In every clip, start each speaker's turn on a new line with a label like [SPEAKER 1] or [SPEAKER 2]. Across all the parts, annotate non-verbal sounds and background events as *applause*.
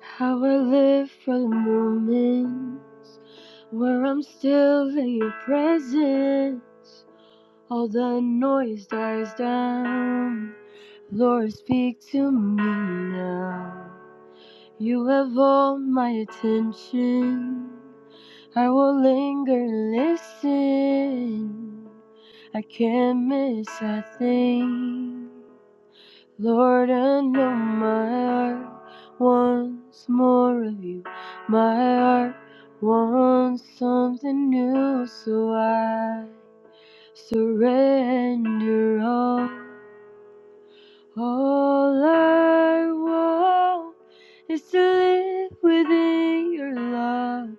[SPEAKER 1] How I live for the moment where I'm still in your presence. All the noise dies down. Lord, speak to me now. You have all my attention. I will linger and listen. I can't miss a thing. Lord, I know my heart wants more of you. My heart wants something new, so I surrender all. All I want is to live within your love,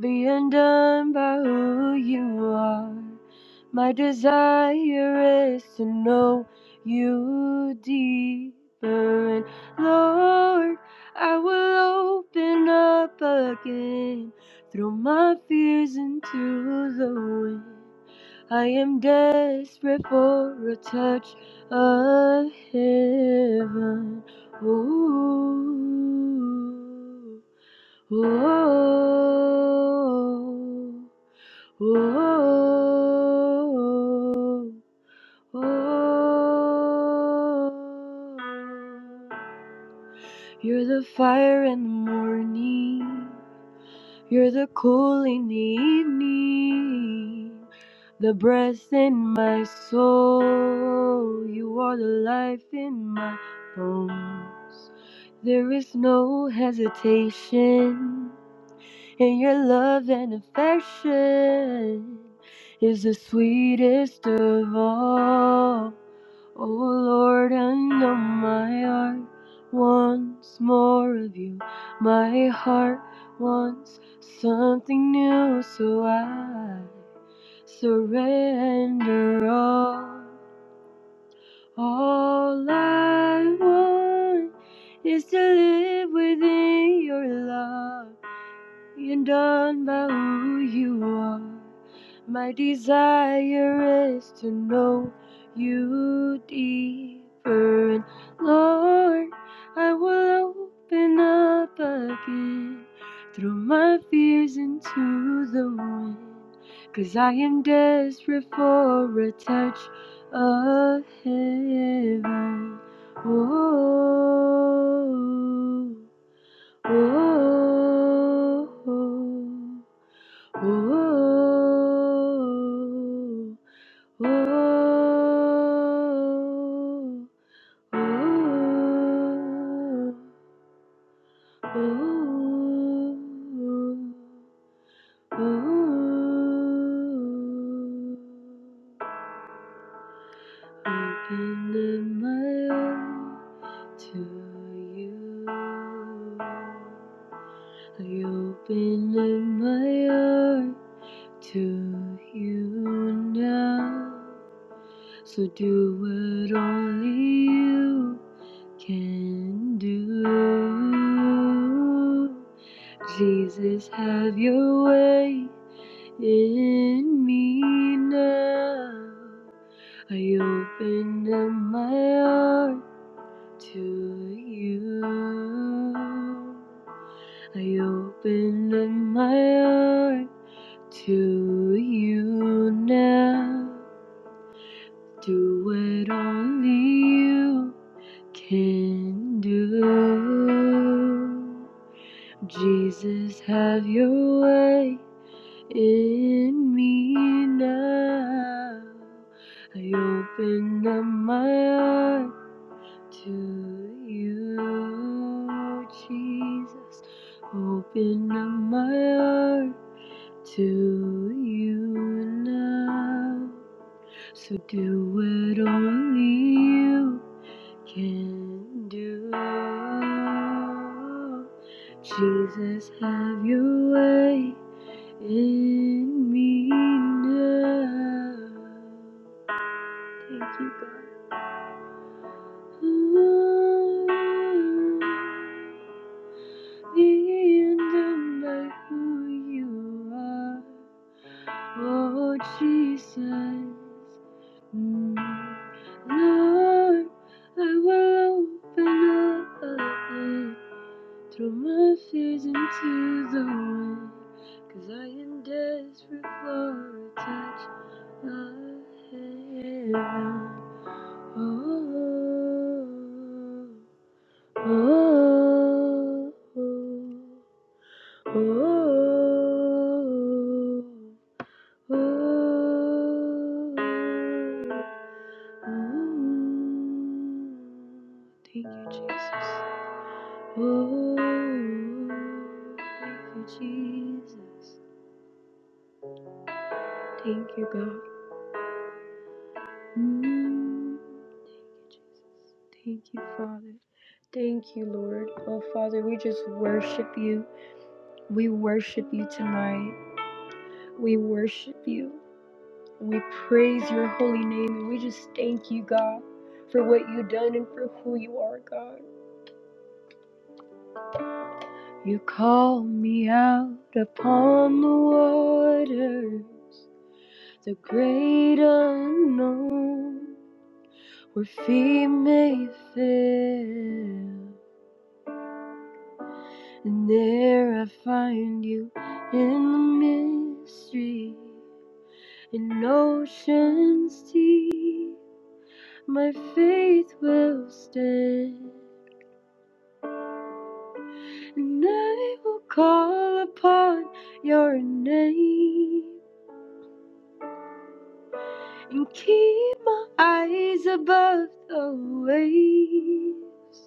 [SPEAKER 1] be undone by who you are. My desire is to know you deeper, and Lord, I will open up again, throw my fears into the wind. I am desperate for a touch of heaven. Ooh, ooh. Oh, oh, oh, you're the fire in the morning. You're the cool in the evening. The breath in my soul. You are the life in my bones. There is no hesitation. and your love and affection is the sweetest of all. Oh Lord, I know my heart wants more of you. My heart wants something new, so I surrender all. All I want is to live within your love and done by who you are. My desire is to know you deeper, and Lord, I will open up again, throw my fears into the wind, 'cause I am desperate for a touch of heaven. Oh. Ooh, ooh, ooh, ooh, ooh, ooh. Opening my heart to you. You've been in my heart to you now. So do what only you can do. Jesus, have your way in me now. I open up my heart to you. I open up my heart to you now. Do what only you can do. Jesus, have your way in me now. I open up my heart to you, Jesus. Open up my heart to you now. So do what only you can do. Jesus, have your way in me now. Thank you, God. Oh, Being done by who you are, oh Jesus. Mm. Lord, I will open up. Throw my fears into the wind, 'cause I am desperate for a touch of heaven. Oh, oh, oh, oh, oh, oh. oh. Thank you, Jesus. Oh, thank you, Jesus. Thank you, God. Mm, Thank you, Jesus. Thank you, Father. Thank you, Lord. Oh, Father, we just worship you. We worship you tonight. We worship you. We praise your holy name and we just thank you, God, for what you've done and for who you are, God. You call me out upon the waters. the great unknown, where feet may fail, and there I find you in the mystery, in oceans deep. My faith will stand, and I will call upon your name and keep my eyes above the waves.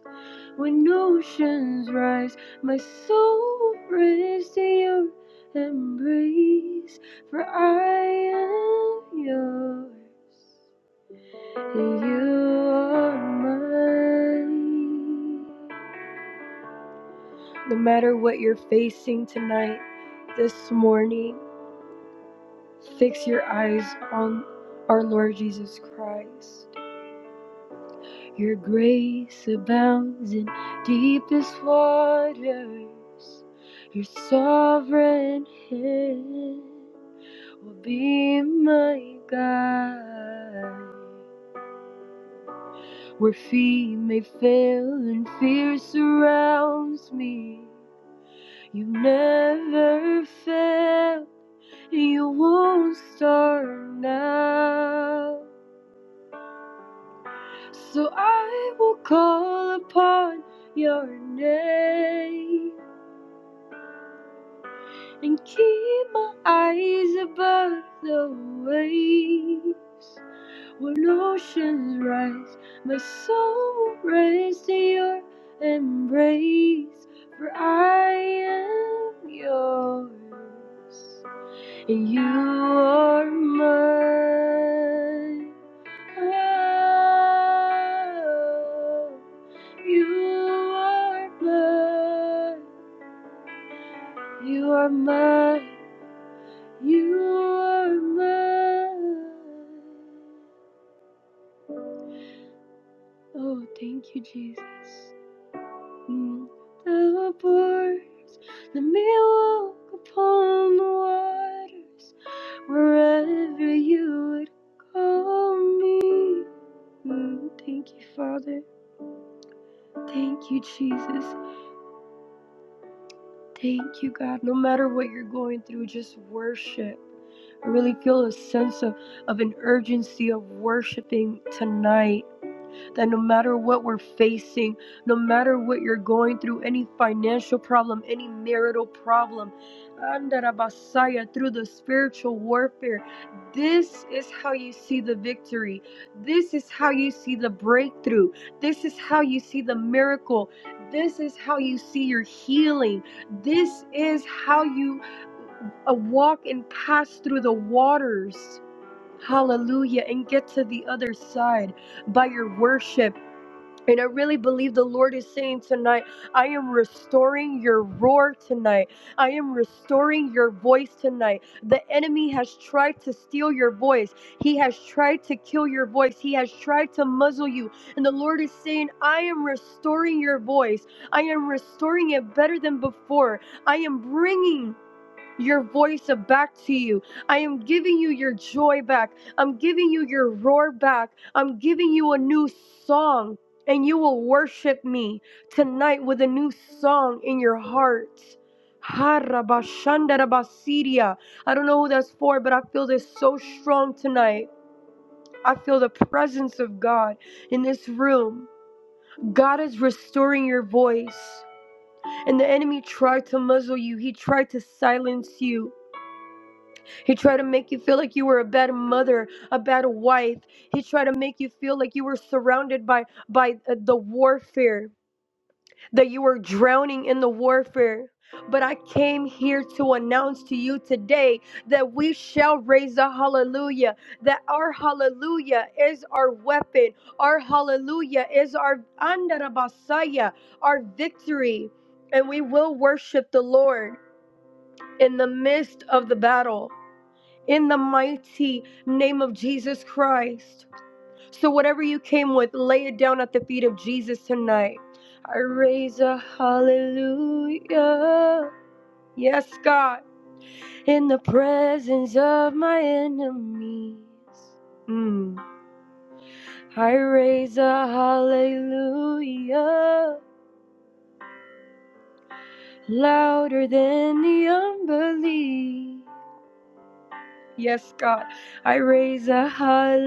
[SPEAKER 1] When oceans rise, my soul prays to your embrace, for I am yours, and you are mine. No matter what you're facing tonight, this morning, fix your eyes on our Lord Jesus Christ. Your grace abounds in deepest waters. Your sovereign hand will be my guide. Where feet may fail and fear surrounds me, you never fail. You won't start now. So I will call upon your name. and keep my eyes above the waves. When oceans rise, my soul will rise to your embrace, for I am yours, and you are mine. Oh, you are mine. You are mine. You are mine. Oh, thank you, Jesus. Mm. Thou art Let me walk upon the waters wherever you would call me. Mm. Thank you, Father. Thank you, Jesus. Thank you, God. No matter what you're going through, just worship. I really feel a sense of, of an urgency of worshiping tonight that no matter what we're facing, no matter what you're going through, any financial problem, any marital problem, Andarabasaya, through the spiritual warfare, this is how you see the victory. This is how you see the breakthrough. This is how you see the miracle. This is how you see your healing. This is how you uh, walk and pass through the waters. Hallelujah. And get to the other side by your worship and I really believe the Lord is saying tonight, I am restoring your roar tonight. I am restoring your voice tonight. The enemy has tried to steal your voice, he has tried to kill your voice, he has tried to muzzle you. And the Lord is saying, I am restoring your voice. I am restoring it better than before. I am bringing your voice back to you. I am giving you your joy back. I'm giving you your roar back. I'm giving you a new song, and you will worship me tonight with a new song in your heart. Harabashandarabasiria. I don't know who that's for, but I feel this so strong tonight. I feel the presence of God in this room. God is restoring your voice. And the enemy tried to muzzle you, he tried to silence you He tried to make you feel like you were a bad mother, a bad wife. He tried to make you feel like you were surrounded by by uh, the warfare, that you were drowning in the warfare. But I came here to announce to you today that we shall raise a hallelujah, that our hallelujah is our weapon, our hallelujah is our andarabasaya, our victory, and we will worship the Lord in the midst of the battle in the mighty name of Jesus Christ. So, whatever you came with, lay it down at the feet of Jesus tonight. I raise a hallelujah. Yes, God, in the presence of my enemies. Mm. I raise a hallelujah louder than the unbelief. Yes, God, I raise a hallelujah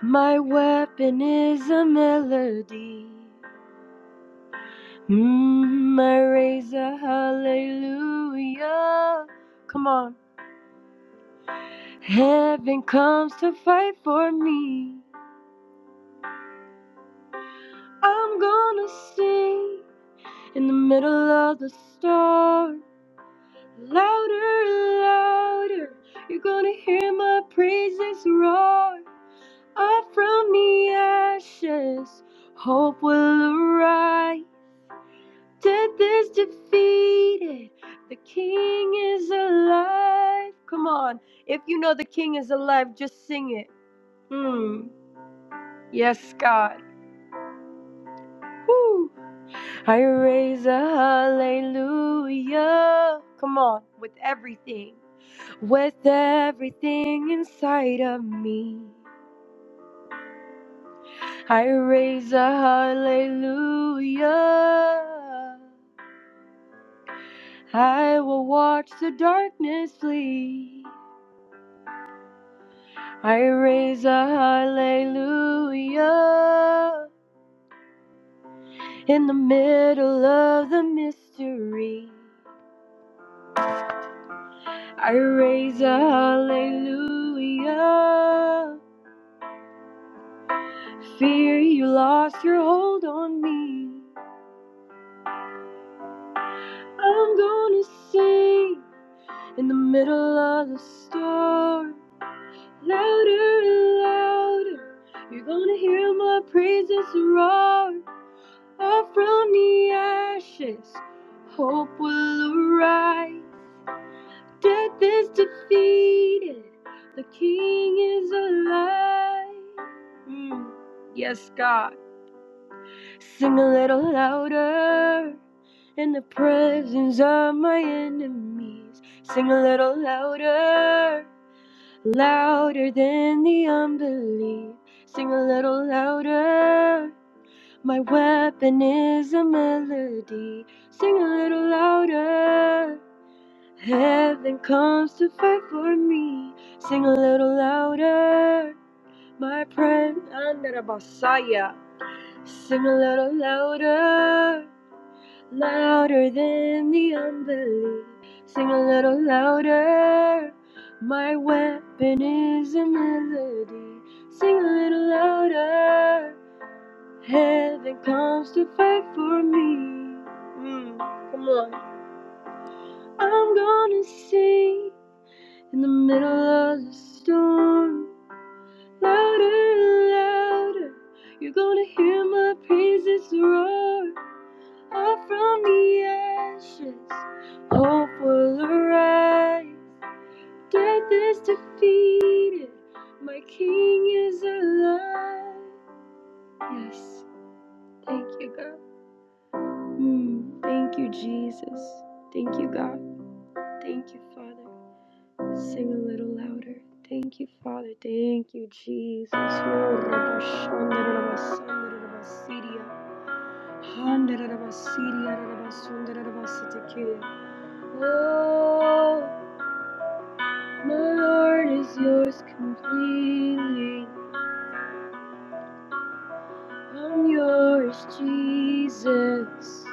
[SPEAKER 1] My weapon is a melody. Mm, my razor, hallelujah. Come on. Heaven comes to fight for me. I'm gonna sing in the middle of the storm. Louder, louder. You're gonna hear my praises roar. Up from the ashes, hope will arise. Death is defeated. The king is alive. Come on. If you know the king is alive, just sing it. Hmm. Yes, God. Woo. I raise a hallelujah. Come on. With everything. With everything inside of me. I raise a hallelujah. I will watch the darkness flee. I raise a hallelujah in the middle of the mystery. I raise a hallelujah. Fear you lost your hold on me. I'm gonna sing in the middle of the storm. Louder and louder, you're gonna hear my praises roar. Up from the ashes, hope will arise. Death is defeated, the King is alive. Mm. Yes, God. Sing a little louder in the presence of my enemies. Sing a little louder, louder than the unbelief. Sing a little louder. My weapon is a melody. Sing a little louder. Heaven comes to fight for me. Sing a little louder. My friend under the Messiah. Sing a little louder. Louder than the unbelief. Sing a little louder. My weapon is a melody. Sing a little louder. Heaven comes to fight for me. Mm, come on. I'm gonna sing in the middle of the storm. Louder, louder. You're gonna hear my praises roar. Up from the ashes, hope will arise. Death is defeated. My king is alive. Yes, thank you, God. Mm, thank you, Jesus. Thank you, God. Thank you, Father. Sing a little louder. Thank you, Father. Thank you, Jesus. Oh, Oh, my Lord is yours completely. I'm yours, Jesus.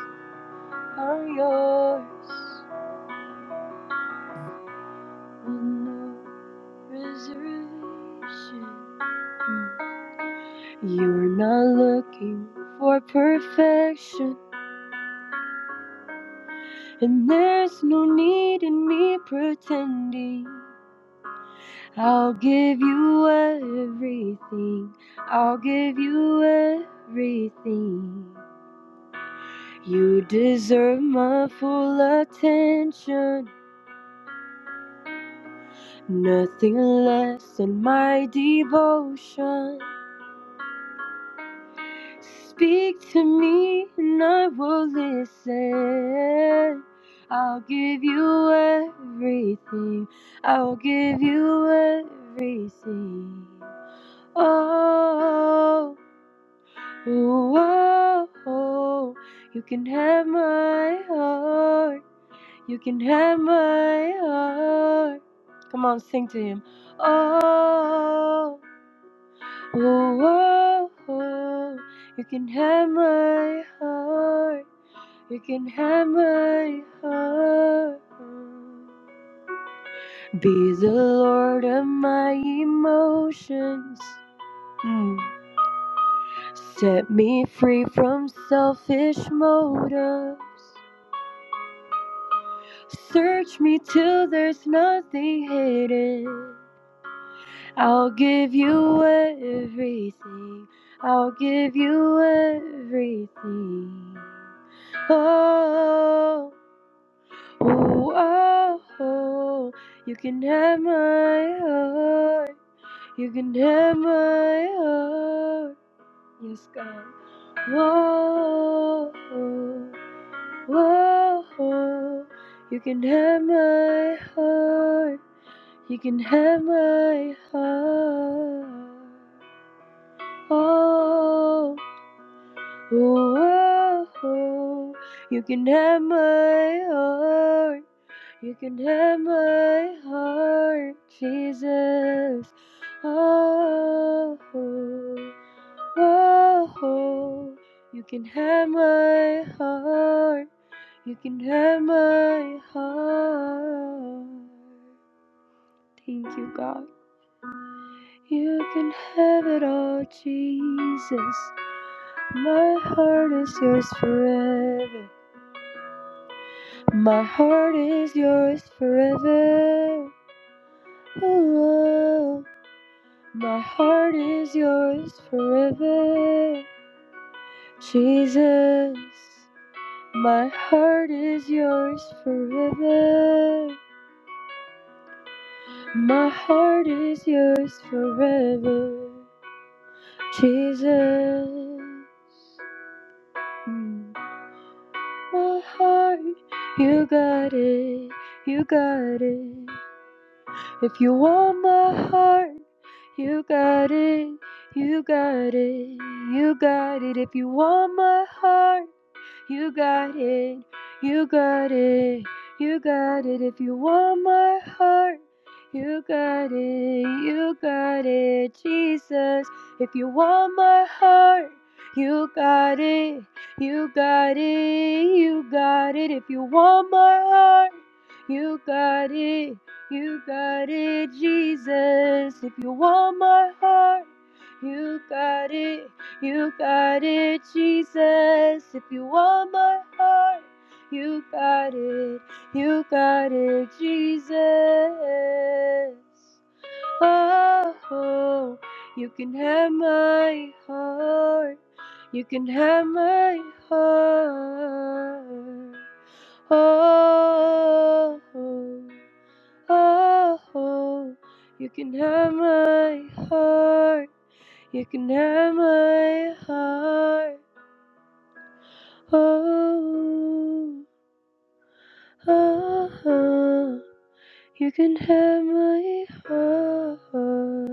[SPEAKER 1] I'm yours. With no reservation. You're not looking for perfection, and there's no need in me pretending. I'll give you everything, I'll give you everything. You deserve my full attention, nothing less than my devotion. Speak to me and I will listen. I'll give you everything. I will give you everything. Oh, oh, oh. you can have my heart. You can have my heart. Come on, sing to him. Oh. Oh, whoa, you can have my heart. You can have my heart. Be the lord of my emotions. Mm. Set me free from selfish motives. Search me till there's nothing hidden. I'll give you everything. I'll give you everything. Oh, oh, oh, oh. You can have my heart. You can have my heart. Yes, God. Whoa, whoa, whoa. You can have my heart. You can have my heart. oh, oh, oh, oh. You can have my heart. You can have my heart, Jesus. Oh, oh, oh, oh. You can have my heart. You can have my heart. Thank you, God. You can have it all, Jesus. My heart is yours forever. My heart is yours forever. Oh, my heart is yours forever. Jesus, my heart is yours forever. My heart is yours forever. Jesus, Mm. my heart, you got it, you got it. If you want my heart, you got it, you got it, you got it. If you want my heart, you got it. You got it. You got it. If you want my heart, you got it. You got it. Jesus, if you want my heart, you got it. You got it. You got it. If you want my heart, you got it. You got it, Jesus. If you want my heart, you got it. You got it, Jesus. If you want my heart, you got it. You got it, Jesus. Oh, you can have my heart. You can have my heart. Oh, oh, oh, you can have my heart. You can have my heart. Oh, oh, oh. You can have my heart.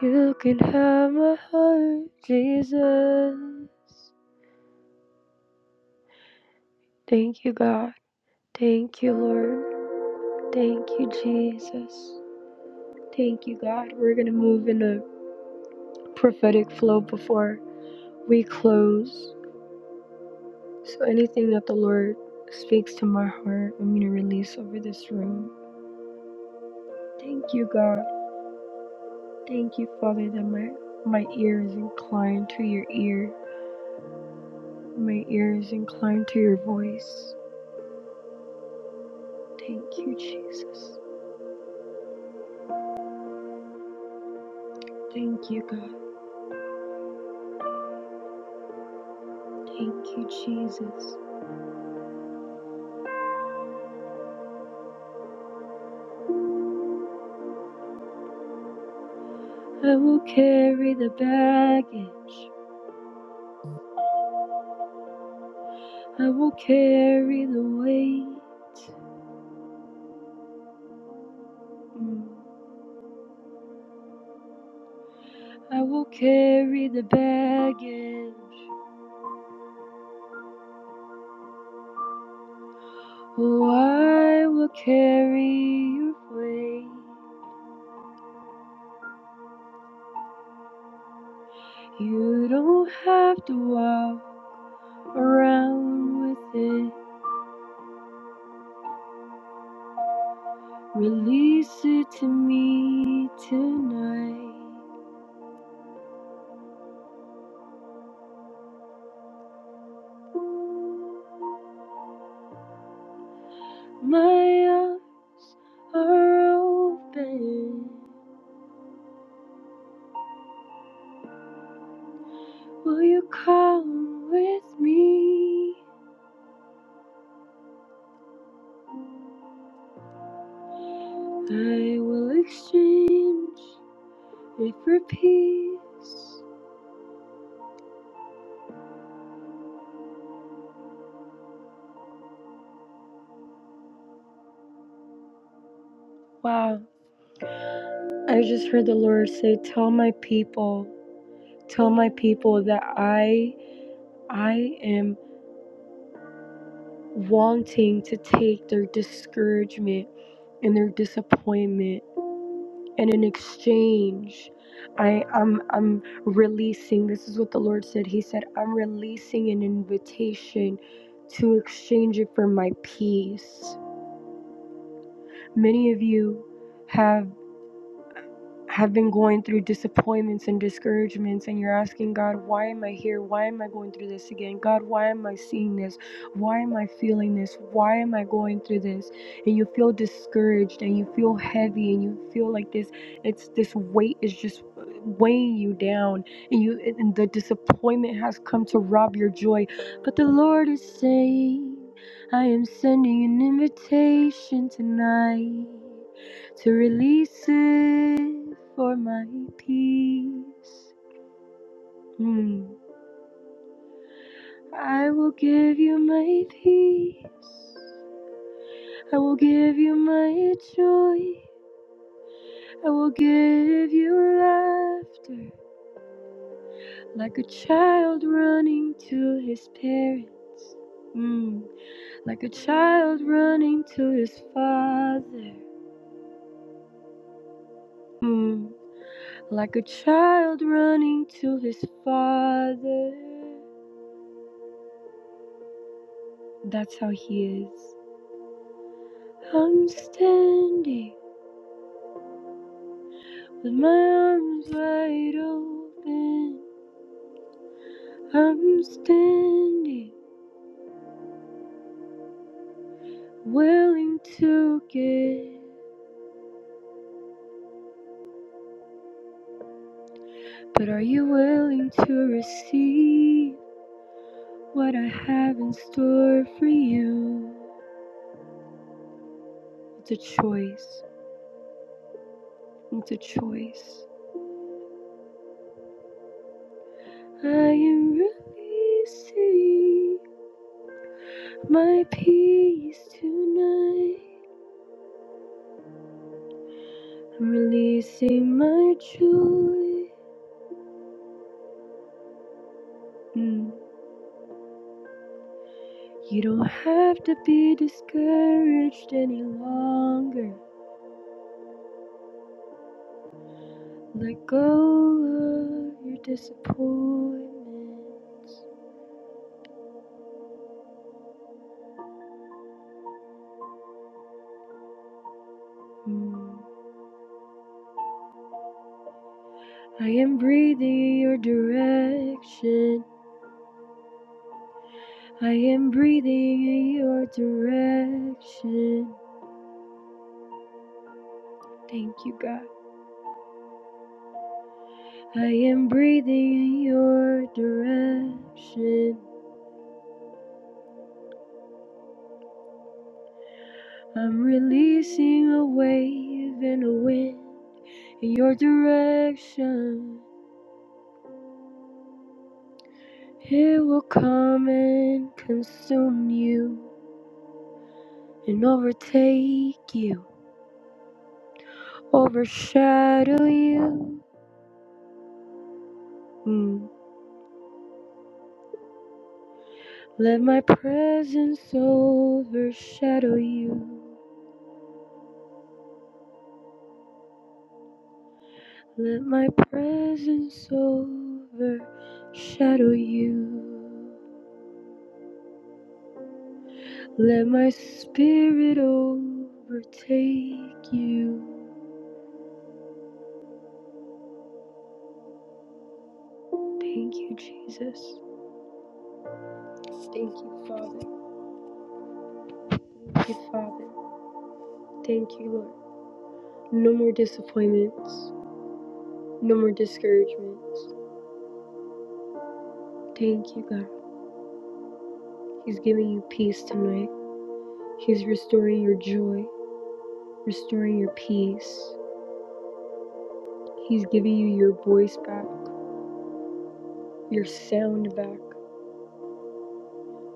[SPEAKER 1] You can have my heart, Jesus. Thank you, God. Thank you, Lord. Thank you, Jesus. Thank you, God. We're going to move in a prophetic flow before we close. So, anything that the Lord speaks to my heart, I'm going to release over this room. Thank you, God. Thank you, Father, that my, my ear is inclined to your ear. My ear is inclined to your voice. Thank you, Jesus. Thank you, God. Thank you, Jesus. I will carry the baggage. I will carry the weight. Mm. I will carry the baggage. Oh, I will carry your weight. You don't have to walk around with it. Release it to me tonight. My arms are open. Will you come with me? I will exchange it for peace. Wow. I just heard the Lord say, Tell my people, tell my people that I I am wanting to take their discouragement and their disappointment and in exchange I, I'm I'm releasing this is what the Lord said. He said, I'm releasing an invitation to exchange it for my peace. Many of you have have been going through disappointments and discouragements, and you're asking God, why am I here? Why am I going through this again? God, why am I seeing this? Why am I feeling this? Why am I going through this? And you feel discouraged and you feel heavy and you feel like this it's this weight is just uh, weighing you down and you and the disappointment has come to rob your joy but the lord is saying i am sending an invitation tonight to release it for my peace. Hmm. I will give you my peace. I will give you my joy. I will give you laughter like a child running to his parents. Mm. Like a child running to his father. Mm. Like a child running to his father. That's how he is. I'm standing with my arms wide open. I'm standing, willing to give. But are you willing to receive what I have in store for you? It's a choice. It's a choice. I am releasing my peace tonight. I'm releasing my joy. Mm. You don't have to be discouraged any longer. Let go of your disappointments. Hmm. I am breathing in your direction. I am breathing in your direction. Thank you, God. I am breathing in your direction. I'm releasing a wave and a wind in your direction. It will come and consume you and overtake you, overshadow you. Mm. Let my presence overshadow you. Let my presence overshadow you. Let my spirit overtake you. Thank you, Jesus. Thank you, Father. Thank you, Father. Thank you, Lord. No more disappointments. No more discouragements. Thank you, God. He's giving you peace tonight. He's restoring your joy, restoring your peace. He's giving you your voice back, your sound back.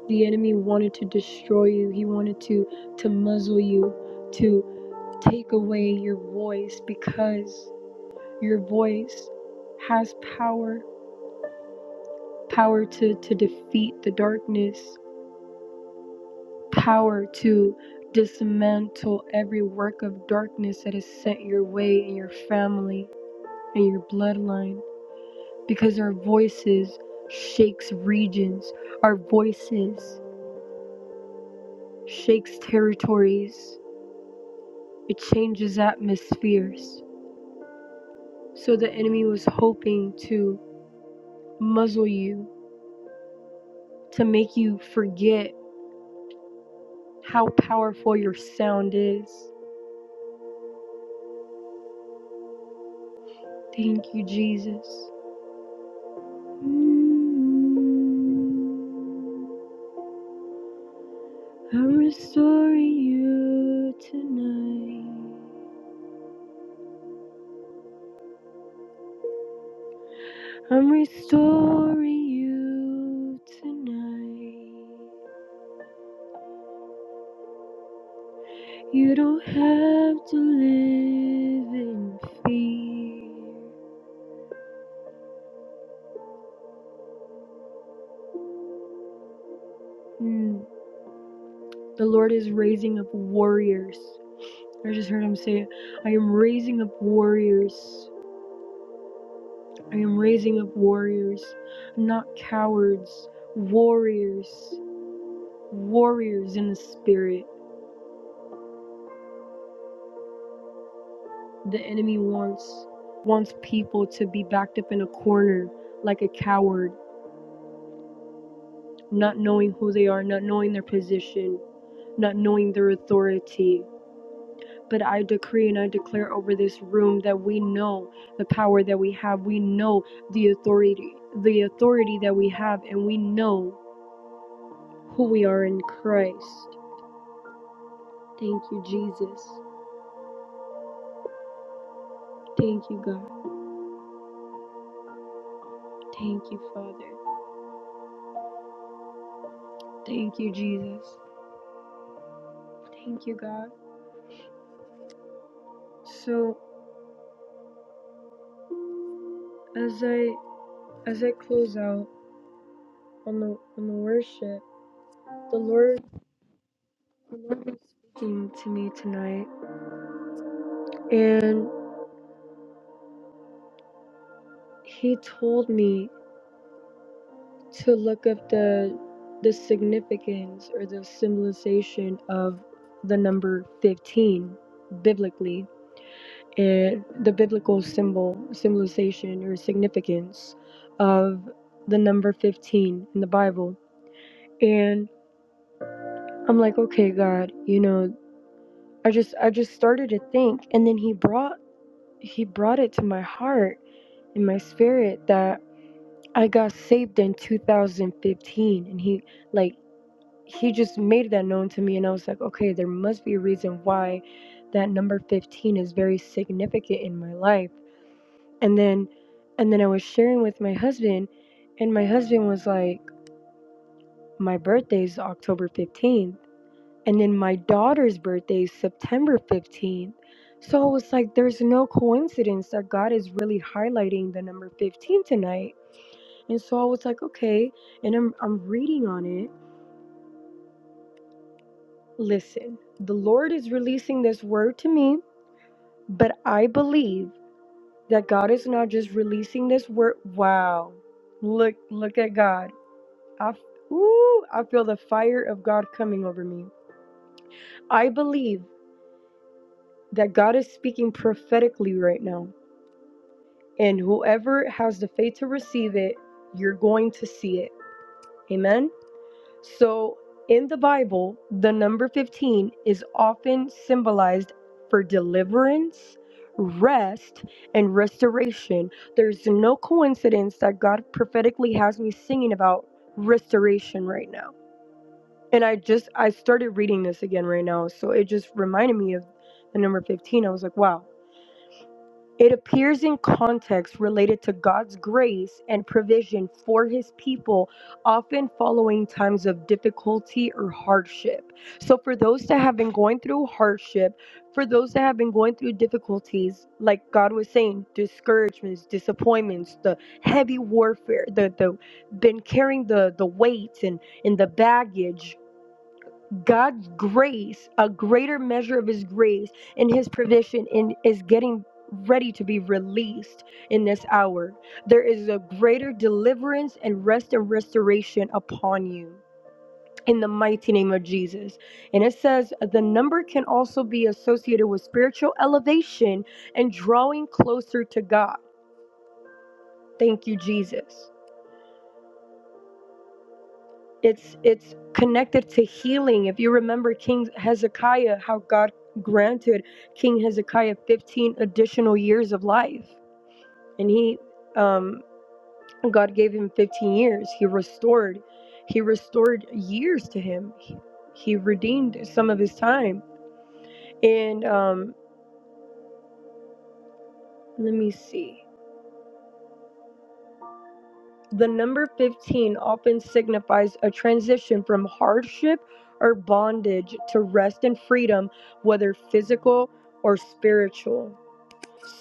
[SPEAKER 1] The enemy wanted to destroy you. He wanted to to muzzle you, to take away your voice because your voice has power, power to to defeat the darkness, power to dismantle every work of darkness that is sent your way in your family and your bloodline because our voices shakes regions our voices shakes territories it changes atmospheres so the enemy was hoping to muzzle you to make you forget how powerful your sound is thank you jesus I'm restoring you tonight. I'm restoring you tonight. You don't have to live in fear. Mm. The Lord is raising up warriors. I just heard him say, I am raising up warriors. I am raising up warriors, not cowards, warriors, warriors in the spirit. The enemy wants wants people to be backed up in a corner like a coward, not knowing who they are, not knowing their position, not knowing their authority. But I decree and I declare over this room that we know the power that we have. We know the authority, the authority that we have, and we know who we are in Christ. Thank you, Jesus. Thank you, God. Thank you, Father. Thank you, Jesus. Thank you, God. So as I As I close out on the on the worship, the Lord the Lord was speaking to me tonight, and He told me to look up the the significance or the symbolization of the number fifteen biblically, and the biblical symbol symbolization or significance of the number fifteen in the Bible. And I'm like, okay, God, you know, I just I just started to think, and then He brought He brought it to my heart and my spirit that I got saved in 2015 and he like he just made that known to me and I was like, "Okay, there must be a reason why that number 15 is very significant in my life." And then and then I was sharing with my husband and my husband was like, "My birthday is October 15th." And then my daughter's birthday is September 15th. So I was like, there's no coincidence that God is really highlighting the number 15 tonight. And so I was like, okay. And I'm, I'm reading on it. Listen, the Lord is releasing this word to me, but I believe that God is not just releasing this word. Wow. Look, look at God. I, f- ooh, I feel the fire of God coming over me. I believe that God is speaking prophetically right now and whoever has the faith to receive it, you're going to see it. Amen. So, in the Bible, the number 15 is often symbolized for deliverance, rest, and restoration. There's no coincidence that God prophetically has me singing about restoration right now. And I just I started reading this again right now, so it just reminded me of the number 15. I was like, wow, it appears in contexts related to God's grace and provision for his people, often following times of difficulty or hardship. So, for those that have been going through hardship, for those that have been going through difficulties, like God was saying, discouragements, disappointments, the heavy warfare, the the been carrying the the weight and and the baggage God's grace, a greater measure of his grace and his provision in is getting ready to be released in this hour. There is a greater deliverance and rest and restoration upon you. In the mighty name of Jesus. And it says the number can also be associated with spiritual elevation and drawing closer to God. Thank you, Jesus. it's it's connected to healing if you remember king hezekiah how god granted king hezekiah 15 additional years of life and he um god gave him 15 years he restored he restored years to him he, he redeemed some of his time and um let me see The number 15 often signifies a transition from hardship or bondage to rest and freedom, whether physical or spiritual.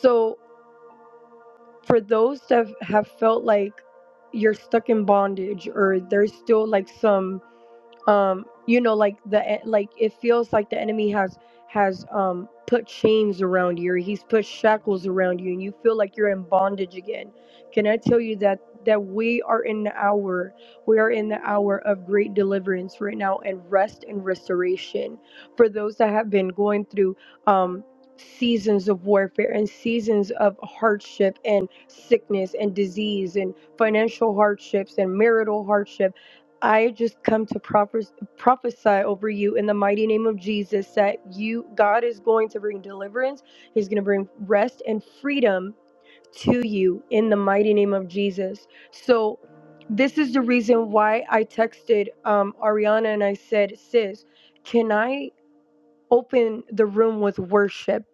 [SPEAKER 1] So, for those that have felt like you're stuck in bondage or there's still like some um you know like the e- like it feels like the enemy has has um put chains around you or he's put shackles around you and you feel like you're in bondage again can i tell you that that we are in the hour we are in the hour of great deliverance right now and rest and restoration for those that have been going through um seasons of warfare and seasons of hardship and sickness and disease and financial hardships and marital hardship I just come to prophes- prophesy over you in the mighty name of Jesus that you, God is going to bring deliverance. He's going to bring rest and freedom to you in the mighty name of Jesus. So, this is the reason why I texted um, Ariana and I said, Sis, can I open the room with worship?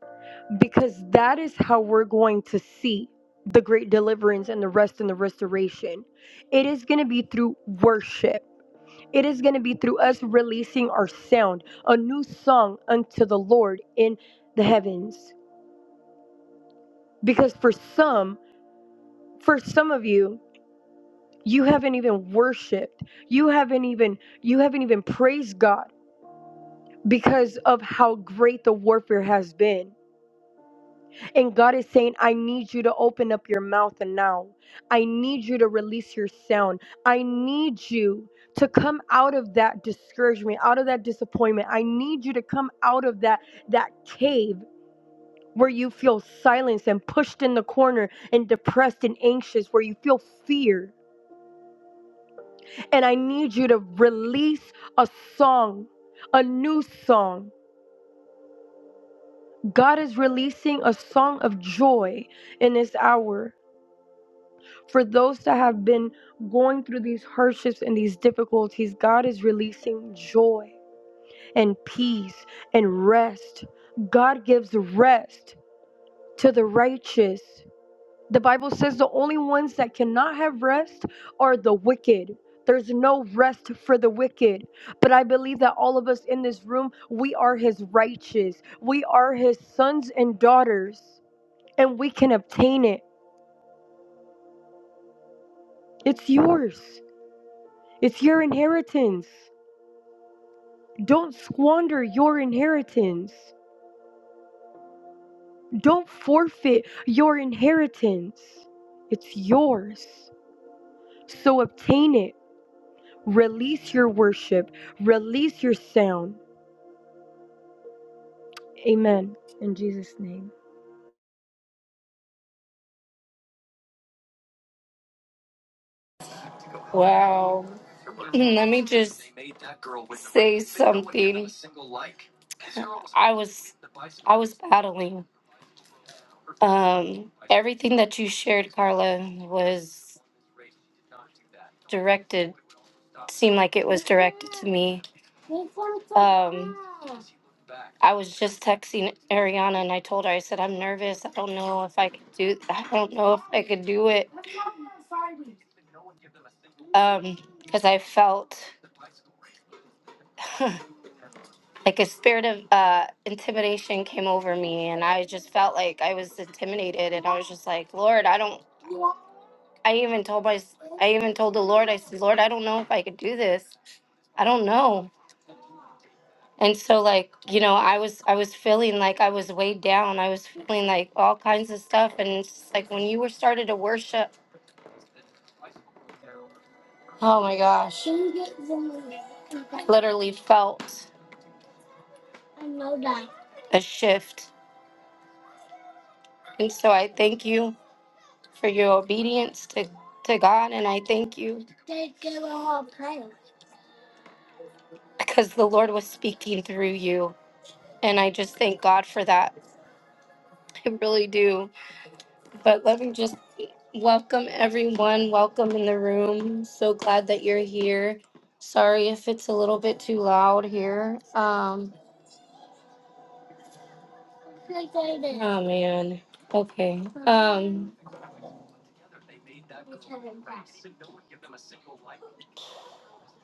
[SPEAKER 1] Because that is how we're going to see the great deliverance and the rest and the restoration. It is going to be through worship it is going to be through us releasing our sound, a new song unto the Lord in the heavens. Because for some, for some of you, you haven't even worshiped. You haven't even you haven't even praised God because of how great the warfare has been And God is saying, I need you to open up your mouth and now. I need you to release your sound. I need you to come out of that discouragement, out of that disappointment. I need you to come out of that that cave where you feel silenced and pushed in the corner and depressed and anxious, where you feel fear. And I need you to release a song, a new song. God is releasing a song of joy in this hour. for those that have been going through these hardships and these difficulties, God is releasing joy and peace and rest. God gives rest to the righteous. The Bible says the only ones that cannot have rest are the wicked. There's no rest for the wicked. But I believe that all of us in this room, we are his righteous. We are his sons and daughters, and we can obtain it. It's yours, it's your inheritance. Don't squander your inheritance. Don't forfeit your inheritance. It's yours. So obtain it. Release your worship. Release your sound. Amen. In Jesus' name.
[SPEAKER 2] Wow. You sh- It was directed to me. Um, I was just texting Ariana and I told her, I said, I'm nervous. I don't know if I could do, I don't know if I could do it. And felt *laughs* like a spirit of uh, intimidation came over me and i just felt like i was intimidated and i was just like lord i don't i even told my i even told the lord i said lord i don't know if i could do this i don't know And so like, you know, I was I was feeling like I was weighed down. I was feeling like all kinds of stuff and it's just like when you were started to worship, oh my gosh, literally felt a shift. And so I thank you for your obedience to to God and I thank you because the Lord was speaking through you and I just thank God for that. I really do. But let me just welcome everyone. Welcome in the room. So glad that you're here. Sorry if it's a little bit too loud here. Um, oh man. Okay.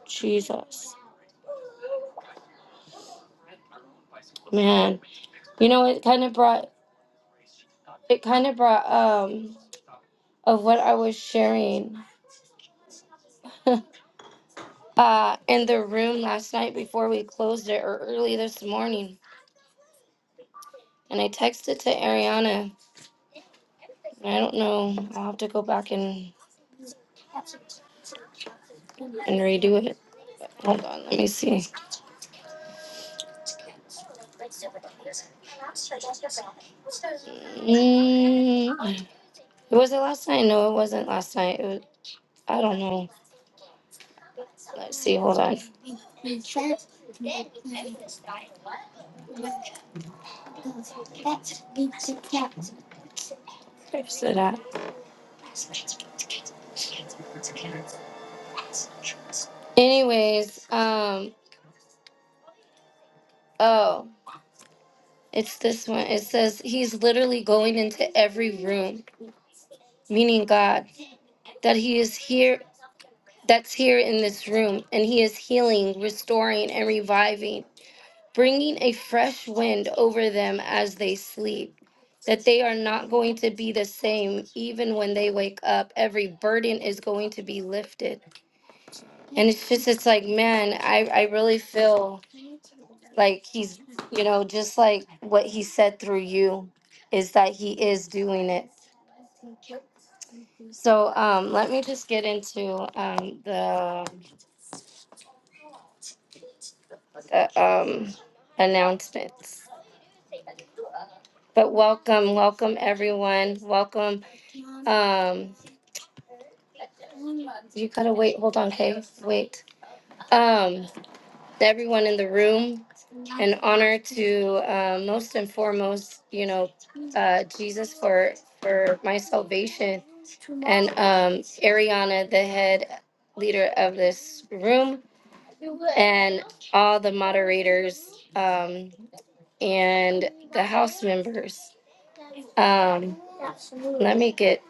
[SPEAKER 2] Jesus. You know, it kind of brought it kind of brought um of what I was sharing *laughs* uh in the room last night before we closed it or early this morning. And I texted to Ariana. and I don't know. I'll have to go back and and redo it. Hold on. Let me see. Mm, was it last night? No, it wasn't last night. It was, I don't know. Let's see. Hold on. Where's it at? Anyways, um, oh, it's this one. It says he's literally going into every room, meaning God, that he is here, that's here in this room, and he is healing, restoring, and reviving. bringing a fresh wind over them as they sleep, that they are not going to be the same even when they wake up. Every burden is going to be lifted. And it's just, it's like, man, I, I really feel like he's, you know, just like what he said through you is that he is doing it. So um, let me just get into um, the, the um, announcements. But welcome, welcome everyone. Welcome. Um, You gotta wait. Hold on, okay? Wait. Um, to everyone in the room, an honor to uh, most and foremost, you know, uh, Jesus for for my salvation. Um, Ariana, the head leader of this room, and all the moderators um, and the house members. Um, let me get.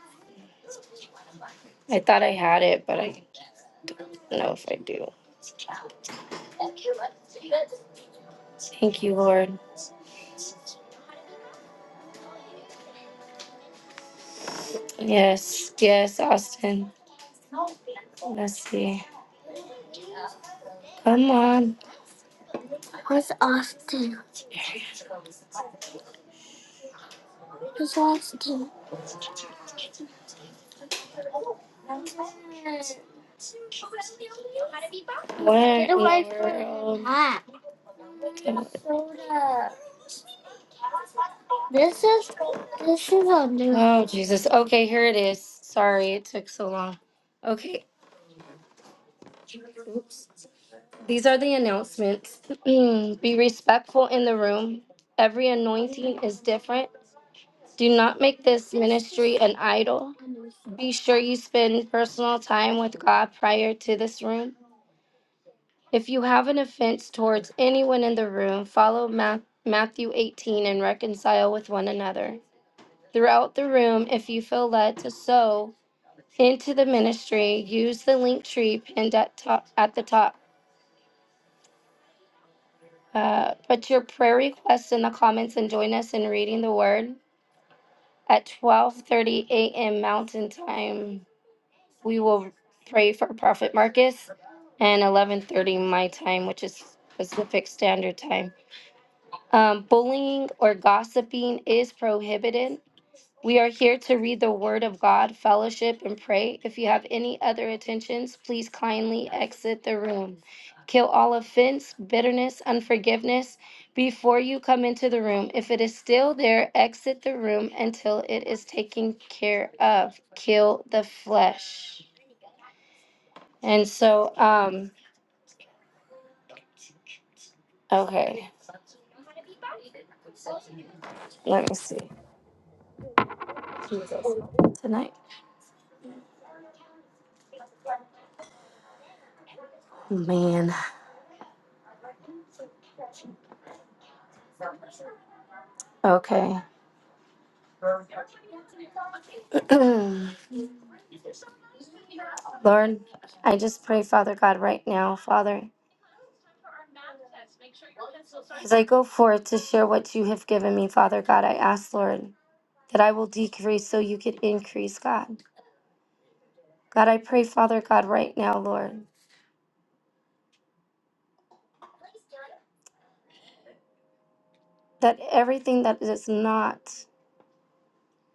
[SPEAKER 2] I thought I had it, but I don't know if I do. Thank you, Lord. Yes, yes, Austin. Let's see. Come on. Oh, Jesus. Okay, here it is. Sorry it took so long. Okay, these are the announcements. *clears throat* Be respectful in the room. Every anointing is different. Do not make this ministry an idol. Be sure you spend personal time with God prior to this room. If you have an offense towards anyone in the room, follow Ma- Matthew 18 and reconcile with one another. Throughout the room, if you feel led to sow, into the ministry, use the link tree pinned at top at the top. Uh, put your prayer requests in the comments and join us in reading the word at 12:30 a.m. Mountain Time. We will pray for Prophet Marcus and 11:30 my time, which is Pacific Standard Time. Um, bullying or gossiping is prohibited. We are here to read the Word of God, fellowship, and pray. If you have any other attentions, please kindly exit the room. Kill all offense, bitterness, unforgiveness before you come into the room. If it is still there, exit the room until it is taken care of. Kill the flesh. And so, um, okay, let me see. Tonight? Man, okay. *clears throat* Lord, I just pray, Father God, right now, Father. As I go forth to share what you have given me, Father God, I ask, Lord, that I will decrease so you could increase, God. God, I pray, Father God, right now, Lord, that everything that is not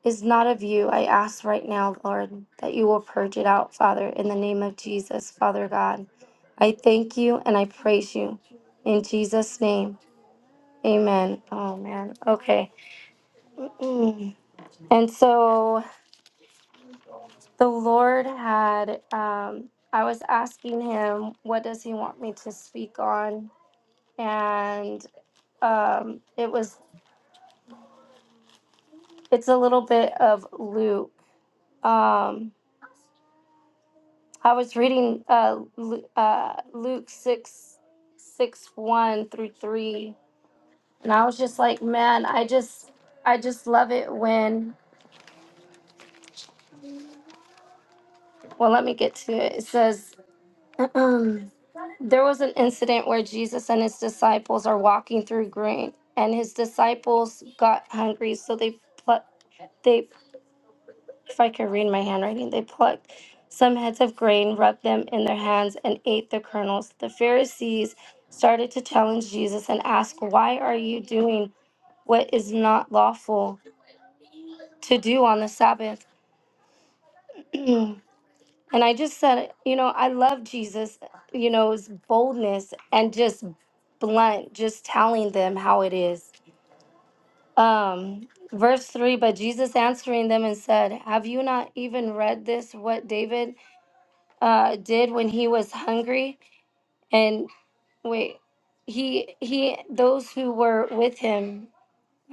[SPEAKER 2] is not of you. I ask right now, Lord, that you will purge it out, Father, in the name of Jesus, Father God. I thank you and I praise you. In Jesus' name. Amen. Oh man. Okay. Mm. And so the Lord had, um, I was asking him, what does he want me to speak on? And um, it was, it's a little bit of Luke. Um, I was reading uh, Lu- uh, Luke six, six one through 3. And I was just like, man, I just, I just love it when, well, let me get to it. It says, *clears throat* There was an incident where Jesus and his disciples are walking through grain, and his disciples got hungry, so they plucked. They, if I could read my handwriting, they plucked some heads of grain, rubbed them in their hands, and ate the kernels. The Pharisees started to challenge Jesus and ask, "Why are you doing what is not lawful to do on the Sabbath?" *clears throat* And I just said, you know, I love Jesus, you know, his boldness and just blunt, just telling them how it is. Um, verse 3 But Jesus answering them and said, Have you not even read this, what David uh, did when he was hungry? And wait, he, he, those who were with him,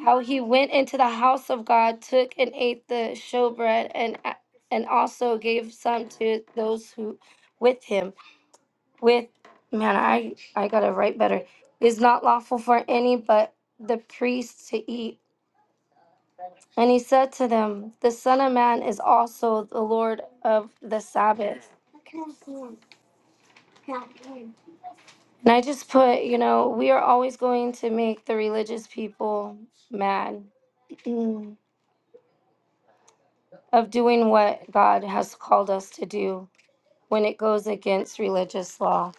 [SPEAKER 2] how he went into the house of God, took and ate the showbread, and, and also gave some to those who with him with man i i gotta write better is not lawful for any but the priests to eat and he said to them the son of man is also the lord of the sabbath and i just put you know we are always going to make the religious people mad mm, of doing what god has called us to do when it goes against religious law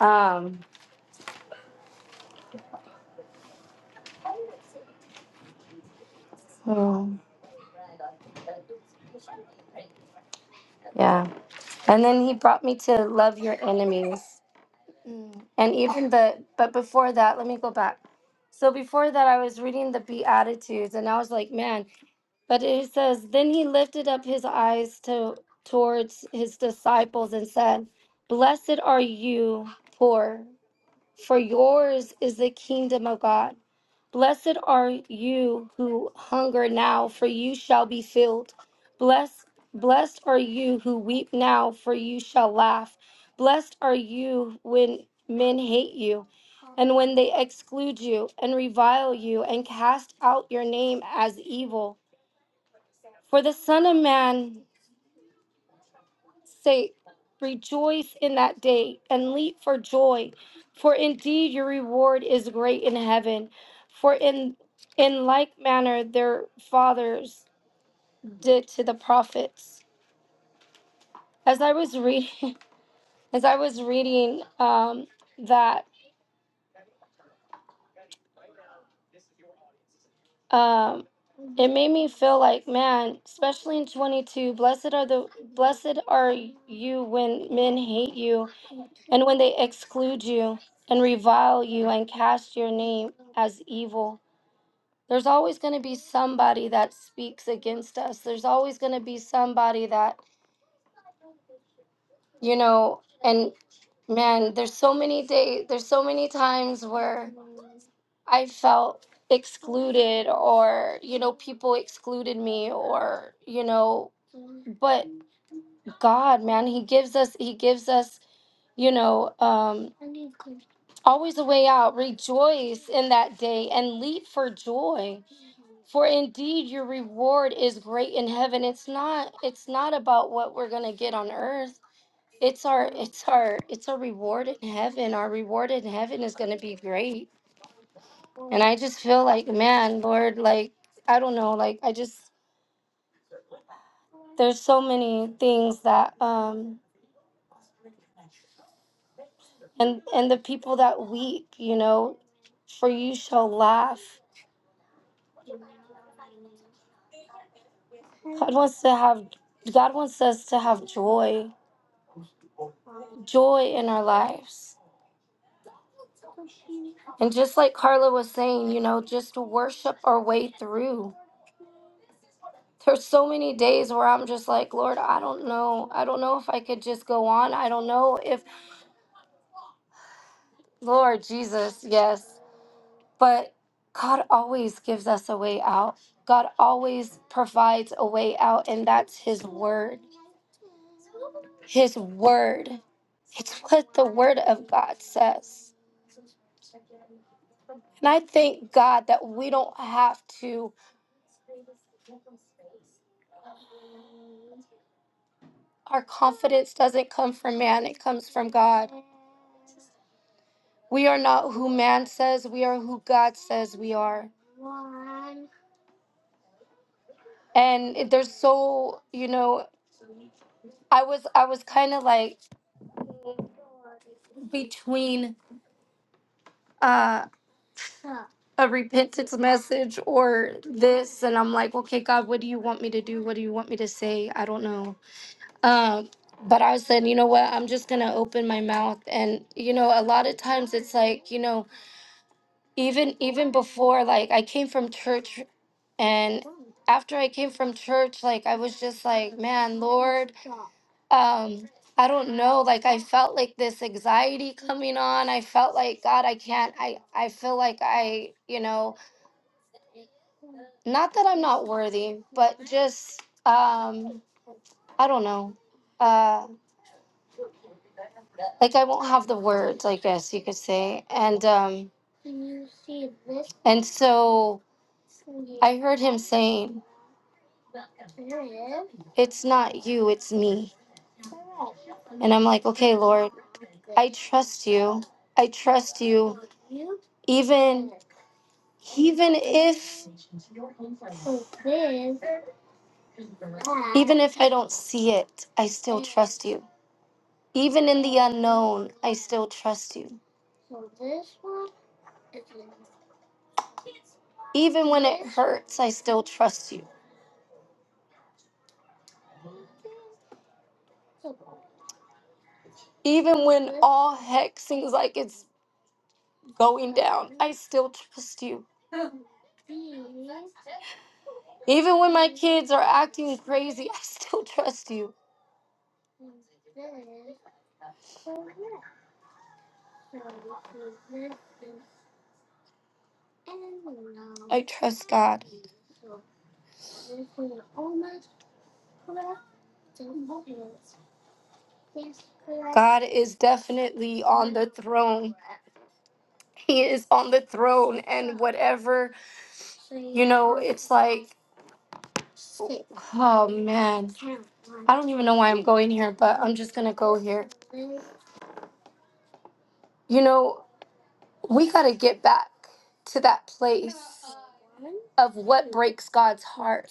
[SPEAKER 2] um so, yeah and then he brought me to love your enemies Mm. And even the, but before that, let me go back. So before that, I was reading the Beatitudes and I was like, man, but it says, then he lifted up his eyes to towards his disciples and said, Blessed are you poor, for yours is the kingdom of God. Blessed are you who hunger now, for you shall be filled. Blessed, blessed are you who weep now, for you shall laugh. Blessed are you when men hate you, and when they exclude you, and revile you, and cast out your name as evil. For the Son of Man say, Rejoice in that day and leap for joy, for indeed your reward is great in heaven. For in in like manner their fathers did to the prophets. As I was reading, *laughs* as I was reading um, that, um, it made me feel like, man, especially in twenty two, blessed are the blessed are you when men hate you and when they exclude you and revile you and cast your name as evil. There's always going to be somebody that speaks against us. There's always going to be somebody that, you know, and man, there's so many days, there's so many times where I felt excluded or, you know, people excluded me or, you know, but God, man, he gives us he gives us you know, um, always a way out. Rejoice in that day and leap for joy For indeed your reward is great in heaven. It's not it's not about what we're going to get on earth. It's our it's our it's our reward in heaven. Our reward in heaven is going to be great. And I just feel like, man, Lord, like I don't know, like I just there's so many things that um and and the people that weep, you know, for you shall laugh. God wants to have God wants us to have joy, joy in our lives And just like Carla was saying, you know, just to worship our way through. There's so many days where I'm just like, Lord, I don't know. I don't know if I could just go on. I don't know if, Lord Jesus, yes. But God always gives us a way out. God always provides a way out, and that's His word. His word. It's what the word of God says. And I thank God that we don't have to, our confidence doesn't come from man, it comes from God. We are not who man says we are who God says we are. And it- there's so, you know, I was I was kind of like between uh a repentance message or this and I'm like, "Okay, God, what do you want me to do? What do you want me to say? I don't know." Um but I said, you know what? I'm just gonna open my mouth, and you know, a lot of times it's like, you know, even even before, like I came from church, and after I came from church, like I was just like, man, um i don't know like i felt like this anxiety coming on i felt like god i can't i i feel like i you know not that i'm not worthy but just um i don't know uh like i won't have the words i guess you could say and um and so i heard him saying it's not you it's me and i'm like okay lord i trust you i trust you even even if even if i don't see it i still trust you Even in the unknown, still trust you. Even when it hurts, I still trust you. Even when all heck seems like it's going down, I still trust you. Even when my kids are acting crazy, I still trust you. I trust God. God is definitely on the throne. He is on the throne, and whatever. Oh man, I don't even know why I'm going here, but I'm just gonna go here. You know, we gotta get back to that place of what breaks God's heart.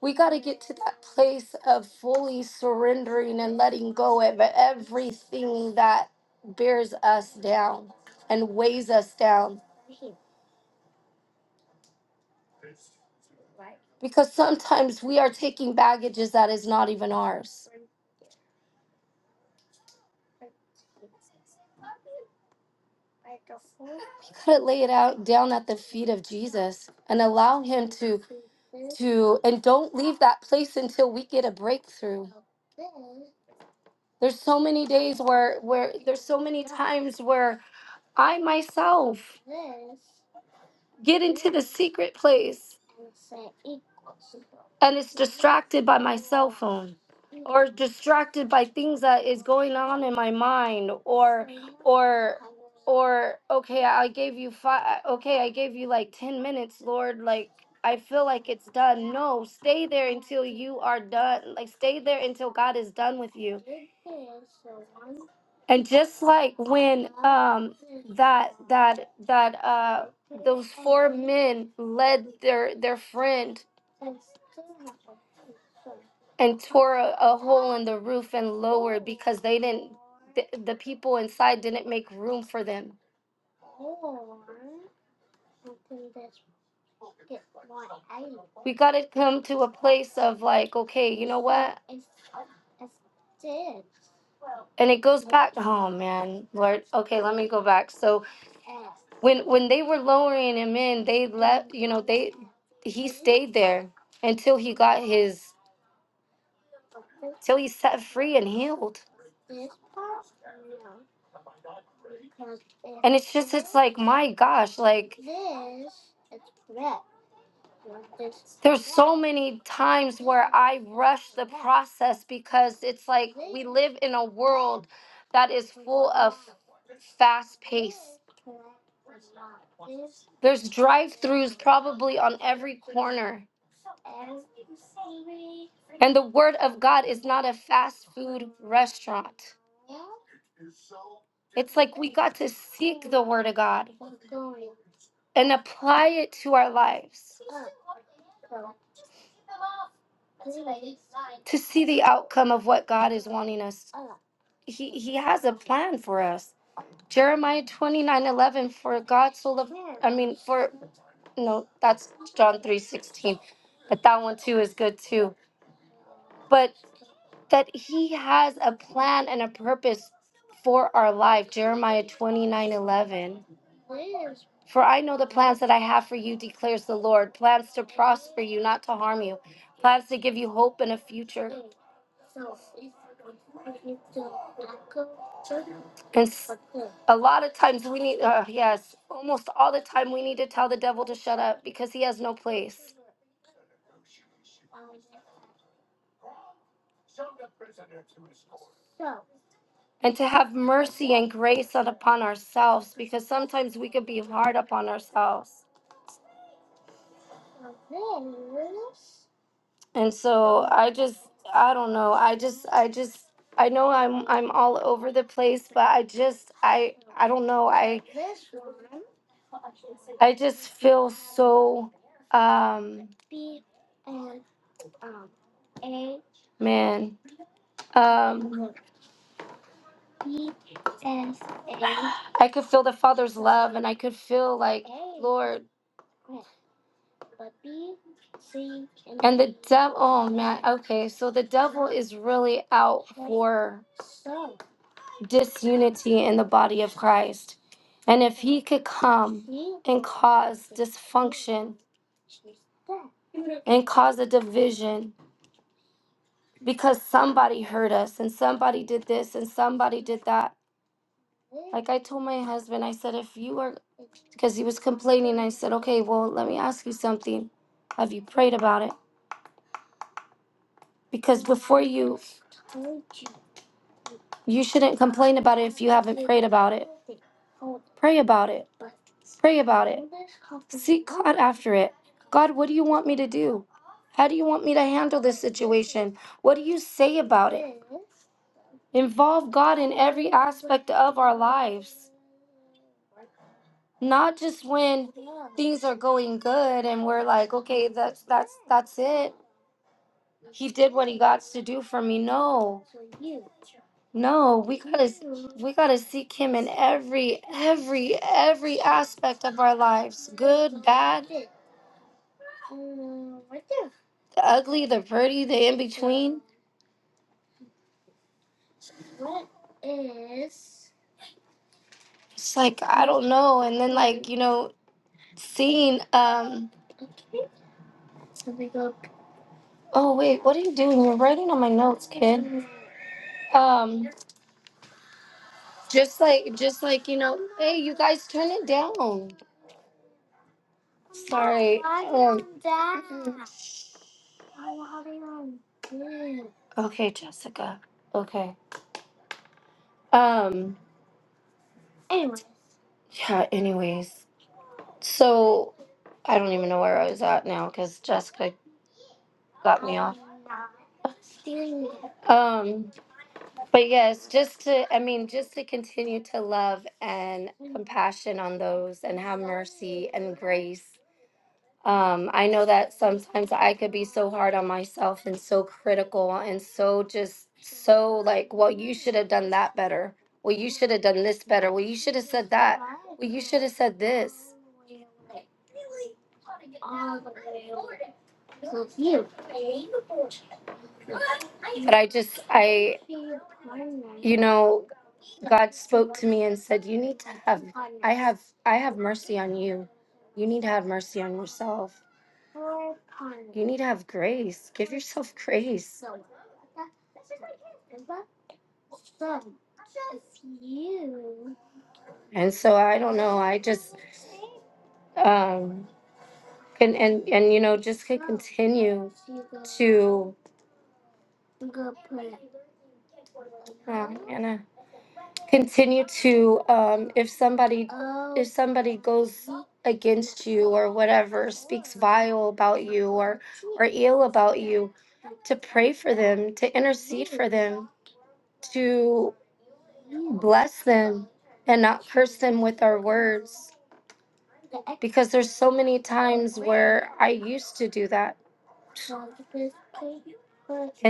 [SPEAKER 2] We got to get to that place of fully surrendering and letting go of everything that bears us down and weighs us down. Because sometimes we are taking baggages that is not even ours. Got to lay it out down at the feet of Jesus and allow Him to to and don't leave that place until we get a breakthrough. There's so many days where where there's so many times where I myself get the secret place and it's distracted by my cell phone or distracted by things that is going on in my mind or or okay i gave you five okay i gave you like 10 minutes lord like i feel like it's done no stay there until you are done like stay there until god is done with you and just like when that that that uh men led their their friend and tore a, a in the roof and low because they didn't the, the people inside didn't make room for them. We got to come to place of like, okay, you what? And it goes back, oh man, Lord, okay, let me go back. So when when they were lowering him in, they, l- you know, they he stayed there until he got his till he set free and healed. And it's just like, my gosh, like there's so many times I rush the process because it's like live in a world that is fast paced. There's dry probably on every The word of God is not a fast food restaurant. It's like we got to see word of God and apply it to our lives to see the outcome of what God is wanting us. He he has a plan for us. Jeremiah 29 11. for God so loved, mean, for, no, that's John 3 16, but that one too is good too. But that he has a plan and a purpose for our life, Jeremiah 29 11. For I know the plans that I have for you, declares the Lord plans to prosper you, not to harm you, plans to give you hope and a future. And s- a lot of times we need, uh, yes, almost all the time we need to tell the devil to shut up because he has no place. And to have mercy and grace on- upon ourselves because sometimes we could be hard upon ourselves. And so I just, I don't know. I just, I just, I know I'm, I'm all over the place, but I just, I, I don't know. I. I just feel so um man. Um I could feel the father's love and I could feel like Lord devil oh man. Okay, so the devil is really out for disunity in the body of Christ. And if he could come and cause a division because somebody hurt us and somebody did this and somebody did that. Like I told my husband, I said, if you are because he was complaining. I said, okay, well, let me ask you something. Have you prayed about it? Because before you, you shouldn't complain about it if you haven't prayed about it. Pray about it. Pray about Seek God after it. God, what do you want me to do? How do you want me to handle this situation? What do you say about Involve God in every aspect of our lives, not just when things are going good and we're like, okay, that's that's that's it. You did got to do for me. No, no, we." we got to seek him in every every every aspect of our lives good bad the ugly the pretty the in between it's like i don't know and then like you know seeing um oh wait what are you doing you're writing on my notes kid um just like just like you know hey you guys turn it down sorry okay jessica okay um yeah anyways so i don't even know where i was at now because jessica got um But yes, just to, I mean, just to continue to love and compassion on those and have mercy and grace. Um, I know that sometimes I could be so hard on myself and so critical and so just so like, well, you should have done that better. Well, you should have done this better. Well, you should have said that. should have said this. But I just, I, you know, God spoke me and said, you need have, I have mercy on you you need to have mercy on yourself. You need to have grace. Give yourself *laughs* grace And so I don't know. I just um, and and and you know just continue to Anna, continue to um, if somebody somebody goes against you or whatever vile about you or ill about you to pray for them to intercede for them to bless them and not curse them with our words because there's so many times where I used to do that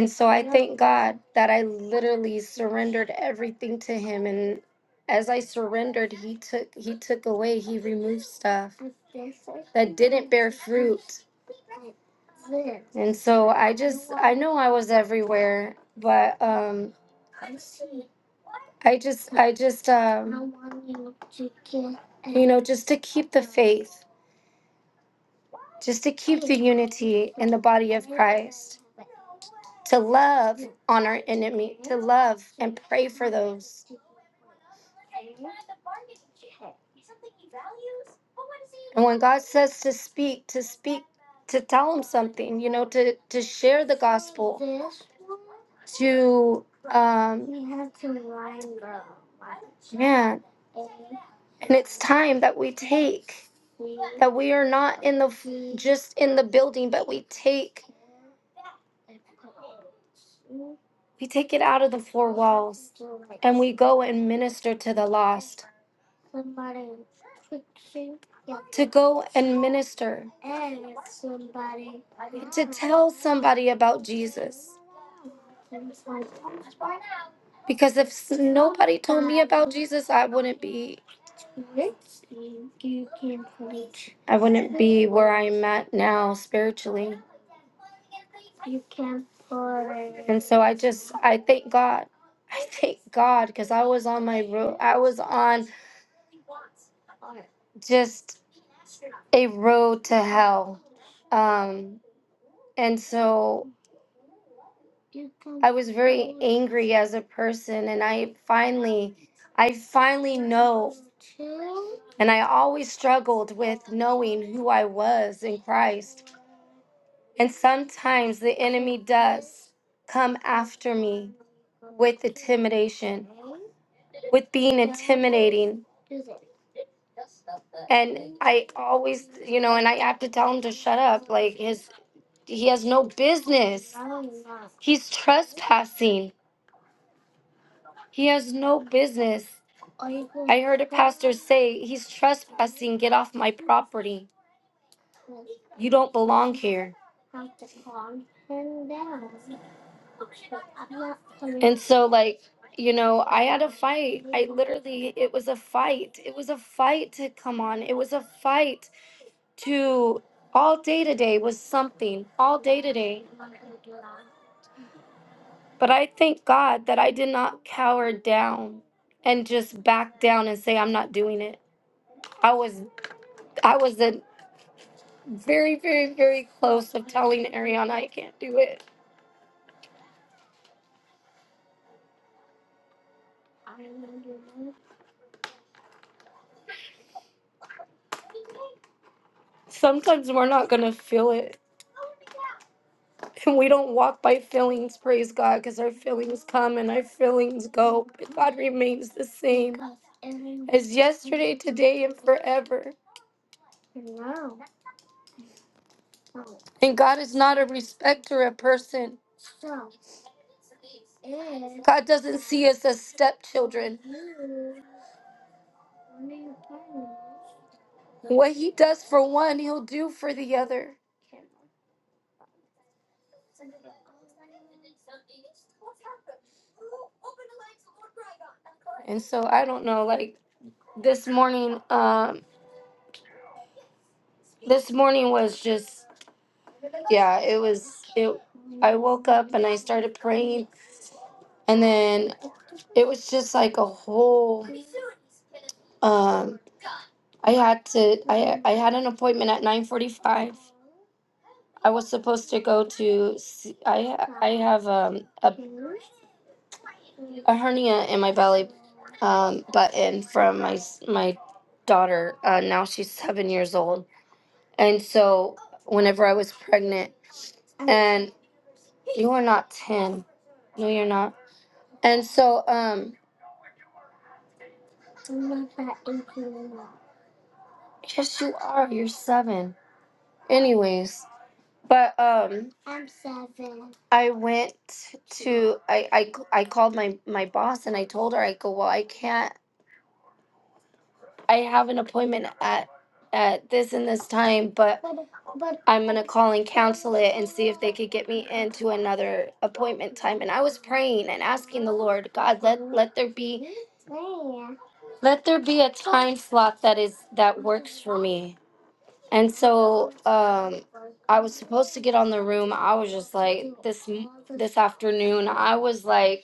[SPEAKER 2] and so thank God that I literally surrendered everything to him and as I surrendered he took he took away he removed stuff that didn't. and so I just I know I was everywhere but um I just I just um know just to keep the faith just to keep it body to love on our enemy love and when God says to speak to speak to tell him something you know to to share the to um man and it's time that we take that we are not in the just in the building but we take we take it out of the floor we go and minister to the lost to go and minister tell somebody about jesus because if s- nobody told jesus i wouldn't be i wouldn't be where i'm at now spiritually and so i just i thank god i thank god because i was on my road i was on just a road to hell um and so was angry as a person and I finally I finally know and I always struggled with knowing who I was in Christ. And sometimes the enemy does come after me with intimidation, with being mean. and I always, you know, and I have to tell him to shut up. Like his he has no business. He's trespassing. He has no business. Heard a pastor say, he's trespassing, get off my property you don't belong here. So like, you know, I literally it was a fight. It was a fight to come on. It was a fight to all day today was something. All day today. But I thank God that I did not cower down and just back down and say I'm not doing it. I was I was a very, very, very close of telling Ariana I can't do it. Sometimes we're not gonna feel it And we don't walk by feelings, praise God, because our feelings come and our feelings go. But God remains the same as yes forever. And God is not a respecter of person. God doesn't see us as stepchildren. What He does for one, He'll do for the other. And so I don't know, like this morning, um, this morning was just uh, it was it I woke up and I started praying and then it was just like a whole um I had to. I had an appointment at 9:45. I was supposed to go to see, I I have um, a, a hernia in my belly um, button from my s- my daughter. Uh, now she's 7 years old. And so whenever I was pregnant and you are not 10. No, you're not. And so um yes you are. You're 7. Anyways, but um I went to I, I I called my my boss and I told her I go well I can't I have an appointment at at this and this time, but I'm gonna call and cancel it and see if they could get me into another appointment time. And I was praying and asking the Lord, God, let let there be let there be a time slot that is that works for me. And so I was supposed to get on the room. I was just like this afternoon. I was like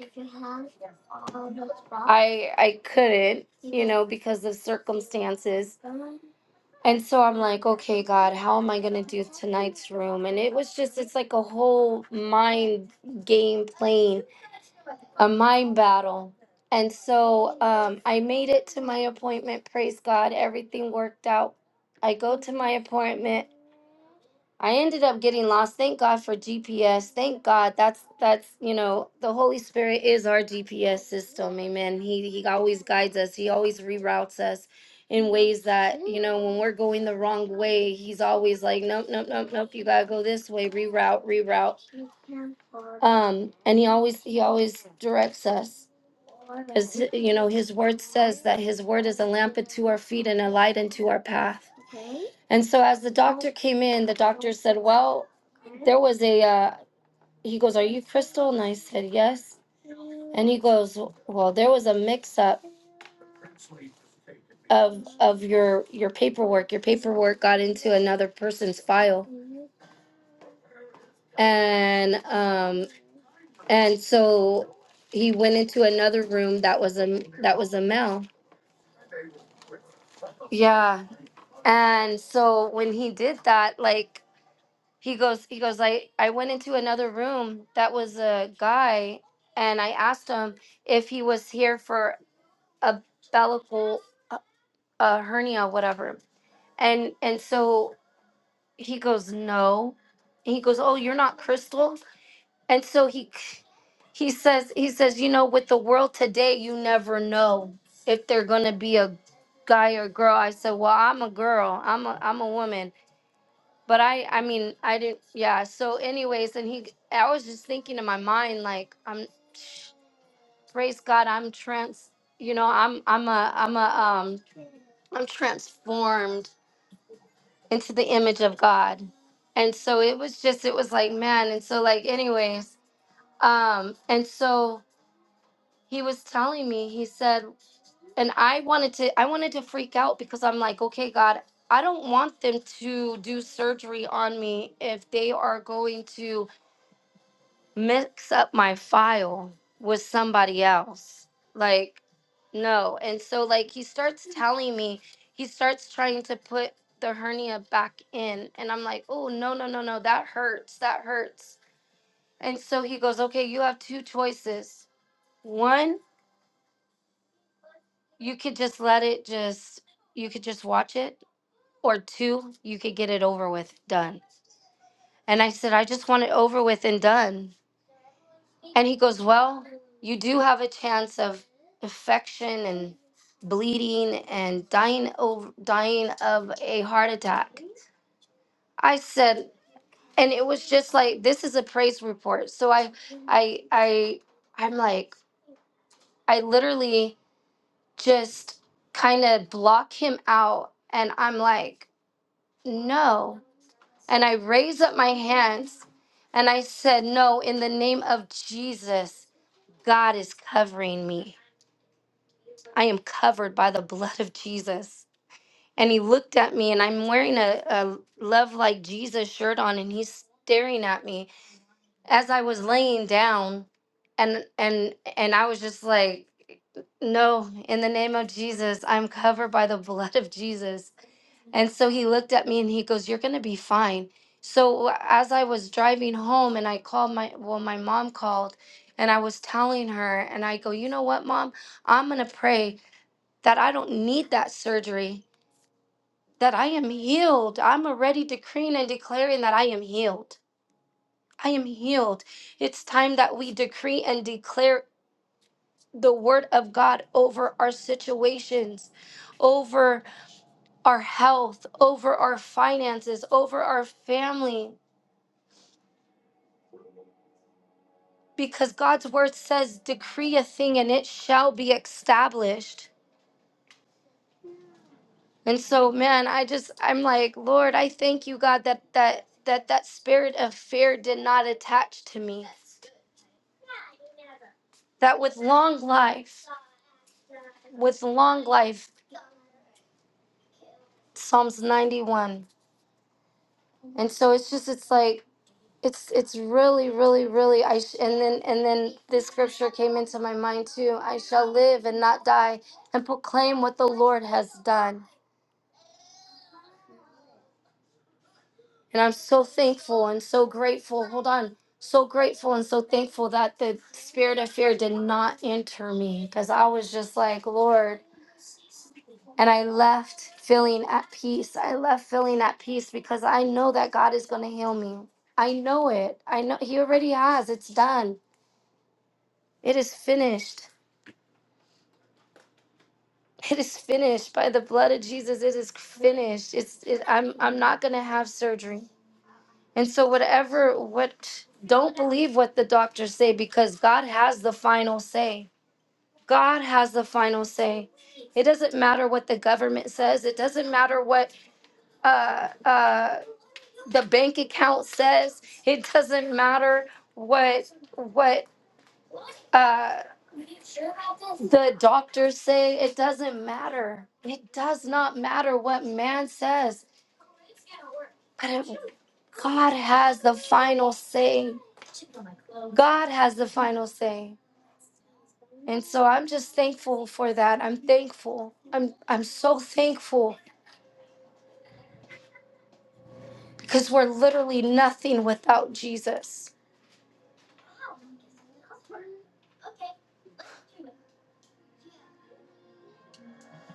[SPEAKER 2] I I couldn't, you know, because of circumstances And so I'm like, okay, God, how am I going to do tonight's room? And it was just, it's like a whole mind game playing, a mind battle. And so um, I made it to my appointment. Praise God. Everything worked out. I go to my appointment. I ended up getting lost. Thank God for GPS. Thank God. That's that's you know the Holy Spirit is our GPS system. Amen. He he always guides us. He always reroutes us in ways that you know when we're going the wrong way, he's always like, nope, nope, nope, nope. You gotta go this way. Reroute, reroute. Um, and he always he always directs us. To, you know, his word says that his word is a lamp unto our feet and a light unto our path. And so as the doctor came in, the doctor said, well, there was a uh, he goes, "Are you Crystal?" And I said, "Yes." And he goes, "Well, there was a mix-up of of your your paperwork. Your paperwork got into another person's file, and um, and so he went into another room that was a that was a male. Yeah. And so when he did that, like he goes, he goes, I I went into another room that was a guy, and I asked him if he was here for a bellical." a hernia, whatever. And and so he goes, no. And he goes, oh, you're not Crystal. And so he he says he says, you know, with the world today, you never know if they're gonna be a guy or girl. I said, well, I'm a girl. I'm a I'm a woman. But I I mean I didn't yeah. So anyways, and he I was just thinking in my mind like I'm praise God I'm trans you know I'm I'm a I'm a um I'm transformed into the image of God. And so it was just it was like man and so like anyways um and so he was telling me he said and I wanted to I wanted to freak out because I'm like okay God I don't want them to do surgery on me if they are going to mix up my file with somebody else. Like, no. And so, like, he starts telling me, he starts trying to put the hernia back in. And I'm like, oh, no, no, no, no, that hurts. That hurts. And so he goes, okay, you have two choices. One, you could just let it just, you could just watch it. Or two, you could get it over with, done. And I said, I just want it over with and done. And he goes, Well, you do have a chance of infection and bleeding and dying over dying of a heart attack. I said, and it was just like this is a praise report. So I I I I'm like, I literally just kind of block him out and I'm like, no. And I raise up my hands and I said, No, in the name of Jesus, God is covering me. I am covered by the blood of Jesus. And he looked at me, and I'm wearing a, a Love Like Jesus shirt on, and he's staring at me as I was laying down. And, and, and I was just like, no, in the name of Jesus, I'm covered by the blood of Jesus. And so he looked at me and he goes, You're going to be fine. So as I was driving home and I called my, well, my mom called and I was telling her, and I go, You know what, mom? I'm going to pray that I don't need that surgery, that I am healed. I'm already decreeing and declaring that I am healed. I am healed. It's time that we decree and declare the word of God over our situations, over our health, over our finances, over our family. Because God's word says, decree a thing and it shall be established. And so, man, I just I'm like, Lord, I thank you, God, that that that that spirit of fear did not attach to me. That with long life, with long life, Psalms 91. And so it's just it's like it's it's really really really I sh- and then and then this scripture came into my mind too. I shall live and not die and proclaim what the Lord has done. And I'm so thankful and so grateful. Hold on. So grateful and so thankful that the spirit of fear did not enter me because I was just like, Lord. And I left feeling at peace. I left feeling at peace because I know that God is going to heal me. I know it. I know He already has. It's done. It is finished. *laughs* It is finished by the blood of Jesus. It is finished. It's. It, I'm. I'm not gonna have surgery. And so, whatever, what, don't believe what the doctors say because God has the final say. God has the final say. It doesn't matter what the government says. It doesn't matter what uh, uh, the bank account says. It doesn't matter what what uh, the doctors say. It doesn't matter. It does not matter what man says. But God has the final say. God has the final say. And so I'm just thankful for that. I'm thankful. I'm I'm so thankful because we're literally nothing without Jesus.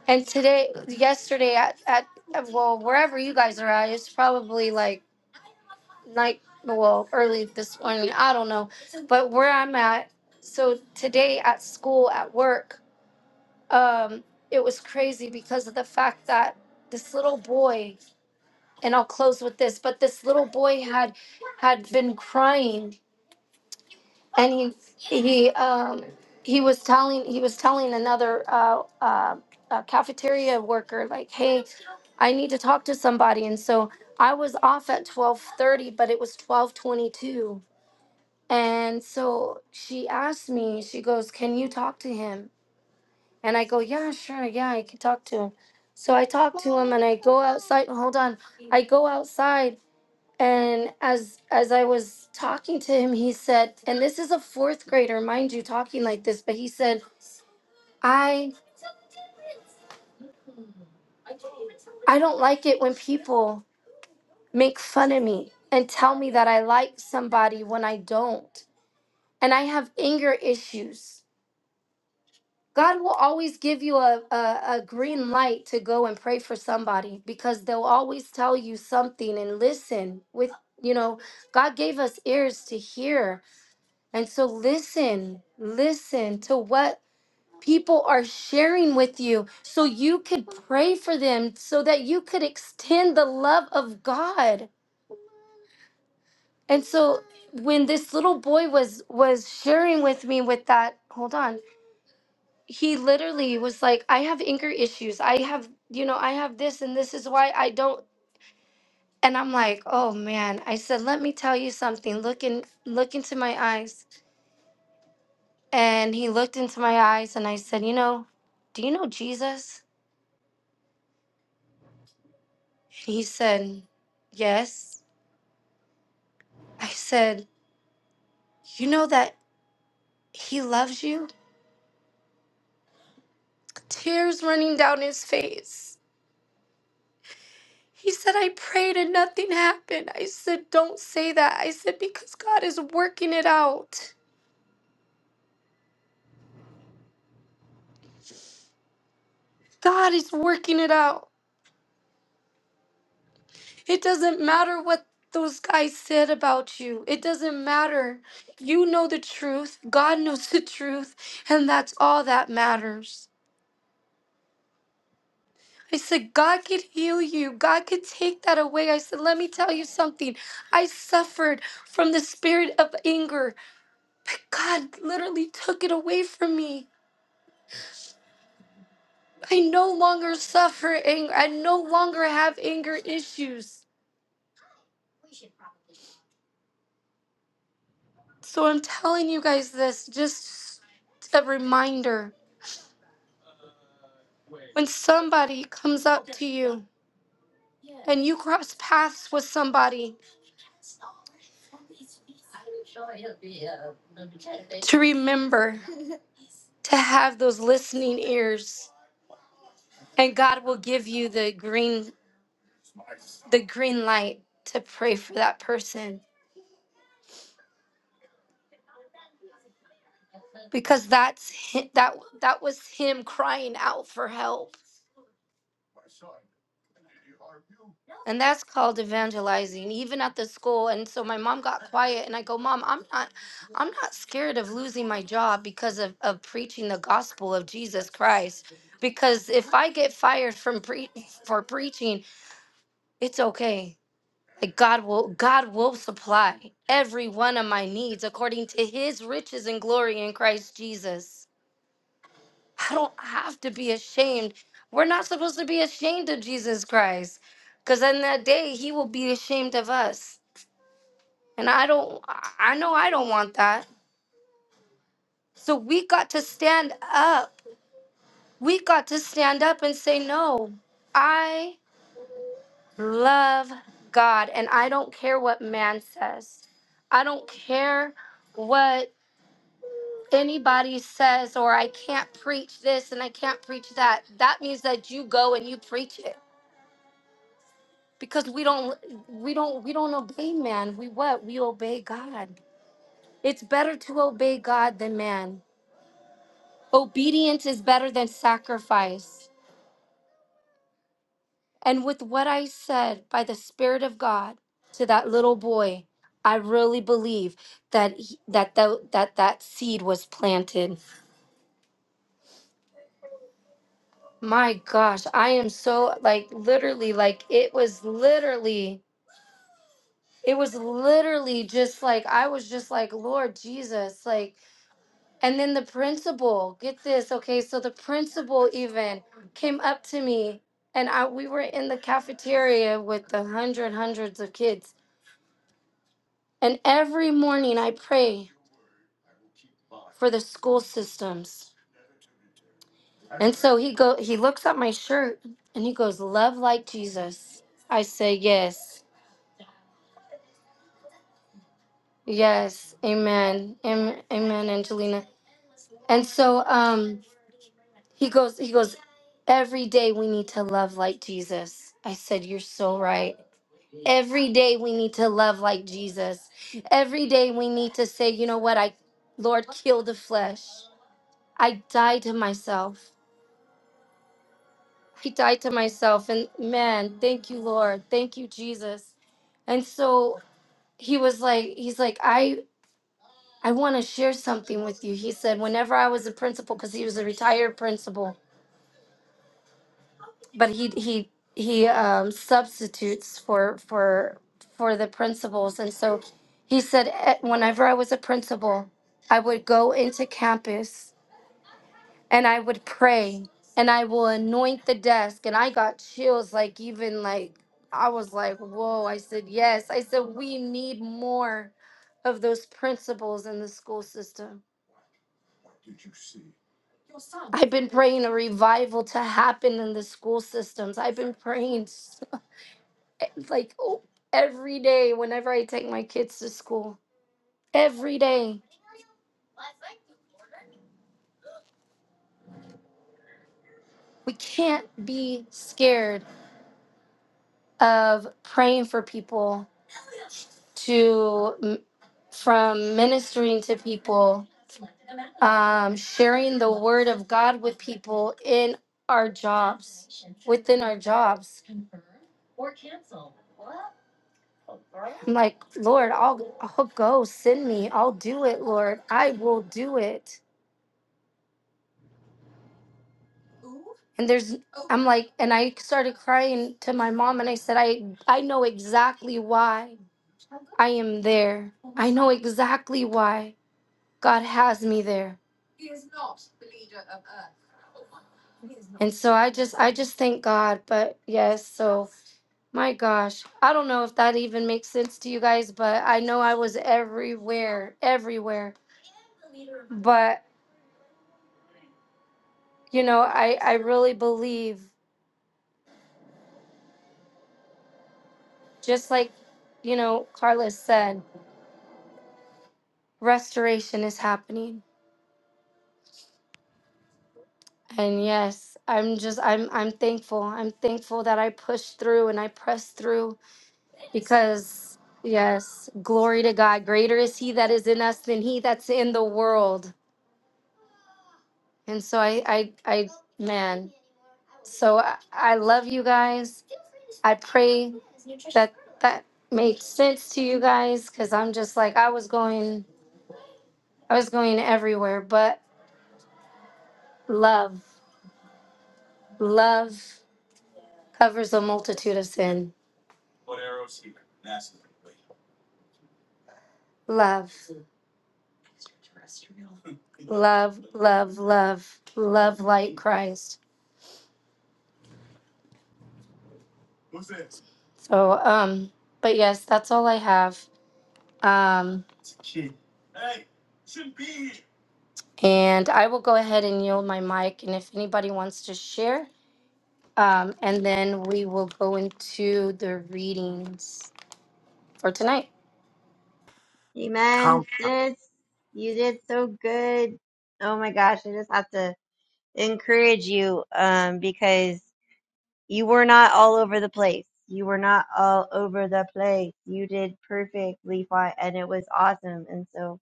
[SPEAKER 2] And today, yesterday at at at- well wherever you guys are at, it's probably like night well early this morning. I don't know, but where I'm at. So today at school at work, um, it was crazy because of the fact that this little boy, and I'll close with this, but this little boy had had been crying and he he um he was telling he was telling another uh, uh, uh cafeteria worker like hey i need to talk to somebody and so i was off at 12.30 but it was 12.22 and so she asked me she goes can you talk to him and i go yeah sure yeah i can talk to him so i talk to him and i go outside hold on i go outside and as as i was talking to him he said and this is a fourth grader mind you talking like this but he said i i don't like it when people make fun of me and tell me that i like somebody when i don't and i have anger issues god will always give you a, a, a green light to go and pray for somebody because they'll always tell you something and listen with you know god gave us ears to hear and so listen, listen to what people are sharing with you so you could pray for them so that you could extend the love of God. And so when this little boy was was sharing with me with that, hold on. He literally was like, "I have anger issues. I have, you know, I have this and this is why I don't." And I'm like, "Oh man." I said, "Let me tell you something. Look in look into my eyes." And he looked into my eyes and I said, "You know, do you know Jesus?" And he said, "Yes." I said, You know that he loves you? Tears running down his face. He said, I prayed and nothing happened. I said, Don't say that. I said, Because God is working it out. God is working it out. It doesn't matter what those guys said about you, it doesn't matter. You know the truth. God knows the truth. And that's all that matters. I said, God could heal you. God could take that away. I said, let me tell you something. I suffered from the spirit of anger, but God literally took it away from me. I no longer suffer anger. I no longer have anger issues. So I'm telling you guys this just a reminder. When somebody comes up to you and you cross paths with somebody, to remember to have those listening ears and God will give you the green the green light to pray for that person because that's hi- that that was him crying out for help and that's called evangelizing even at the school and so my mom got quiet and i go mom i'm not i'm not scared of losing my job because of, of preaching the gospel of jesus christ because if i get fired from pre- for preaching it's okay like god will god will supply every one of my needs according to his riches and glory in christ jesus I don't have to be ashamed. We're not supposed to be ashamed of Jesus Christ because on that day, he will be ashamed of us. And I don't, I I know I don't want that. So we got to stand up. We got to stand up and say, no, I love God and I don't care what man says. I don't care what anybody says or I can't preach this and I can't preach that. That means that you go and you preach it because we don't we don't we don't obey man we what we obey god it's better to obey god than man obedience is better than sacrifice and with what i said by the spirit of god to that little boy i really believe that he, that, that that that seed was planted my gosh i am so like literally like it was literally it was literally just like i was just like lord jesus like And then the principal, get this, okay? So the principal even came up to me and I we were in the cafeteria with the hundred hundreds of kids. And every morning I pray for the school systems. And so he go he looks at my shirt and he goes, "Love like Jesus." I say, "Yes. Yes. Amen. Am- Amen, Angelina." And so um he goes he goes, "Every day we need to love like Jesus." I said, "You're so right." Every day we need to love like Jesus. Every day we need to say, you know what, I Lord, kill the flesh. I die to myself. I die to myself. And man, thank you, Lord. Thank you, Jesus. And so he was like, he's like, I I want to share something with you. He said, whenever I was a principal, because he was a retired principal. but he he he um, substitutes for for for the principals and so he said "Eh, whenever i was a principal i would go into campus and i would pray and i will anoint the desk and i got chills like even like i was like whoa i said yes i said we need more of those principals in the school system i've been praying a revival to happen in the school systems i've been praying so It's like oh, every day whenever I take my kids to school, every day. We can't be scared of praying for people to from ministering to people, um, sharing word of God people in our job, within our jobs. I'm like, Lord, I'll, I'll go, send me, I'll do it, Lord, I will do it. And there's I'm like, and I started crying to my mom, and I said, I I know exactly why I am there. know exactly why God has me there. So I just I just thank God. But yes, so my gosh. I don't know if that even makes sense to you guys, but I know I was everywhere, everywhere. But you know, I, I really believe just like you know, Carlos said, restoration is happening. And yes, I'm just I'm I'm thankful. I'm thankful that I pushed through and I pressed through Because, yes, glory to God. Greater is He that is in us than He that's in the world. And so I, I, I man, so I, I love you guys. I pray that that makes sense to you guys because I'm just like, I was going, I was going everywhere, but love, love covers a multitude of sin. Love, love, love, love, love like Christ. So, um, but yes, that's all I have. Um, and I will go ahead and yield my mic. And if anybody wants to share, um, and then we will go into the readings for tonight.
[SPEAKER 3] Amen,
[SPEAKER 4] Come,
[SPEAKER 3] sis. You did so good. Oh my gosh, I just have to encourage you um, because you were not all over the place. You were not all over the place. You did perfectly fine, and it was awesome. And so,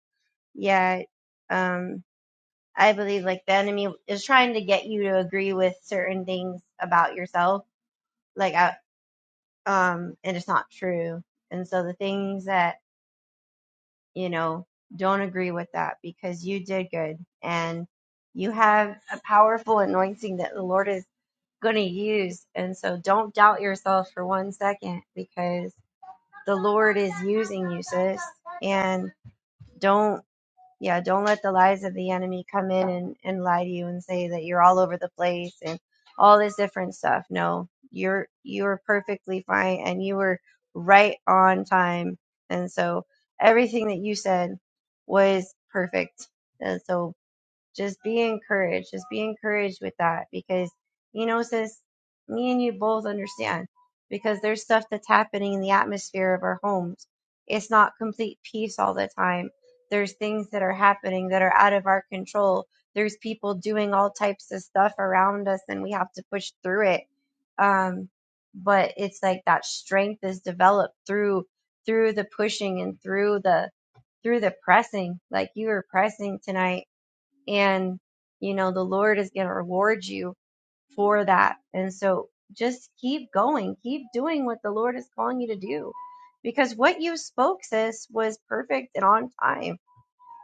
[SPEAKER 3] yeah, um, I believe like the enemy is trying to get you to agree with certain things about yourself, like I, um, and it's not true. And so the things that you know, don't agree with that because you did good and you have a powerful anointing that the Lord is going to use. And so don't doubt yourself for one second because the Lord is using you, sis. And don't yeah don't let the lies of the enemy come in and, and lie to you and say that you're all over the place and all this different stuff no you're you're perfectly fine and you were right on time and so everything that you said was perfect and so just be encouraged. Just be encouraged with that because, you know, sis, me and you both understand because there's stuff that's happening in the atmosphere of our homes. It's not complete peace all the time. There's things that are happening that are out of our control. There's people doing all types of stuff around us and we have to push through it. Um, but it's like that strength is developed through through the pushing and through the through the pressing like you were pressing tonight and you know the lord is going to reward you for that and so just keep going keep doing what the lord is calling you to do because what you spoke sis was perfect and on time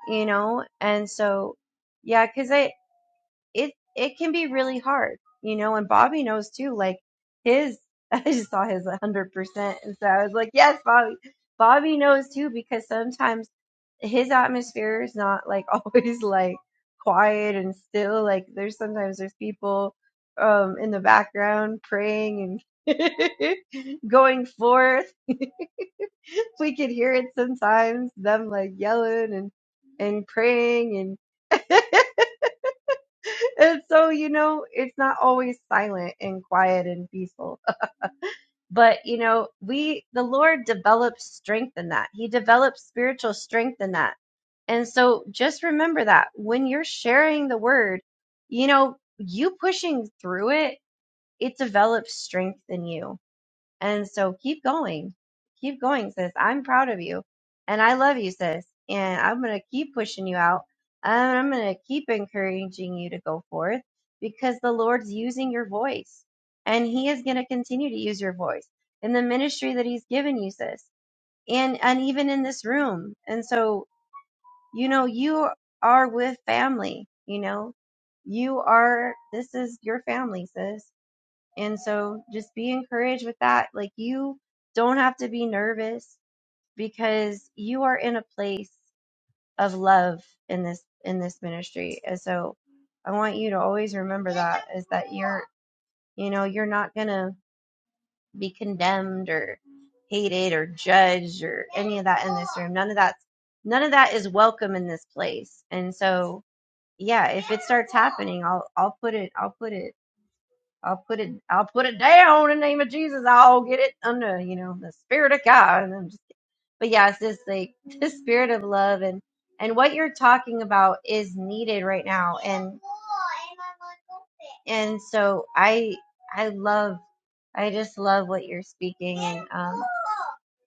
[SPEAKER 3] you know and so yeah because i it it can be really hard, you know. And Bobby knows too. Like his, *laughs* I just saw his 100%, and so I was like, yes, Bobby. Bobby knows too because sometimes his atmosphere is not like *laughs* always like quiet and still. Like there's sometimes there's people um in the background praying and *laughs* going forth. *laughs* We could hear it sometimes, them like yelling and and praying and *laughs* and so, you know, it's not always silent and quiet and peaceful. But, you know, we, the Lord develops strength in that. He develops spiritual strength in that. And so just remember that when you're sharing the word, you know, you pushing through it, it develops strength in you and so keep going. Keep going, sis. I'm proud of you. And I love you, sis. And I'm going to keep pushing you out. And I'm going to keep encouraging you to go forth because the Lord's using your voice. And He is going to continue to use your voice in the ministry that He's given you, sis. And, and even in this room. And so, you know, you are with family, you know, you are, this is your family, sis. And so just be encouraged with that. Like you don't have to be nervous because you are in a place of love in this in this ministry. And so I want you to always remember that is that you're you know, you're not going to be condemned or hated or judged or any of that in this room. None of that's none of that is welcome in this place. And so yeah, if it starts happening, I'll I'll put it I'll put it I'll put it I'll put it down in the name of Jesus. I'll get it under, you know, the spirit of God. And I'm just but yeah, it's just like *laughs* the spirit of love and and what you're talking about is needed right now. And and so I I love I just love what you're speaking and. um,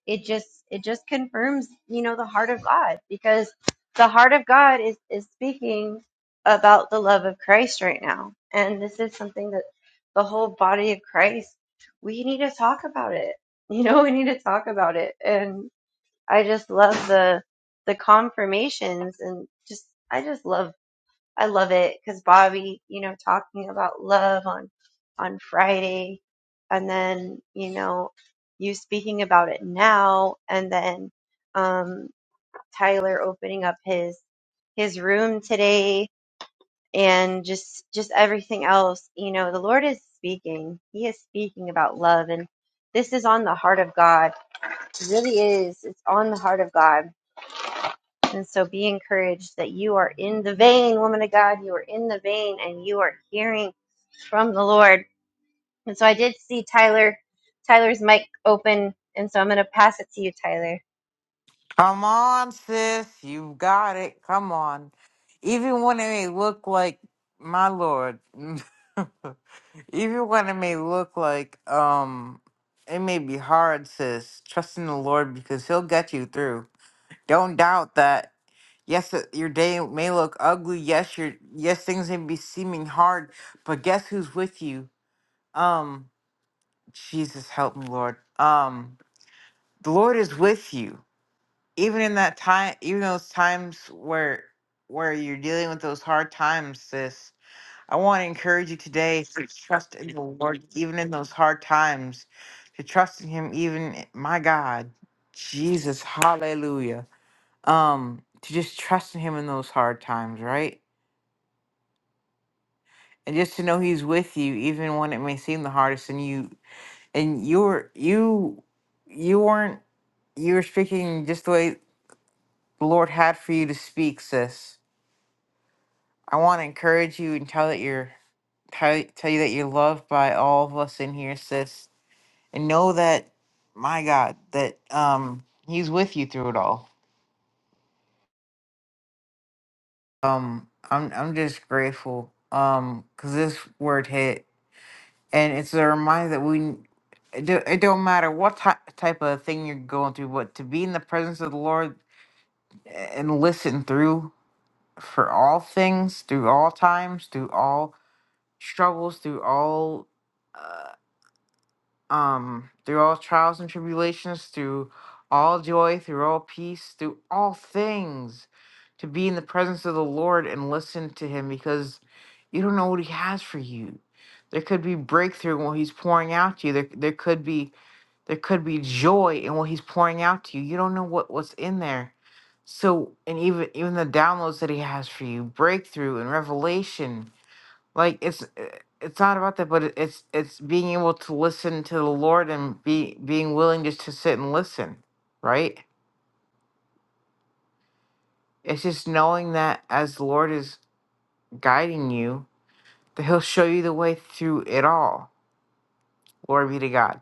[SPEAKER 3] it just it just confirms you know the heart of god because the heart of god is is speaking about the love of christ right now and this is something that the whole body of christ we need to talk about it *laughs* you know we need to talk about it and i just love the the confirmations and just i just love I love it because Bobby, you know, talking about love on on Friday, and then you know you speaking about it now, and then um, Tyler opening up his his room today, and just just everything else. You know, the Lord is speaking. He is speaking about love, and this is on the heart of God. It really is. It's on the heart of God and so be encouraged that you are in the vein, woman of God. You are in the vein and you are hearing from the Lord. And so I did see Tyler, Tyler's mic open. And so I'm going to pass it to you, Tyler.
[SPEAKER 4] come on, sis. You got it. Come on. Even when it may look like my lord, *laughs* even when it may look like um, it may be hard, sis. Trust in the Lord because He'll get you through. Don't doubt that. Yes, uh, your day may look ugly. Yes, your yes things may be seeming hard, but guess who's with you? Um, Jesus, help me, Lord. Um, the Lord is with you even in that time even those times where where you're dealing with those hard times sis i want to encourage you today to trust in the lord even in those hard times to trust in him even i- my god jesus hallelujah um to just trust in him in those hard times right and just to know he's with you even when it may seem the hardest and you and you're you you weren't you were speaking just the way the lord had for you to speak sis I want to encourage you and tell that you're tell, tell you that you're loved by all of us in here, sis, and know that my God, that um He's with you through it all. Um, I'm I'm just grateful um because this word hit, and it's a reminder that we. It do- it don't matter what ty- type of thing you're going through, but to be in the presence of the Lord and listen through for all things, through all times, through all struggles, through all uh, um, through all trials and tribulations, through all joy, through all peace, through all things, to be in the presence of the Lord and listen to Him because you don't know what He has for you. There could be breakthrough in what He's pouring out to you. There, there could be there could be joy in what He's pouring out to you. You don't know what what's in there. So, and even even the downloads that He has for you, breakthrough and revelation like it's uh, it's not about that but it- it's it's being able to listen to the lord and be being willing just to sit and listen right it's just knowing that as the lord is guiding you that he'll show you the way through it all glory be to god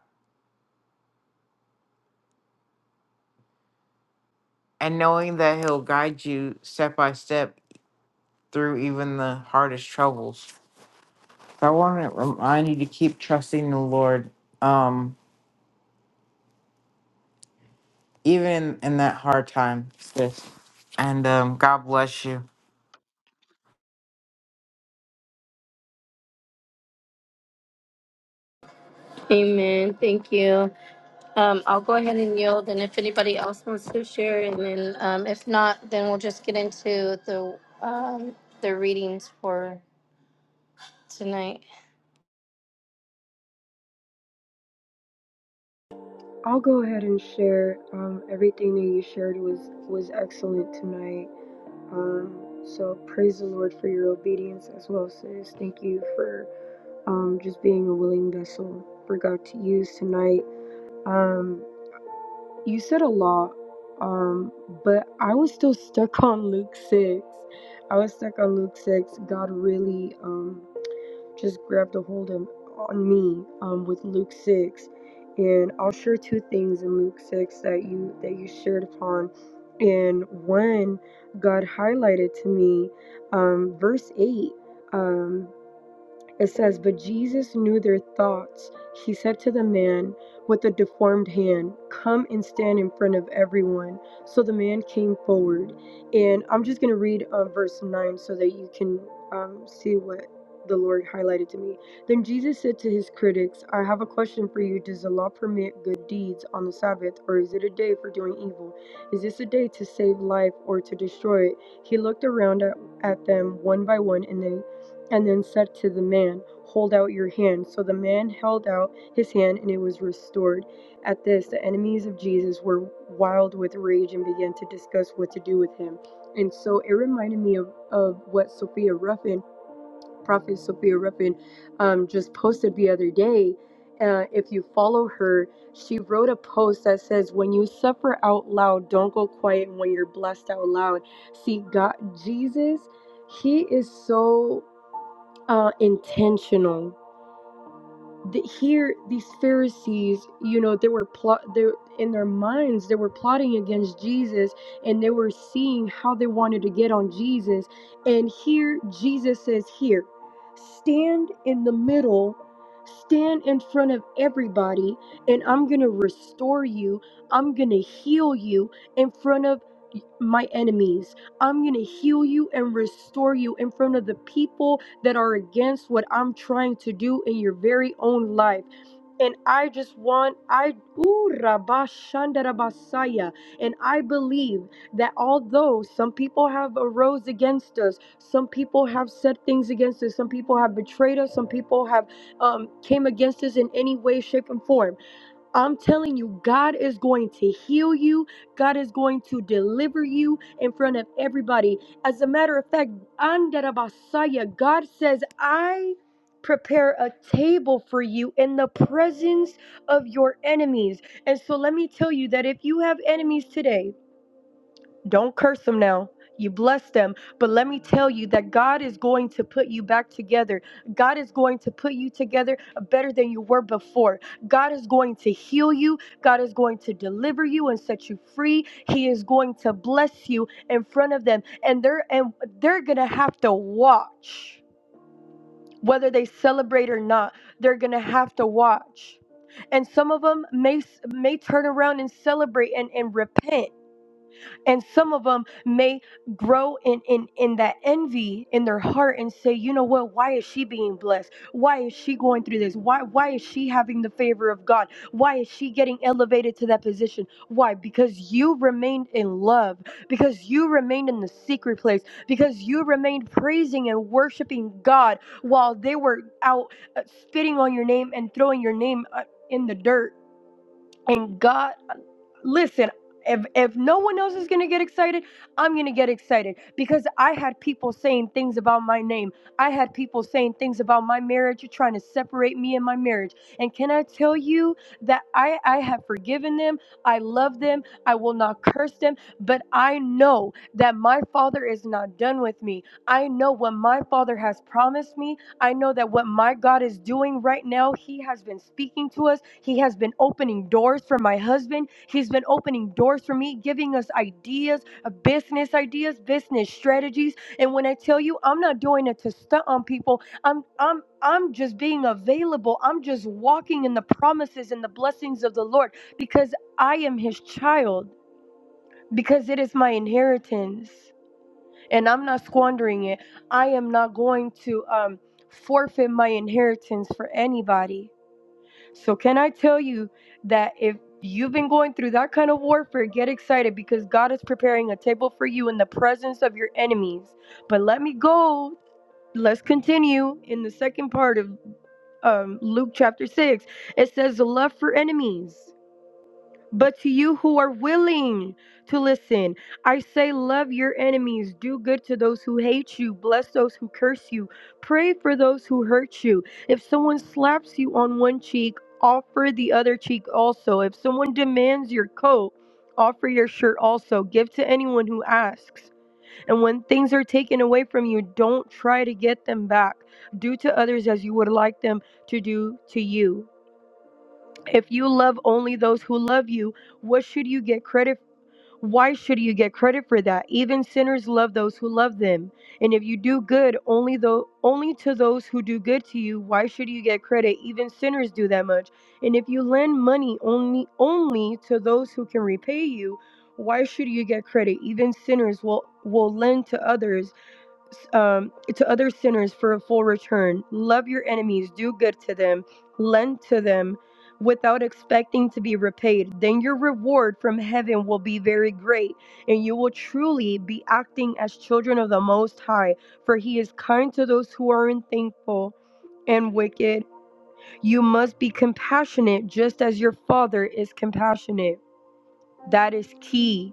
[SPEAKER 4] and knowing that he'll guide you step by step through even the hardest troubles So i want to remind you to keep trusting the lord um even in, in that hard time sis and um god bless you
[SPEAKER 2] Amen. Thank you. Um, I'll go ahead and yield. And if anybody else wants to share, and then um, if not, then we'll just get into the um, the readings for tonight.
[SPEAKER 1] I'll go ahead and share. Um, everything that you shared was was excellent tonight. Um, so praise the Lord for your obedience as well, sis. Thank you for um, just being a willing vessel for God to use tonight. Um, You said a lot, um, but I was still stuck on Luke 6. I was stuck on Luke 6. God really um, just grabbed a hold of, on me um, with Luke 6. And I'll share two things in Luke 6 that you that you shared upon. And one, God highlighted to me um, verse 8. Um, it says, But Jesus knew their thoughts. He said to the man with the deformed hand, Come and stand in front of everyone. So the man came forward. And I'm just going to read uh, verse 9 so that you can um, see what the Lord highlighted to me. Then Jesus said to his critics, I have a question for you. Does the law permit good deeds on the Sabbath, or is it a day for doing evil? Is this a day to save life or to destroy it? He looked around at, at them one by one and they and then said to the man, Hold out your hand. So the man held out his hand, and it was restored. At this, the enemies of Jesus were wild with rage and began to discuss what to do with him. And so it reminded me of, of what Sophia Ruffin, Prophet Sophia Ruffin, um, just posted the other day. Uh, if you follow her, she wrote a post that says, When you suffer out loud, don't go quiet And when you're blessed out loud. See, God, Jesus, He is so uh, intentional. The, here, these Pharisees, you know, they were plot. They in their minds, they were plotting against Jesus, and they were seeing how they wanted to get on Jesus. And here, Jesus says, "Here, stand in the middle." Stand in front of everybody, and I'm gonna restore you. I'm gonna heal you in front of my enemies. I'm gonna heal you and restore you in front of the people that are against what I'm trying to do in your very own life. And I just want, I, ooh, Rabba Shanda Rabba Saya. and I believe that although some people have arose against us, some people have said things against us, some people have betrayed us, some people have um, came against us in any way, shape, and form I'm telling you, God is going to heal you. God is going to deliver you in front of everybody. As a matter of fact, Andarabasaya, God says, I prepare a table for you in the presence of your enemies. And so let me tell you that if you have enemies today, don't curse them now. You bless them. But let me tell you that God is going to put you back together. God is going to put you together better than you were before. God is going to heal you. God is going to deliver you and set you free. He is going to bless you in front of them. And they're and they're gonna have to watch. Whether they celebrate or not, they're gonna have to watch. And some of them may may turn around and celebrate and, and repent and some of them may grow in, in in that envy in their heart and say you know what why is she being blessed why is she going through this why why is she having the favor of god why is she getting elevated to that position why because you remained in love because you remained in the secret place because you remained praising and worshiping god while they were out uh, spitting on your name and throwing your name uh, in the dirt and god listen if if no one else is gonna get excited i'm gonna get excited because i had people saying things about my name i had people saying things about my marriage you're trying to separate me and my marriage and can i tell you that i i have forgiven them i love them i will not curse them but i know that my father is not done with me i know what my father has promised me I know that what my God is doing right now, He has been speaking to us. He has been opening doors for my husband. He's been opening doors for me, giving us ideas, uh, business ideas, business strategies. And when I tell you, I'm not doing it to stunt on people. I'm I'm I'm just being available. I'm just walking in the promises and the blessings of the Lord because I am His child. Because it is my inheritance and I'm not squandering it. I am not going to um, forfeit my inheritance for anybody. So, can I tell you that if you've been going through that kind of warfare, get excited because God is preparing a table for you in the presence of your enemies. But let me go. Let's continue in the second part of um, Luke chapter 6. It says, the love for enemies. But to you who are willing to listen, I say, love your enemies, do good to those who hate you, bless those who curse you, pray for those who hurt you. If someone slaps you on one cheek, offer the other cheek also. If someone demands your coat, offer your shirt also. Give to anyone who asks. And when things are taken away from you, don't try to get them back. Do to others as you would like them to do to you. If you love only those who love you, what should you get credit? Why should you get credit for that? Even sinners love those who love them. And if you do good only though only to those who do good to you, why should you get credit? Even sinners do that much. And if you lend money only only to those who can repay you, why should you get credit? Even sinners will will lend to others um, to other sinners for a full return. Love your enemies, do good to them, lend to them without expecting to be repaid. Then your reward from heaven will be very great, and you will truly be acting as children of the Most High, for He is kind to those who are unthankful and wicked. You must be compassionate just as your Father is compassionate. That is key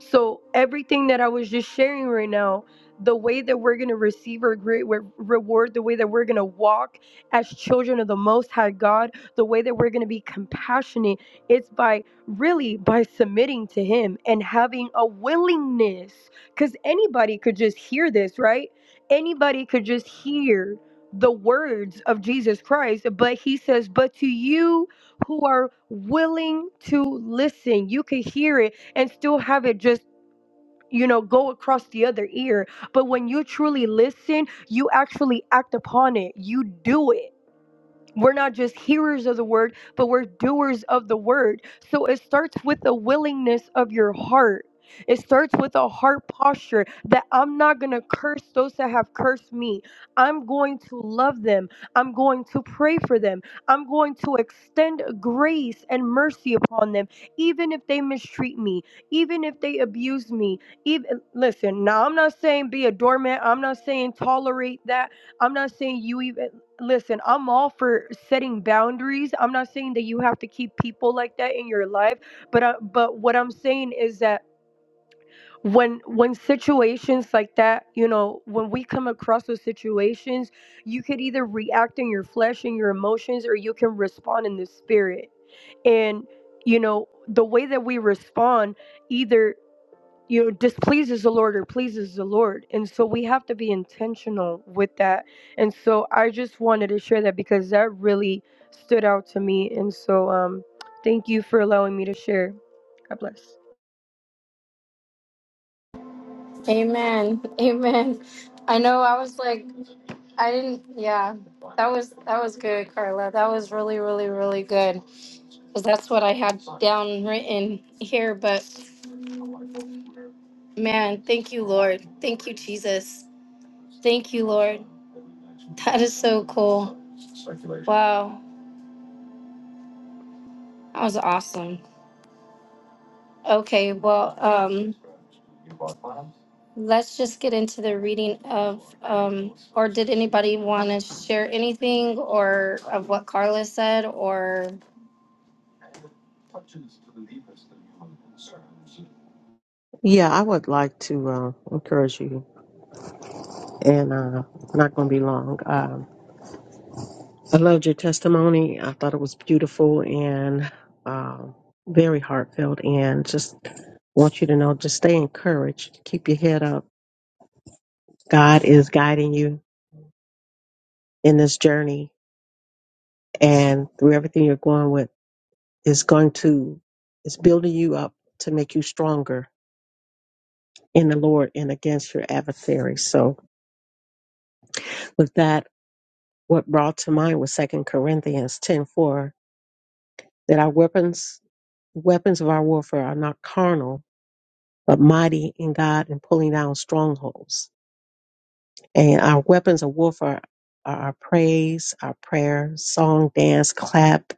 [SPEAKER 1] so, everything that I was just sharing right now, the way that we're going to receive our great re- reward, the way that we're going to walk as children of the Most High God, the way that we're going to be compassionate, it's by really by submitting to Him and having a willingness. Because anybody could just hear this, right? Anybody could just hear the words of Jesus Christ, but He says, But to you, who are willing to listen. You can hear it and still have it just you know go across the other ear but when you truly listen you actually act upon it you do it we're not just hearers of the word, but we're doers of the word. So it starts with the willingness of your heart. It starts with a heart posture that I'm not going to curse those that have cursed me. I'm going to love them. I'm going to pray for them. I'm going to extend grace and mercy upon them, even if they mistreat me, even if they abuse me. Even listen, now I'm not saying be a doormat. I'm not saying tolerate that. I'm not saying you even Listen, I'm all for setting boundaries. I'm not saying that you have to keep people like that in your life, but uh, but what I'm saying is that when when situations like that, you know, when we come across those situations, you could either react in your flesh and your emotions or you can respond in the spirit. And you know, the way that we respond either you know, displeases the Lord or pleases the Lord. And so we have to be intentional with that. And so I just wanted to share that because that really stood out to me. And so um, thank you for allowing me to share. God bless.
[SPEAKER 2] Amen. *laughs* Amen. I know I was like, yeah, I have down written here, but man, thank you, Lord. Thank you, Jesus. Thank you. Wow. That was awesome. Okay, well, um, let's just get into the reading of, um, or did anybody want to share anything or of what Carla said or?
[SPEAKER 5] Yeah, I would like to uh, encourage you, and uh, not going to be long. Um, I loved your testimony. I thought it was beautiful and um very heartfelt, and just want you to know, just stay encouraged. Keep your head up. God is guiding you in this journey, and through everything you're going with, is going to is building you up to make you stronger in the Lord and against your adversary. So, with that, what brought to mind was Second Corinthians ten four that our weapons weapons of our warfare are not carnal but mighty in God in pulling down strongholds and our weapons of warfare are our praise our prayer song dance clap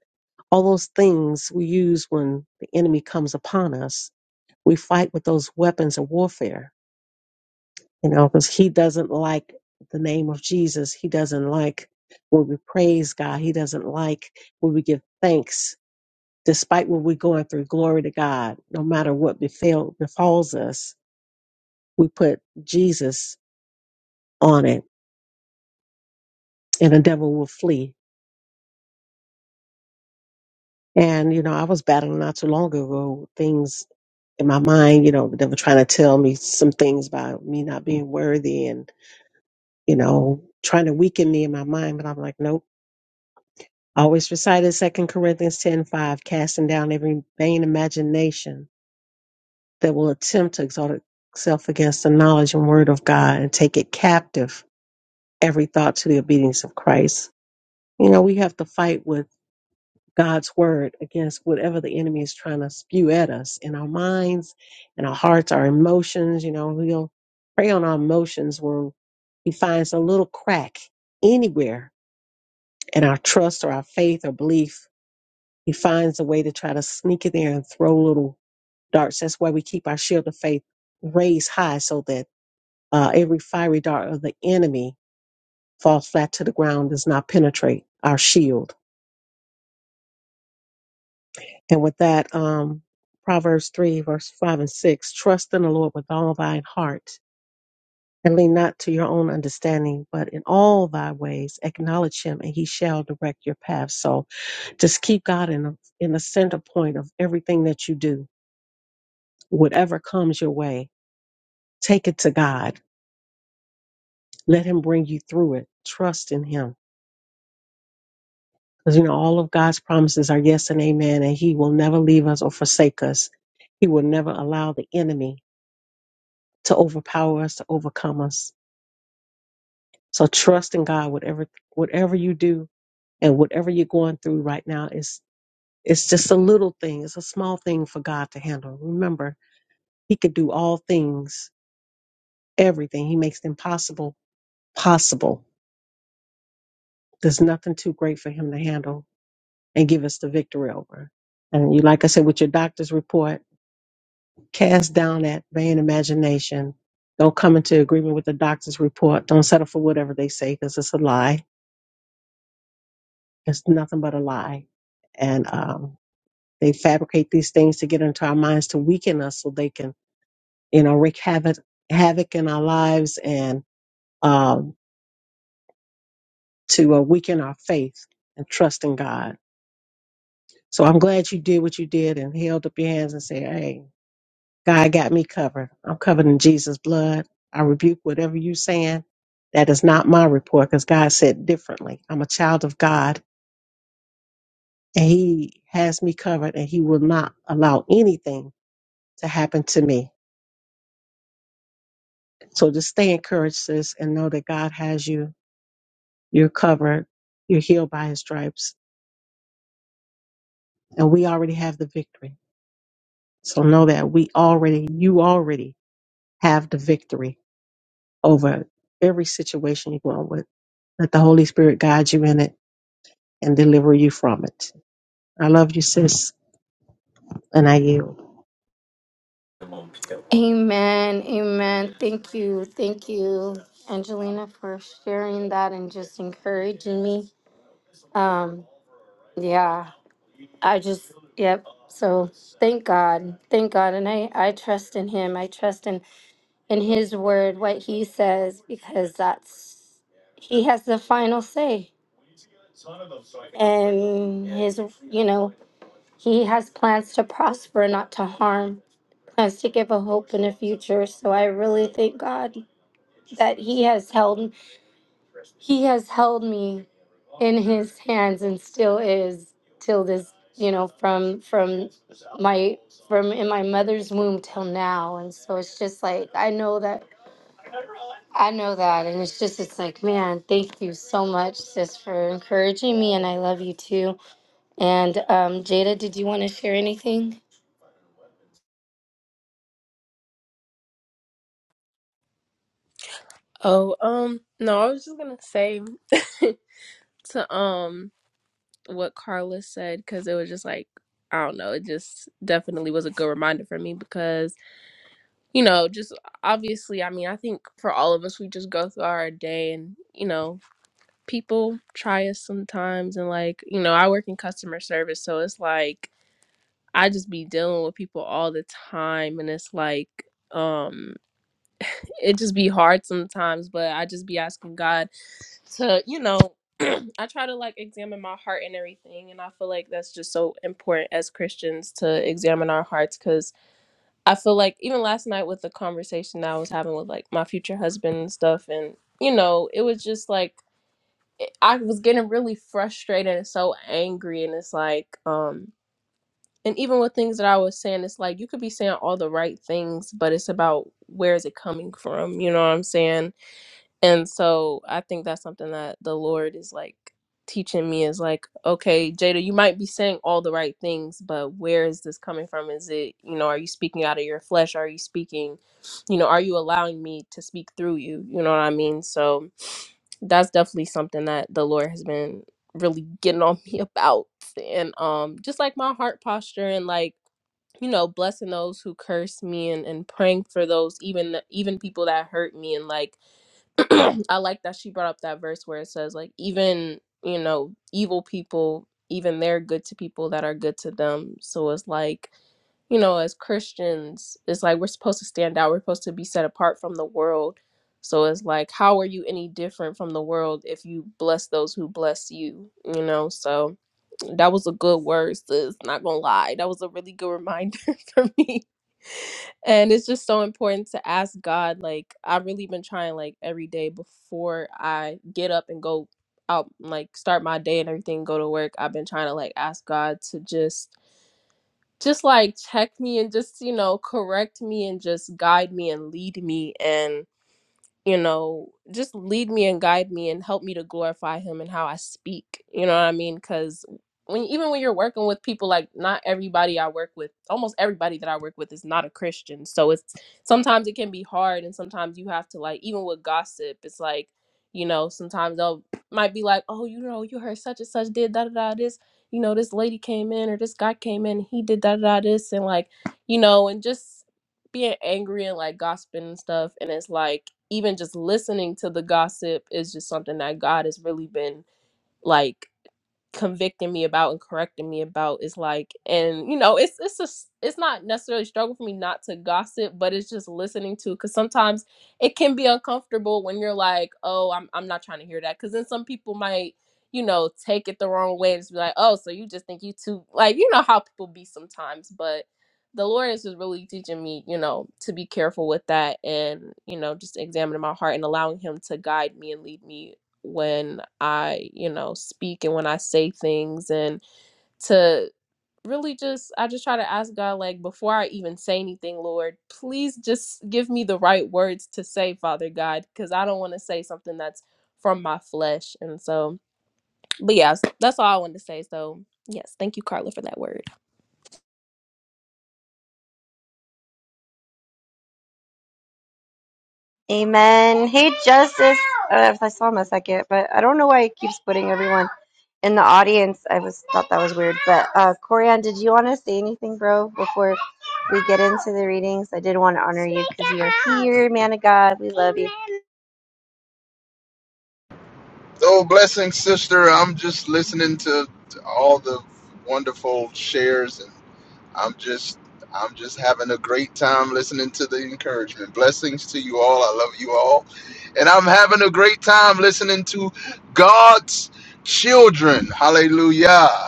[SPEAKER 5] all those things we use when the enemy comes upon us we fight with those weapons of warfare you know because he doesn't like the name of Jesus he doesn't like when we praise God he doesn't like when we give thanks despite what we're going through, glory to God, no matter what befell, befalls us, we put Jesus on it and the devil will flee. And, you know, I was battling not too long ago things in my mind, you know, the devil trying to tell me some things about me not being worthy and, you know, trying to weaken me in my mind. But I'm like, nope. I always recited Second Corinthians ten five, casting down every vain imagination that will attempt to exalt itself against the knowledge and word of God and take it captive every thought to the obedience of Christ. You know, we have to fight with God's word against whatever the enemy is trying to spew at us in our minds, in our hearts, our emotions. You know, we'll prey on our emotions when he finds a little crack anywhere in our trust or our faith or belief. He finds a way to try to sneak in there and throw little darts. That's why we keep our shield of faith raised high so that uh, every fiery dart of the enemy falls flat to the ground, does not penetrate our shield And with that, um, Proverbs 3, verse 5 and 6 Trust in the Lord with all thine heart, and lean not to your own understanding, but in all thy ways acknowledge him, and he shall direct your path. So just keep God in the, in the center point of everything that you do. Whatever comes your way, take it to God. Let him bring you through it. Trust in him. Because, you know, all of God's promises are yes and amen, and he will never leave us or forsake us. He will never allow the enemy to overpower us, to overcome us. So trust in God, whatever whatever you do and whatever you're going through right now is it's just a little thing. It's a small thing for God to handle. Remember, He could do all things, everything. He makes the impossible possible. There's nothing too great for Him to handle and give us the victory over. And you, like I said, with your doctor's report, cast down that vain imagination. Don't come into agreement with the doctor's report. Don't settle for whatever they say because it's a lie It's nothing but a lie. And um, they fabricate these things to get into our minds to weaken us so they can, you know, wreak havoc, havoc in our lives and um, to uh, weaken our faith and trust in God. So I'm glad you did what you did and held up your hands and said, hey, God got me covered. I'm covered in Jesus' blood. I rebuke whatever you saying. That is not my report because God said differently. I'm a child of God and he has me covered and he will not allow anything to happen to me. So just stay encouraged, sis, and know that God has you. You're covered. You're healed by his stripes. And we already have the victory. So know that we already, you already have the victory over every situation you're going with. Let the Holy Spirit guide you in it and deliver you from it. I love you, sis, and I yield.
[SPEAKER 2] Amen. Amen. Thank you. Thank you, Angelina, for sharing that and just encouraging me. Um, yeah, I just, yep. So thank God. Thank God. And I, I trust in him. I trust in in his word what he says because that's he has the final say he has held me till now and just like i know that i know that and it's just it's like man thank you so much sis for encouraging me and i love you too and um jada did you want to share anything
[SPEAKER 6] Oh, um, no, I was just gonna say *laughs* to um what Carla said because it was just like I don't know, it just definitely was a good reminder for me because you know, just obviously, I mean, I think for all of us, we just go through our day and you know, people try us sometimes, and like you know, I work in customer service, so it's like I just be dealing with people all the time, and it's like. um. it just be hard sometimes, but I just be asking God to, you know, *clears throat* I try to like examine my heart and everything. And I feel like that's just so important as Christians to examine our hearts because I feel like even last night with the conversation that I was having with like my future husband and stuff, and you know, it was just like I was getting really frustrated and so angry. And it's like, um, and even with things that I was saying, it's like you could be saying all the right things, but it's about where is it coming from? You know what I'm saying? And so I think that's something that the Lord is like teaching me is like, okay, Jada, you might be saying all the right things, but where is this coming from? Is it, you know, are you speaking out of your flesh? Are you speaking, you know, are you allowing me to speak through you? You know what I mean? So that's definitely something that the Lord has been really getting on *laughs* me about. And um just like my heart posture and like you know blessing those who curse me and, and praying for those even even people that hurt me and like *clears throat* I like that she brought up that verse where it says like even you know evil people even they're good to people that are good to them. So it's like you know as Christians it's like we're supposed to stand out. We're supposed to be set apart from the world. So it's like how are you any different from the world if you bless those who bless you? You know so that was a good word sis not gonna lie that was a really good reminder *laughs* for me and it's just so important to ask god like i've really been trying like every day before i get up and go out like start my day and everything go to work i've been trying to like ask god to just just like check me and just you know correct me and just guide me and lead me and you know, just lead me and guide me and help me to glorify him and how I speak. You know what I mean? Because when even when you're working with people, like not everybody I work with, almost everybody that I work with is not a Christian. So it's sometimes it can be hard, and sometimes you have to like even with gossip, it's like you know sometimes they'll might be like, oh, you know, you heard such and such did da da da this. You know, this lady came in or this guy came in, he did da da da this, and like you know, and just being angry and like gossiping and stuff, and it's like even just listening to the gossip is just something that God has really been like convicting me about and correcting me about is like and you know it's it's just it's not necessarily a struggle for me not to gossip but it's just listening to because sometimes it can be uncomfortable when you're like oh i'm, I'm not trying to hear that because then some people might you know take it the wrong way and just be like oh so you just think you too like you know how people be sometimes but the lord is just really teaching me you know to be careful with that and you know just examining my heart and allowing him to guide me and lead me when I, you know, speak and when I say things and to really just I just try to ask God like before I even say anything, Lord, please just give me the right words to say, Father God, cuz I don't want to say something that's from my flesh. And so, but yeah, that's all I wanted to say. So, yes, thank you Carla for that word.
[SPEAKER 3] Amen. Hey, Justice. Uh, I saw him a second, but I don't know why it keeps putting everyone in the audience. I was thought that was weird. But uh, Corian, did you want to say anything, bro, before we get into the readings? I did want to honor you because you are here, man of God. We love you.
[SPEAKER 7] Oh, blessings, sister. I'm just listening to to all the wonderful shares, and I'm just, I'm just having a great time listening to the encouragement. Blessings to you all. I love you all, and I'm having a great time listening to God's children. Hallelujah.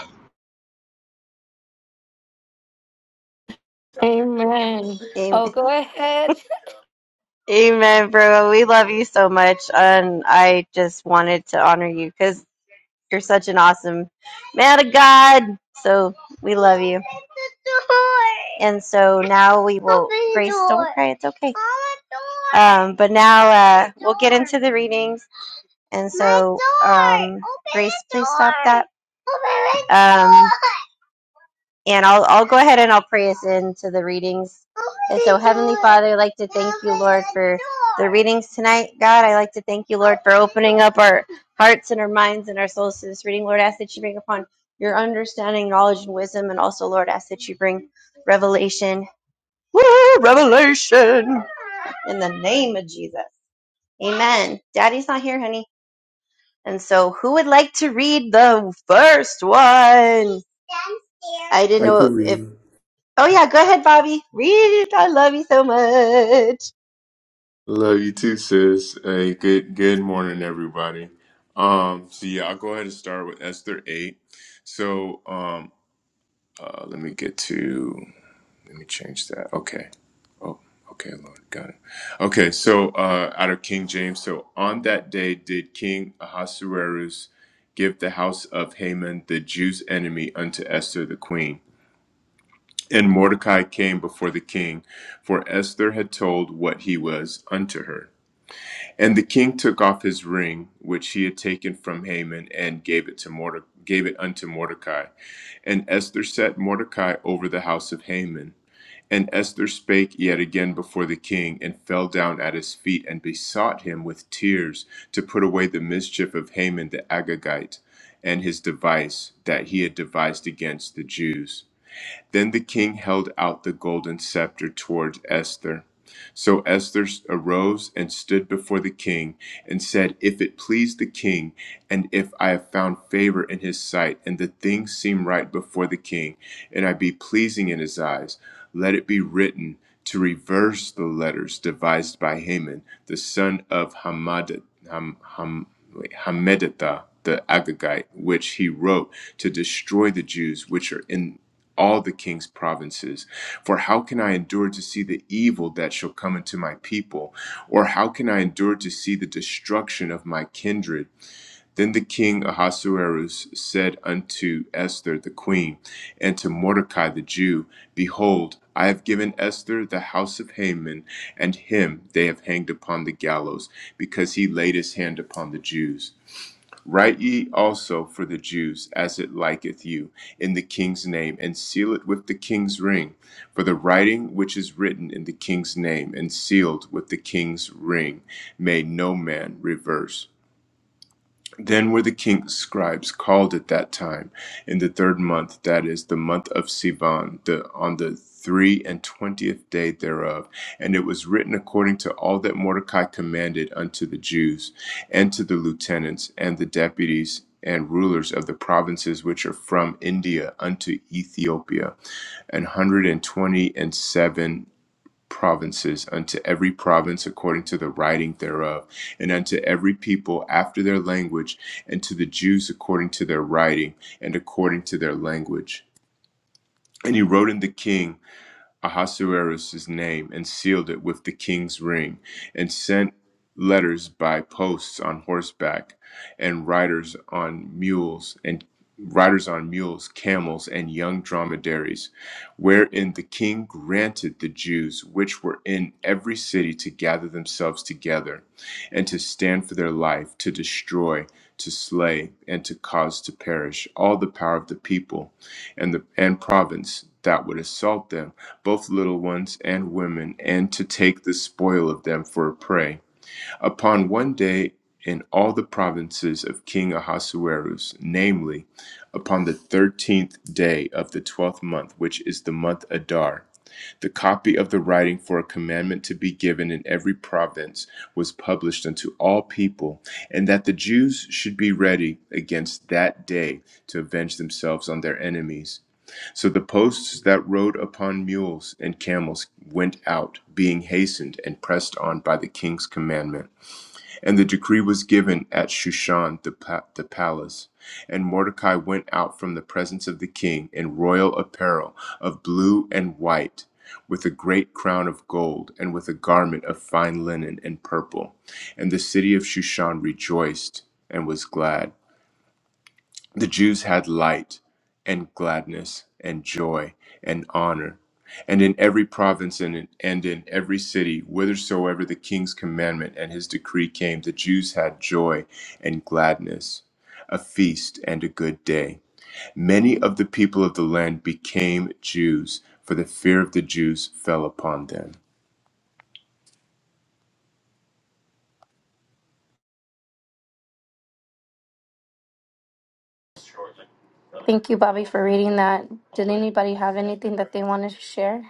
[SPEAKER 2] Amen. oh go ahead
[SPEAKER 3] Amen, bro. We love you so much. And I just wanted to honor you because you're such an awesome man of God. So we love you. And so now we will, Grace, don't cry. It's okay. Um, but now uh, we'll get into the readings. And so, um, Grace, please stop that. Um, *laughs* And I'll, I'll go ahead and I'll pray us into the readings. And so, Heavenly Father, I'd like to thank you, Lord, for the readings tonight. God, I'd like to thank you, Lord, for opening up our hearts and our minds and our souls to this reading. Lord, I ask that you bring upon your understanding, knowledge, and wisdom. And also, Lord, I ask that you bring revelation. Woo, revelation! In the name of Jesus. Amen. Daddy's not here, honey. And so, who would like to read the first one? I didn't
[SPEAKER 8] I
[SPEAKER 3] know
[SPEAKER 8] could
[SPEAKER 3] if
[SPEAKER 8] read.
[SPEAKER 3] Oh yeah, go ahead, Bobby. Read it. I love you so much.
[SPEAKER 8] Love you too, sis. Hey, good good morning, everybody. Um, so yeah, I'll go ahead and start with Esther eight. So um, uh, let me get to change that. Okay. Oh, okay, Lord, got it. Okay, so uh, out of King James. So on that day, did King Ahasuerus give the house of Haman, the Jew's enemy, unto Esther the queen? And Mordecai came before the king, for Esther had told what he was unto her. And the king took off his ring, which he had taken from Haman, and gave it to Morde- gave it unto Mordecai. And Esther set Mordecai over the house of Haman. And Esther spake yet again before the king, and fell down at his feet, and besought him with tears to put away the mischief of Haman the Agagite, and his device that he had devised against the Jews. Then the king held out the golden scepter toward Esther. So Esther arose and stood before the king and said, If it please the king, and if I have found favor in his sight, and the things seem right before the king, and I be pleasing in his eyes, let it be written to reverse the letters devised by Haman, the son of Hamada, Ham, Ham, Hammedatha the Agagite, which he wrote to destroy the Jews which are in all the king's provinces. For how can I endure to see the evil that shall come into my people? Or how can I endure to see the destruction of my kindred? Then the king Ahasuerus said unto Esther the queen, and to Mordecai the Jew, Behold, I have given Esther the house of Haman, and him they have hanged upon the gallows, because he laid his hand upon the Jews. Write ye also for the Jews as it liketh you, in the king's name, and seal it with the king's ring. For the writing which is written in the king's name, and sealed with the king's ring, may no man reverse. Then were the king's scribes called at that time, in the third month, that is, the month of Sivan, the, on the three and twentieth day thereof. And it was written according to all that Mordecai commanded unto the Jews, and to the lieutenants, and the deputies, and rulers of the provinces which are from India unto Ethiopia, an hundred and twenty and seven provinces, unto every province according to the writing thereof, and unto every people after their language, and to the Jews according to their writing, and according to their language. And he wrote in the king. Ahasuerus' name and sealed it with the king's ring, and sent letters by posts on horseback, and riders on mules, and riders on mules, camels, and young dromedaries, wherein the king granted the Jews which were in every city to gather themselves together, and to stand for their life, to destroy, to slay, and to cause to perish all the power of the people and the and province that would assault them both little ones and women, and to take the spoil of them for a prey. Upon one day in all the provinces of King Ahasuerus, namely, upon the thirteenth day of the twelfth month, which is the month Adar, the copy of the writing for a commandment to be given in every province was published unto all people, and that the Jews should be ready against that day to avenge themselves on their enemies. So the posts that rode upon mules and camels went out, being hastened and pressed on by the king's commandment. And the decree was given at Shushan the, pa- the palace. And Mordecai went out from the presence of the king in royal apparel of blue and white, with a great crown of gold, and with a garment of fine linen and purple. And the city of Shushan rejoiced and was glad. The Jews had light and gladness and joy and honor. And in every province and in, and in every city, whithersoever the king's commandment and his decree came, the Jews had joy and gladness, a feast and a good day. Many of the people of the land became Jews, for the fear of the Jews fell upon them.
[SPEAKER 2] thank you bobby for reading that did anybody have anything that they wanted to share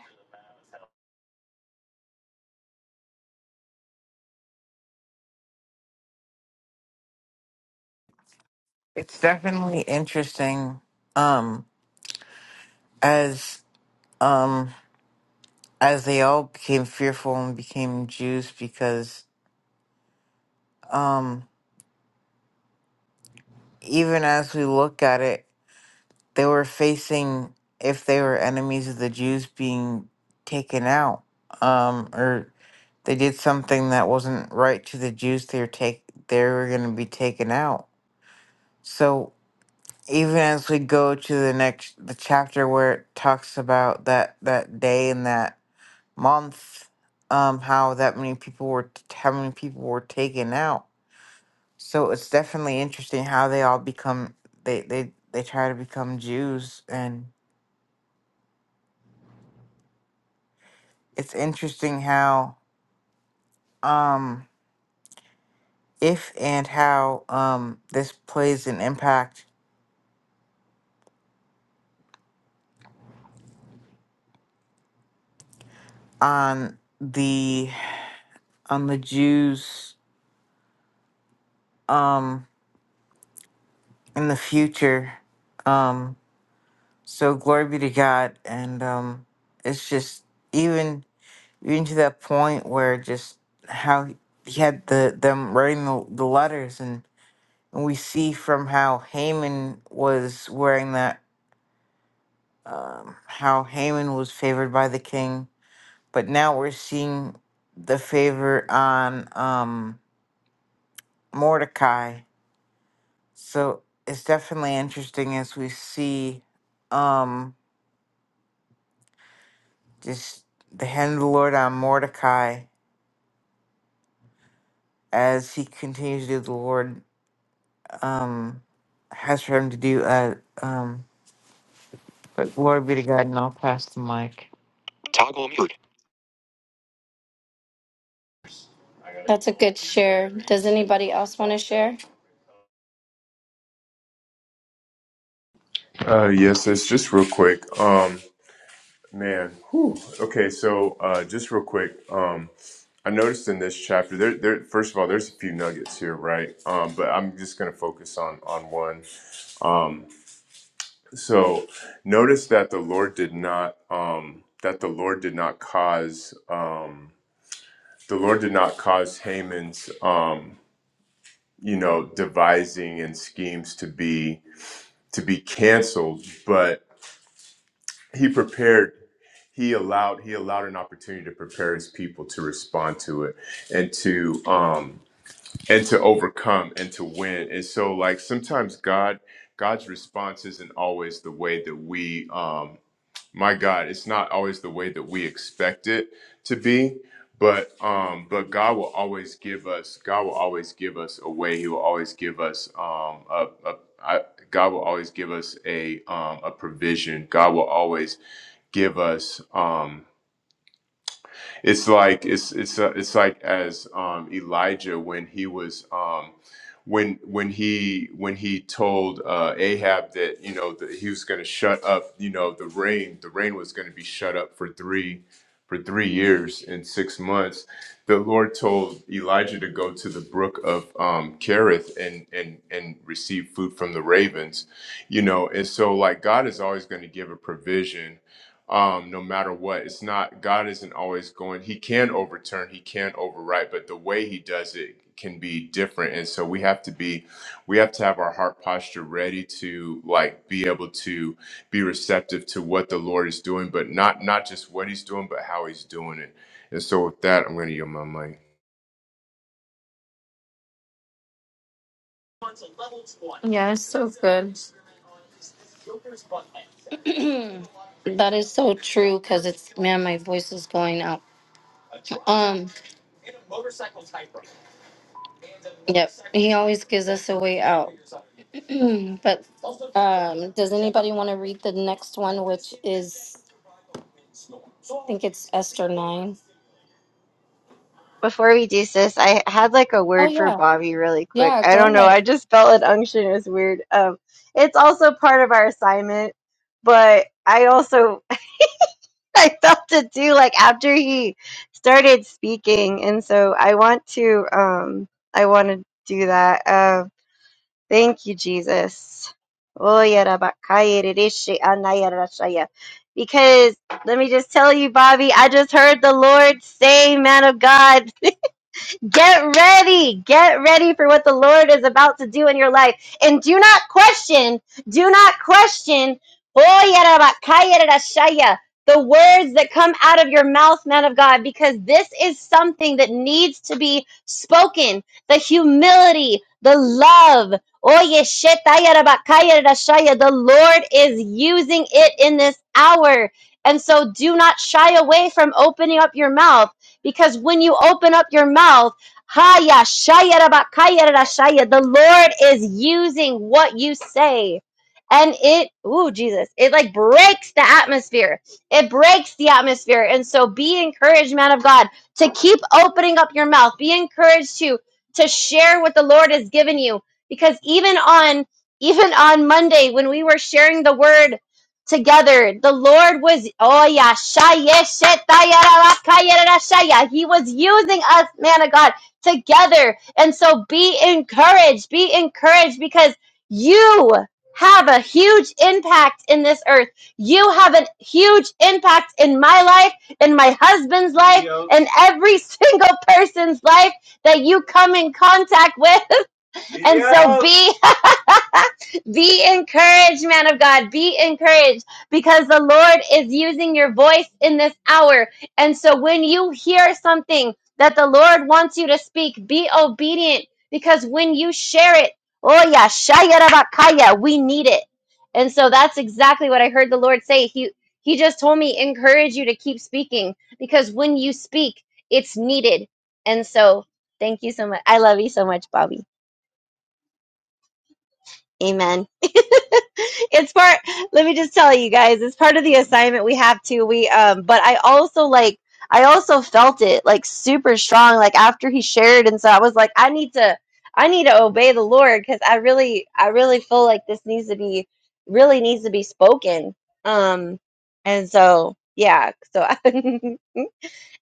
[SPEAKER 4] It's definitely interesting. Um, as um as they all became fearful and became Jews, because um even as we look at it, they were facing if they were enemies of the Jews being taken out, um, or they did something that wasn't right to the Jews, they were take they were going to be taken out. So even as we go to the next the chapter where it talks about that that day and that. month um how that many people were how many people were taken out so it's definitely interesting how they all become they they they try to become jews and it's interesting how um if and how um this plays an impact on the on the jews um in the future um so glory be to god and um it's just even even to that point where just how he he had the them writing the, the letters and, and we see from how Haman was wearing that um, how Haman was favored by the king but now we're seeing the favor on um, Mordecai so it's definitely interesting as we see um, just the hand of the Lord on Mordecai as he continues to do the Lord um, has for him to do. Uh, um, but glory be to God, and I'll pass the mic. Toggle mute.
[SPEAKER 2] that's a good share does anybody else want to share
[SPEAKER 8] Uh, yes, that's just real quick. Um, Man, whew. okay. So, uh, just real quick, um, I noticed in this chapter, there, there. First of all, there's a few nuggets here, right? Um, but I'm just going to focus on on one. Um, so, notice that the Lord did not um, that the Lord did not cause um, the Lord did not cause Haman's um, you know devising and schemes to be to be canceled, but he prepared he allowed he allowed an opportunity to prepare his people to respond to it and to um and to overcome and to win and so like sometimes god god's response isn't always the way that we um my God, it's not always the way that we expect it to be, but um, but God will always give us. God will always give us a way. He will always give us um, a, a I, God will always give us a um, a provision. God will always give us. Um, it's like it's it's uh, it's like as um, Elijah when he was um, when when he when he told uh, Ahab that you know that he was going to shut up you know the rain the rain was going to be shut up for three for three years and six months. The Lord told Elijah to go to the brook of um, Kerith and and and receive food from the ravens, you know. And so like God is always going to give a provision um, no matter what. It's not, God isn't always going, He can overturn, He can overwrite, but the way He does it can be different. And so we have to be, we have to have our heart posture ready to like be able to be receptive to what the Lord is doing, but not, not just what He's doing, but how He's doing it. And so with that, I'm going to yield my mic.
[SPEAKER 2] yeah it's so good *clears throat* That is so true because it's man, my voice is going out. Um, yep, he always gives us a way out. *clears throat* but um, does anybody want to read the next one, which is think it's Esther nine?
[SPEAKER 3] Before we do sis, I had like a
[SPEAKER 2] Oh
[SPEAKER 3] word for
[SPEAKER 2] yeah,
[SPEAKER 3] Bobby really quick.
[SPEAKER 2] yeah.
[SPEAKER 3] I don't
[SPEAKER 2] Go
[SPEAKER 3] know. I
[SPEAKER 2] ahead.
[SPEAKER 3] just felt an unction. It was weird. Um, it's also part of our assignment, but I also *laughs* I felt it too. Like after he started speaking, and so I want to um I want to do that. Um, Thank you, Jesus. Oyarabakayerereshe anayarashaya. Because let me just tell you, Bobby, I just heard the Lord say, man of God. Get ready. Get ready for what the Lord is about to do in your life. And do not question, do not question the words that come out of your mouth, man of God, because this is something that needs to be spoken. The humility, the love. The Lord is using it in this hour. And so do not shy away from opening up your mouth because when you open up your mouth, Haya shaya raba kaya rara shaya. The Lord is using what you say. And it, ooh, Jesus, it like breaks the atmosphere. It breaks the atmosphere. And so be encouraged, man of God, to keep opening up your mouth. Be encouraged to to share what the Lord has given you. Because even on even on Monday, when we were sharing the word together, the Lord was oh yeah, shaya shetaya raba kaya rara shaya. He was using us, man of God together. And so be encouraged, be encouraged because you have a huge impact in this earth. You have a huge impact in my life, in my husband's life, Yep. in every *laughs* single person's life that you come in contact with. *laughs* And so Yep. be be encouraged, man of God. Be encouraged because the Lord is using your voice in this hour. And so when you hear something that the Lord wants you to speak, be obedient because when you share it, oh yeah, shayarabakaya, we need it. And so that's exactly what I heard the Lord say. He he just told me encourage you to keep speaking because when you speak, it's needed. And so thank you so much. I love you so much, Bobby. Amen. *laughs* it's part let me just tell you guys, it's part of the assignment we have to. We um but I also like I also felt it like super strong like after he shared and so I was like I need to I need to obey the Lord cuz I really I really feel like this needs to be really needs to be spoken. Um and so yeah, so *laughs* I,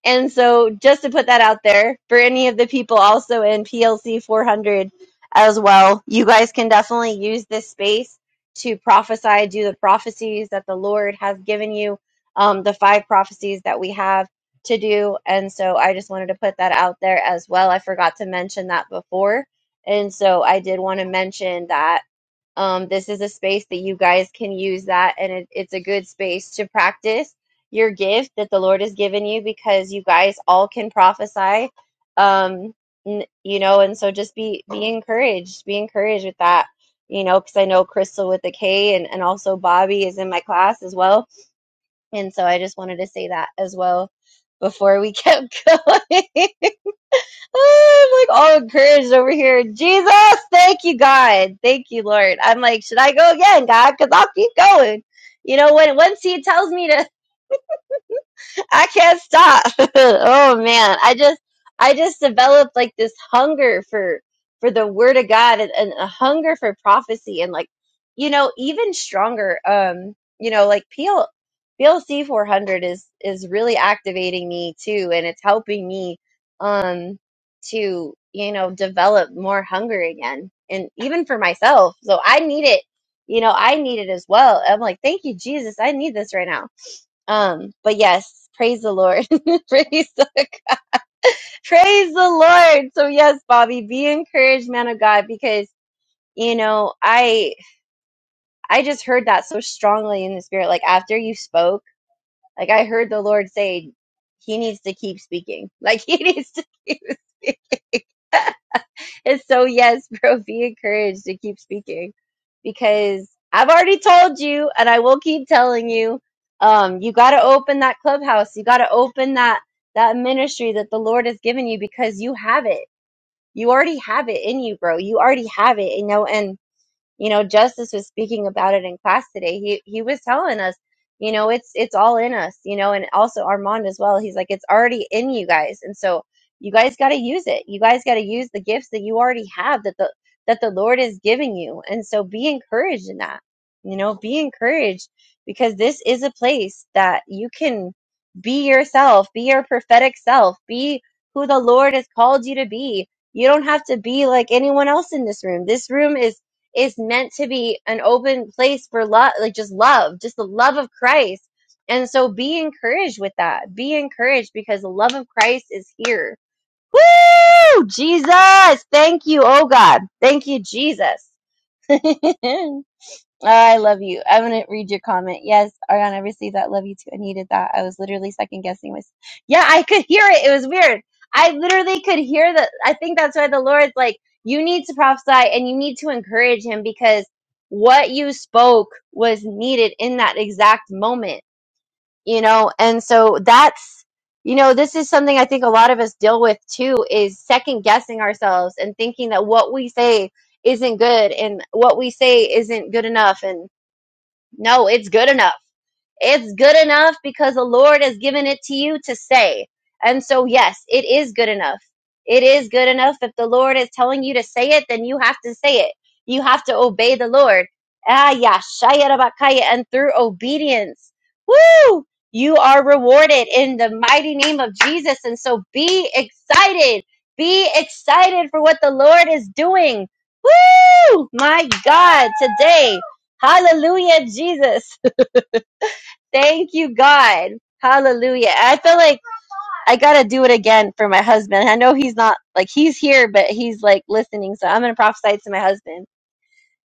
[SPEAKER 3] and so, just to put that out there for any of the people also in PLC 400 as well, you guys can definitely use this space to prophesy, do the prophecies that the Lord has given you, um, the five prophecies that we have to do. And so, I just wanted to put that out there as well. I forgot to mention that before. And so, I did want to mention that um, this is a space that you guys can use that, and it, it's a good space to practice your gift that the Lord has given you because you guys all can prophesy. Um, n- you know, and so just be be encouraged, be encouraged with that. You know, because I know Crystal with the K and, and also Bobby is in my class as well. And so I just wanted to say that as well before we kept *laughs* going. I'm like all encouraged over here. Jesus, thank you, God. Thank you, Lord. I'm like, should I go again, God? Because I'll keep going. You know, when once he tells me to I can't stop. *laughs* oh man, I just I just developed like this hunger for for the word of God and, and a hunger for prophecy and like you know even stronger. Um, you know like PL, PLC 400 is is really activating me too, and it's helping me um to you know develop more hunger again and even for myself. So I need it. You know, I need it as well. I'm like, thank you, Jesus. I need this right now um, but yes, praise the Lord. *laughs* praise the praise the Lord. So yes, Bobby, be encouraged, man of God, because you know, I I just heard that so strongly in the spirit. Like after you spoke, like I heard the Lord say, He needs to keep speaking. Like *laughs* he needs to keep *laughs* speaking. *laughs* And so, yes, *laughs* bro, be encouraged to keep speaking because I've already told you and I will keep telling you. Um, you got to open that clubhouse. You got to open that, that ministry that the Lord has given you because you have it. You already have it in you, bro. You already have it, you know, and you know justice was speaking about it in class today he he was telling us you know it's it's all in us you know and also armand as well he's like it's already in you guys and so you guys got to use it you guys got to use the gifts that you already have that the that the lord is giving you and so be encouraged in that you know be encouraged because this is a place that you can be yourself be your prophetic self be who the lord has called you to be you don't have to be like anyone else in this room. This room is is meant to be an open place for love, like just love, just the love of Christ. And so be encouraged with that. Be encouraged because the love of Christ is here. Woo! Jesus! Thank you, oh God. Thank you, Jesus. *laughs* I love you. I'm gonna read your comment. Yes, Ariana, I received that. Love you too. I needed that. I was literally second guessing myself. Yeah, I could hear it. It was weird. I literally could hear that. I think that's why the Lord's like, you need to prophesy and you need to encourage him because what you spoke was needed in that exact moment, you know? And so that's, you know, this is something I think a lot of us deal with too is second guessing ourselves and thinking that what we say isn't good and what we say isn't good enough. and no, it's good enough. It's good enough because the Lord has given it to you to say. And so, yes, it is good enough. It is good enough. If the Lord is telling you to say it, then you have to say it. You have to obey the Lord. Ah, yeah, shaya rabakaya. And through obedience, woo, you are rewarded in the mighty name of Jesus. And so be excited. Be excited for what the Lord is doing. Woo! My God, today. Hallelujah, Jesus. Thank you, God. Hallelujah. I feel like I got to do it again for my husband. I know he's not like he's here, but he's like listening. So I'm going to prophesy to my husband.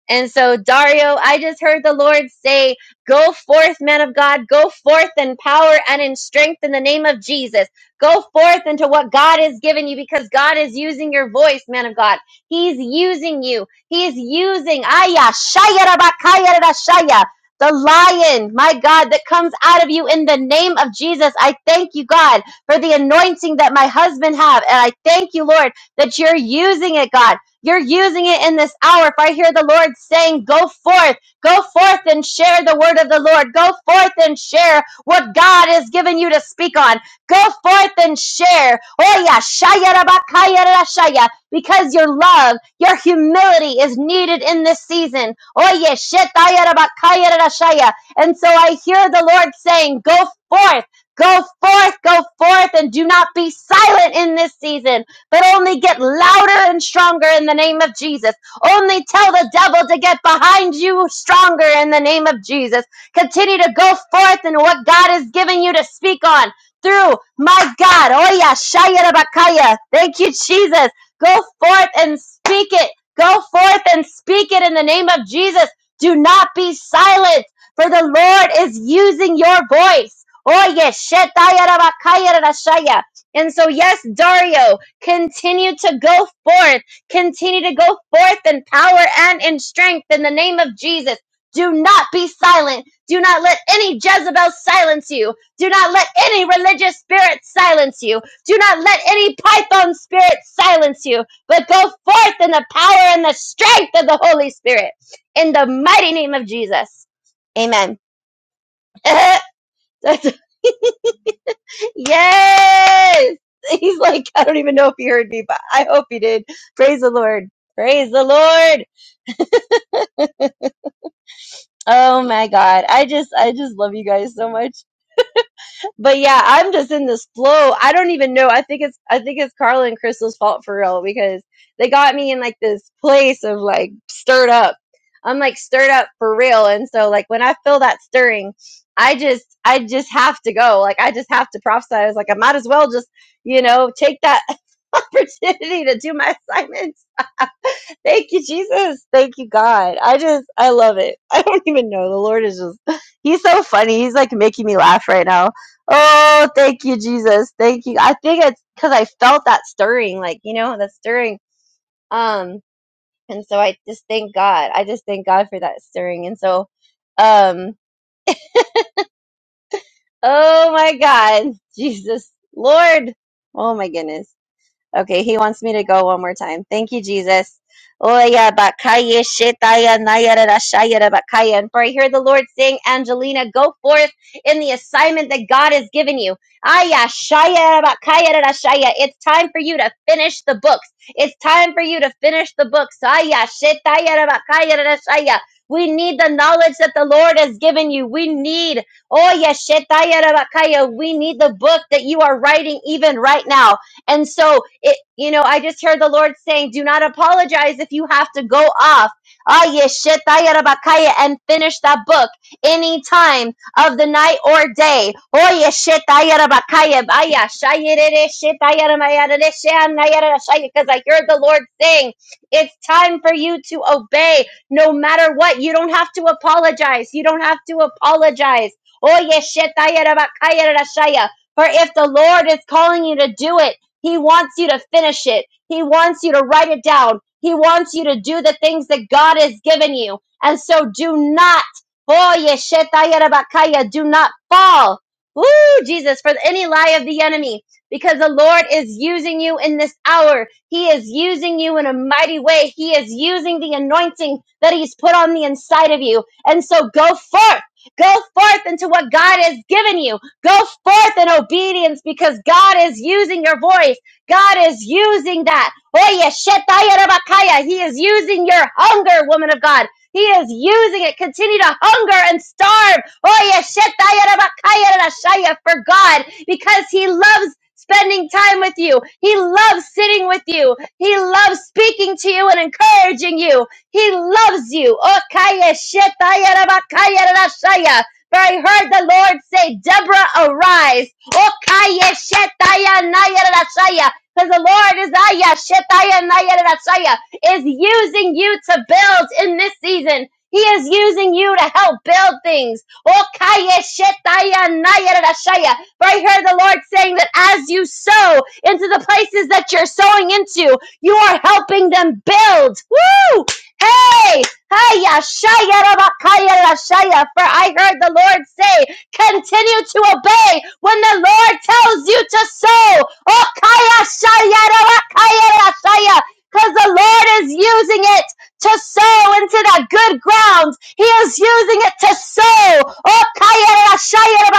[SPEAKER 3] And so, Dario, I just heard the Lord say, Go forth, man of God, go forth in power and in strength in the name of Jesus. Go forth into what God has given you because God is using your voice, man of God. He's using you. He's using Aya, Shaya, Rabakaya, Rashaya, the lion, my God, that comes out of you in the name of Jesus. I thank you, God, for the anointing that my husband have. And I thank you, Lord, that you're using it, God. You're using it in this hour. If I hear the Lord saying, go forth, go forth and share the word of the Lord. Go forth and share what God has given you to speak on. Go forth and share. Oh yeah, shaya rabakaya rashaya. Because your love, your humility is needed in this season. Oh yeah, shetaya rabakaya rashaya. And so I hear the Lord saying, go forth. Go forth, go forth, and do not be silent in this season but only get louder and stronger in the name of Jesus. Only tell the devil to get behind you stronger in the name of Jesus. Continue to go forth in what God is giving you to speak on through my God. Oh yeah, Shaya Rabakaya. Thank you, Jesus. Go forth and speak it. Go forth and speak it in the name of Jesus. Do not be silent, for the Lord is using your voice. Oh yes, Shetaya Rabakaya Rashaya. And so, yes, Dario. Continue to go forth. Continue to go forth in power and in strength in the name of Jesus. Do not be silent. Do not let any Jezebel silence you. Do not let any religious spirit silence you. Do not let any python spirit silence you. But go forth in the power and the strength of the Holy Spirit in the mighty name of Jesus. Amen. *laughs* Yes! *laughs* He's like, I don't even know if he heard me, but I hope he did. Praise the Lord. Praise the Lord. Oh my God. I just, I just love you guys so much. but yeah, I'm just in this flow. I don't even know. I think it's I think it's Carla and Crystal's fault for real because they got me in like this place of like stirred up. I'm like stirred up for real. And so like when I feel that stirring, I just I just have to go. Like I just have to prophesy. I was like, I might as well just, you know, take that *laughs* opportunity to do my assignment Thank you, Jesus. Thank you, God. I just, I love it. *laughs* I don't even know. The Lord is just, He's so funny. He's like making me laugh right now. Oh, thank you, Jesus. Thank you. I think it's because I felt that stirring, like, you know, that stirring. Um, and so I just thank God. I just thank God for that stirring. And so, um, oh my God, *laughs* Jesus, Lord. Oh my goodness. Okay, he wants me to go one more time. Thank you, Jesus. Oya bakaya shetaya nayara rashayara bakaya. And for I hear the Lord saying, Angelina, go forth in the assignment that God has given you. Aya shaya bakaya rashaya. It's time for you to finish the books. It's time for you to finish the books. Aya shetaya bakaya rashaya. We need the knowledge that the Lord has given you. We need, oh yes, we need the book that you are writing even right now. And so it, you know, I just heard the Lord saying, do not apologize if you have to go off. ah, yeshetayarabakaya, And finish that book any time of the night or day. Oh, yeshetayarabakaya, baya, shayerere, shetayaramayarere, sheanayara, shay- Because I heard the Lord saying, it's time for you to obey no matter what. You don't have to apologize. You don't have to apologize. Oh, yeshetayarabakaya, rashaya. For if the Lord is calling you to do it, he wants you to finish it. He wants you to write it down. He wants you to do the things that God has given you. And so do not, oh, yeshetayarabakaya, do not fall. Woo, Jesus, for any lie of the enemy, because the Lord is using you in this hour. He is using you in a mighty way. He is using the anointing that He's put on the inside of you. And so go forth. Go forth into what God has given you Go forth in obedience because God is using your voice. God is using that. Oye, shetaya rabakaya. He is using your hunger, woman of God. He is using it. Continue to hunger and starve. Oye, shetaya rabakaya rashaya for God because He loves spending time with you. He loves sitting with you. He loves speaking to you and encouraging you. He loves you. Okaya shetaya rabakaya rashaya. For I heard the Lord say, Deborah, arise. Okaya shetaya nayarashaya. Because the Lord is aya shetaya nayarashaya, is using you to build in this season. He is using you to help build things. Okaya shetaya nayarashaya. For I heard the Lord saying that as you sow into the places that you're sowing into, you are helping them build. Woo! Hey! Hiya, shaya, raba, kaya, For I heard the Lord say, continue to obey when the Lord tells you to sow. Oh, kaya, shaya, raba, kaya, Because the Lord is using it to sow into that good ground. He is using it to sow. Oh, kaya, la, shaya,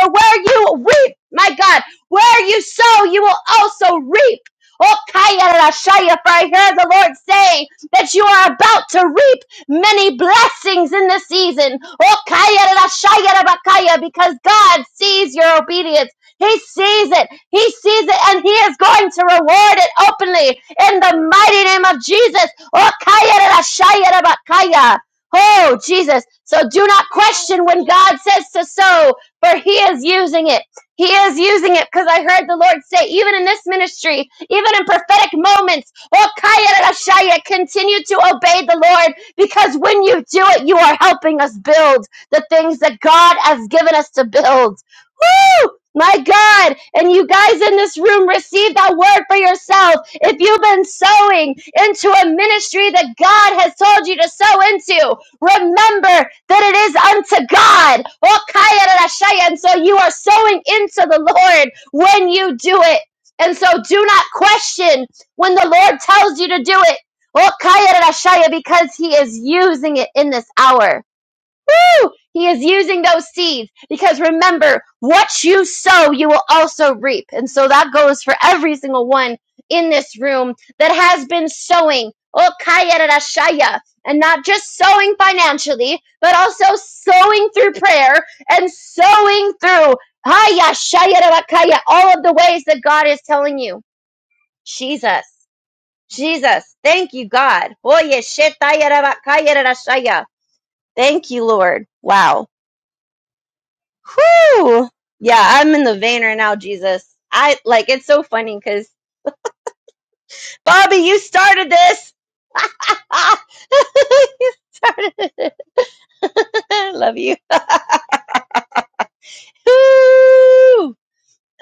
[SPEAKER 3] For where you reap, my God, where you sow, you will also reap. Oh, kaya, la, For I heard the Lord say that you are about to reap many blessings in this season. Oh, kaya ra shaya ra bakaya, Because God sees your obedience. He sees it. He sees it and he is going to reward it openly in the mighty name of Jesus. Oh, kaya ra shaya ra bakaya. Oh, Jesus. So do not question when God says to sow, for he is using it. He is using it because I heard the Lord say, even in this ministry, even in prophetic moments, oh, kaya ra shaya, continue to obey the Lord because when you do it, you are helping us build the things that God has given us to build. Woo! My God, and you guys in this room receive that word for yourself. If you've been sowing into a ministry that God has told you to sow into, remember that it is unto God. Oh, kaya ra And so you are sowing into the Lord when you do it. And so do not question when the Lord tells you to do it. Oh, Kayarashaya, because he is using it in this hour. Woo! He is using those seeds because remember, what you sow, you will also reap. And so that goes for every single one in this room that has been sowing. Oh, Kayarashaya. And not just sowing financially, but also sowing through prayer and sowing through Haya Shaya Rabakaya, all of the ways that God is telling you. Jesus. Jesus, thank you, God. Oye, shetaya raba- kaya rara shaya. Thank you, Lord. Wow. Whew. Yeah, I'm in the vein right now, Jesus. I like it's so funny because Bobby, you started this. *laughs* you started it. *laughs* Love you. Whew.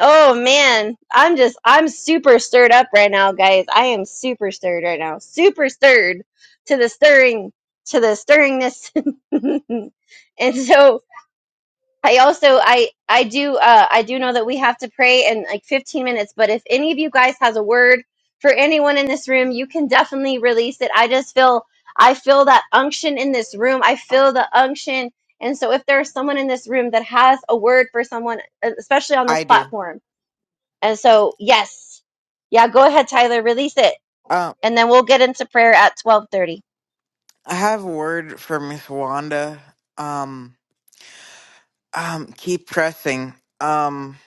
[SPEAKER 3] Oh man, I'm just I'm super stirred up right now, guys. I am super stirred right now. Super stirred to the stirring to the stirringness. *laughs* and so I also I I do uh I do know that we have to pray in like 15 minutes, but if any of you guys has a word for anyone in this room, you can definitely release it. I just feel I feel that unction in this room. I feel the unction. And so if there's someone in this room that has a word for someone, especially on this
[SPEAKER 4] I do.
[SPEAKER 3] platform. And so yes. Yeah, go ahead Tyler, release it.
[SPEAKER 4] Um,
[SPEAKER 3] And then we'll get into prayer at 12:30.
[SPEAKER 4] I have a word for Miss Wanda. Um, um, keep pressing. Um,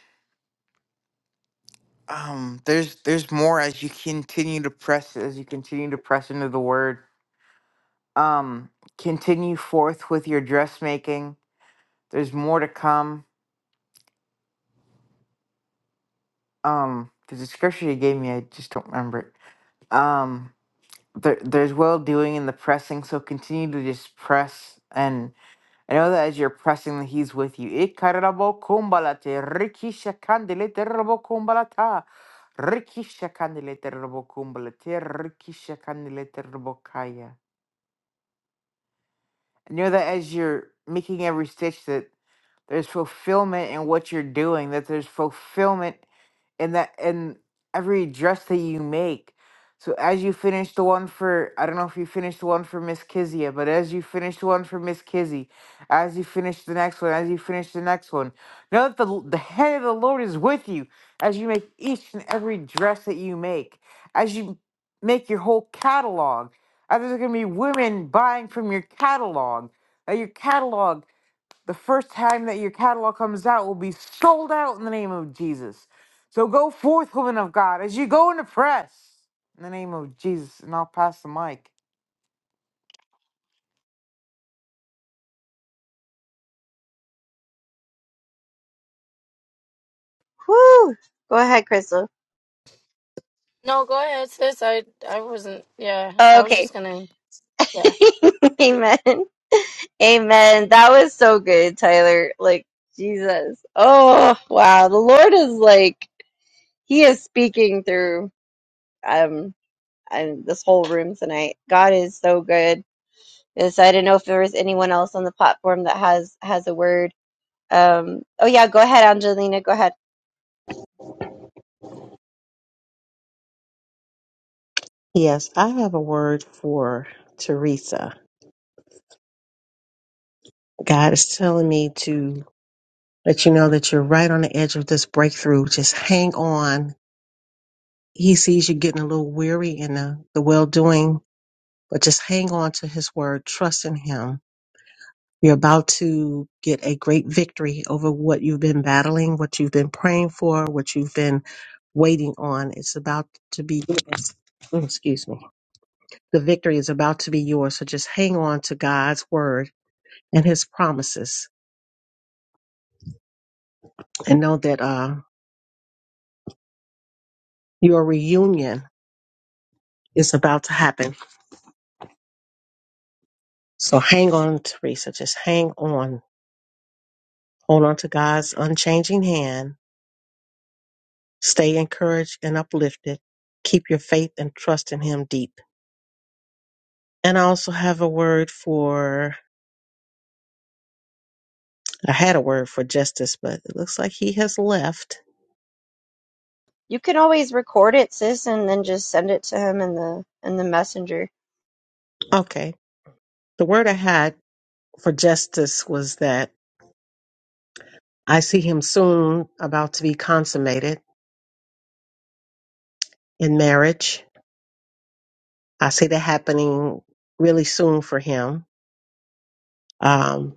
[SPEAKER 4] um, there's there's more as you continue to press as you continue to press into the word. Um, continue forth with your dressmaking. There's more to come. Um, because the scripture you gave me, I just don't remember it. Um, there, there's well doing in the pressing, so continue to just press. And I know that as you're pressing, that He's with you. Ikarabo kumbalate, rikisha kandele terabo kumbalata, rikisha kandele terabo kumbalate, rikisha kandele terabo kaya. I know that as you're making every stitch, that there's fulfillment in what you're doing that there's fulfillment in that in every dress that you make so as you finish the one for i don't know if you finished the one for miss kizia but as you finish the one for miss kizzy as you finish the next one as you finish the next one know that the, l- the hand of the lord is with you as you make each and every dress that you make as you make your whole catalog as there's going to be women buying from your catalog that your catalog the first time that your catalog comes out will be sold out in the name of Jesus. So go forth, woman of God, as you go in the press in the name of Jesus, and I'll pass the mic.
[SPEAKER 3] Whoo! Go ahead, Crystal.
[SPEAKER 2] No, go ahead, sis. I I wasn't. Yeah, I was
[SPEAKER 3] Okay.
[SPEAKER 2] just gonna. Yeah.
[SPEAKER 3] *laughs* Amen. Amen. That was so good, Tyler. Like, Jesus. Oh, wow. The Lord is like, He is speaking through um and this whole room tonight. God is so good. And so I don't know if there was anyone else on the platform that has has a word. Um oh yeah, go ahead, Angelina, go ahead.
[SPEAKER 5] Yes, I have a word for Teresa. God is telling me to let you know that you're right on the edge of this breakthrough. Just hang on he sees you getting a little weary in the, the well doing, but just hang on to his word, trust in him. You're about to get a great victory over what you've been battling, what you've been praying for, what you've been waiting on. It's about to be yours. Oh, Excuse me. The victory is about to be yours. So just hang on to God's word and his promises and know that uh, your reunion is about to happen. So hang on, Teresa. Just hang on Hold on to God's unchanging hand. Stay encouraged and uplifted. Keep your faith and trust in Him deep. And I also have a word for, I had a word for justice, but it looks like he has left.
[SPEAKER 3] You can always record it, sis, and then just send it to him in the in the messenger.
[SPEAKER 5] Okay. The word I had for justice was that I see him soon about to be consummated in marriage. I see that happening really soon for him. Um,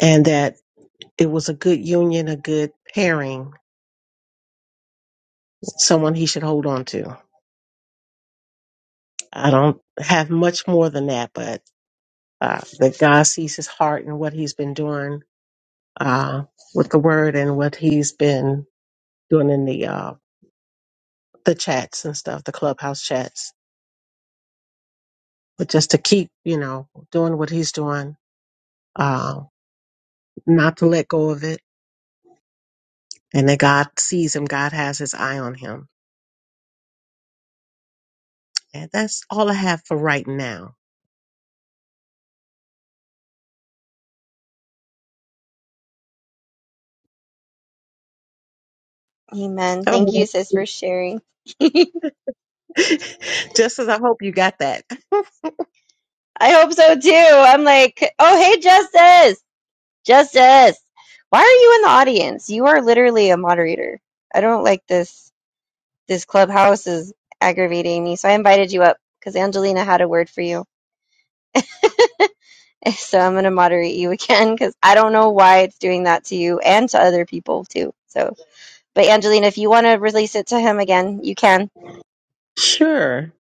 [SPEAKER 5] and that it was a good union, a good pairing, someone he should hold on to. I don't have much more than that, but uh, that God sees his heart and what he's been doing uh, with the word and what he's been doing in the uh, the chats and stuff, the clubhouse chats. But just to keep, you know, doing what he's doing, uh, not to let go of it, and that God sees him, God has his eye on him. And that's all I have for right now.
[SPEAKER 3] Amen. Thank you,
[SPEAKER 5] Oh.
[SPEAKER 3] sis, for sharing.
[SPEAKER 5] *laughs* just as I hope you got that. *laughs*
[SPEAKER 3] I hope so too. I'm like, oh hey, Justice. Justice, why are you in the audience? You are literally a moderator. I don't like this. This clubhouse is aggravating me, so I invited you up because Angelina had a word for you. *laughs* So I'm gonna moderate you again because I don't know why it's doing that to you and to other people too. So, but Angelina, if you want to release it to him again, you can.
[SPEAKER 5] Sure.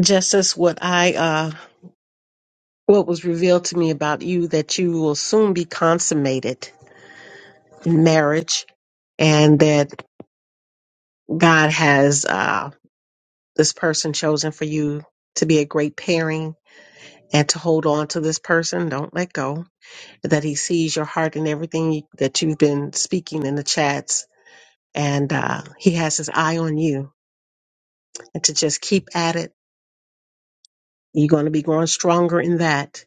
[SPEAKER 5] Just as what I uh what was revealed to me about you that you will soon be consummated in marriage and that God has uh, this person chosen for you to be a great pairing and to hold on to this person. Don't let go. That He sees your heart and everything that you've been speaking in the chats. And uh, He has His eye on you. And to just keep at it, you're going to be growing stronger in that.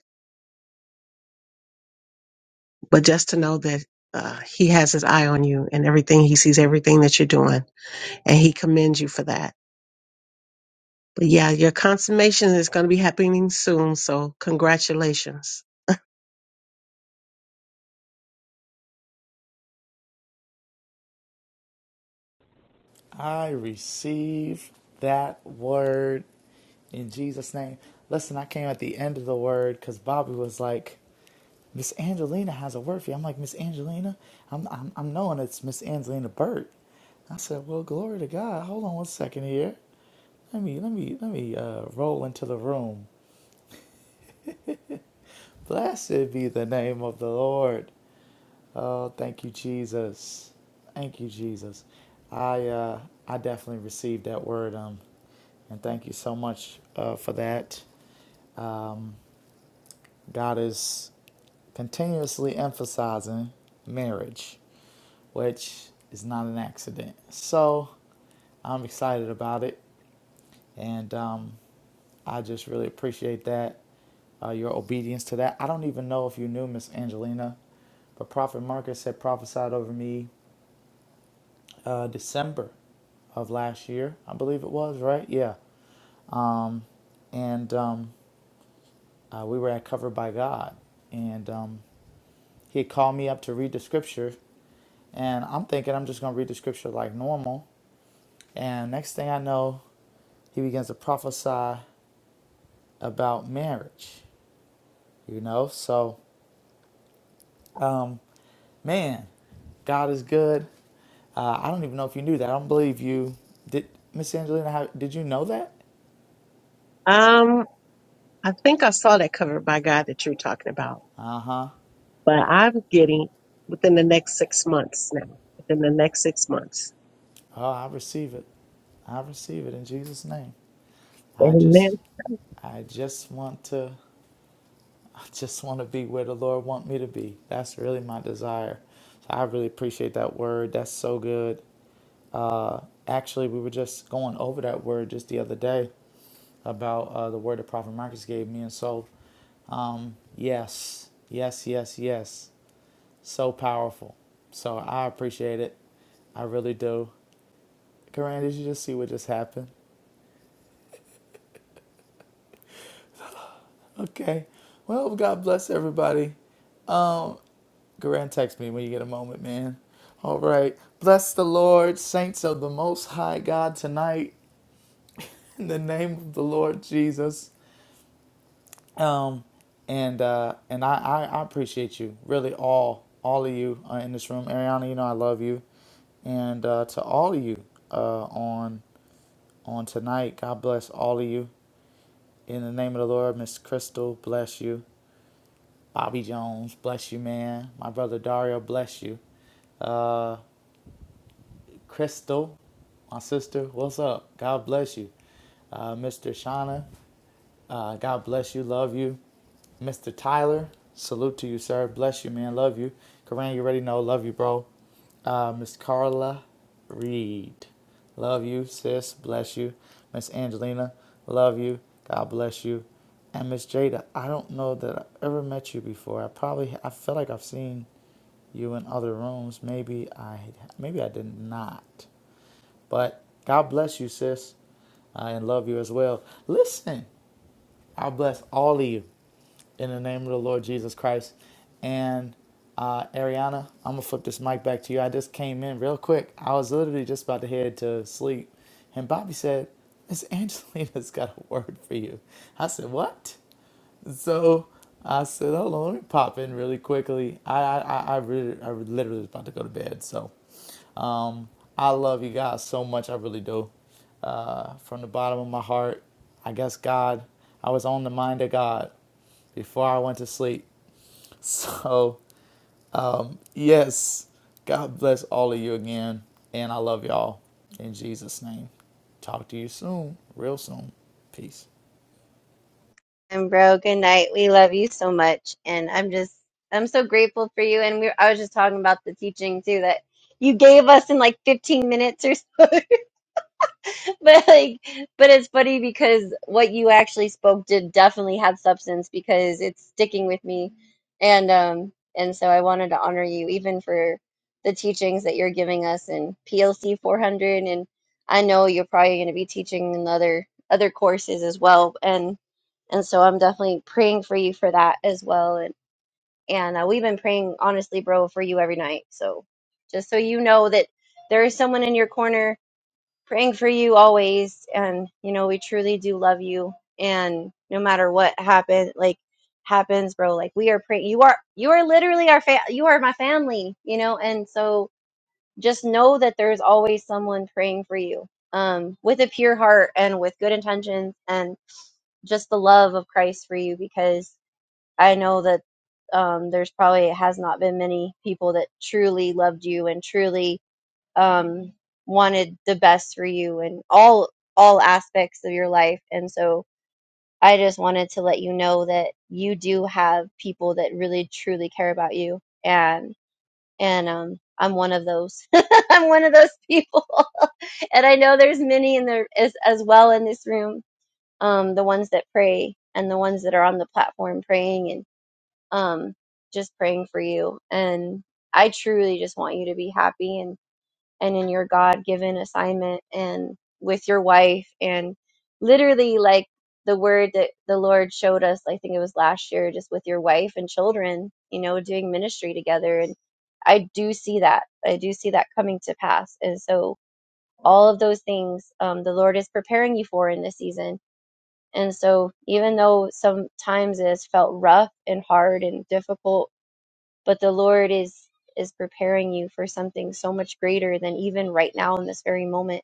[SPEAKER 5] But just to know that uh, He has His eye on you and everything, He sees everything that you're doing and he commends you for that. But yeah, your consummation is going to be happening soon, so congratulations.
[SPEAKER 9] I receive that word in Jesus' name. Listen, I came at the end of the word because Bobby was like, Miss Angelina has a word for you. I'm like, Miss Angelina? I'm, I'm, I'm knowing it's Miss Angelina Burt. I said, Well, glory to God. Hold on one second here. Let me, let me, let me uh, roll into the room. Blessed be the name of the Lord. Oh, thank you, Jesus. Thank you, Jesus. I uh, I definitely received that word. Um, and thank you so much uh, for that. Um, God is continuously emphasizing marriage, which is not an accident. So I'm excited about it, and um, I just really appreciate that uh, your obedience to that. I don't even know if you knew Miss Angelina, but Prophet Marcus had prophesied over me uh, December of last year, I believe it was, right? Yeah. Um, and um, uh, we were at Covered by God, and um, he had called me up to read the scripture, and I'm thinking I'm just gonna read the scripture like normal. And next thing I know, he begins to prophesy about marriage, you know. So, um, man, God is good. Uh, I don't even know if you knew that. I don't believe you. Did Miss Angelina? How, did you know that?
[SPEAKER 5] Um, I think I saw that covered by God that you're talking about,
[SPEAKER 9] Uh huh.
[SPEAKER 5] but I'm getting within the next six months now. Within the next six months.
[SPEAKER 9] Oh, I receive it. I receive it in Jesus' name. I
[SPEAKER 5] Amen.
[SPEAKER 9] just I just want to I just want to be where the Lord want me to be. That's really my desire. So I really appreciate that word. That's so good. Uh actually we were just going over that word just the other day about uh, the word that Prophet Marcus gave me and so um yes, yes, yes, yes. So powerful. So I appreciate it. I really do. Karan, did you just see what just happened? Okay. Well, God bless everybody. Um, Garan, text me when you get a moment, man. All right. Bless the Lord, saints of the Most High God, tonight in the name of the Lord Jesus. Um, and uh, and I, I, I appreciate you, really, all all of you uh, in this room. Ariana, you know I love you, and uh, to all of you uh, on on tonight. God bless all of you in the name of the Lord. Miss Crystal, bless you. Bobby Jones, bless you, man. My brother Dario, bless you. Uh, Crystal, my sister, what's up? God bless you. Uh, Mr. Shauna, uh, God bless you. Love you. Mr. Tyler, salute to you, sir. Bless you, man. Love you. Karan, you already know. Love you, bro. Uh, Miss Carla Reed, love you, sis. Bless you. Miss Angelina, love you. God bless you. And Miss Jada, I don't know that I ever met you before. I probably, I feel like I've seen you in other rooms. Maybe I, maybe I did not. But God bless you, sis. I and love you as well. Listen. I bless all of you in the name of the Lord Jesus Christ. And uh, Ariana, I'm gonna flip this mic back to you. I just came in real quick. I was literally just about to head to sleep, and Bobby said, "Miss Angelina's *laughs* got a word for you." I said, "What?" So I said, "Hold on, let me pop in really quickly." I I I, I, really, I literally was about to go to bed. So, um, I love you guys so much. I really do. Uh, from the bottom of my heart, I guess God, I was on the mind of God before I went to sleep. *laughs* So, um, yes, God bless all of you again, and I love y'all in Jesus' name. Talk to you soon, real soon. Peace.
[SPEAKER 3] And bro, good night. We love you so much, and I'm just I'm so grateful for you. And we I was just talking about the teaching too that you gave us in like 15 minutes or so *laughs* *laughs* But like, but it's funny because what you actually spoke did definitely have substance because it's sticking with me, and um, and so I wanted to honor you even for the teachings that you're giving us in PLC 400, and I know you're probably going to be teaching in other other courses as well, and and so I'm definitely praying for you for that as well, and and uh, we've been praying honestly, bro, for you every night. So just so you know that there is someone in your corner praying for you always and you know we truly do love you and no matter what happen like happens bro like we are praying you are you are literally our fa- you are my family you know and so just know that there's always someone praying for you um with a pure heart and with good intentions and just the love of Christ for you because I know that um there's probably has not been many people that truly loved you and truly um, wanted the best for you in all all aspects of your life and so i just wanted to let you know that you do have people that really truly care about you and and um i'm one of those *laughs* i'm one of those people *laughs* and i know there's many in there as, as well in this room um the ones that pray and the ones that are on the platform praying and um just praying for you and i truly just want you to be happy and and in your God given assignment and with your wife and literally like the word that the Lord showed us, I think it was last year, just with your wife and children, you know, doing ministry together. And I do see that. I do see that coming to pass. And so all of those things um, the Lord is preparing you for in this season. And so even though sometimes it's felt rough and hard and difficult but the Lord is is preparing you for something so much greater than even right now in this very moment.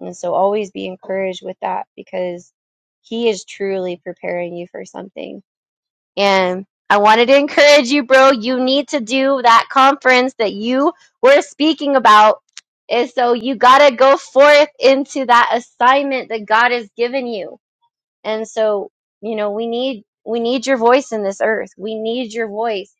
[SPEAKER 3] And so always be encouraged with that because he is truly preparing you for something. And I wanted to encourage you, bro. You need to do that conference that you were speaking about. And so you got to go forth into that assignment that God has given you and so, you know, we need we need your voice in this earth. We need your voice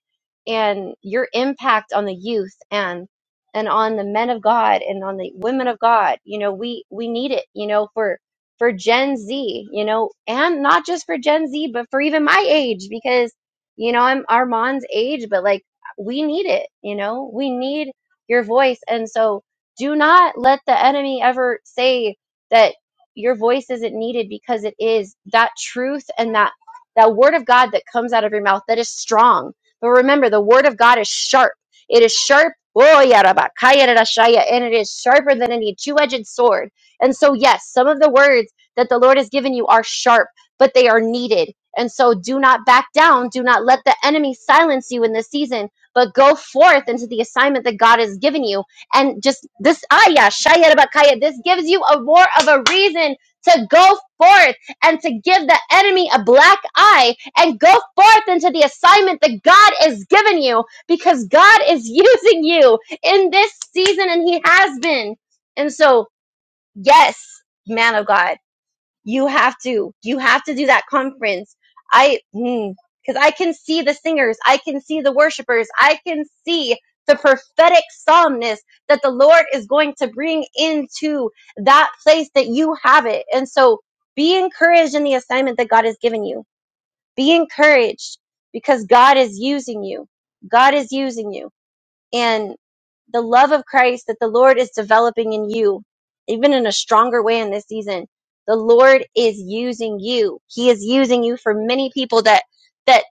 [SPEAKER 3] and your impact on the youth and and on the men of God and on the women of God. You know, we we need it, you know, for for Gen Z, you know, and not just for Gen Z, but for even my age because you know, I'm Armand's age, but like we need it, you know. We need your voice and so do not let the enemy ever say that your voice isn't needed because it is that truth and that that word of god that comes out of your mouth that is strong but remember the word of god is sharp it is sharp oh, yeah, and it is sharper than any two-edged sword and so yes some of the words that the lord has given you are sharp but they are needed and so do not back down do not let the enemy silence you in this season but go forth into the assignment that god has given you and just this ayah, Shayar Bakaya, this gives you a more of a reason to go forth and to give the enemy a black eye and go forth into the assignment that God has given you because God is *laughs* using you in this season and He has been. And so, yes, man of God. You have to. You have to do that conference. I, because I can see the singers. I can see the worshipers. I can see the prophetic solemnness that the Lord is going to bring into that place that you have it. And so be encouraged in the assignment that God has given you. Be encouraged because God is using you. God is using you and the love of Christ that the Lord is developing in you, even in a stronger way in this season. The Lord is using you. He is using you for many people that that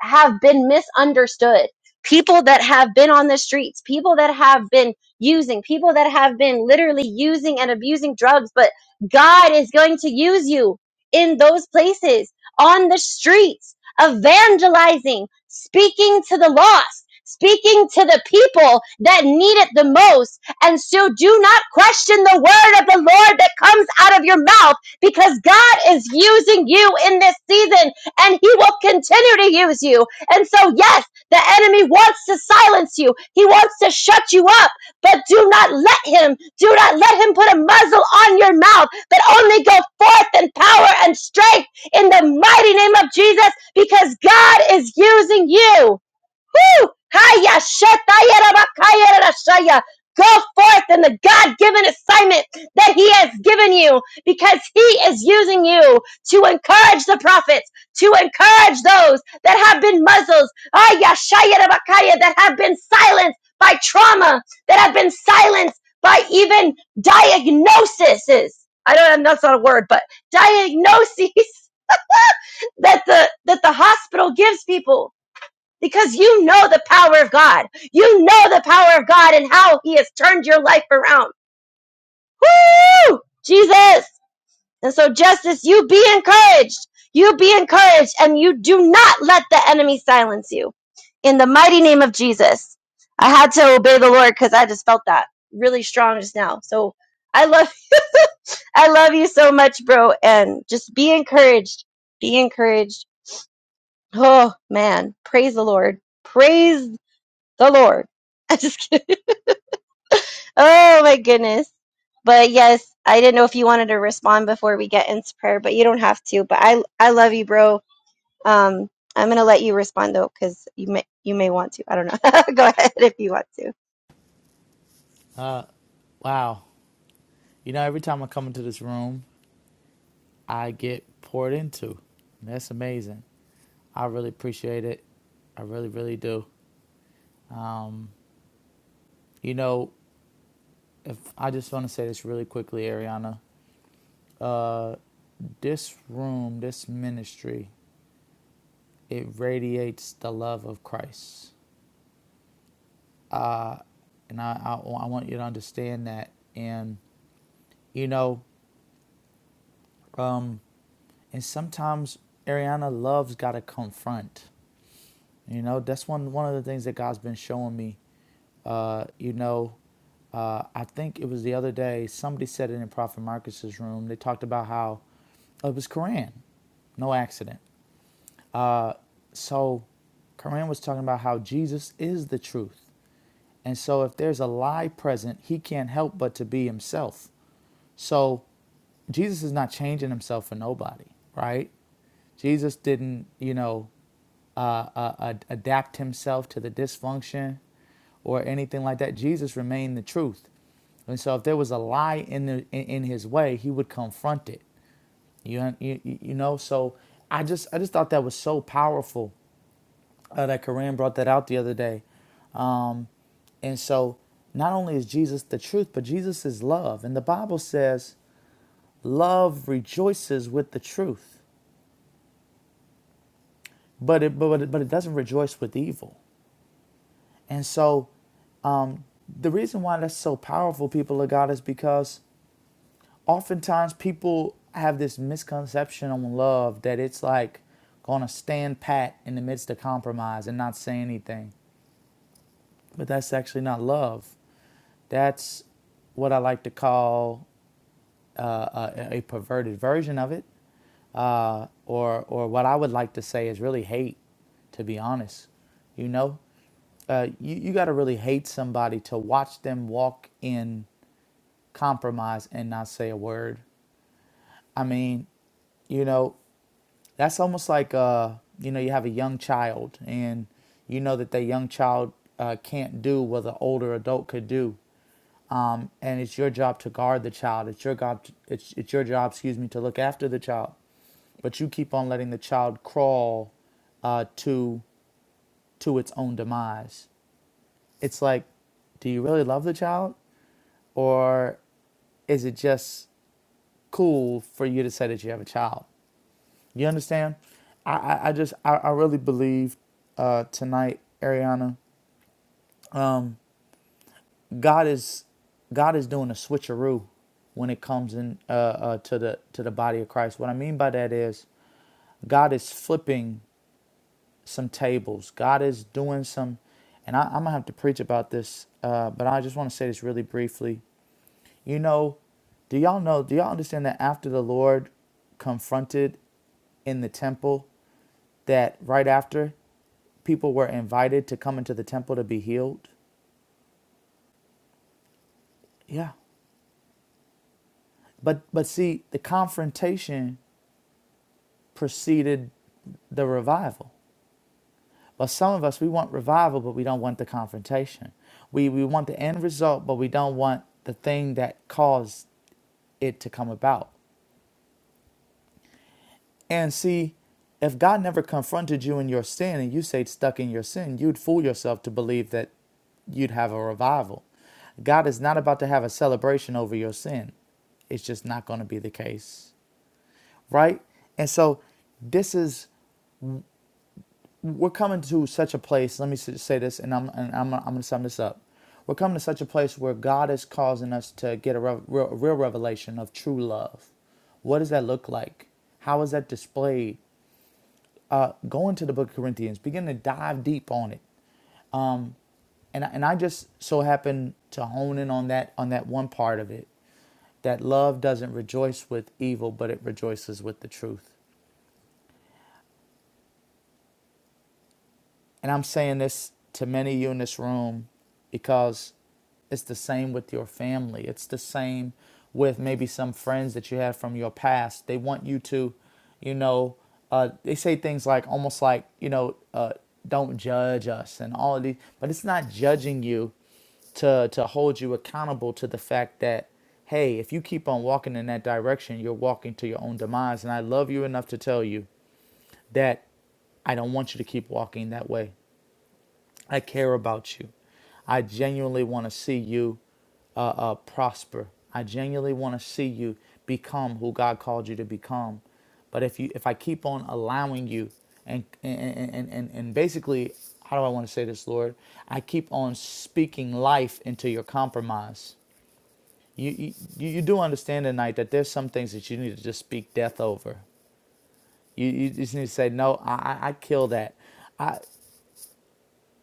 [SPEAKER 3] have been misunderstood, people that have been on the streets, people that have been using, people that have been literally using and abusing drugs, but God is going to use you in those places on the streets evangelizing, speaking to the lost, speaking to the people that need it the most. And so do not question the word of the Lord that comes out of your mouth because God is using you in this season and he will continue to use you. And so, yes, the enemy wants to silence you. He wants to shut you up, but do not let him. Do not let him put a muzzle on your mouth, but only go forth in power and strength in the mighty name of Jesus because God is using you. Woo! Go forth in the God given assignment that He has given you because He is using you to encourage the prophets, to encourage those that have been muzzled, that have been silenced by trauma, that have been silenced by even diagnoses. I don't know, that's not a word, but diagnoses *laughs* that the that the hospital gives people because you know the power of God. You know the power of God and how he has turned your life around. Woo! Jesus. And so justice, you be encouraged. You be encouraged and you do not let the enemy silence you. In the mighty name of Jesus. I had to obey the Lord cuz I just felt that really strong just now. So I love *laughs* you. I love you so much, bro, and just be encouraged. Be encouraged Oh man, praise the Lord. Praise the Lord. *laughs* I just kidding. Oh my goodness. But yes, I didn't know if you wanted to respond before we get into prayer, but you don't have to. But I I love you, bro. Um I'm going to let you respond though cuz you may you may want to. I don't know. *laughs* Go ahead if you want to.
[SPEAKER 9] Uh, wow. You know, every time I come into this room. I get poured into. That's amazing. I really appreciate it. I really, really do. Um, you know, if I just want to say this really quickly, Ariana, uh, this room, this ministry, it radiates the love of Christ, and I, I, I want you to understand that. And you know, um, and sometimes Ariana, love's got to confront. You know, that's one one of the things that God's been showing me. Uh, you know, uh, I think it was the other day somebody said it in Prophet Marcus's room. They talked about how uh, it was Quran, no accident. So, Quran was talking about how Jesus is the truth, and so if there's a lie present, he can't help but to be himself. So Jesus is not changing himself for nobody, right? Jesus didn't, you know, uh, uh, ad- adapt himself to the dysfunction or anything like that. Jesus remained the truth. And so if there was a lie in, the, in, in his way, he would confront it. You, you, you know, so I just, I just thought that was so powerful uh, that Koran brought that out the other day. And so not only is Jesus the truth, but Jesus is love. And the Bible says Love rejoices with the truth, but it, but, it, but it doesn't rejoice with evil. And so the reason why that's so powerful, people of God, is because oftentimes people have this misconception on love that it's like going to stand pat in the midst of compromise and not say anything. But that's actually not love. That's what I like to call uh, a, a perverted version of it, or, or what I would like to say is really hate to be honest. You know, Uh, you you got to really hate somebody to watch them walk in compromise and not say a word. I mean, you know, that's almost like uh, you know, you have a young child and you know that that young child uh, can't do what an older adult could do, and it's your job to guard the child. It's your job. to, It's it's your job, excuse me, to look after the child, but you keep on letting the child crawl uh, to to its own demise. It's like, do you really love the child? or is it just cool for you to say that you have a child? You understand? I, I, I just I, I really believe uh, tonight, Ariana, God is God is doing a switcheroo when it comes in uh, uh, to the to the body of Christ. What I mean by that is God is flipping some tables. God is doing some, and I, I'm gonna have to preach about this, uh, but I just want to say this really briefly. You know, do y'all know, do y'all understand that after the Lord confronted in the temple, that right after people were invited to come into the temple to be healed? Yeah. But but see, the confrontation preceded the revival. But some of us we want revival, but we don't want the confrontation. We we want the end result, but we don't want the thing that caused it to come about. And see, if God never confronted you in your sin and you stayed stuck in your sin, you'd fool yourself to believe that you'd have a revival. God is not about to have a celebration over your sin. It's just not going to be the case, right? And so this is we're coming to such a place. Let me say this, and I'm and I'm, I'm going to sum this up. We're coming to such a place where God is causing us to get a real, real revelation of true love. What does that look like? How is that displayed? uh, go into the book of Corinthians, begin to dive deep on it. And, and I just so happen to hone in on that on that one part of it, that love doesn't rejoice with evil, but it rejoices with the truth. And I'm saying this to many of you in this room because it's the same with your family. It's the same with maybe some friends that you have from your past. They want you to, you know, uh, they say things like almost like, you know, uh, don't judge us and all of these, but it's not judging you to, to hold you accountable to the fact that, hey, if you keep on walking in that direction, you're walking to your own demise. And I love you enough to tell you that I don't want you to keep walking that way. I care about you. I genuinely want to see you uh, uh, prosper. I genuinely want to see you become who God called you to become. But if you, if I keep on allowing you, and and and and, and basically, how do I want to say this, Lord? I keep on speaking life into your compromise. You you, you do understand tonight that there's some things that you need to just speak death over. You you just need to say no. I I, I kill that. I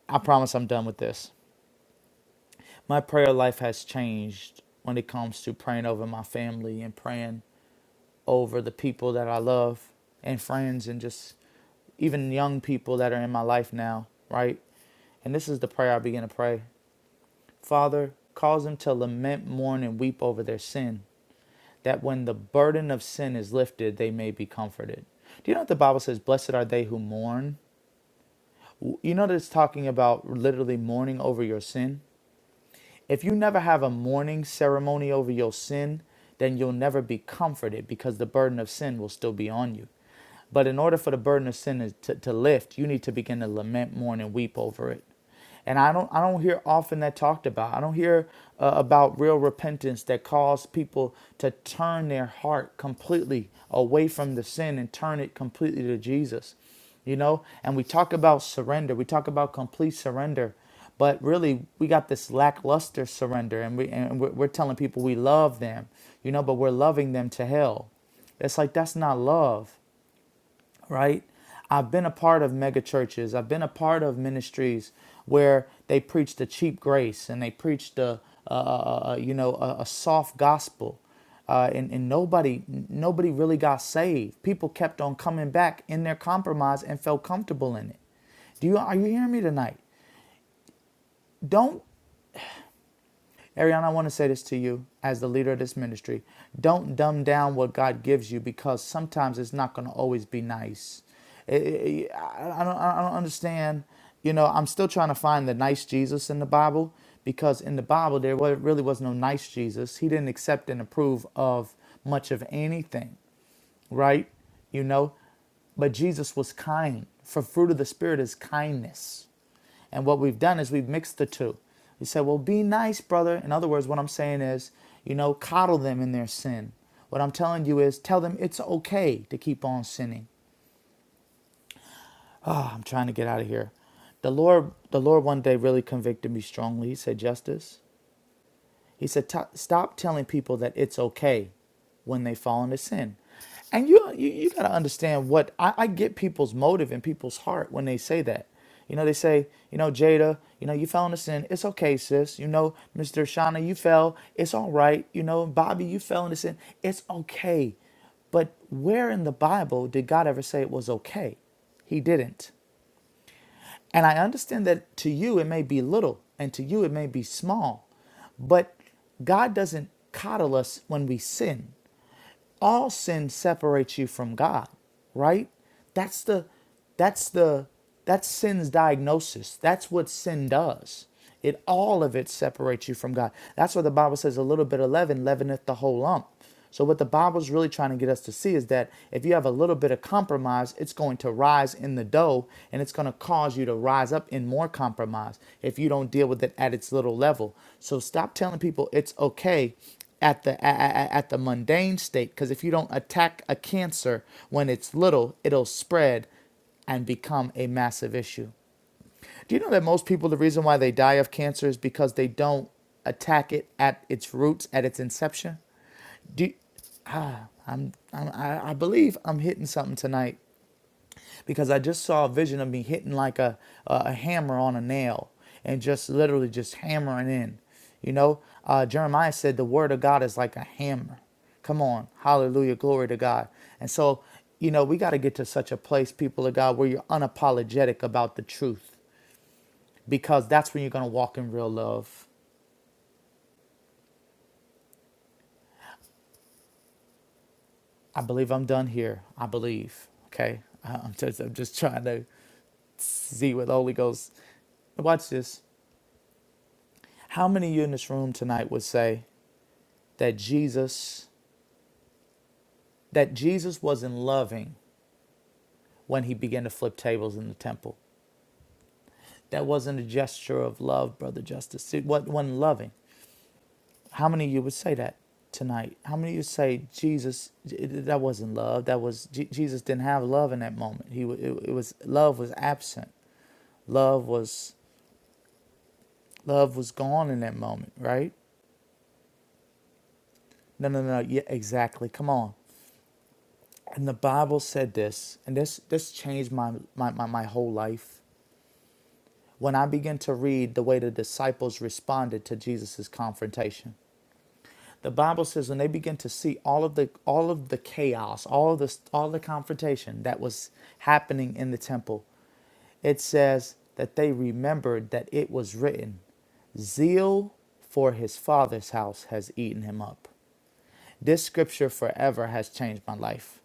[SPEAKER 9] I promise I'm done with this. my prayer life has changed when it comes to praying over my family and praying over the people that I love and friends and just even young people that are in my life now, right? And this is the prayer I begin to pray. Father, cause them to lament, mourn, and weep over their sin, that when the burden of sin is lifted, they may be comforted. Do you know what the Bible says? Blessed are they who mourn. You know that it's talking about literally mourning over your sin If you never have a mourning ceremony over your sin, then you'll never be comforted because the burden of sin will still be on you. But in order for the burden of sin to, to lift, you need to begin to lament, mourn, and weep over it. And I don't, I don't hear often that talked about. I don't hear uh, about real repentance that caused people to turn their heart completely away from the sin and turn it completely to Jesus you know and we talk about surrender we talk about complete surrender but really we got this lackluster surrender and we and we're, we're telling people we love them you know but we're loving them to hell it's like that's not love right? I've been a part of mega churches. I've been a part of ministries where they preach the cheap grace and they preach the, uh, uh, uh, uh, you know, a, a soft gospel. Uh, and, and nobody nobody really got saved. People kept on coming back in their compromise and felt comfortable in it. Do you are you hearing me tonight? Don't Ariana, I want to say this to you as the leader of this ministry. Don't dumb down what God gives you because sometimes it's not going to always be nice. I don't understand. You know, I'm still trying to find the nice Jesus in the Bible because in the Bible there wa- really was no nice Jesus. He didn't accept and approve of much of anything, right? You know, but Jesus was kind. For fruit of the spirit is kindness. And what we've done is we've mixed the two. We said, well, be nice, brother. In other words, what I'm saying is, you know, coddle them in their sin. What I'm telling you is tell them it's okay to keep on sinning. I'm trying to get out of here. The Lord, the Lord one day really convicted me strongly. He said, Justice. He said, Stop telling people that it's okay when they fall into sin. And you, you, you got to understand what I, I get people's motive and people's heart when they say that. You know, they say, you know, Jada, you know, you fell into sin. It's okay, sis. You know, Mr. Shauna, you fell. It's all right. You know, Bobby, you fell into sin. It's okay. But where in the Bible did God ever say it was okay? He didn't. And I understand that to you it may be little and to you it may be small, but God doesn't coddle us when we sin all sin separates you from God, right? That's the that's the that's sin's diagnosis. That's what sin does. It all of it separates you from God. That's why the Bible says a little bit of leaven leaveneth the whole lump. So what the Bible's really trying to get us to see is that if you have a little bit of compromise, it's going to rise in the dough and it's going to cause you to rise up in more compromise if you don't deal with it at its little level. So stop telling people it's okay at the at, at the mundane state because if you don't attack a cancer when it's little it'll spread and become a massive issue do you know that most people the reason why they die of cancer is because they don't attack it at its roots at its inception do you, I'm, I'm I believe I'm hitting something tonight because I just saw a vision of me hitting like a a hammer on a nail and just literally just hammering in. You know, uh, Jeremiah said the word of God is like a hammer. Come on, hallelujah, glory to God. And so, you know, we got to get to such a place, people of God, where you're unapologetic about the truth, because that's when you're gonna walk in real love. I believe I'm done here. I believe. Okay, I- am just I'm just trying to see what the Holy Ghost. Watch this. How many of you in this room tonight would say, that Jesus that Jesus wasn't loving when he began to flip tables in the temple. That wasn't a gesture of love, brother Justice. It wasn't loving. How many of you would say that tonight? How many of you say Jesus? That wasn't love. That was Jesus didn't have love in that moment. He it, it was love was absent. Love was love was gone in that moment, right? No, no, no. Yeah, exactly. Come on. And the Bible said this, and this this changed my my, my, my whole life when I begin to read the way the disciples responded to Jesus' confrontation. The Bible says when they begin to see all of the all of the chaos, all of the all the confrontation that was happening in the temple, it says that they remembered that it was written, Zeal for his father's house has eaten him up. This scripture forever has changed my life.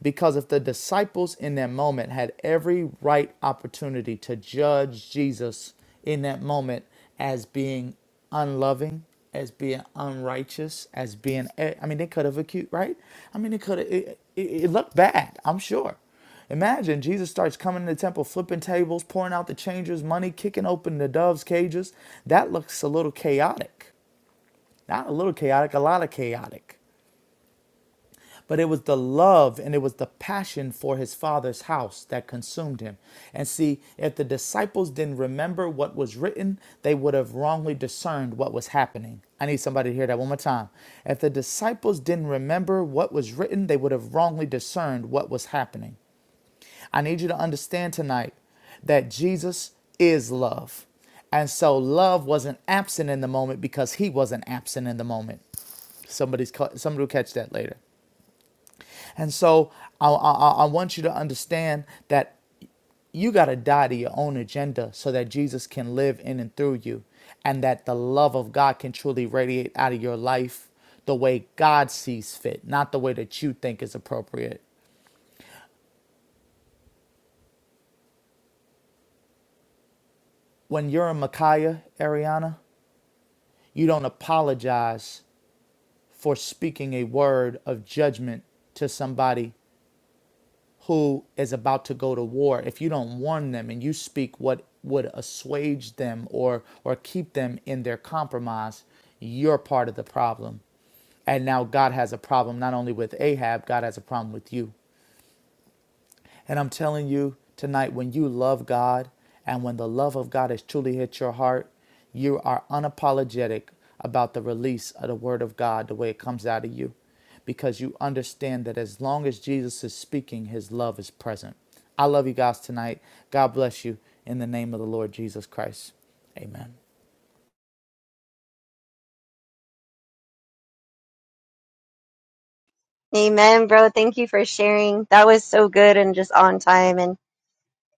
[SPEAKER 9] Because if the disciples in that moment had every right opportunity to judge Jesus in that moment as being unloving, as being unrighteous, as being, I mean, they could have accused, right? I mean, they could have, it, it, it looked bad, I'm sure. Imagine Jesus starts coming to the temple, flipping tables, pouring out the changers, money, kicking open the doves' cages. That looks a little chaotic. Not a little chaotic, a lot of chaotic. But it was the love and it was the passion for his father's house that consumed him. And see, if the disciples didn't remember what was written, they would have wrongly discerned what was happening. I need somebody to hear that one more time. If the disciples didn't remember what was written, they would have wrongly discerned what was happening. I need you to understand tonight that Jesus is love. And so love wasn't absent in the moment because he wasn't absent in the moment. Somebody's somebody will catch that later. And so I, I, I want you to understand that you got to die to your own agenda so that Jesus can live in and through you, and that the love of God can truly radiate out of your life the way God sees fit, not the way that you think is appropriate. When you're in Micaiah, Ariana, you don't apologize for speaking a word of judgment to somebody who is about to go to war, if you don't warn them and you speak what would assuage them or or keep them in their compromise, you're part of the problem. And now God has a problem not only with Ahab, God has a problem with you. And I'm telling you tonight, when you love God and when the love of God has truly hit your heart, you are unapologetic about the release of the Word of God the way it comes out of you because you understand that as long as Jesus is speaking, His love is present. I love you guys tonight. God bless you in the name of the Lord Jesus Christ. Amen.
[SPEAKER 3] Amen, bro. Thank you for sharing. That was so good and just on time and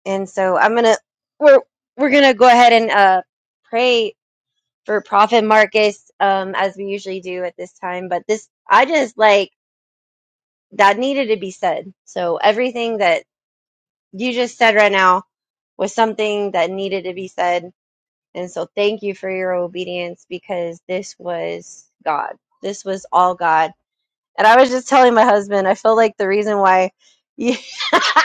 [SPEAKER 3] and so I'm going to we're we're going to go ahead and uh pray for profit Marcus, um, as we usually do at this time. But this, I just like that needed to be said. So everything that you just said right now was something that needed to be said. And so thank you for your obedience because this was God. This was all God. And I was just telling my husband, I feel like the reason why. you *laughs*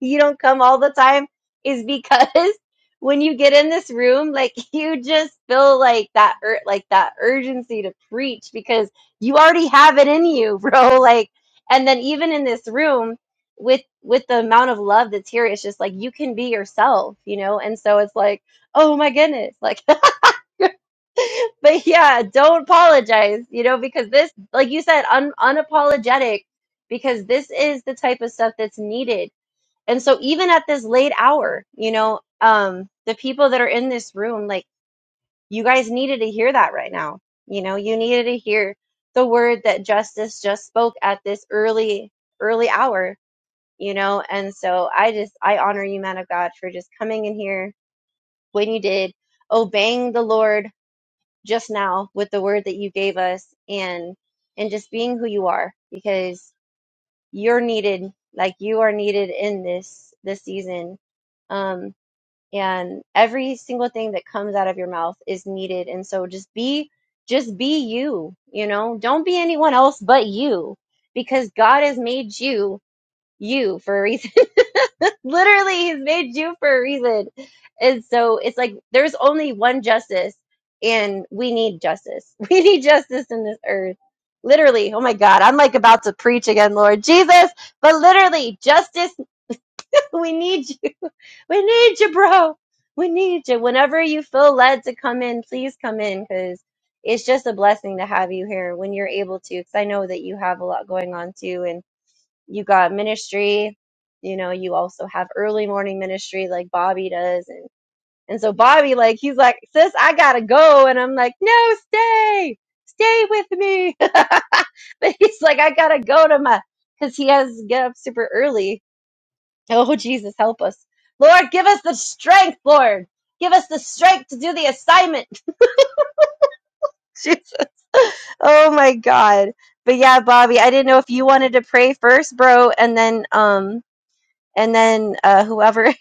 [SPEAKER 3] you don't come all the time is because *laughs* when you get in this room, like *laughs* you just feel like that, ur- like that urgency to preach because you already have it in you, *laughs* bro. Like, and then even in this room with with the amount of love that's here, it's just like you can be yourself, you know. And so it's like, oh my goodness, like, *laughs* but yeah, don't apologize, you know, because this, like you said, un- unapologetic, because this is the type of stuff that's needed and so even at this late hour, you know, um, the people that are in this room, like you guys needed to hear that right now. You know, you needed to hear the word that justice just spoke at this early, early hour, you know. And so I just, I honor you, man of God, for just coming in here when you did, obeying the Lord just now with the word that you gave us and, and just being who you are because you're needed, like you are needed in this, this season. Um, and every single thing that comes out of your mouth is needed and so just be just be you you know don't be anyone else but you because god has made you you for a reason *laughs* literally he's made you for a reason and so it's like there's only one justice and we need justice *laughs* we need justice in this earth literally oh my god i'm like about to preach again lord jesus but literally justice *laughs* we need you we need you, bro. We need you. Whenever you feel led to come in, please come in because it's just a blessing to have you here when you're able to. Because I know that you have a lot going on too, and you got ministry. You know, you also have early morning ministry like Bobby does, and and so Bobby, like, he's like, sis, I gotta go, and I'm like, no, stay, stay with me. *laughs* but he's like, I gotta go to my, because he has to get up super early Oh, Jesus, help us. Lord, give us the strength, Lord. Give us the strength to do the assignment. *laughs* Jesus. Oh my God. But yeah, Bobby, I didn't know if you wanted to pray first, bro, and then um and then uh, whoever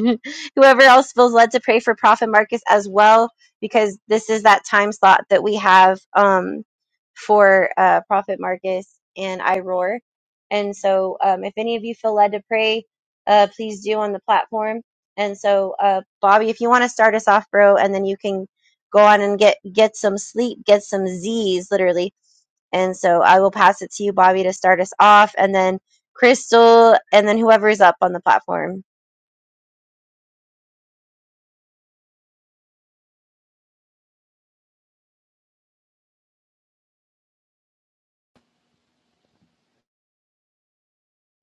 [SPEAKER 3] *laughs* whoever else feels led to pray for prophet marcus as well because this is that time slot that we have um, for uh, prophet marcus and i and so um, if any of you feel led to pray uh, please do on the platform and so uh, bobby if you want to start us off bro and then you can go on and get get some sleep get some z's literally and so I will pass it to you, Bobby, to start us off, and then Crystal, and then whoever is up on the platform.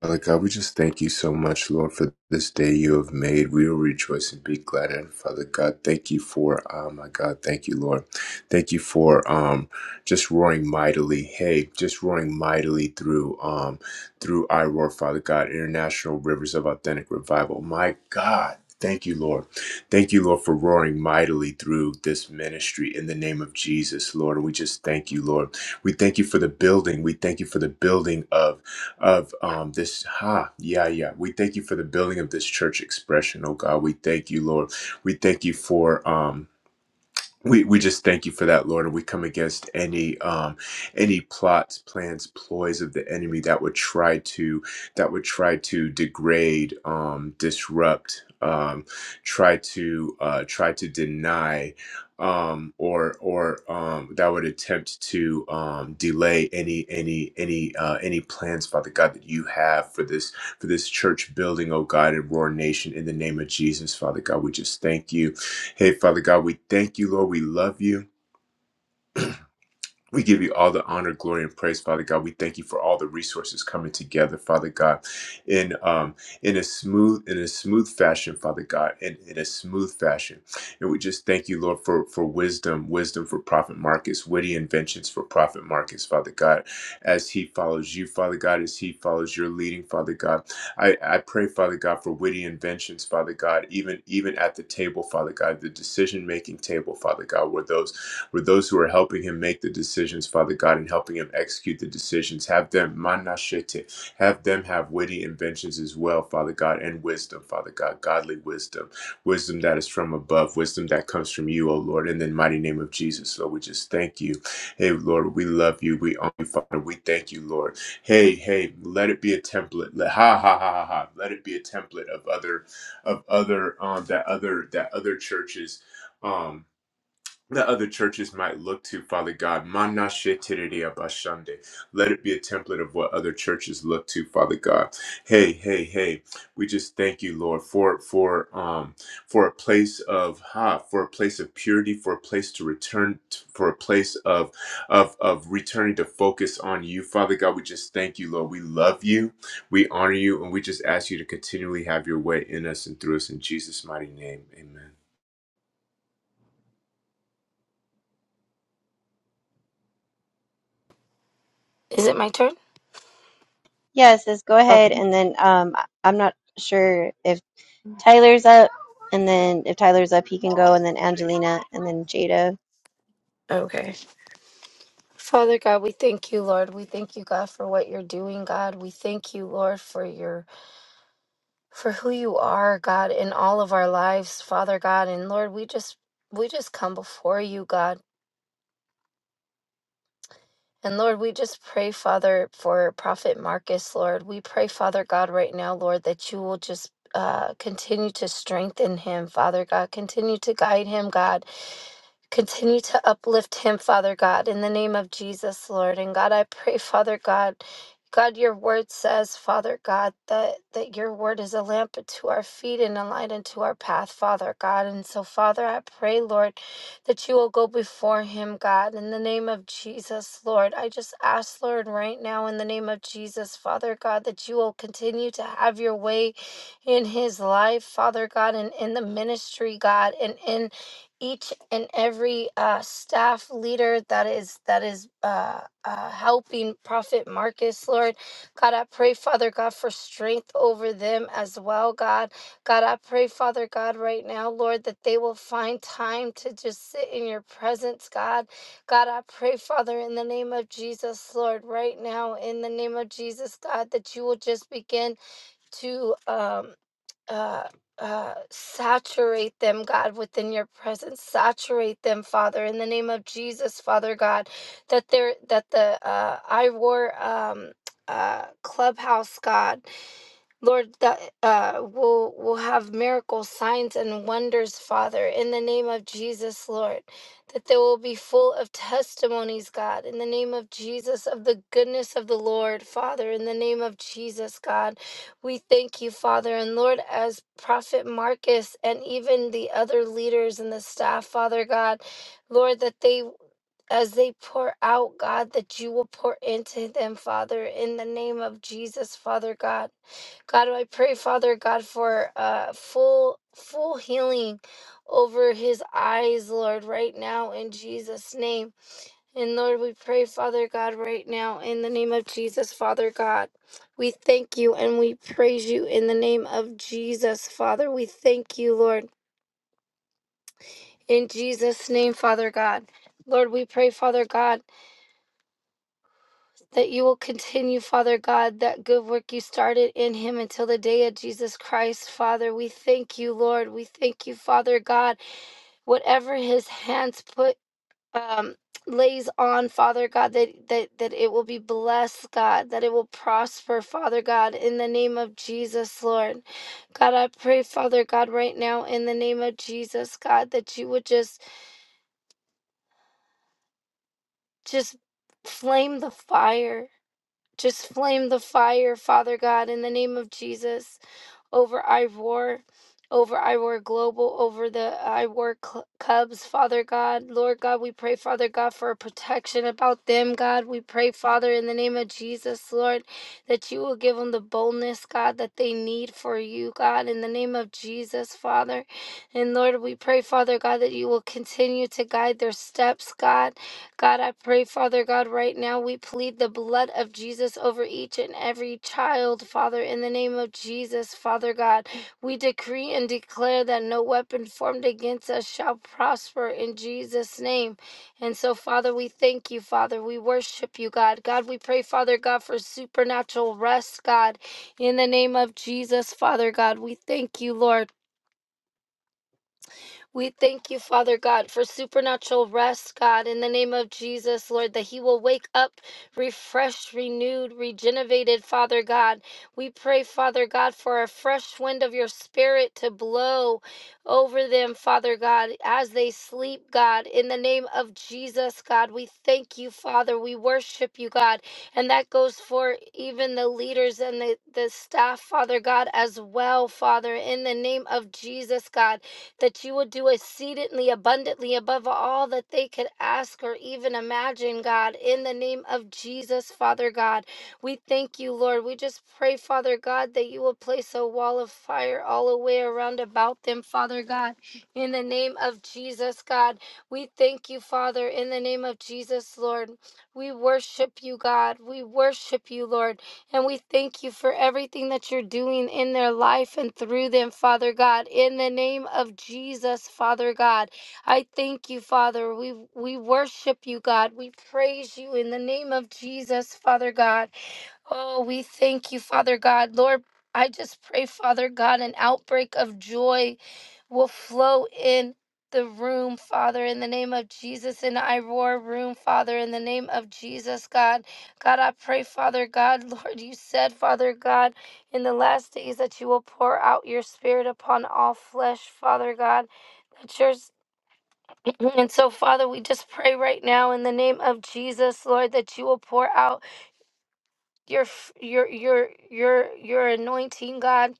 [SPEAKER 8] Father God, we just thank you so much, Lord, for this day you have made. We will rejoice and be glad. And Father God, thank you for, oh my God, thank you, Lord. Thank you for um, just roaring mightily. Hey, just roaring mightily through um, through I Roar, Father God, International Rivers of Authentic Revival. My God. Thank you, Lord. Thank you, Lord, for roaring mightily through this ministry in the name of Jesus, Lord. And we just thank you, Lord. We thank you for the building. We thank you for the building of of um, this. Ha, yeah, yeah. We thank you for the building of this church expression, oh God. We thank you, Lord. We thank you for. Um, we we just thank you for that, Lord, and we come against any um any plots, plans, ploys of the enemy that would try to that would try to degrade, um, disrupt, um, try to uh, try to deny, um, or or um, that would attempt to um, delay any any any uh, any plans, Father God, that you have for this for this church building, oh God, and Roar Nation, in the name of Jesus, Father God, we just thank you. Hey, Father God, we thank you, Lord. We love you. We give you all the honor, glory, and praise, Father God. We thank you for all the resources coming together, Father God, in um, in a smooth in a smooth fashion, Father God, in, in a smooth fashion. And we just thank you, Lord, for for wisdom, wisdom for Prophet Marcus, witty inventions for Prophet Marcus, Father God, as he follows you, Father God, as he follows your leading, Father God. I, I pray, Father God, for witty inventions, Father God, even even at the table, Father God, the decision making table, Father God, where those with those who are helping him make the decisions, Father God, and helping him execute the decisions. Have them, manashete, have them have witty inventions as well, Father God, and wisdom, Father God, godly wisdom, wisdom that is from above, wisdom that comes from you, O Lord, in the mighty name of Jesus. Lord, we just thank you. Hey, Lord, we love you. We honor you, Father. We thank you, Lord. Hey, hey, let it be a template. Let, ha, ha, ha, ha, ha. Let it be a template of other, of other, um, that other, that other churches, um, that other churches might look to, Father God. Manashe terere abashande. Let it be a template of what other churches look to, Father God. Hey, hey, hey. We just thank you, Lord, for for um for a place of ha, for a place of purity, for a place to return, t- for a place of of of returning to focus on you, Father God. We just thank you, Lord. We love you, we honor you, and we just ask you to continually have your way in us and through us in Jesus' mighty name. Amen.
[SPEAKER 2] Is it my turn?
[SPEAKER 3] Yeah, it says go
[SPEAKER 2] Okay.
[SPEAKER 3] ahead, and then um, I- I'm not sure if Tyler's up, and then if Tyler's up, he can go, and then Angelina, and then Jada.
[SPEAKER 2] Okay. Father God, we thank you, Lord. We thank you, God, for what you're doing, God. We thank you, Lord, for your for who you are, God, in all of our lives, Father God. And Lord, we just we just come before you, God. And Lord, we just pray, Father, for Prophet Marcus, Lord. We pray, Father God, right now, Lord, that you will just uh, continue to strengthen him, Father God. Continue to guide him, God. Continue to uplift him, Father God, in the name of Jesus, Lord. And God, I pray, Father God, God, your word says, Father God, that, that your word is a lamp unto our feet and a light unto our path, Father God. And so, Father, I pray, Lord, that you will go before him, God, in the name of Jesus, Lord. I just ask, Lord, right now, in the name of Jesus, Father God, that you will continue to have your way in his life, Father God, and in the ministry, God, and in each and every uh, staff leader that is that is uh, uh, helping Prophet Marcus, Lord God, I pray, Father God, for strength over them as well, God. God, I pray, Father God, right now, Lord, that they will find time to just sit in Your presence, God. God, I pray, Father, in the name of Jesus, Lord, right now, in the name of Jesus, God, that You will just begin to. Um, uh, uh, saturate them, God, within your presence. Saturate them, Father, in the name of Jesus, Father God, that they're that the uh, I wore um, uh, clubhouse, God. Lord, that uh, will will have miracles, signs, and wonders, Father, in the name of Jesus, Lord, that they will be full of testimonies, God, in the name of Jesus, of the goodness of the Lord, Father, in the name of Jesus, God, we thank you, Father, and Lord, as Prophet Marcus and even the other leaders and the staff, Father God, Lord, that they as they pour out, God, that you will pour into them, Father, in the name of Jesus, Father God. God, I pray, Father God, for uh, full full healing over his eyes, Lord, right now in Jesus' name. And Lord, we pray, Father God, right now in the name of Jesus, Father God. We thank you and we praise you in the name of Jesus, Father. We thank you, Lord, in Jesus' name, Father God. Lord, we pray, Father God. that you will continue, Father God, that good work you started in him until the day of Jesus Christ, Father. We thank you, Lord. We thank you, Father God. Whatever his hands put um lays on father god that, that that it will be blessed god that it will prosper father god in the name of jesus lord god i pray father god right now in the name of jesus god that you would just just flame the fire just flame the fire, Father God, in the name of Jesus, over Ivor, over Ivor Global, over the Ivor Cl- Cubs, Father God. Lord God, we pray, Father God, for protection about them, God. We pray, Father, in the name of Jesus, Lord, that you will give them the boldness, God, that they need for you, God, in the name of Jesus, Father. And Lord, we pray, Father God, that you will continue to guide their steps, God. God, I pray, Father God, right now we plead the blood of Jesus over each and every child, Father, in the name of Jesus, Father God. We decree and declare that no weapon formed against us shall prosper in Jesus' name. And so, Father, we thank you, Father. We worship you, God. God, we pray, Father God, for supernatural rest, God, in the name of Jesus, Father God. We thank you, Lord. We thank you, Father God, for supernatural rest, God, in the name of Jesus, Lord, that he will wake up refreshed, renewed, regenerated, Father God. We pray, Father God, for a fresh wind of your spirit to blow over them, Father God, as they sleep, God, in the name of Jesus, God. We thank you, Father. We worship you, God. And that goes for even the leaders and the, the staff, Father God, as well, Father, in the name of Jesus, God that you would do exceedingly abundantly above all that they could ask or even imagine, God, in the name of Jesus, Father God. We thank you, Lord. We just pray, Father God, that you will place a wall of fire all the way around about them, Father God, in the name of Jesus, God. We thank you, Father, in the name of Jesus, Lord. We worship you, God. We worship you, Lord. And we thank you for everything that you're doing in their life and through them, Father God. In the name of Jesus, Father God, I thank you, Father. We we worship you, God. We praise you in the name of Jesus, Father God. Oh, we thank you, Father God. Lord, I just pray, Father God, an outbreak of joy will flow in the room, Father, in the name of Jesus, in I room, Father, in the name of Jesus, God. God, I pray, Father God, *laughs* Lord, you said, Father God, in the last days that you will pour out your spirit upon all flesh, Father God. That yours *clears throat* and so, Father, we just pray right now in the name of Jesus, Lord, that you will pour out your f- your your your your anointing, God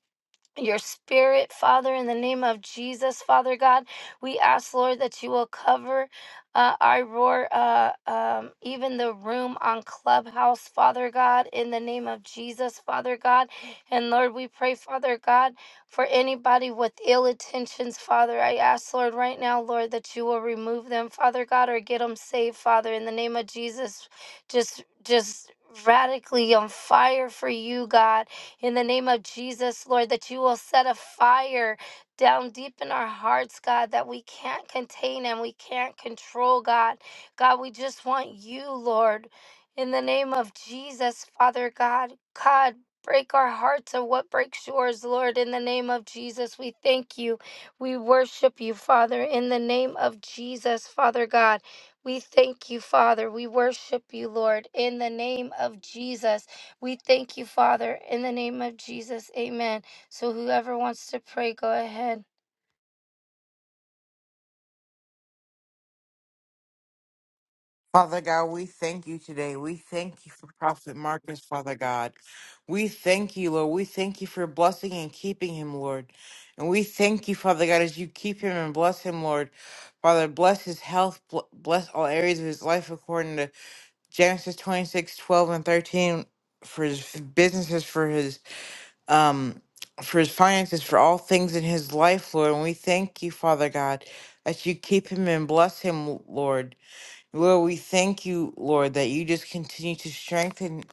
[SPEAKER 2] your spirit, Father, in the name of Jesus, Father God. We ask, Lord, that you will cover uh, I roar, uh, um, even the room on Clubhouse, Father God, in the name of Jesus, Father God. And Lord, we pray, Father God, for anybody with ill intentions, Father. I ask, Lord, right now, Lord, that you will remove them, Father God, or get them saved, Father, in the name of Jesus. Just, just radically on fire for you, God in the name of Jesus, Lord, that you will set a fire down deep in our hearts, God, that we can't contain and we can't control, God. God, we just want you, Lord, in the name of Jesus, Father God. God, break our hearts of what breaks yours, Lord, in the name of Jesus. We thank you. We worship you, Father, in the name of Jesus, Father God. We thank you, Father. We worship you, Lord, in the name of Jesus. We thank you, Father, in the name of Jesus. Amen. So whoever wants to pray, go ahead.
[SPEAKER 4] Father God, we thank you today. We thank you for Prophet Marcus, Father God. We thank you, Lord. We thank you for blessing and keeping him, Lord. And we thank you, Father God, as you keep him and bless him, Lord. Father, bless his health, bl- bless all areas of his life according to Genesis 26 12 and 13 for his businesses, for his um for his finances, for all things in his life, Lord. And we thank you, Father God, that you keep him and bless him, Lord. Lord, we thank you, Lord, that you just continue to strengthen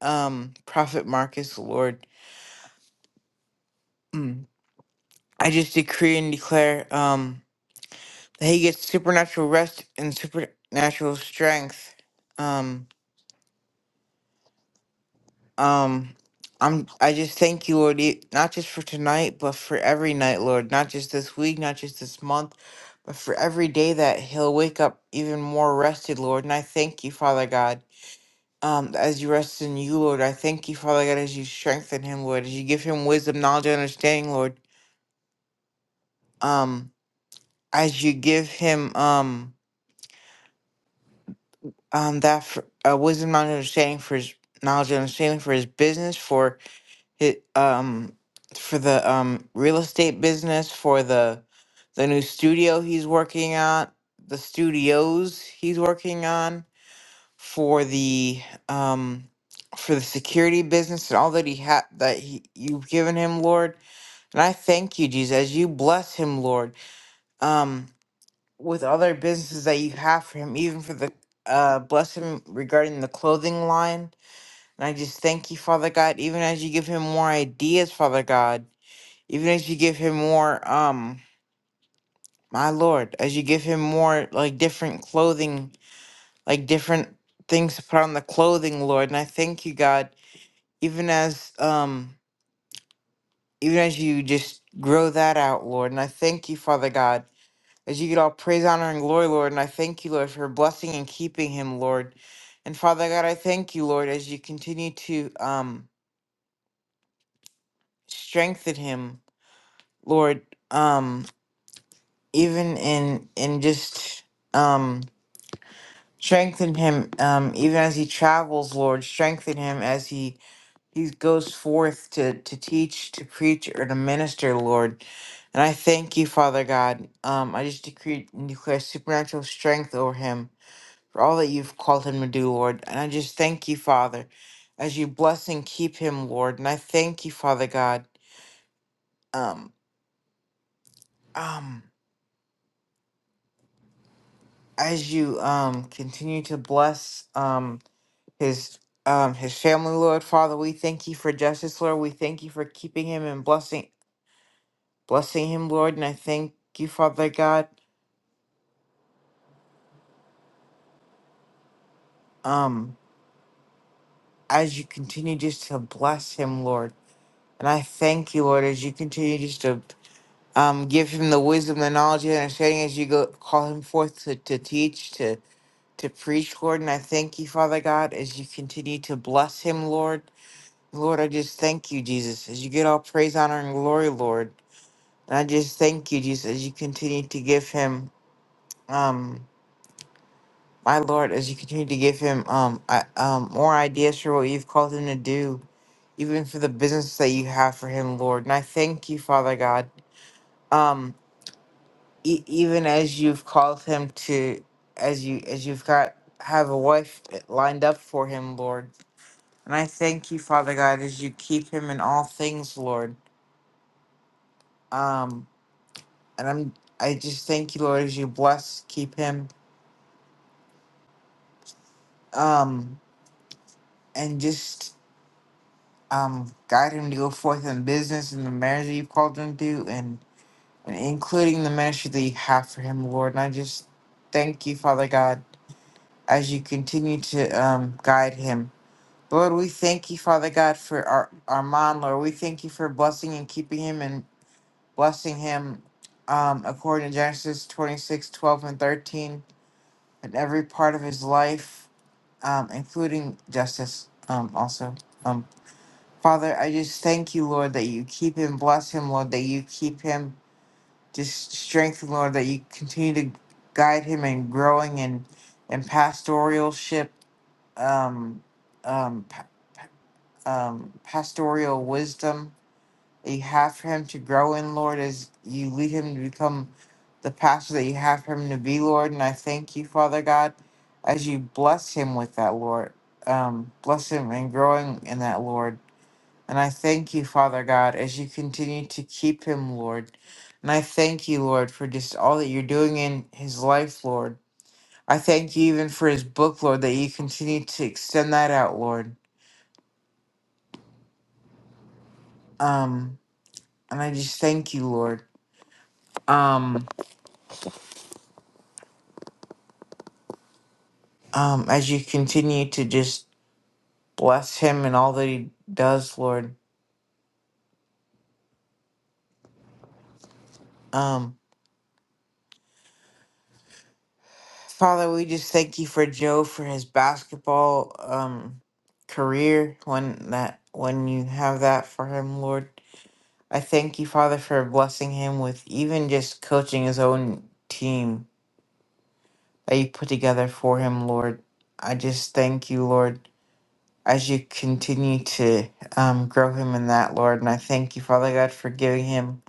[SPEAKER 4] um Prophet Marcus, Lord. Mm. I just decree and declare um that he gets supernatural rest and supernatural strength. Um Um, I'm. I just thank you, Lord, e- not just for tonight, but for every night, Lord. Not just this week, not just this month, but for every day that he'll wake up even more rested, Lord. And I thank you, Father God. Um, as you rest in you, Lord, I thank you, Father God, as you strengthen him, Lord, as you give him wisdom, knowledge, and understanding, Lord. Um, as you give him um um that for, uh, wisdom, knowledge, and understanding for his knowledge and understanding for his business, It um for the um real estate business for the the new studio he's working on, the studios he's working on for the um for the security business and all that he had that he, you've given him, Lord. And I thank you, Jesus, as you bless him, Lord. Um with other businesses that you have for him, even for the uh bless him regarding the clothing line. And I just thank you, Father God, even as you give him more ideas, Father God even as you give him more, um, my lord, as you give him more, like different clothing, like different things to put on the clothing, Lord. And I thank you, God, even as, um, even as you just grow that out, Lord. And I thank you, Father God, as you get all praise, honor, and glory, Lord. And I thank you, Lord, for blessing and keeping him, Lord. And Father God, I thank you, Lord, as you continue to, um, strengthen him, Lord, um, even in, in just, um, Strengthen him, um, even as he travels, Lord. Strengthen him as he he goes forth to to teach, to preach, or to minister, Lord. And I thank you, Father God. Um, I just decree and declare supernatural strength over him for all that you've called him to do, Lord. And I just thank you, Father, as you bless and keep him, Lord. And I thank you, Father God. Um, um, as you um continue to bless. Um his um his family, Lord Father. We thank you for justice, Lord. We thank you for keeping him and blessing blessing him, Lord. And I thank you, Father God, um, as you continue just to bless him, Lord. And I thank you, Lord, as you continue just to um give him the wisdom, the knowledge, and understanding as you go call him forth to, to teach, to to preach, Lord. And I thank you, Father God, as you continue to bless him, Lord. Lord, I just thank you, Jesus, as you get all praise, honor, and glory, Lord. And I just thank you, Jesus, as you continue to give him, um, my Lord, as you continue to give him um, I, um, more ideas for what you've called him to do, even for the business that you have for him, Lord. And I thank you, Father God, um, e- even as you've called him to, as you as you've got have a wife lined up for him, Lord. And I thank you, Father God, as you keep him in all things, Lord. Um, and I'm I just thank you, Lord, as you bless, keep him. Um, and just um, guide him to go forth in business and the marriage that you called him to, and, and including the ministry that you have for him, Lord. And I just thank you, Father God, as you continue to um, guide him. Lord, we thank you, Father God, for our Armand, Lord. We thank you for blessing and keeping him and blessing him um, according to Genesis 26 12 and 13 in every part of his life, um, including justice um, also. Um, Father, I just thank you, Lord, that you keep him, bless him, Lord, that you keep him just strengthen, Lord, that you continue to guide him in growing in in pastoralship, um, um, pa- pa- um, pastoral wisdom that you have for him to grow in, Lord, as you lead him to become the pastor that you have for him to be, Lord. And I thank you, Father God, as you bless him with that, Lord. Um, bless him and growing in that, Lord. And I thank you, Father God, as you continue to keep him, Lord. And I thank you, Lord, for just all that you're doing in his life, Lord. I thank you even for his book, Lord, that you continue to extend that out, Lord. Um, and I just thank you, Lord. Um, um, as you continue to just bless him and all that he does, Lord. Um, Father, we just thank you for Joe for his basketball um career when that when you have that for him, Lord. I thank you, Father, for blessing him with even just coaching his own team that you put together for him, Lord. I just thank you, Lord, as you continue to um, grow him in that, Lord. And I thank you, Father God, for giving him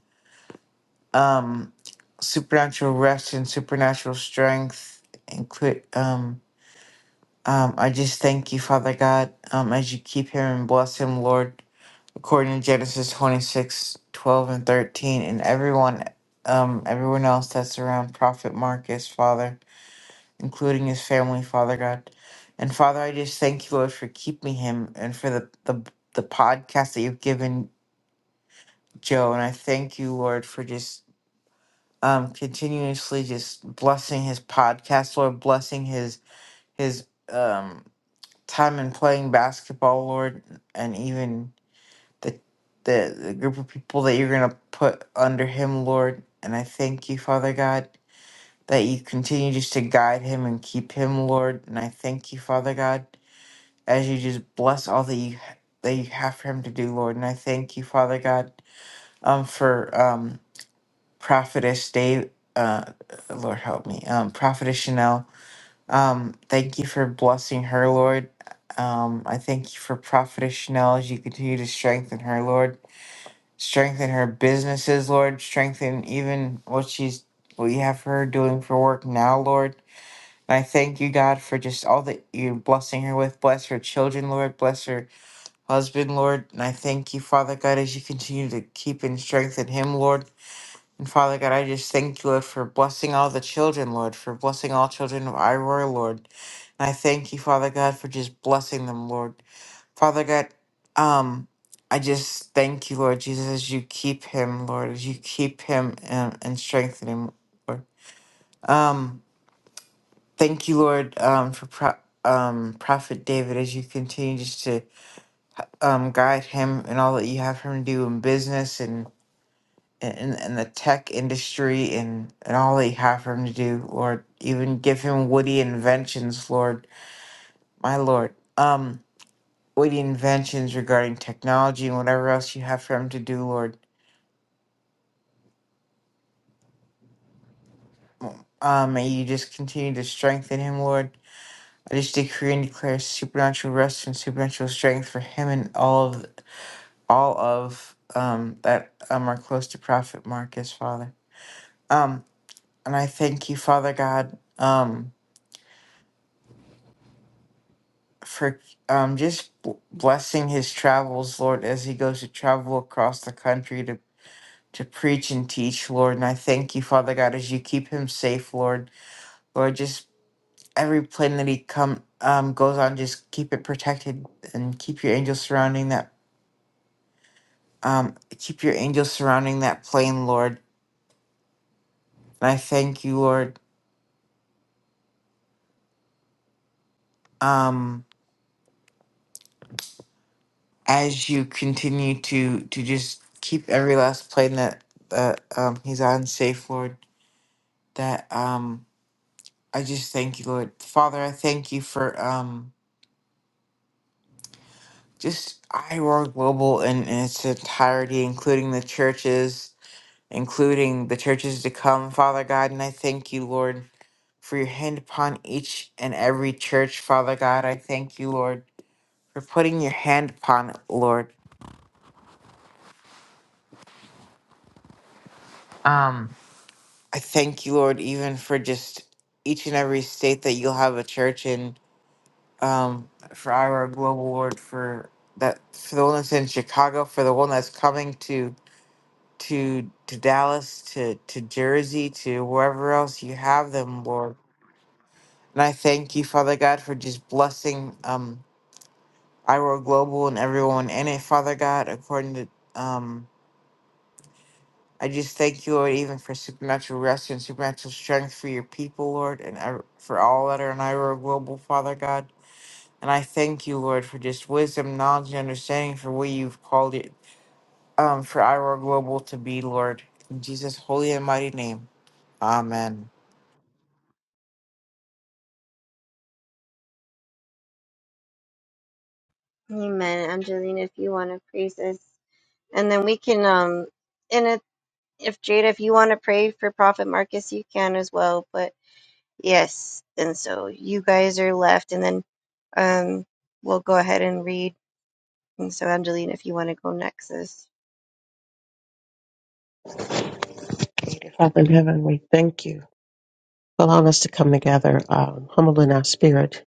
[SPEAKER 4] um, supernatural rest and supernatural strength. And clear, um, um, I just thank you, Father God, um, as you keep him and bless him, Lord. according to Genesis 26 12 and 13, and everyone um everyone else that's around Prophet Marcus, Father, including his family, Father God. And Father, I just thank you, Lord, for keeping him and for the the, the podcast that you've given Joe. And I thank you, Lord, for just um continuously just blessing his podcast, Lord, blessing his his um time in playing basketball, Lord, and even the the, the group of people that you're going to put under him, Lord. And I thank you, Father God, that you continue just to guide him and keep him, Lord. And I thank you, Father God, as you just bless all that you that you have for him to do, Lord. And I thank you, Father God, um, for um, prophetess Dave. Uh, Lord help me, um, prophetess Chanel. Um, thank you for blessing her, Lord. Um, I thank you for prophetess Chanel as you continue to strengthen her, Lord. Strengthen her businesses, Lord. Strengthen even what she's what you have her doing for work now, Lord. And I thank you, God, for just all that you're blessing her with. Bless her children, Lord. Bless her husband, Lord. And I thank you, Father God, as you continue to keep and strengthen him, Lord. And Father God, I just thank you, Lord, for blessing all the children, Lord, for blessing all children of Iroar, Lord. And I thank you, Father God, for just blessing them, Lord. Father God, um, I just thank you, Lord Jesus, as you keep him, Lord, as you keep him and, and strengthen him, Lord. Um, thank you, Lord, um, for pro- um, Prophet David, as you continue just to um, guide him and all that you have him do in business and in, in the tech industry and, and all that you have for him to do, Lord. Even give him witty inventions, Lord, my Lord. Um, witty inventions regarding technology and whatever else you have for him to do, Lord Um, may you just continue to strengthen him, Lord. I just decree and declare supernatural rest and supernatural strength for him and all of all of um that um are close to Prophet Marcus, Father. Um, and I thank you, Father God, um, for um just b- blessing his travels, Lord, as he goes to travel across the country to to preach and teach, Lord. And I thank you, Father God, as you keep him safe, Lord. Lord, just every plane that he come um goes on just keep it protected and keep your angels surrounding that um keep your angels surrounding that plane lord and i thank you lord um as you continue to to just keep every last plane that that um he's on safe lord that um i just thank you lord father i thank you for um just iroar global in, in its entirety including the churches including the churches to come, Father God. And I thank you, Lord, for your hand upon each and every church, Father God. I thank you, Lord, for putting your hand upon it, Lord. Um, I thank you, Lord, even for just each and every state that you'll have a church in. Um, for our global Lord, for that, for the one that's in Chicago, for the one that's coming to to to Dallas, to to Jersey, to wherever else you have them, Lord. And I thank you, Father God, for just blessing um Iro Global and everyone in it, Father God, according to um I just thank you, Lord, even for supernatural rest and supernatural strength for your people, Lord, and I- for all that are in Iro Global, Father God. And I thank you, Lord, for just wisdom, knowledge, and understanding for what you've called it um, for Iro Global to be, Lord. In Jesus' holy and mighty name, amen.
[SPEAKER 3] Amen, Angelina, if you want to praise us, and then we can um, and if if Jada, if you want to pray for Prophet Marcus, you can as well. But yes, and so you guys are left, and then um, we'll go ahead and read. And so, Angelina, if you want to go next, sis.
[SPEAKER 5] Father in heaven, we thank you for allowing us to come together, um, humble in our spirit,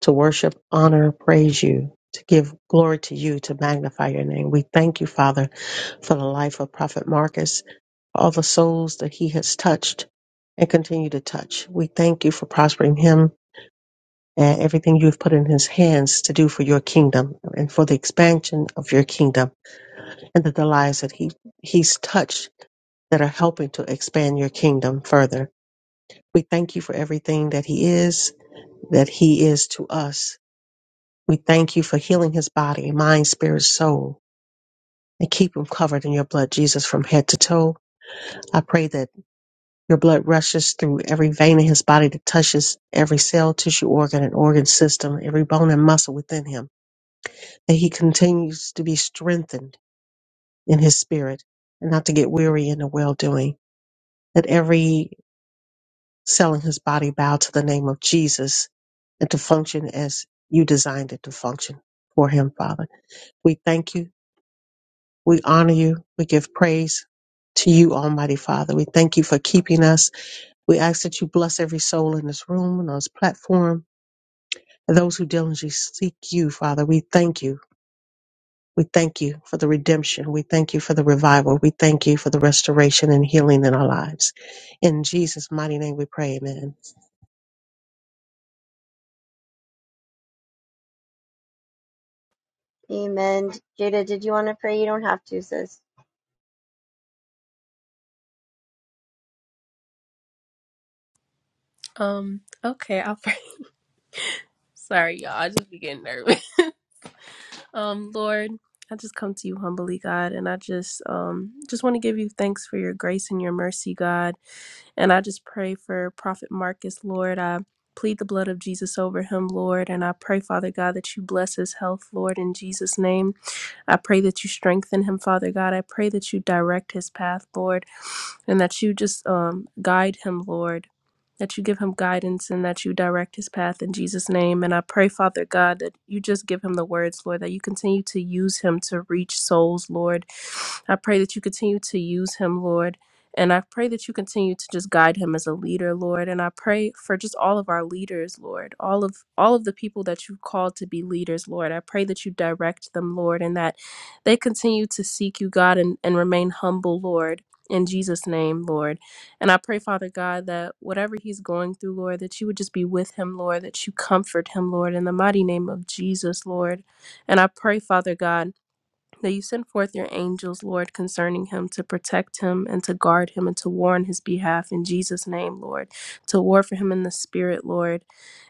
[SPEAKER 5] to worship, honor, praise you, to give glory to you, to magnify your name. We thank you, Father, for the life of Prophet Marcus. all the souls that he has touched and continue to touch. We thank you for prospering him and everything you have put in his hands to do for your kingdom and for the expansion of your kingdom and that the lives that he, he's touched that are helping to expand your kingdom further. We thank you for everything that he is, that he is to us. We thank you for healing his body, mind, spirit, soul, and keep him covered in your blood, Jesus, from head to toe. I pray that Your blood rushes through every vein in his body that touches every cell, tissue, organ, and organ system, every bone and muscle within him, that he continues to be strengthened in his spirit and not to get weary in the well doing, that every cell in his body bow to the name of Jesus and to function as you designed it to function for him, Father. We thank you. We honor you. We give praise to you, Almighty Father. We thank you for keeping us. We ask that you bless every soul in this room and on this platform and those who diligently seek you, Father, we thank you. We thank you for the redemption. We thank you for the revival. We thank you for the restoration and healing in our lives. In Jesus' mighty name we pray, amen.
[SPEAKER 3] Amen. Jada, did you want to pray? You don't have to, sis.
[SPEAKER 6] Um okay, I'll pray. *laughs* Sorry y'all, I just be getting nervous. *laughs* Um Lord, I just come to you humbly, God, and I just um just want to give you thanks for your grace and your mercy, God. And I just pray for Prophet Marcus, Lord. I plead the blood of Jesus over him, Lord. And I pray, Father God, that you bless his health, Lord, in Jesus' name. I pray that you strengthen him, Father God. I pray that you direct his path, Lord, and that you just um, guide him, Lord. That you give him guidance and that you direct his path in Jesus' name. And I pray, Father God, that you just give him the words, Lord, that you continue to use him to reach souls, Lord. I pray that you continue to use him, Lord. And I pray that you continue to just guide him as a leader, Lord. And I pray for just all of our leaders, Lord. All of all of the people that you've called to be leaders, Lord. I pray that you direct them, Lord, and that they continue to seek you, God, and, and remain humble, Lord. In Jesus' name, Lord. And I pray, Father God, that whatever he's going through, Lord, that you would just be with him, Lord, that you comfort him, Lord, in the mighty name of Jesus, Lord. And I pray, Father God that you send forth your angels, Lord, concerning him to protect him and to guard him and to war on his behalf in Jesus' name, Lord, to war for him in the spirit, Lord.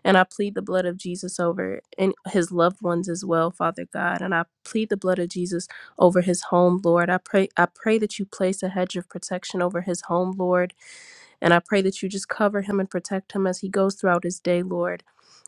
[SPEAKER 6] And I plead the blood of Jesus over and his loved ones as well, Father God. And I plead the blood of Jesus over his home, Lord. I pray I pray that you place a hedge of protection over his home, Lord. And I pray that you just cover him and protect him as he goes throughout his day, Lord.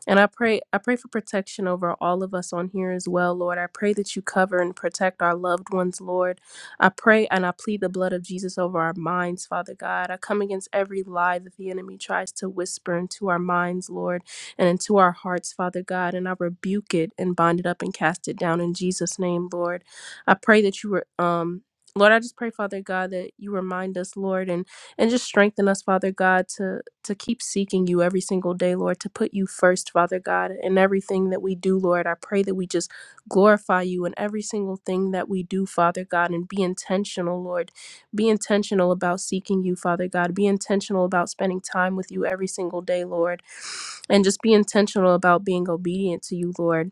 [SPEAKER 6] And I pray I pray for protection over all of us on here as well, Lord. I pray that you cover and protect our loved ones, Lord. I pray and I plead the blood of Jesus over our minds, Father God. I come against every lie that the enemy tries to whisper into our minds, Lord, and into our hearts, Father God. And I rebuke it and bind it up and cast it down in Jesus' name, Lord. I pray that you were um Lord, I just pray, Father God, that you remind us, Lord, and and just strengthen us father god to to keep seeking you every single day lord to put you first father god in everything that we do lord i pray that we just glorify you in every single thing that we do father god and be intentional lord be intentional about seeking you father god be intentional about spending time with you every single day lord and just be intentional about being obedient to you lord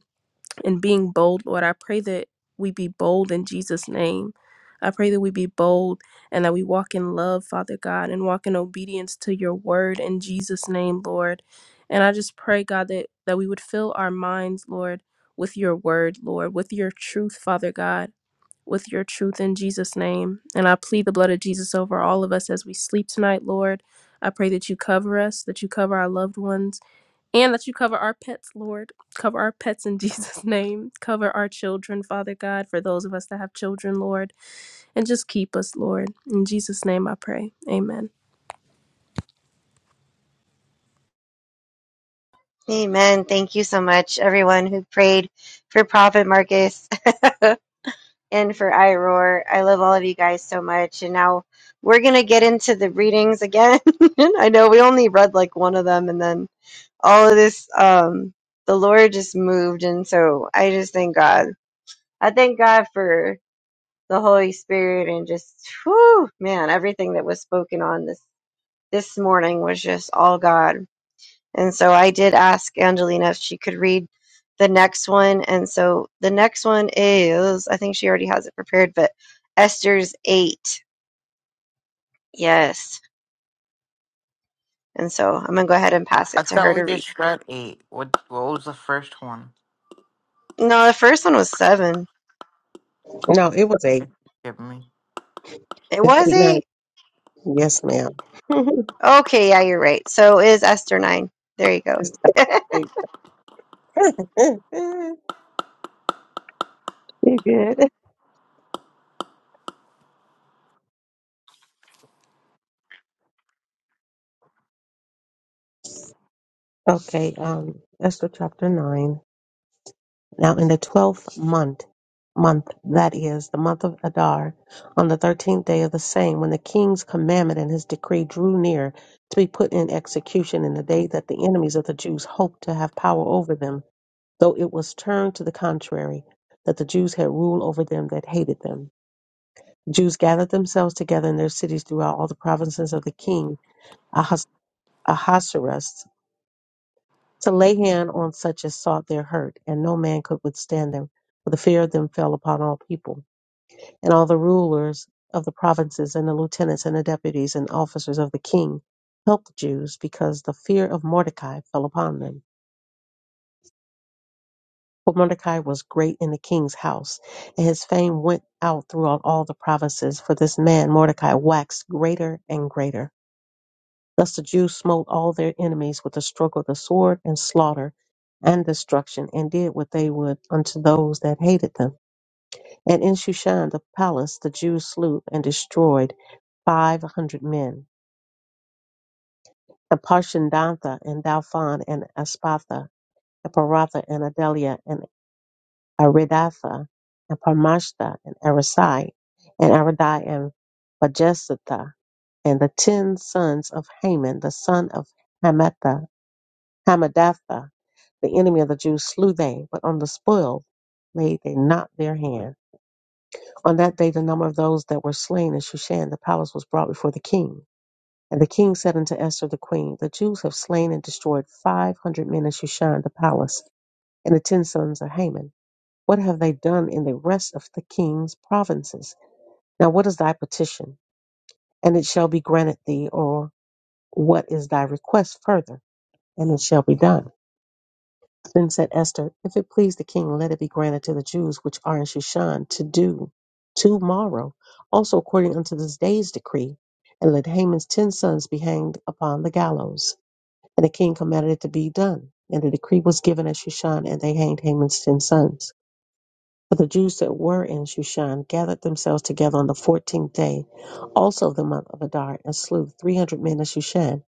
[SPEAKER 6] and being bold, Lord. I pray that we be bold in Jesus' name. I pray that we be bold and that we walk in love, Father God, and walk in obedience to your word in Jesus' name, Lord. And I just pray, God, that, that we would fill our minds, Lord, with your word, Lord, with your truth, Father God, with your truth in Jesus' name. And I plead the blood of Jesus over all of us as we sleep tonight, Lord. I pray that you cover us, that you cover our loved ones and that you cover our pets, Lord. Cover our pets in *laughs* Jesus' name. Cover our children, Father God, for those of us that have children, Lord. And just keep us, Lord. In Jesus' name I pray. Amen.
[SPEAKER 3] Amen. Thank you so much, everyone who prayed for Prophet Marcus *laughs* and for iRoar. I love all of you guys so much. And now we're going to get into the readings again. *laughs* I know we only read like one of them, and then all of this, um, the Lord just moved. And so I just thank God. I thank God for the Holy Spirit and just, whew, man, everything that was spoken on this this morning was just all God. And so I did ask Angelina if she could read the next one. And so the next one is, I think she already has it prepared, but Esther's 8. Yes. And so I'm going to go ahead and pass
[SPEAKER 4] I
[SPEAKER 3] it to her
[SPEAKER 4] thought
[SPEAKER 3] to
[SPEAKER 4] we
[SPEAKER 3] read.
[SPEAKER 4] just read eight. What, what was the first one?
[SPEAKER 3] No, the first one was 7.
[SPEAKER 5] No, it was eight.
[SPEAKER 4] Forgive me.
[SPEAKER 3] It
[SPEAKER 5] It's
[SPEAKER 3] was
[SPEAKER 5] eight, nine.
[SPEAKER 3] 8?
[SPEAKER 5] Yes, ma'am. *laughs*
[SPEAKER 3] Okay, yeah, you're right. So it is Esther 9. There you go.
[SPEAKER 5] It's
[SPEAKER 3] *laughs*
[SPEAKER 5] eight. *laughs* you good. Okay, um, Esther chapter nine. Now in the twelfth month, month that is the month of Adar, on the thirteenth day of the same, when the king's commandment and his decree drew near to be put in execution in the day that the enemies of the Jews hoped to have power over them, though it was turned to the contrary, that the Jews had rule over them that hated them. Jews gathered themselves together in their cities throughout all the provinces of the king Ahas- Ahasuerus, to lay hand on such as sought their hurt, and no man could withstand them, for the fear of them fell upon all people. And all the rulers of the provinces, and the lieutenants, and the deputies, and officers of the king helped the Jews, because the fear of Mordecai fell upon them. For Mordecai was great in the king's house, and his fame went out throughout all the provinces, for this man Mordecai waxed greater and greater. Thus the Jews smote all their enemies with the stroke of the sword and slaughter and destruction, and did what they would unto those that hated them. And in Shushan the palace the Jews slew and destroyed five hundred men. And Parshandantha and Dalphon and Aspatha and Paratha and Adelia and Aridatha and Parmashtha and Arasai and Aradai and Vajesatha and the ten sons of Haman the son of Hamatha Hamadatha, the enemy of the Jews, slew they, but on the spoil laid they not their hand. On that day the number of those that were slain in Shushan the palace was brought before the king. And the king said unto Esther the queen, The Jews have slain and destroyed five hundred men in Shushan the palace, and the ten sons of Haman. What have they done in the rest of the king's provinces? Now what is thy petition? And it shall be granted thee, or what is thy request further? And it shall be done. Then said Esther, If it please the king, let it be granted to the Jews which are in Shushan to do tomorrow, also according unto this day's decree, and let Haman's ten sons be hanged upon the gallows. And the king commanded it to be done. And the decree was given at Shushan, and they hanged Haman's ten sons. But the Jews that were in Shushan gathered themselves together on the fourteenth day, also of the month of Adar, and slew three hundred men in Shushan.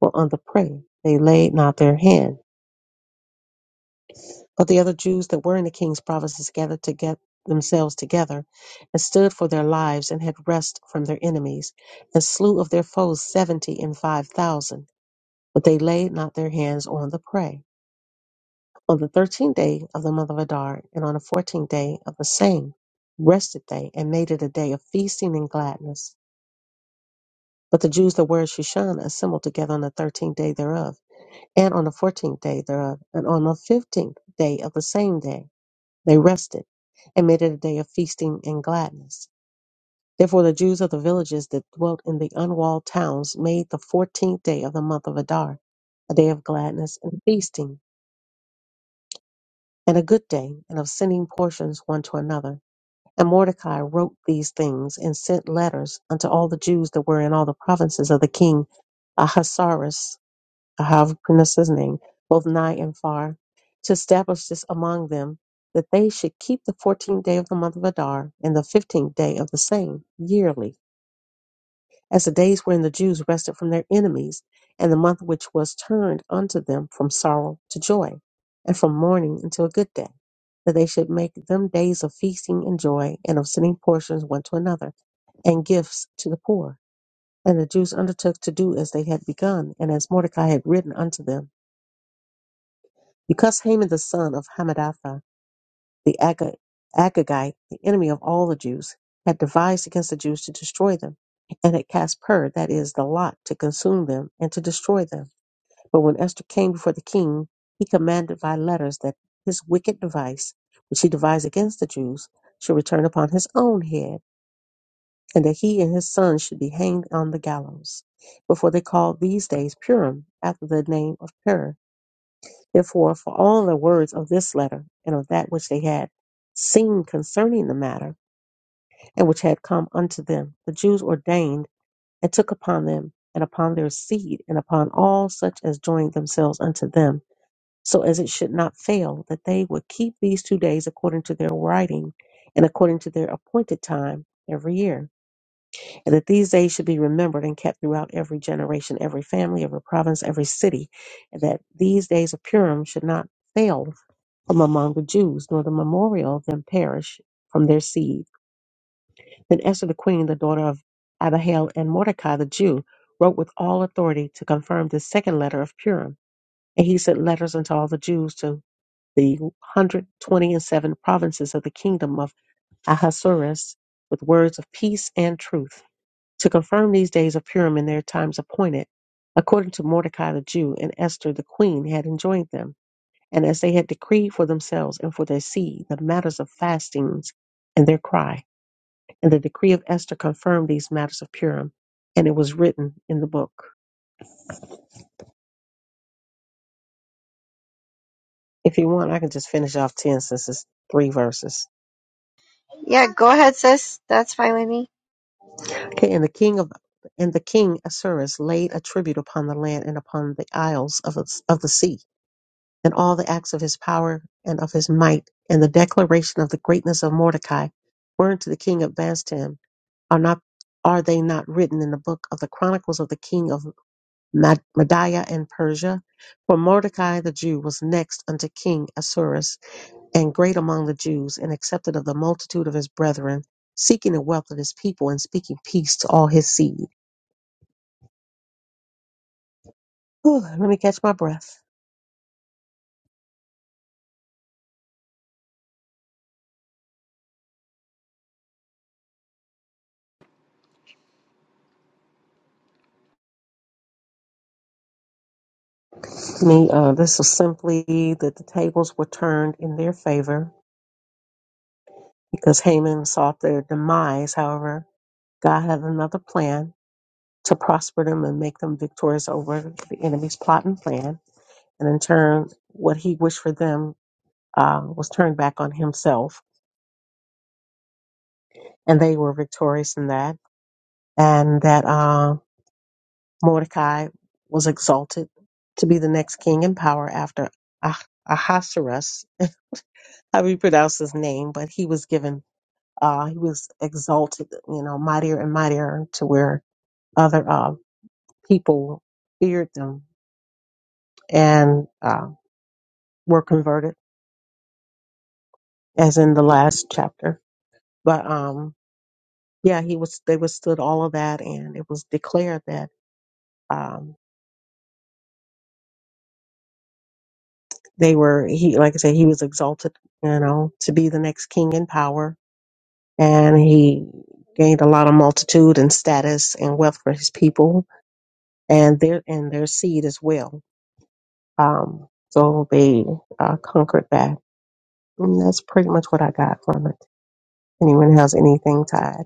[SPEAKER 5] For on the prey they laid not their hand But the other Jews that were in the king's provinces gathered to get themselves together and stood for their lives and had rest from their enemies, and slew of their foes seventy and five thousand, but they laid not their hands on the prey. On the thirteenth day of the month of Adar, and on the fourteenth day of the same, rested they, and made it a day of feasting and gladness. But the Jews that were at Shushan assembled together on the thirteenth day thereof, and on the fourteenth day thereof, and on the fifteenth day of the same day They rested and made it a day of feasting and gladness. Therefore the Jews of the villages that dwelt in the unwalled towns made the fourteenth day of the month of Adar a day of gladness and feasting, and a good day, and of sending portions one to another. And Mordecai wrote these things and sent letters unto all the Jews that were in all the provinces of the king Ahasuerus I have pronounced his name, both nigh and far, to establish this among them, that they should keep the fourteenth day of the month of Adar, and the fifteenth day of the same, yearly, as the days wherein the Jews rested from their enemies, and the month which was turned unto them from sorrow to joy, and from mourning until a good day, that they should make them days of feasting and joy, and of sending portions one to another, and gifts to the poor. And the Jews undertook to do as they had begun, and as Mordecai had written unto them. Because Haman the son of Hammedatha, the Aga- Agagite, the enemy of all the Jews, had devised against the Jews to destroy them, and had cast pur, that is, the lot, to consume them and to destroy them. But when Esther came before the king, he commanded by letters that his wicked device, which he devised against the Jews, should return upon his own head, and that he and his sons should be hanged on the gallows. Before they called these days Purim, after the name of Pur, Therefore, for all the words of this letter and of that which they had seen concerning the matter, and which had come unto them, the Jews ordained and took upon them, and upon their seed, and upon all such as joined themselves unto them, so as it should not fail, that they would keep these two days according to their writing, and according to their appointed time every year, and that these days should be remembered and kept throughout every generation, every family, every province, every city, and that these days of Purim should not fail from among the Jews, nor the memorial of them perish from their seed. Then Esther the queen, the daughter of Abihail and Mordecai the Jew, wrote with all authority to confirm this second letter of Purim. And he sent letters unto all the Jews to the hundred twenty and seven provinces of the kingdom of Ahasuerus with words of peace and truth, to confirm these days of Purim in their times appointed, according to Mordecai the Jew and Esther the queen had enjoined them and as they had decreed for themselves and for their seed the matters of fastings and their cry. And the decree of Esther confirmed these matters of Purim, and it was written in the book. If you want, I can just finish off ten since it's three verses.
[SPEAKER 3] yeah, go ahead, sis. That's fine with me.
[SPEAKER 5] Okay, and the king of and the king Assuerus laid a tribute upon the land and upon the isles of the, of the sea, and all the acts of his power and of his might, and the declaration of the greatness of Mordecai were unto the king of Bastim Are not are they not written in the book of the chronicles of the king of Mad- Media and Persia? For Mordecai the Jew was next unto King Assuerus, and great among the Jews, and accepted of the multitude of his brethren, seeking the wealth of his people and speaking peace to all his seed. Whew, let me catch my breath. Me, uh, this was simply that the tables were turned in their favor because Haman sought their demise. However, God had another plan to prosper them and make them victorious over the enemy's plot and plan. And in turn, what he wished for them uh, was turned back on himself, and they were victorious in that. And that uh, Mordecai was exalted to be the next king in power after Ah- Ahasuerus. *laughs* How do you pronounce his name? But he was given, uh, he was exalted, you know, mightier and mightier to where other uh, people feared them and uh, were converted as in the last chapter. But um, yeah, he was they withstood all of that, and it was declared that um, they were he like I said he was exalted, you know, to be the next king in power, and he gained a lot of multitude and status and wealth for his people and their and their seed as well. Um, so they uh, conquered that. And that's pretty much what I got from it. Anyone has anything tied?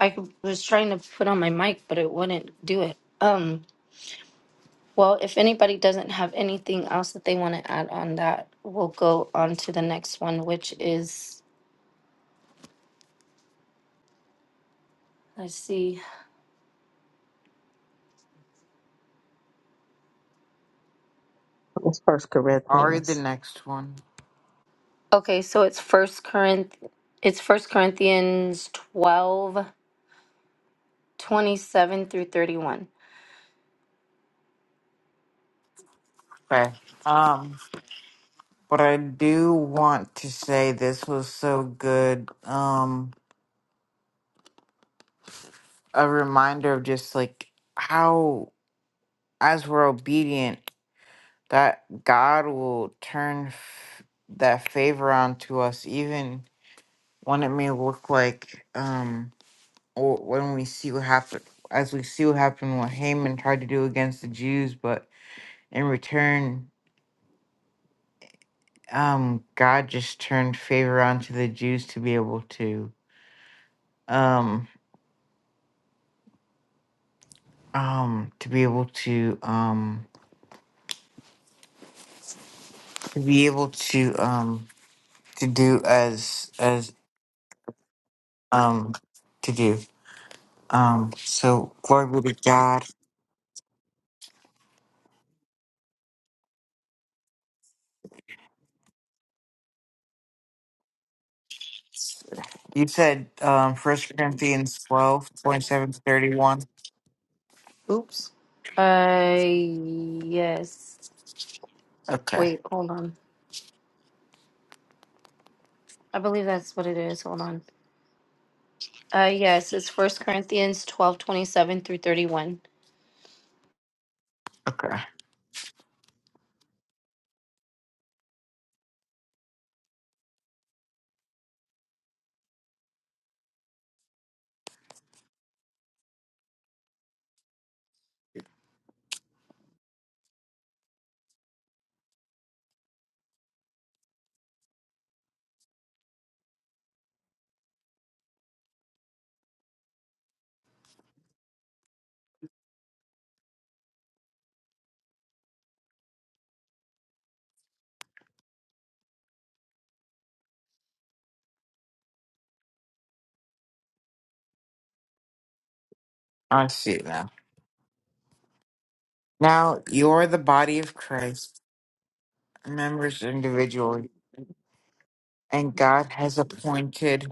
[SPEAKER 2] I was trying to put on my mic, but it wouldn't do it. Um, well, if anybody doesn't have anything else that they want to add on that, we'll go on to the next one, which is let's see.
[SPEAKER 5] It's First
[SPEAKER 4] I'll read the
[SPEAKER 5] Corinthians.
[SPEAKER 4] next one.
[SPEAKER 2] Okay, so it's first Corinth it's first Corinthians twelve twenty seven through 31.
[SPEAKER 4] Okay. Um, but I do want to say this was so good. Um, a reminder of just like how, as we're obedient, that God will turn f- that favor onto us, even when it may look like, um, or when we see what happened, as we see what happened, what Haman tried to do against the Jews, but in return. um God just turned favor onto the Jews to be able to um um to be able to um to be able to um to do as as um to do um so glory be to God. You said um First Corinthians twelve point seven to thirty one.
[SPEAKER 2] Oops. Uh yes.
[SPEAKER 4] Okay,
[SPEAKER 2] Wait, hold on. I believe that's what it is. Hold on. Uh, yes, it's First Corinthians twelve twenty seven through thirty one.
[SPEAKER 4] okay, I see it now. Now you're the body of Christ, members individually, and God has appointed.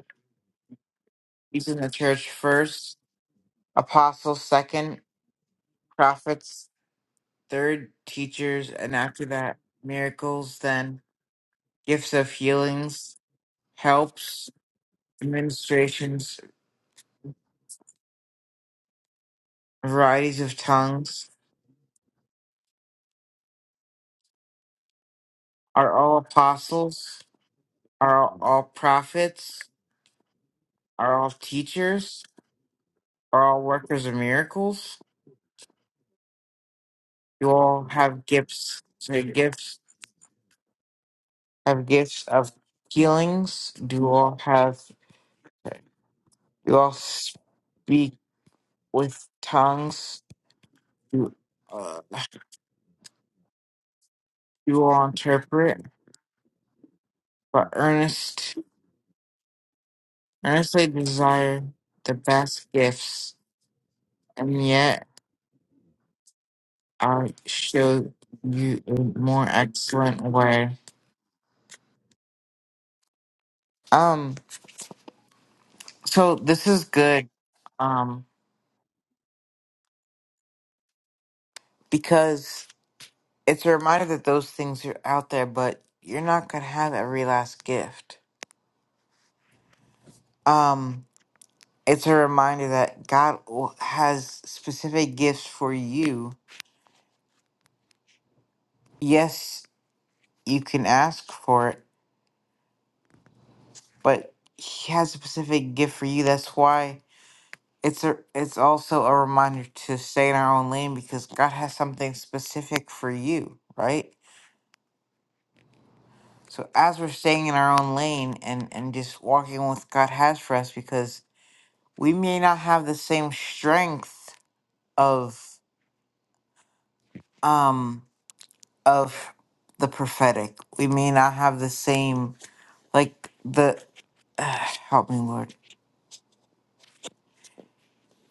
[SPEAKER 4] He's in the church first apostles second, prophets third, teachers, and after that, miracles, then gifts of healings, helps, administrations, varieties of tongues. Are all apostles? Are all prophets? Are all teachers? Are all workers of miracles? Do all have gifts? Say gifts have gifts of healings? Do all have? Do all speak with tongues? You, uh, you will interpret, but earnest, earnestly desire the best gifts, and yet I show you a more excellent way. Um, so this is good, um, because it's a reminder that those things are out there, but you're not gonna have every last gift. Um, it's a reminder that God will- has specific gifts for you. Yes, you can ask for it but he has a specific gift for you. That's why it's a it's also a reminder to stay in our own lane because God has something specific for you, right? So as we're staying in our own lane and and just walking with God has for us because we may not have the same strength of um of the prophetic. We may not have the same like the *sighs* help me Lord.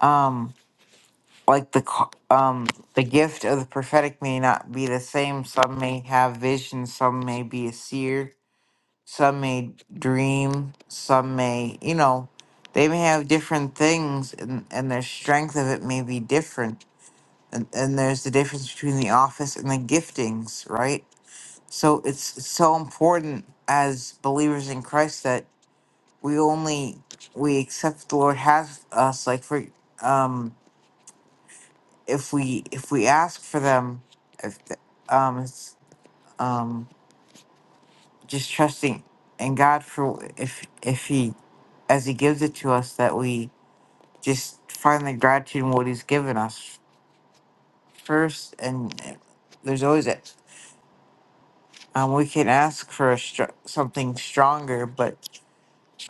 [SPEAKER 4] Um like the ca- um the gift of the prophetic may not be the same some may have vision some may be a seer some may dream some may you know they may have different things and and their strength of it may be different and and there's the difference between the office and the giftings right so it's it's so important as believers in christ that we only we accept the lord has us like for um if we if we ask for them if th- um it's um just trusting in god for if if he as he gives it to us that we just find the gratitude in what he's given us first and uh, there's always it um, we can ask for a str- something stronger but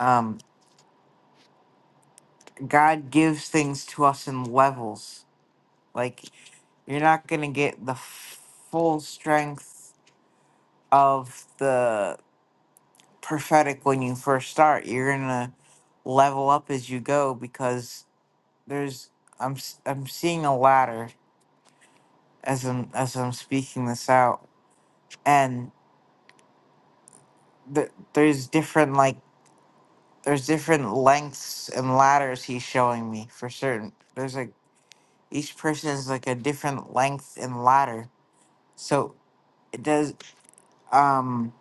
[SPEAKER 4] um god gives things to us in levels like you're not gonna get the f- full strength of the prophetic when you first start. You're gonna level up as you go because there's I'm s- I'm seeing a ladder as I'm as I'm speaking this out, and th- there's different like there's different lengths and ladders he's showing me for certain. There's like each person is like a different length and ladder, so it does um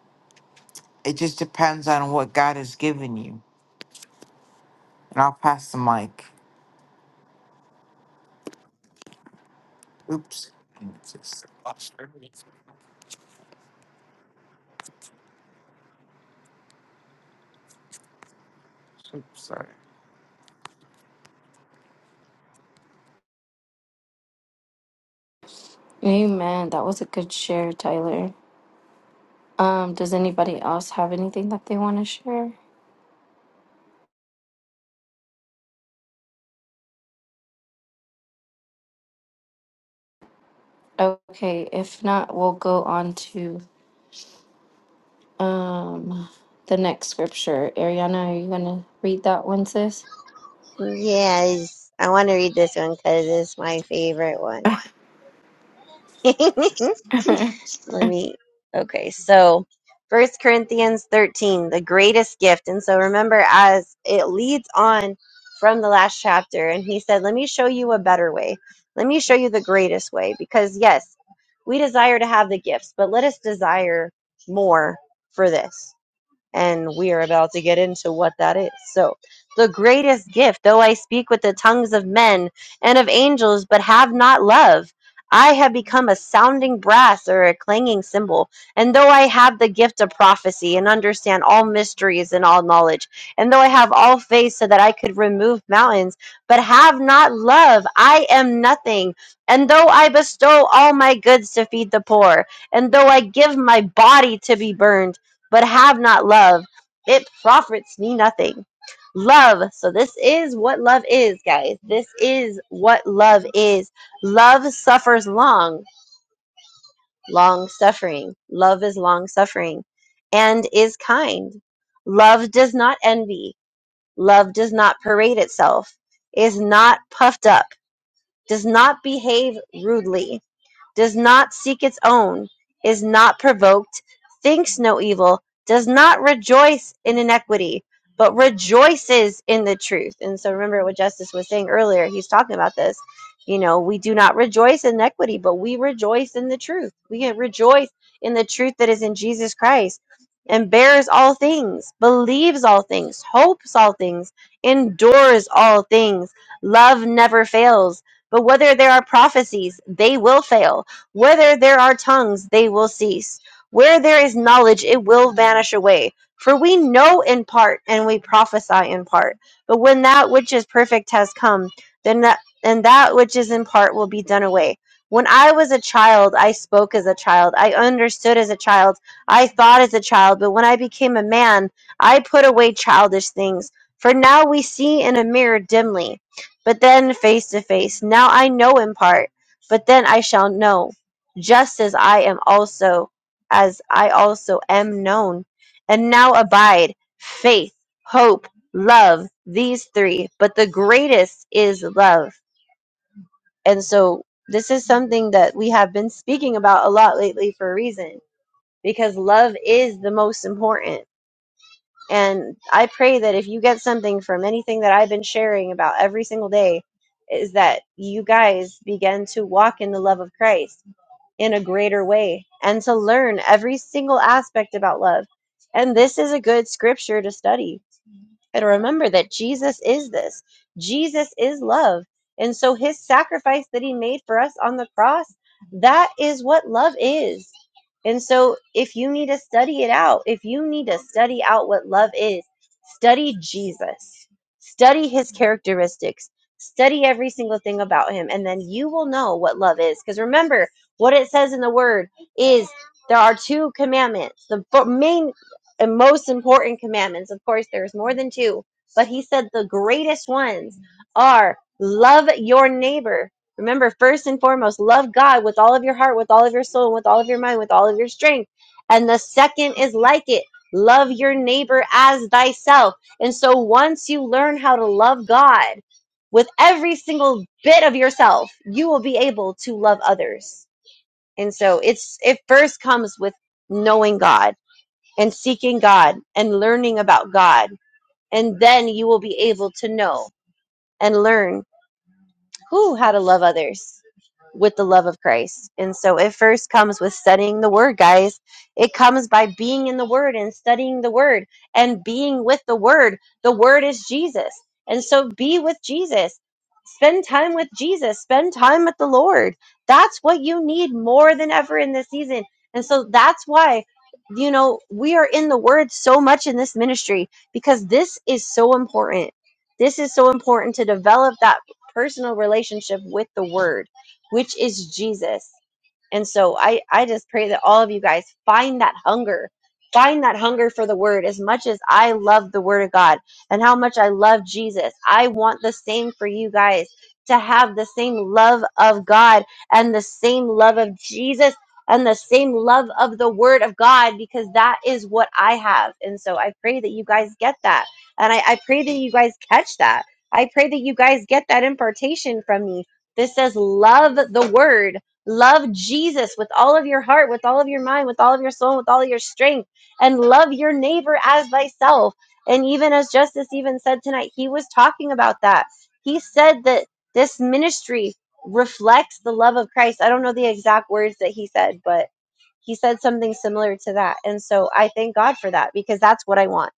[SPEAKER 4] it just depends on what God has given you. And I'll pass the mic. Oops. Oops, sorry.
[SPEAKER 2] Amen. That was a good share, Tyler. Um, does anybody else have anything that they want to share? Okay, if not, we'll go on to um the next scripture. Ariana, are you gonna read that one, sis?
[SPEAKER 3] Yes. I want to read this one because it's my favorite one. *laughs* let me okay so first corinthians 13 the greatest gift and so remember as it leads on from the last chapter and he said let me show you a better way let me show you the greatest way because yes we desire to have the gifts but let us desire more for this and we are about to get into what that is. So, the greatest gift, though I speak with the tongues of men and of angels, but have not love, I have become a sounding brass or a clanging cymbal. And though I have the gift of prophecy and understand all mysteries and all knowledge, and though I have all faith so that I could remove mountains, but have not love, I am nothing. And though I bestow all my goods to feed the poor, and though I give my body to be burned, but have not love, it profits me nothing. Love. So, this is what love is, guys. This is what love is. Love suffers long, long suffering. Love is long suffering and is kind. Love does not envy. Love does not parade itself, is not puffed up, does not behave rudely does not seek its own, is not provoked, thinks no evil, does not rejoice in iniquity, but rejoices in the truth. And so remember what Justice was saying earlier. He's talking about this. You know, we do not rejoice in iniquity, but we rejoice in the truth. We rejoice in the truth that is in Jesus Christ and bears all things, believes all things, hopes all things, endures all things. Love never fails. But whether there are prophecies, they will fail whether there are tongues, they will cease. Where there is knowledge, it will vanish away. For we know in part, and we prophesy in part. But when that which is perfect has come, then that and that which is in part will be done away. When I was a child, I spoke as a child. I understood as a child. I thought as a child. But when I became a man, I put away childish things. For now we see in a mirror dimly, but then face to face. Now I know in part, but then I shall know just as I am also as I also am known. And now abide faith, hope, love, these three, but the greatest is love. And so this is something that we have been speaking about a lot lately for a reason because love is the most important. And I pray that if you get something from anything that I've been sharing about every single day is that you guys begin to walk in the love of Christ in a greater way and to learn every single aspect about love. And this is a good scripture to study and remember that Jesus is this. Jesus is love. And so his sacrifice that he made for us on the cross, that is what love is. And so if you need to study it out, if you need to study out what love is, study Jesus. Study his characteristics. Study every single thing about him and then you will know what love is because remember what it says in the word is there are two commandments. The fir- main and most important commandments. Of course, there's more than two, but he said the greatest ones are love your neighbor. Remember, first and foremost, love God with all of your heart, with all of your soul, with all of your mind, with all of your strength. And the second is like it love your neighbor as thyself. And so once you learn how to love God with every single bit of yourself, you will be able to love others. And so it's it first comes with knowing God and seeking God and learning about God. And then you will be able to know and learn who how to love others with the love of Christ. And so it first comes with studying the word, guys. It comes by being in the word and studying the word and being with the word. The word is Jesus. And so be with Jesus. Spend time with Jesus. Spend time with the Lord. That's what you need more than ever in this season. And so that's why you know we are in the word so much in this ministry because this is so important. This is so important to develop that personal relationship with the Word, which is Jesus. And so I, I just pray that all of you guys find that hunger. Find that hunger for the word as much as I love the word of God and how much I love Jesus. I want the same for you guys to have the same love of God and the same love of Jesus and the same love of the word of God because that is what I have. And so I pray that you guys get that. And I, I pray that you guys catch that. I pray that you guys get that impartation from me. This says, love the word Love Jesus with all of your heart, with all of your mind, with all of your soul, with all of your strength, and love your neighbor as thyself. And even as Justice even said tonight, he was talking about that. He said that this ministry reflects the love of Christ. I don't know the exact words that he said, but he said something similar to that. And so I thank God for that because that's what I want.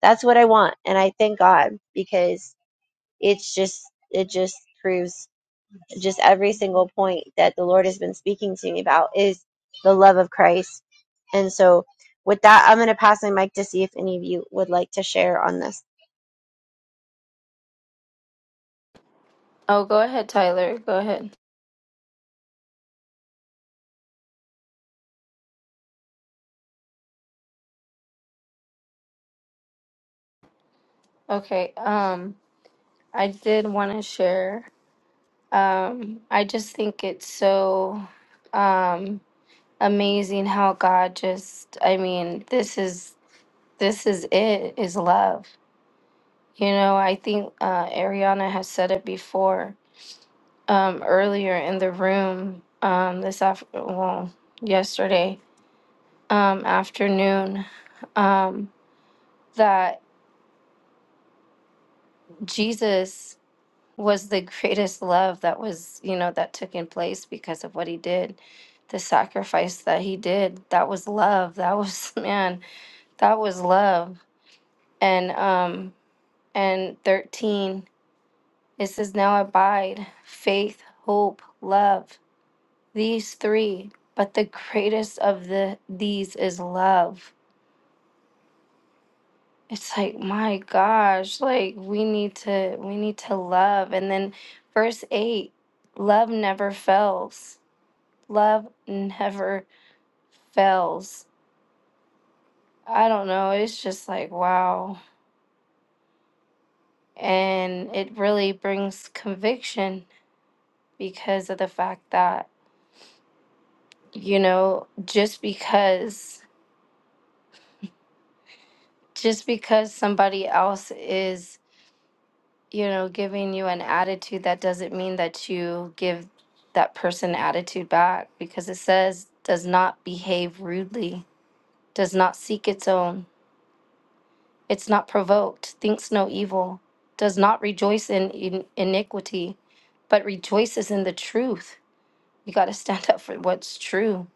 [SPEAKER 3] That's what I want. And I thank God because it's just, it just proves just every single point that the Lord has been speaking to me about is the love of Christ. And so, with that, I'm going to pass my mic to see if any of you would like to share on this.
[SPEAKER 2] Oh, go ahead, Tyler. Go ahead. Okay. Um, I did want to share. Um, I just think it's so. Um, amazing how God just I mean, this is this is it is love. You know, I think uh Ariana has said it before um earlier in the room um this after well yesterday um afternoon um that Jesus was the greatest love that was, you know, that took in place because of what he did, the sacrifice that he did. That was love. That was *laughs* man, that was love. And um and 13. It says, Now abide faith, hope, love. These three, but the greatest of the these is love. It's like, my gosh, like we need to we need to love. And then verse 8, love never fails. Love never fails. I don't know, it's just like wow. And it really brings conviction because of the fact that you know just because just because somebody else is you know giving you an attitude that doesn't mean that you give that person attitude back because it says does not behave rudely does not seek its own it's not provoked thinks no evil does not rejoice in, in iniquity but rejoices in the truth you got to *laughs* stand up for what's true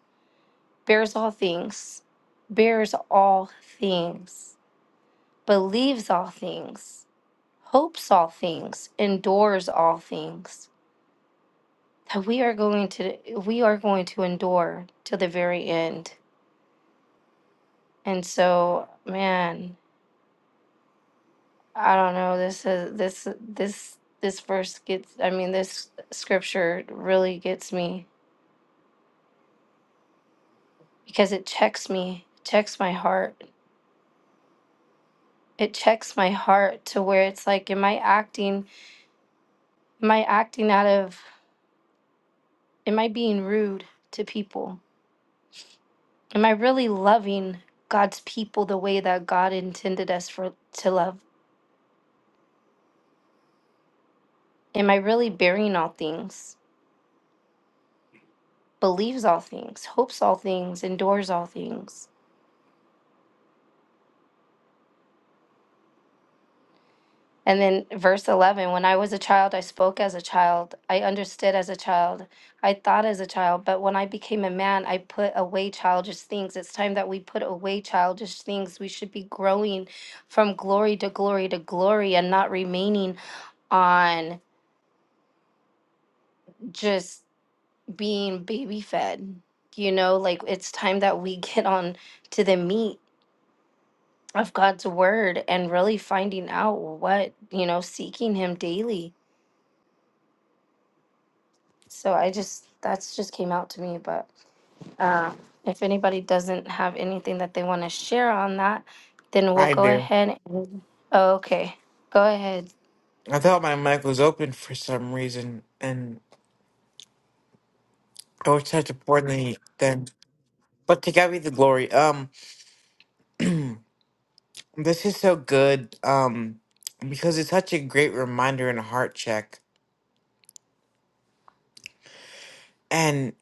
[SPEAKER 2] bears all things bears all things believes all things, hopes all things, endures all things. That we are going to we are going to endure to the very end. And so, man, I don't know. This is this this this verse gets. I mean, this scripture really gets me because it checks me, checks my heart. It checking my act of am I rude to people? Am I really loving God's people the way that God intended us for love? Am I really bearing? believes all things, hopes all things, endures all things. And then verse 11 When I was a child, I spoke as a child, I understood as a child, I thought as a child, but when I became a man, I put away childish things. It's time that we put away childish things. We should be growing from glory to glory to glory and not remaining on just being baby fed. You know, like it's time that we get on to the meat of God's word and really finding out what, you know, seeking him daily. So I just that's just came out to me, but uh if anybody doesn't have anything that they want to share on that, then we'll
[SPEAKER 4] I
[SPEAKER 2] go
[SPEAKER 4] do.
[SPEAKER 2] ahead and oh, okay. Go ahead.
[SPEAKER 4] I thought my mic was open for some reason, and I was such a poor thing then. But to God be the glory. Um, this is so good. Um, because it's such a great reminder and a heart check. And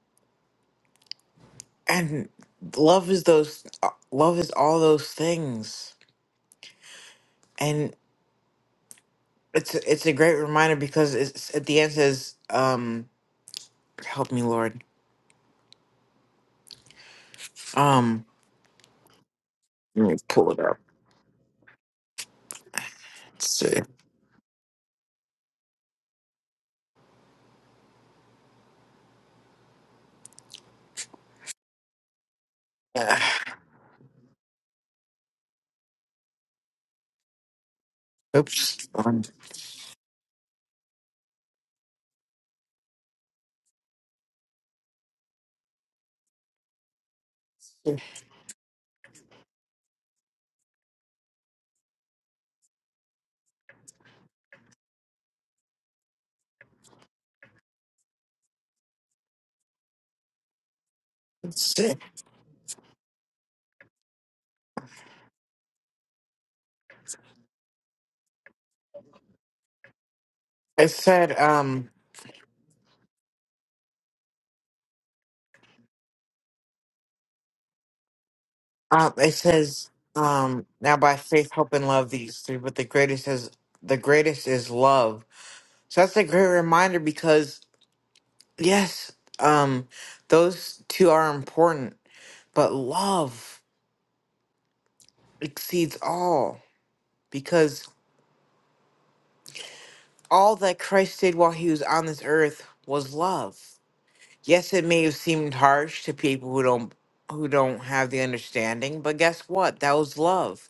[SPEAKER 4] and love is those. uh, Love is all those things. And it's it's a great reminder because it's at the end says, um, help me, Lord. Um, let me pull it up. Let's see. *sighs* Ah, oops. One. two, three. It said, um, uh, it says, um, now by faith, hope, and love, these three, but the greatest is the greatest is love. So that's a great reminder because yes, um, those two are important, but love exceeds all because all that Christ did while he was on this earth was love. Yes, it may have seemed harsh to people who don't who don't have the understanding, but guess what? That was love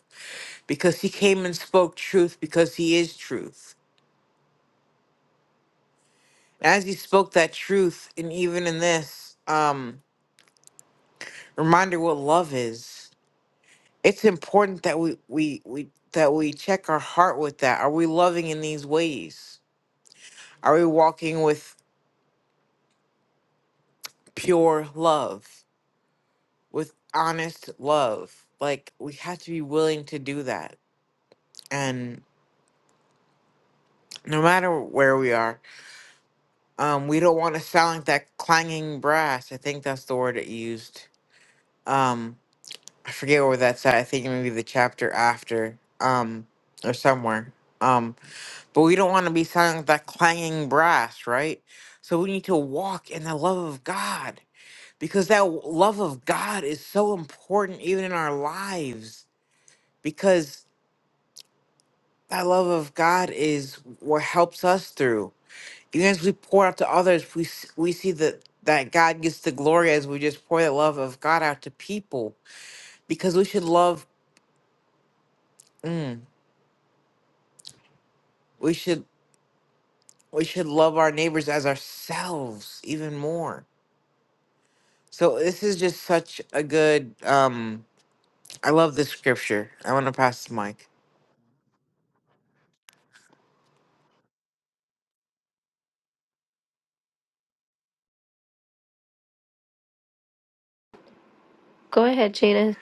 [SPEAKER 4] because he came and spoke truth because he is truth. And as he spoke that truth, and even in this, um, reminder what love is. It's important that we we we that we check our heart with that. Are we loving in these ways? Are we walking with pure love, with honest love? Like we have to be willing to do that. And no matter where we are, um, we don't want to sound like that clanging brass. I think that's the word it used. Um, I forget where that's at. I think maybe the chapter after, um, or somewhere. Um, but we don't want to be sounding like that clanging brass, right? So we need to walk in the love of God because that w- love of God is so important even in our lives because that love of God is what helps us through. Even as we pour out to others, we s- we see that that God gets the glory as we just pour the love of God out to people because we should love. Mm, we should we should love our neighbors as ourselves even more. So this is just such a good um I love this scripture. I want to pass the mic.
[SPEAKER 2] Go ahead, Jada.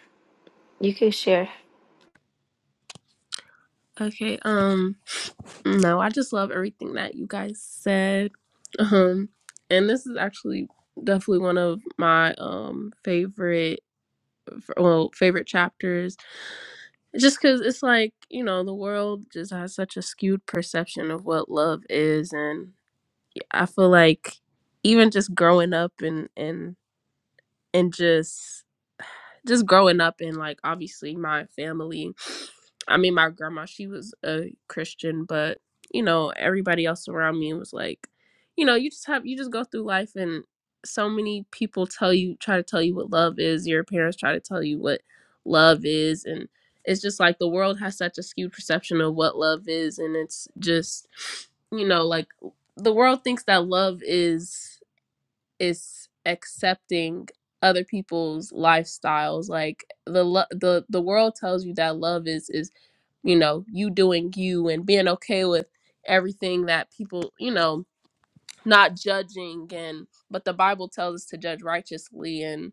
[SPEAKER 2] You can share.
[SPEAKER 6] Okay, um, no, I just love everything that you guys said. Um, and this is actually definitely one of my um favorite well favorite chapters just because it's like you know the world just has such a skewed perception of what love is and. I feel like even just growing up and and and just just growing up and like obviously my family i mean my grandma she was a christian but you know everybody else around me was like you know you just have you just go through life and so many people tell you try to tell you what love is your parents try to tell you what love is and it's just like the world has such a skewed perception of what love is and it's just you know like the world thinks that love is is accepting other people's lifestyles like the lo- the the world tells you that love is is you know you doing you and being okay with everything that people you know not judging and but the bible tells us to judge righteously and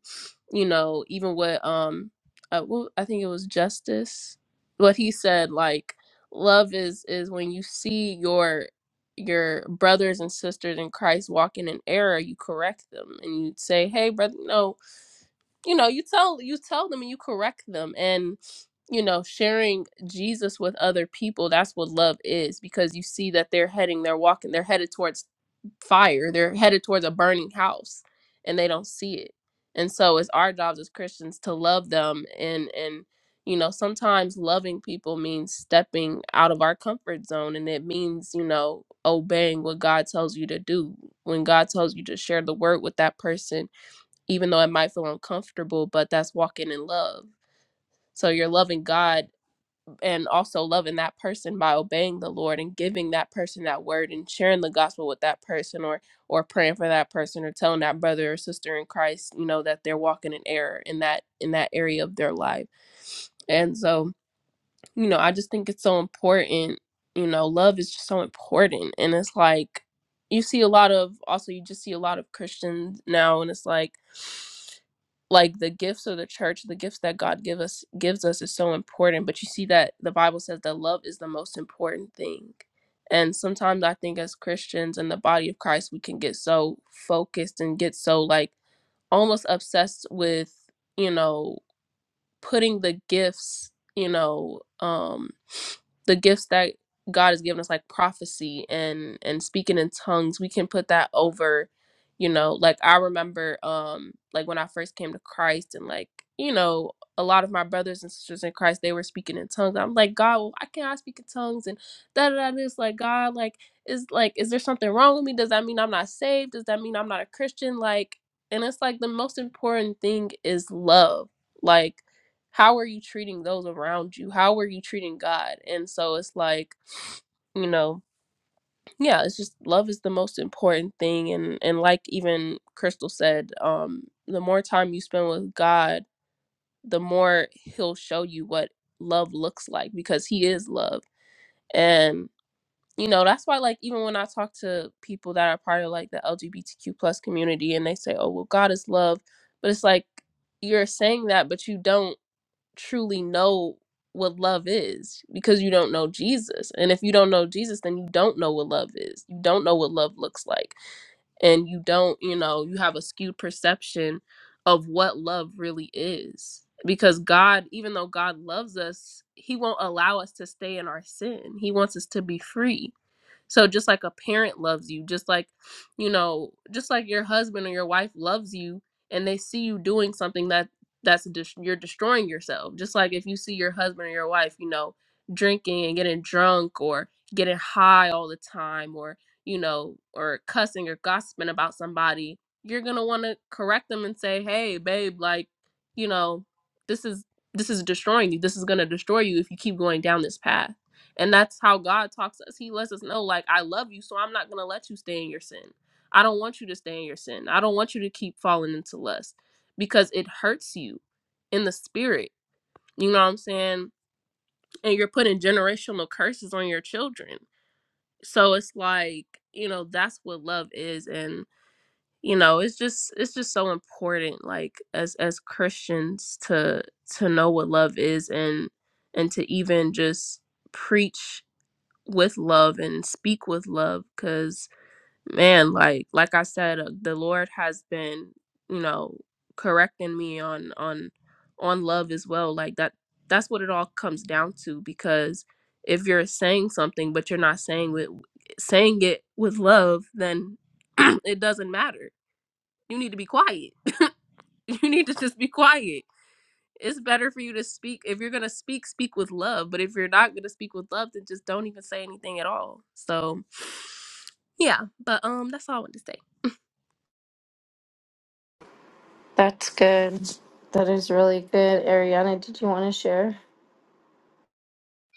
[SPEAKER 6] you know even what um uh, well, i think it was justice what he said like love is is when you see your your brothers and sisters in christ walking in error you correct them and you say hey brother no you know you tell you tell them and you correct them and you know sharing jesus with other people that's what love is because you see that they're heading they're walking they're headed towards fire. They're headed towards a burning house and they don't see it. And so it's our jobs as Christians to love them and and you know, sometimes loving people means stepping out of our comfort zone and it means, you know, obeying what God tells you to do. When God tells you to share the word with that person, even though it might feel uncomfortable, but that's walking in love. So you're loving God and also loving that person by obeying the Lord and giving that person that word and sharing the gospel with that person or or praying for that person or telling that brother or sister in Christ, you know, that they're walking in error in that in that area of their life. And so, you know, I just think it's so important, you know, love is just so important and it's like you see a lot of also you just see a lot of Christians now and it's like like the gifts of the church the gifts that god give us gives us is so important but you see that the bible says that love is the most important thing and sometimes i think as christians in the body of christ we can get so focused and get so like almost obsessed with you know putting the gifts, you know, um, the gifts that God has given us, like prophecy and and speaking in tongues, we can put that over, you know, like I remember, um, like when I first came to Christ, and like you know, a lot of my brothers and sisters in Christ, they were speaking in tongues. I'm like, God, well, I cannot speak in tongues, and da da da. This like God, like is like, is there something wrong with me? Does that mean I'm not saved? Does that mean I'm not a Christian? Like, and it's like the most important thing is love, like how are you treating those around you how are you treating god and so it's like you know yeah it's just love is the most important thing and and like even crystal said um the more time you spend with god the more he'll show you what love looks like because he is love and you know that's why like even when i talk to people that are part of like the lgbtq plus community and they say oh well god is love but it's like you're saying that but you don't truly know what love is because you don't know Jesus. And if you don't know Jesus, then you don't know what love is. You don't know what love looks like. And you don't, you know, you have a skewed perception of what love really is. Because God, even though God loves us, He won't allow us to stay in our sin. He wants us to be free so just like a parent loves you, just like, you know, just like your husband or your wife loves you and they see you doing something that that's dis- you're destroying yourself. Just like if you see your husband or your wife, you know, drinking and getting drunk or getting high all the time or, you know, or cussing or gossiping about somebody, you're going to want to correct them and say, "Hey, babe, like, you know, this is this is destroying you. This is going to destroy you if you keep going down this path." And that's how God talks to us. He lets us know, like, I love you, so I'm not going to let you stay in your sin. I don't want you to stay in your sin. I don't want you to keep falling into lust because it hurts you in the spirit. You know what I'm saying? And you're putting generational curses on your children. So it's like, you know, that's what love is. And, you know, it's just it's just so important, like as as Christians to to know what love is and and to even just preach with love and speak with love because man like like i said uh, the lord has been you know correcting me on on on love as well like that that's what it all comes down to because if you're saying something but you're not saying it saying it with love then *clears throat* it doesn't matter you need to be quiet *laughs* you need to just be quiet it's better for you to speak if you're going to speak speak with love but if you're not going to speak with love then just don't even say anything at all so yeah, but um that's all I wanted to say.
[SPEAKER 2] That's good. That is really good. Ariana, did you want to share?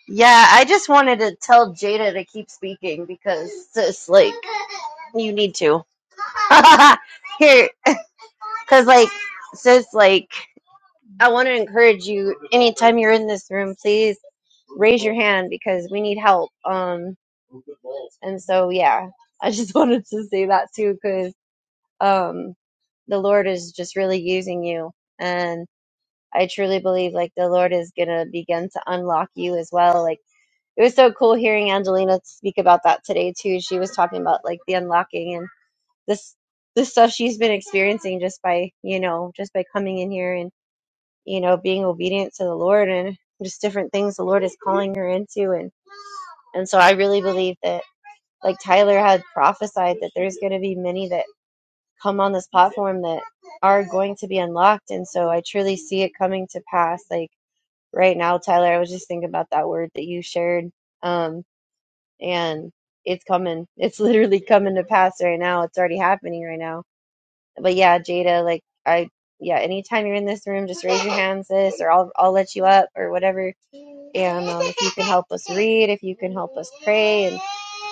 [SPEAKER 3] Yeah, I just wanted to tell Jada to keep speaking because it's like you need to. *laughs* Here, because like, sis, like, I want to encourage you anytime you're in this room, please raise your hand because we need help. Um, and so, yeah, I just *laughs* wanted to say that too because um, the Lord is just really using you. And I truly believe like the Lord is going to begin to unlock you as well. Like it was so cool hearing Angelina speak about that today too. She was talking about like the unlocking and this, the stuff she's been experiencing just by, you know, just by coming in here and, you know, being obedient to the Lord and just different things the Lord is calling her into. And, and so I really believe that like Tyler had prophesied that there's going to be many that come on this platform that are going to be unlocked. And so I truly see it coming to pass. Like right now, Tyler, I was just thinking about that word that you shared. Um, and it's coming. *laughs* It's literally coming to pass right now. It's already happening right now. But yeah, Jada, like I, yeah, anytime you're in this room, just raise your hands, sis, or I'll, I'll let you up or whatever. And um, if you can help us read, if you can help us pray and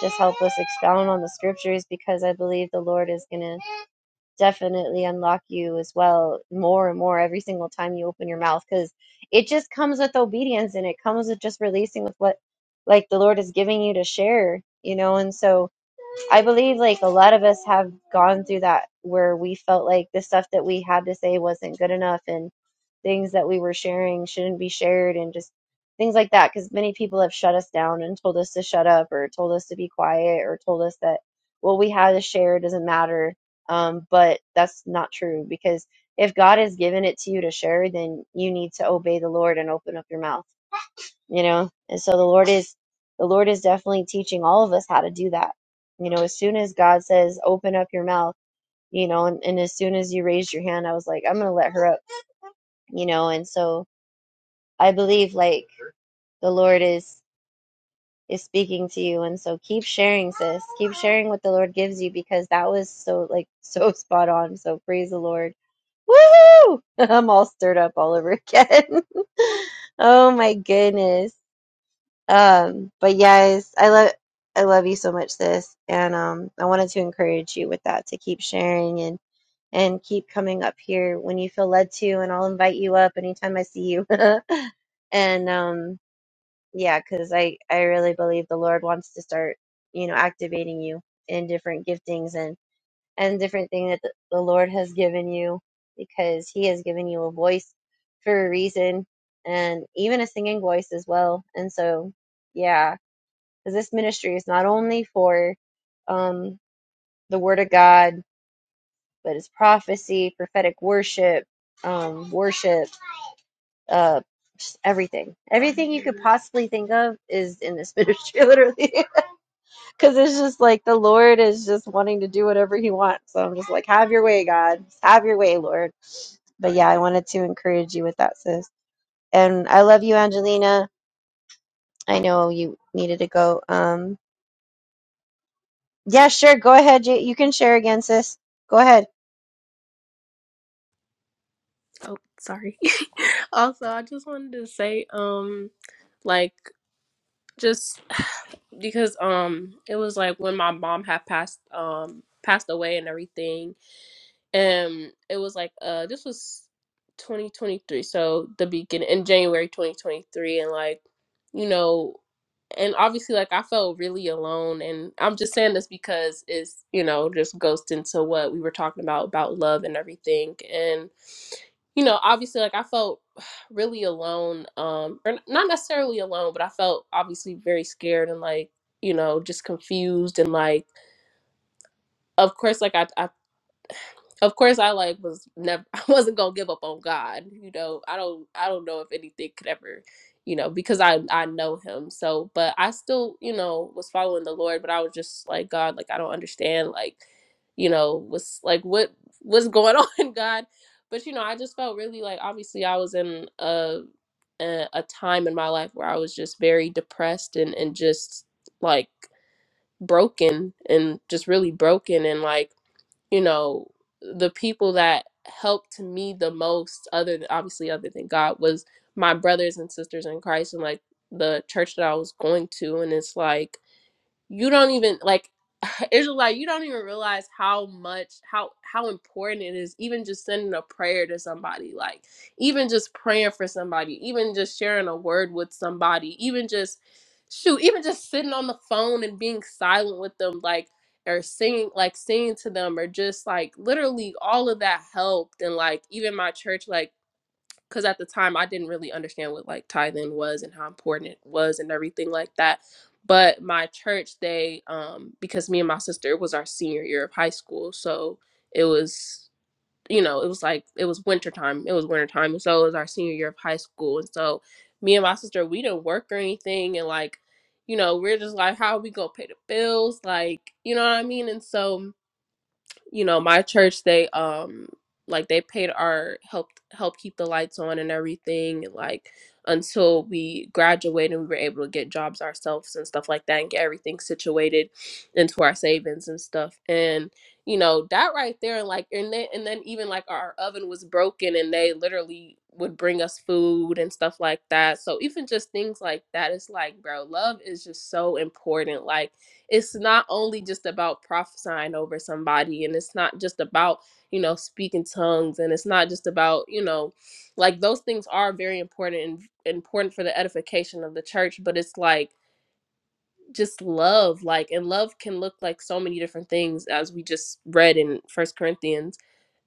[SPEAKER 3] just help us expound on the scriptures because I believe the Lord is going to definitely unlock you as well more and more every single time you open your mouth because it just comes with obedience and it comes with just releasing with what like the lord is giving you to share you know and so I believe like a lot of us have gone through that where we felt like the stuff that we had to say wasn't good enough and things that we were sharing shouldn't be shared and just things like that because many people have shut us down and told us to shut up or told us to be quiet or told us that what we have to share doesn't matter um, but that's not true because if god has given it to you to share then you need to obey the lord and open up your mouth you know and so the lord is the lord is definitely teaching all of us how to do that you know as soon as god says open up your mouth you know and, and as soon as you raised your hand i was like i'm gonna let her up you know and so i believe like the lord is is speaking to you and so keep sharing sis keep sharing what the lord gives you because that was so like *laughs* so spot on so praise the lord Woohoo! *laughs* I'm all stirred up all over again. *laughs* oh my goodness. Um, but yes, I love I love you so much, sis. And um, I wanted to encourage you with that to keep sharing and and keep coming up here when you feel led to, and I'll invite you up anytime I see you. *laughs* and um, yeah, because I I really believe the Lord wants to start you know activating you in different giftings and and different thing that the, the Lord has given you because He has given you a voice for a reason and even a singing voice as well. And so yeah because this ministry is not only for um, the Word of God, but it's prophecy, prophetic worship, um, worship, uh, everything. Everything you could possibly think of is in this ministry, *laughs* literally. *laughs* Because it's just like the Lord is just wanting to do whatever He wants. So I'm just like, have your way, God. Have your way, Lord. But yeah, I wanted to encourage you with that, sis. And I love you, Angelina. I know you needed to go. Um, Yeah, sure. Go ahead. You you can share again, sis. Go ahead.
[SPEAKER 6] Oh, sorry. *laughs* also, I just wanted to say um like just *sighs* because um it was like when my mom had passed um passed away and everything um it was like uh this was 2023 so the beginning in january 2023 and like you know and obviously like i felt really alone and i'm just saying this because it's you know just goes into what we were talking about about love and everything and you know obviously like i felt *sighs* really alone um or n- not necessarily alone but i felt obviously very scared and like you know just confused and like of course like i, I of course I like was never *laughs* I wasn't gonna give up on God. You know, I don't I don't know if anything could ever, you know, because I I know him. So but I still, you know, was following the Lord, but I was just like, God, like I don't understand, like, you know, what's like what what's going *laughs* on, God. But you know, I just felt really like obviously I was in a a, a time in my life where I was just very depressed and, and just like broken and just really broken and like you know the people that helped me the most other than obviously other than god was my brothers and sisters in christ and like the church that i was going to and it's like you don't even like *sighs* *laughs* Israelite, you don't even realize how much how how important it is even just sending a prayer to somebody, like even just praying for somebody, even just sharing a word with somebody, even just shoot, even just sitting on the phone and being silent with them, like or singing like singing to them or just like literally all of that helped and like even my church like because at the time I didn't really understand what like tithing was and how important it was and everything like that. But my church, they um because me and my sister it was our senior year of high school, so it was you know it was like it was winter time. It was winter time, and so it was our senior year of high school, and so me and my sister we didn't work or anything, and like you know we're just like how are we gonna pay the bills, like you know what I mean, and so you know my church they um like they paid our helped help keep the lights on and everything like until we graduated and we were able to get jobs ourselves and stuff like that and get everything situated into our savings and stuff and you know that right there like and then and then even like our oven was broken and they literally would bring us food and stuff like that so even just things like that it's like bro love is just so important like it's not only just about prophesying over somebody and it's not just about you know speaking tongues and it's not just about you know like those things are very important and important for the edification of the church but it's like just love like and love can look like so many different things as we just read in first corinthians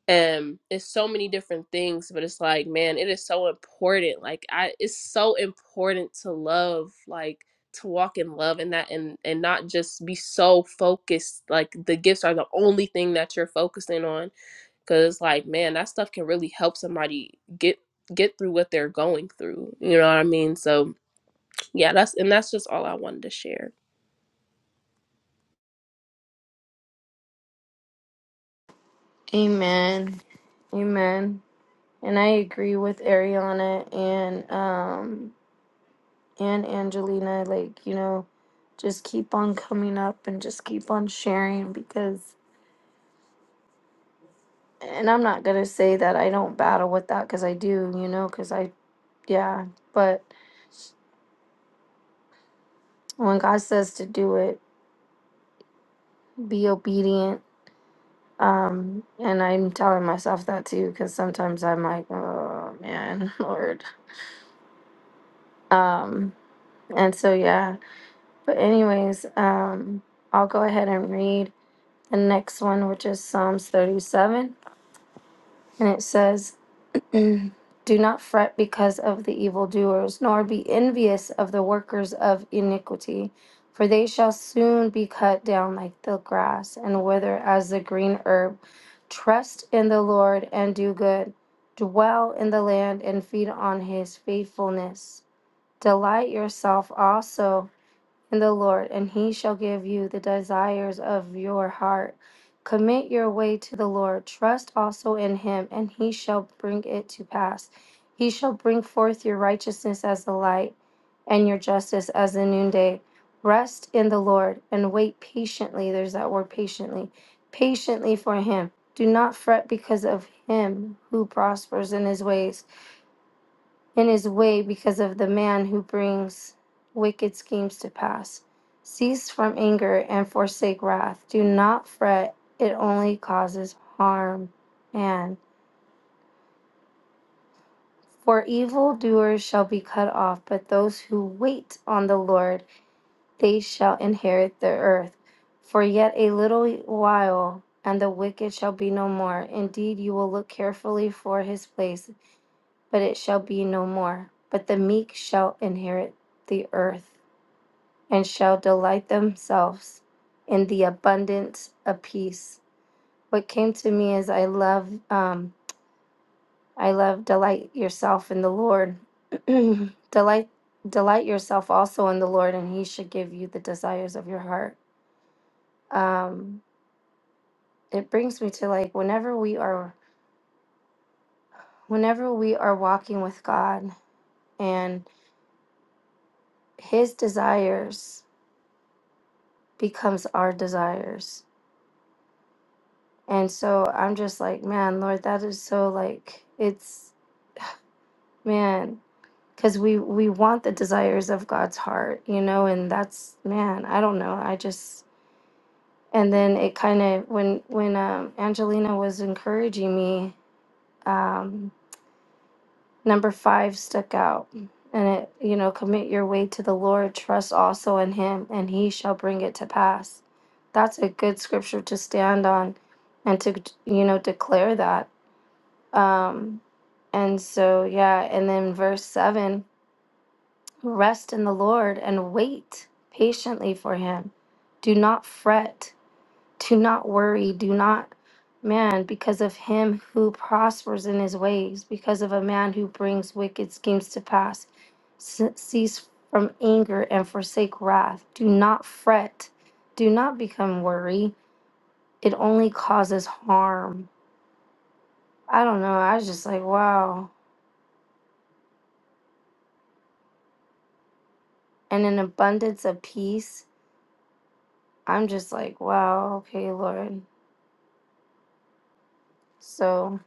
[SPEAKER 6] um it's so many different things but it's like man it is so important like i it's so important to love like to walk in love and that and and not just be so focused like the gifts are the only thing that you're focusing on because like man that stuff can really help somebody get get through what they're going through you know what i mean so yeah that's and that's just all i wanted to share
[SPEAKER 2] Amen. Amen. And I agree with Ariana and um and Angelina, like, you know, just keep on coming up and just keep on sharing because, and I'm not going to say that I don't battle with that because I do, you know, because I, yeah, but when God says to do it, be obedient. Um, and I'm telling myself that too because sometimes I'm like, oh man, *laughs* Lord. Um, and so, yeah, but, anyways, um, I'll go ahead and read the next one, which is Psalms 37. And it says, Mm. Do not fret because of the evildoers, nor be envious of the workers of iniquity, for they shall soon be cut down like the grass and wither as the green herb. Trust in the Lord and do good. Dwell in the land and feed on his faithfulness. Delight yourself also in the Lord, and he shall give you the desires of your heart. Commit your way to the Lord, trust also in him, and he shall bring it to pass. He shall bring forth your righteousness as the light, and your justice as the noonday. Rest in the Lord and wait patiently. There's that word patiently. Patiently for him. Do not fret because of him who prospers in his ways in his way because of the man who brings wicked schemes to pass. Cease from anger and forsake wrath. Do not fret, it only causes harm. And for evildoers shall be cut off, but those who wait on the Lord, they shall inherit the earth. For yet a little while, and the wicked shall be no more. Indeed, you will look carefully for his place, but it shall be no more. But the meek shall inherit the earth. and shall delight themselves in the abundance of peace. What came to me is I love, um, I love delight yourself in the Lord. *clears throat* delight, delight yourself also in the Lord, and He should give you the desires of your heart. Um, it brings me to like whenever we are, whenever we are walking with God, and His desires becomes our desires. And so I'm just like, man, Lord, that is so like it's man because we we want the desires of god's heart you know and that's man i don't know i just and then it kind of when when um, angelina was encouraging me um, number five stuck out and it you know commit your way to the lord trust also in him and he shall bring it to pass that's a good scripture to stand on and to you know declare that um and so yeah and then verse seven Rest in the Lord and wait patiently for him. Do not fret. Do not worry. Do not, man, because of him who prospers in his ways, because of a man who brings wicked schemes to pass. Se- Cease from anger and forsake wrath. Do not fret. Do not become worry. It only causes harm. I don't know. I was just like, wow. And an abundance of peace. I'm just like, wow, okay, Lord. So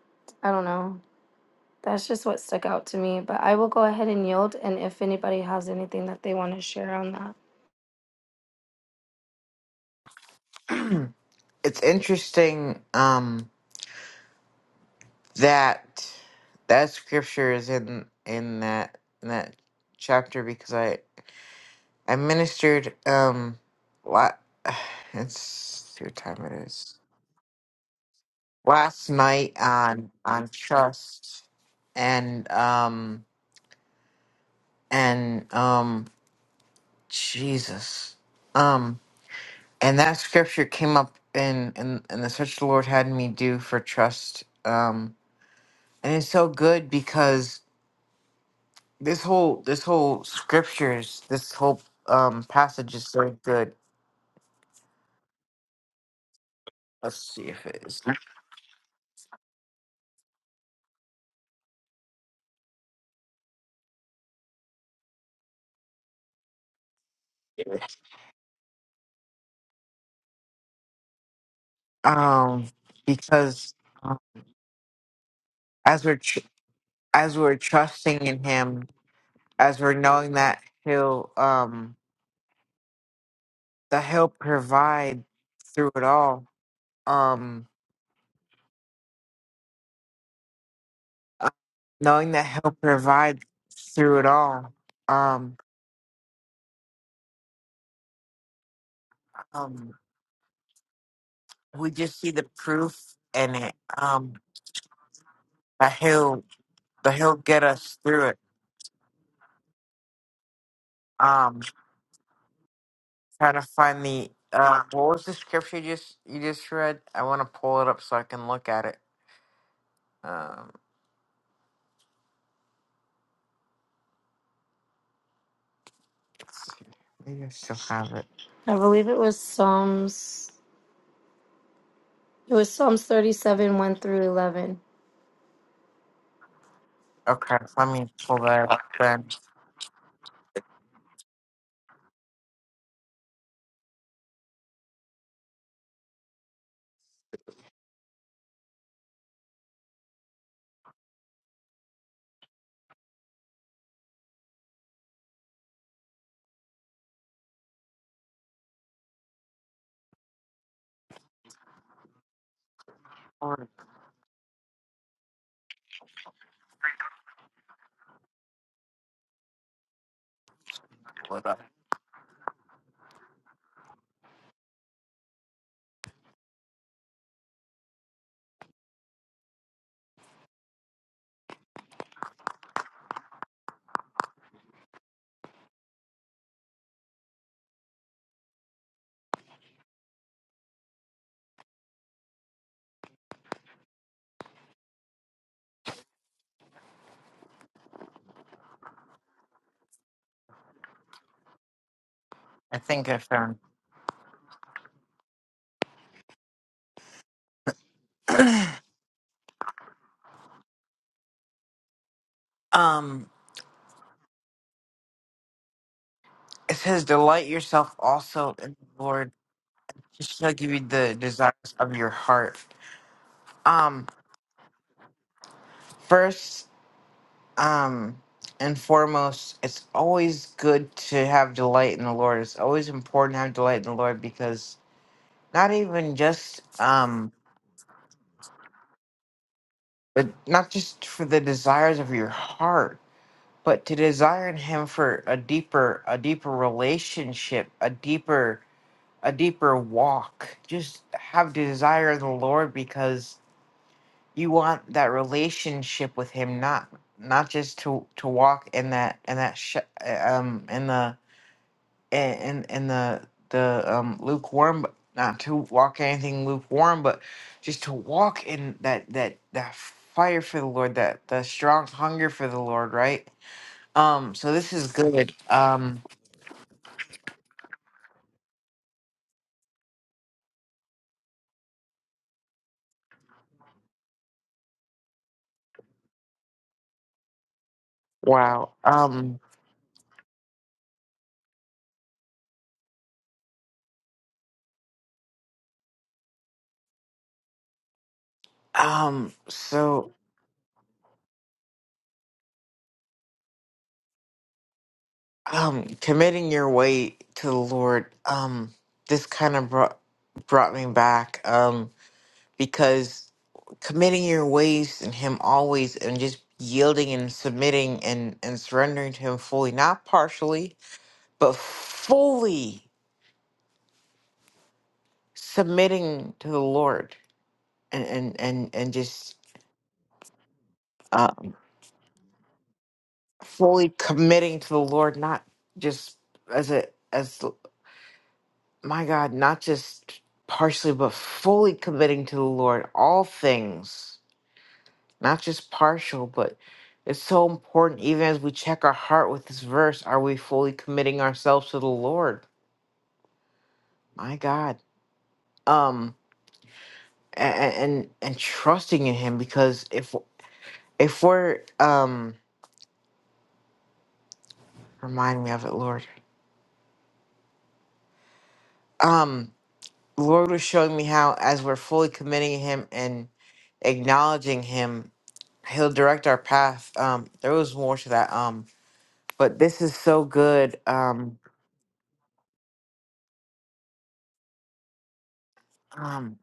[SPEAKER 2] I don't know. That's just what stuck out to me. But I will go ahead and yield. And if anybody has anything that they want to share on that,
[SPEAKER 4] It's interesting um that that scripture is in in that in that chapter because I I ministered um la- *sighs* it's see what time it is. Last night on on trust and um and um Jesus. Um, and that scripture came up in in, in the search the Lord had me do for trust. Um, and it's so good because this whole this whole scriptures this whole um passage is so good. Let's see if it is. Um, because as we're tr- as we're trusting in Him, as we're knowing that He'll um that He'll provide through it all. Um, uh, knowing that he'll provide through it all um um we just see the proof in it um that he'll that he'll get us through it um trying to find the uh what was the scripture you just you just read i want to pull it up so i can look at it um let's see. maybe i still have it
[SPEAKER 2] I believe it was Psalms. It was Psalms 37, 1 through 11.
[SPEAKER 4] okay let me pull that up then I wanna pull it up. I think i found um it says delight yourself also in the lord She'll give you the desires of your heart. Um, first, um, and foremost, it's always good to have delight in the Lord. It's always important to have delight in the Lord because not even just um, but not just for the desires of your heart, but to desire in Him for a deeper, a deeper relationship, a deeper, a deeper walk. Just have desire in the Lord because you want that relationship with him not not just to to walk in that in that sh- um in the in in the the um lukewarm but not to walk anything lukewarm but just to walk in that that that fire for the lord that the strong hunger for the lord right um so this is good um wow um um so um committing your way to the lord um this kind of brought brought me back um because committing your ways and him always and just yielding and submitting and and surrendering to him fully not partially but fully submitting to the lord and and and, and just um fully committing to the lord not just as a as my God, not just partially, but fully committing to the Lord, all things, not just partial, but it's so important, even as we check our heart with this verse, are we fully committing ourselves to the Lord? My God. Um, and, and, and trusting in him because if, if we're, um, remind me of it, Lord, um, the Lord was showing me how, as we're fully committing to him and acknowledging him, he'll direct our path. Um, there was more to that. Um, but this is so good. Um, um,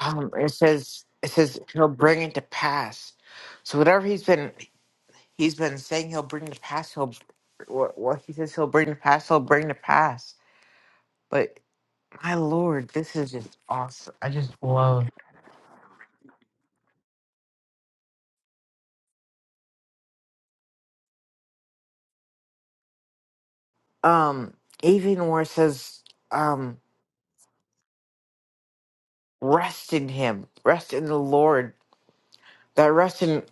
[SPEAKER 4] um, it says it says he'll bring it to pass. So whatever he's been he's been saying he'll bring to pass, he'll what, what he says he'll bring to pass, he'll bring to pass. But my lord, this is just awesome. I just love um even where it says um rest in him, rest in the Lord. That rest in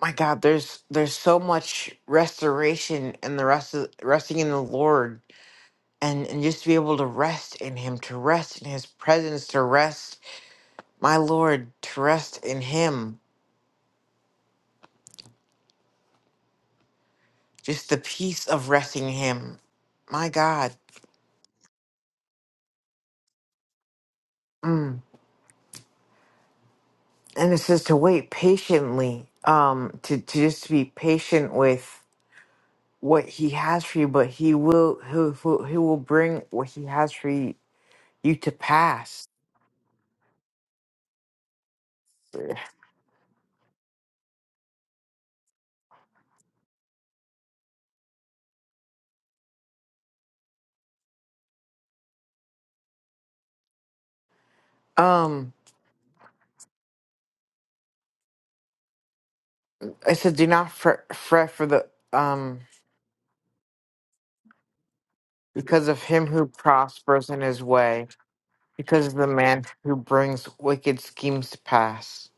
[SPEAKER 4] my God, there's there's so much restoration in the rest of resting in the Lord and and just to be able to rest in him to rest in his presence to rest my lord to rest in him just the peace of resting in him my god mm. and it says to wait patiently um to, to just be patient with what he has for you but he will he, will- he will bring what he has for you, you to pass um it said do not fret, fret for the um because of him who prospers in his way because of the man who brings wicked schemes to pass.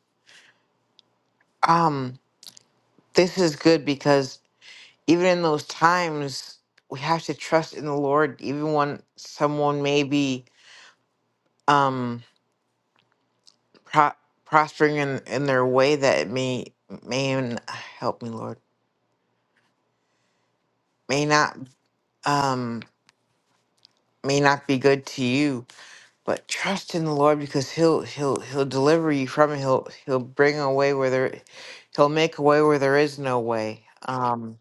[SPEAKER 4] Um, this is good because even in those times, we have to trust in the Lord, even when someone may be um, pro- prospering in, in their way that it may may n- help me, Lord, may not um, may not be good to you. But trust in the Lord because He'll He'll He'll deliver you from it. He'll He'll bring a way where there, He'll make a way where there is no way. Um,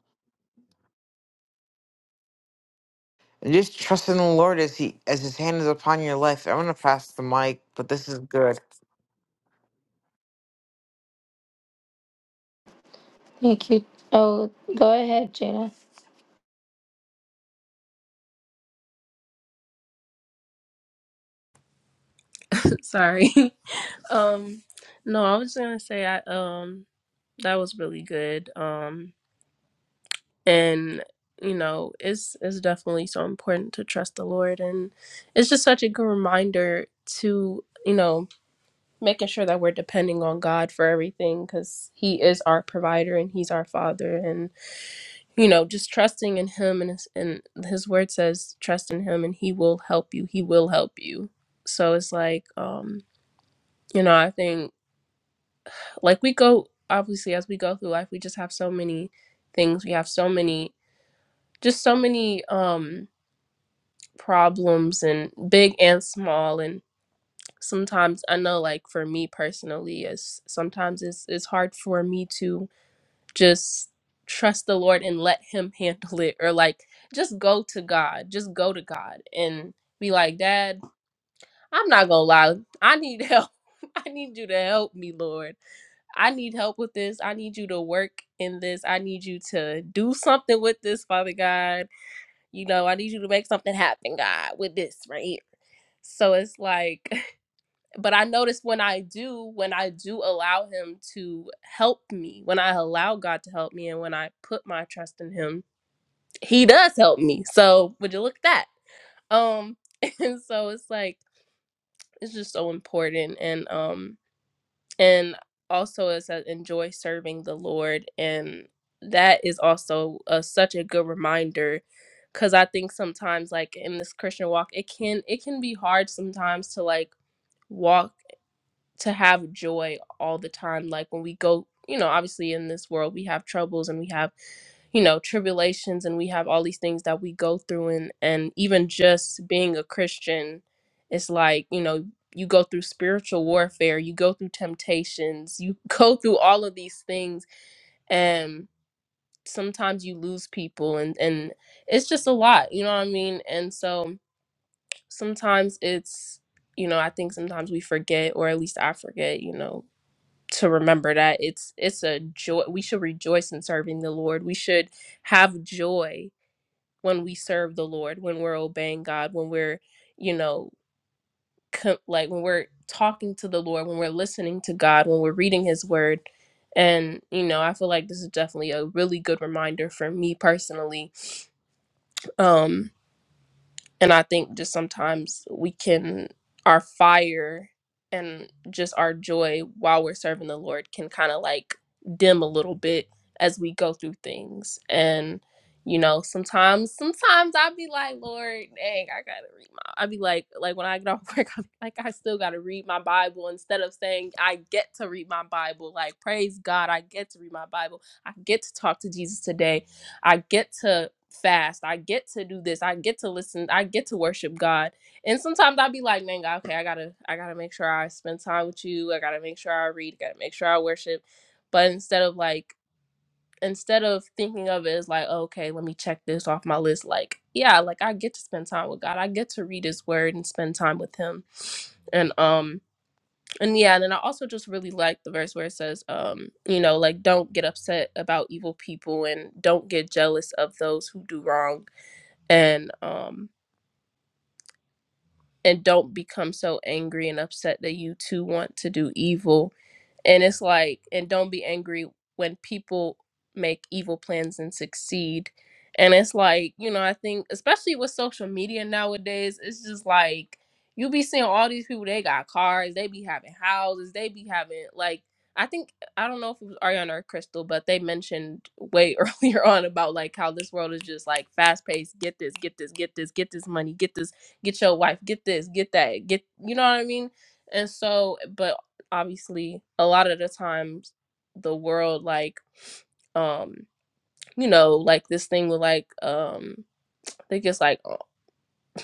[SPEAKER 4] And just trust in the Lord as He as His hand is upon your life. I'm gonna pass the mic, but this is good.
[SPEAKER 2] Thank you. Oh, go ahead, Jada.
[SPEAKER 6] *laughs* sorry *laughs* um no i was gonna say i um that was really good um and you know it's it's definitely so important to trust the lord and it's just such a good reminder to you know making sure that we're depending on god for everything because he is our provider and he's our father and you know just trusting in him and his, and his word says trust in him and he will help you he will help you so it's like um you know i think like we go obviously as we go through life we just have so many things we have so many just so many um problems and big and small and sometimes i know like for me personally is sometimes it's it's hard for me to just trust the lord and let him *laughs* handle it or like just go to god just go to god and be like dad i'm not gonna lie i need help *laughs* i need you to help me lord i need help with this i need you to work in this i need you to do something with this father god you know i need you to make something happen god with this right here so it's like, *laughs* but I notice when I do, when I do allow Him to help me, when I allow God to help me, and when I put my trust in Him, He does help me. So would you look at that? Um, *laughs* and so it's like it's just so important, and um, and also is that enjoy serving the Lord, and that is also a, such a good reminder because i think sometimes like in this christian walk it can it can be hard sometimes to like walk to have joy all the time like when we go you know obviously in this world we have troubles and we have you know tribulations and we have all these things that we go through and and even just being a christian it's like you know you go through spiritual warfare you go through temptations you *laughs* go through all of these things and sometimes you lose people and and it's just a lot you know what i mean and so sometimes it's you know i think sometimes we forget or at least i forget you know to remember that it's it's a joy we should rejoice in serving the lord we should have joy when we serve the lord when we're obeying god when we're you know co- like when we're talking to the lord when we're listening to god when we're reading his word and you know i feel like this is definitely a really good reminder for me personally Um And I think just sometimes we can, our fire and just our joy while we're serving the Lord can kind of like dim a little bit as we go through things. And, you know, sometimes, sometimes I'll be like, Lord, dang, I gotta read my, I'll be like, like when I get off *laughs* work, I'm like, I still gotta read my Bible instead of saying, I get to read my Bible. Like, praise God, I get to read my Bible. I get to talk to Jesus today. I get to fast. I get to do this. I get to listen. I get to worship God. And sometimes I'll be like, man, God, okay, I gotta, I gotta make sure I spend time with you. I gotta make sure I read. I gotta make sure I worship. But instead of like, instead of thinking of it as like, oh, okay, let me check this off my list. Like, yeah, like I get to spend time with God. I get to read His Word and spend time with Him. And um and yeah, and then I also just really like the verse where it says, um, you know, like don't get upset about evil people and don't get jealous of those who do wrong and um and don't become so angry and upset that you too want to do evil and it's like and don't be angry when people make evil plans and succeed and it's like you know i think especially with social media nowadays it's just like you be seeing all these people they got cars they be having houses they be having like i think i don't know if it was ariana or crystal but they mentioned way *laughs* earlier on about like how this world is just like fast paced get this get this get this get this money get this get your wife get this get that get you know what i mean and so, but obviously a lot of the times the world like um you know like this thing with like um i think it's like o-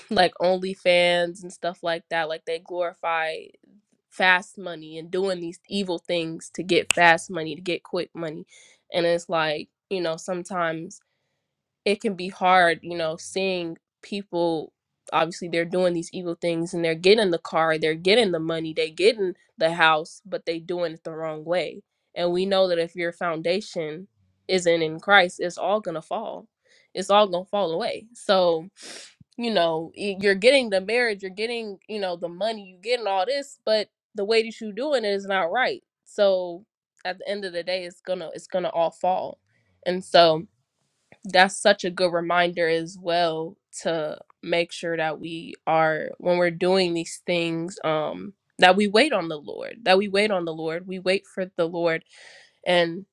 [SPEAKER 6] *laughs* like OnlyFans and stuff like that like they glorify fast money and doing these evil things to get fast money to get quick money and it's like you know sometimes it can be hard, you know, seeing people obviously they're doing these evil things and they're getting the car, they're getting the money, they getting the house, but they doing it the wrong way. And we know that if your foundation isn't in Christ, it's all gonna fall. It's all gonna fall away. So, you know, y- you're getting the marriage, you're getting, you know, the money, you're getting all this, but the way that you're doing it is not right. So at the end of the day, it's gonna it's gonna all fall. And so that's such a good reminder as well to make sure that we are when we're doing these things um that we wait on the lord that we wait on the lord we wait for the lord and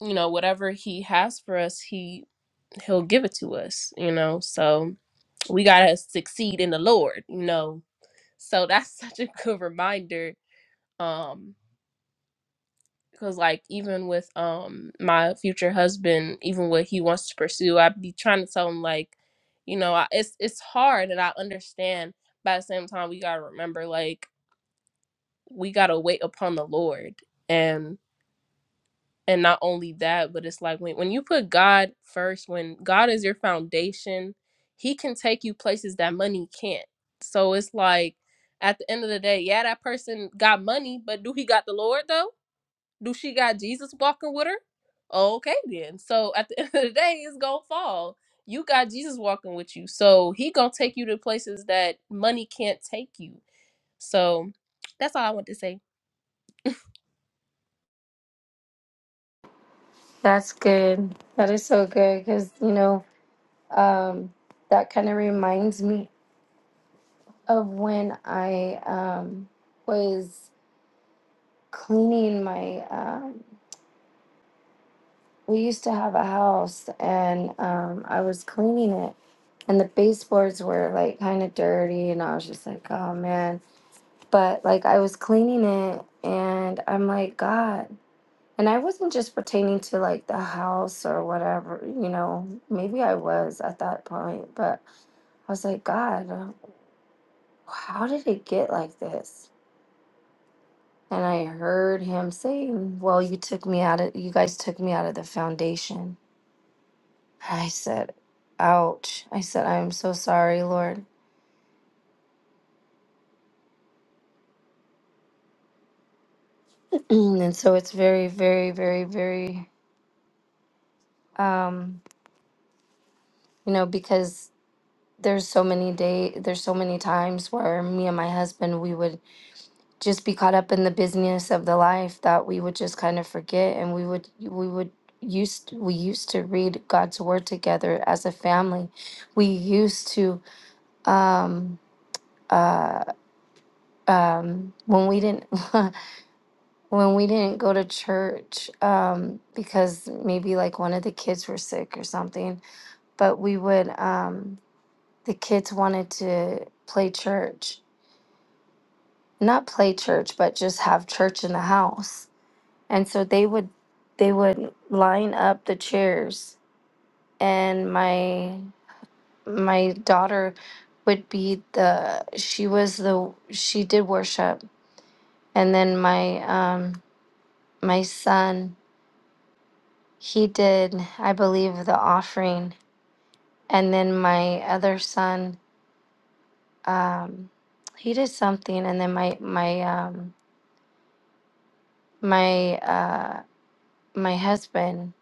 [SPEAKER 6] you know whatever he has for us he he'll give it to us you know so we got to succeed in the lord you know so that's *laughs* such a good reminder um because like even with um my future husband even what he wants to pursue i'd be trying to tell him like you know I, it's it's hard and i understand but at the same time we gotta remember like we gotta wait upon the lord and and not only that but it's like when, when you put god first when god is your foundation he can take you places that money can't so it's like at the end of the day yeah that person got money but do he got the lord though do she got Jesus walking with her? Okay, then. So at the *laughs* end of the day, it's gonna fall. You got Jesus walking with you, so he gonna take you to places that money can't take you. So that's all I want to say. *laughs*
[SPEAKER 2] That's good. That is so good because, you know, um, that kind of reminds me of when I um, was cleaning my um, we used to have a house and um, I was cleaning it and the baseboards were like kind of dirty and i was just like oh man but like i was cleaning it and i'm like god and i wasn't just pertaining to like the house or whatever you know maybe i was at that point but i was like god uh, how did it get like this and i heard him saying well you took me out of you guys took me out of the foundation i said ouch i said i'm so sorry lord Mm, and so it's very very very very um you know because there's so many day there's so many times where me and my husband we would just be caught up in the business of the life that we would just kind of forget and we would we would used we used to read God's word together as a family we used to um uh um when we didn't *laughs* when we didn't go to church um because maybe like one of the kids were sick or something but we would um the kids wanted to play church not play church but just have church in the house and so they would they would line up the chairs and my my daughter would be the she was the she did worship and then my um my son he did i believe the offering and then my other son um he did something and then my my um my uh my husband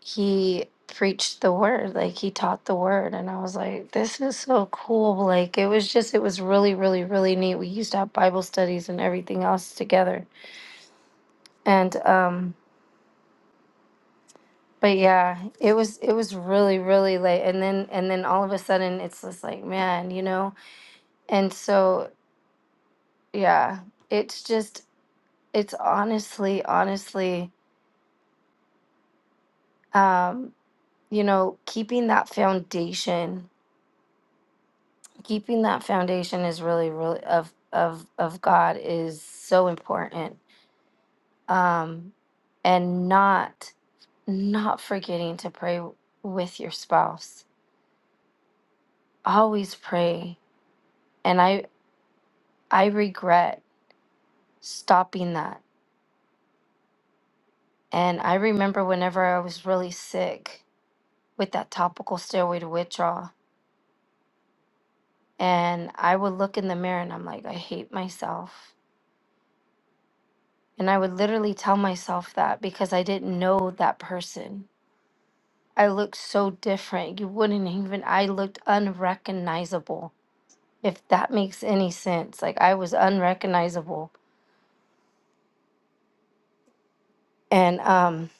[SPEAKER 2] he preached the word like he taught the word and i was like this is so cool like it was just it was really really really neat we used to have bible studies and everything else together and um but yeah it was it was really really late and then and then all of a sudden it's just like man you know and so yeah it's just it's honestly honestly um you know keeping that foundation keeping that foundation is really really of of of god is so important um and not not forgetting to pray with your spouse always pray and i i regret stopping that and i remember whenever i was really sick with that topical steroid withdrawal and i would look in the mirror and i'm like i hate myself and i would literally tell myself that because i didn't know that person I looked so different. You wouldn't even, I looked unrecognizable, if that makes any sense. Like I was unrecognizable. And um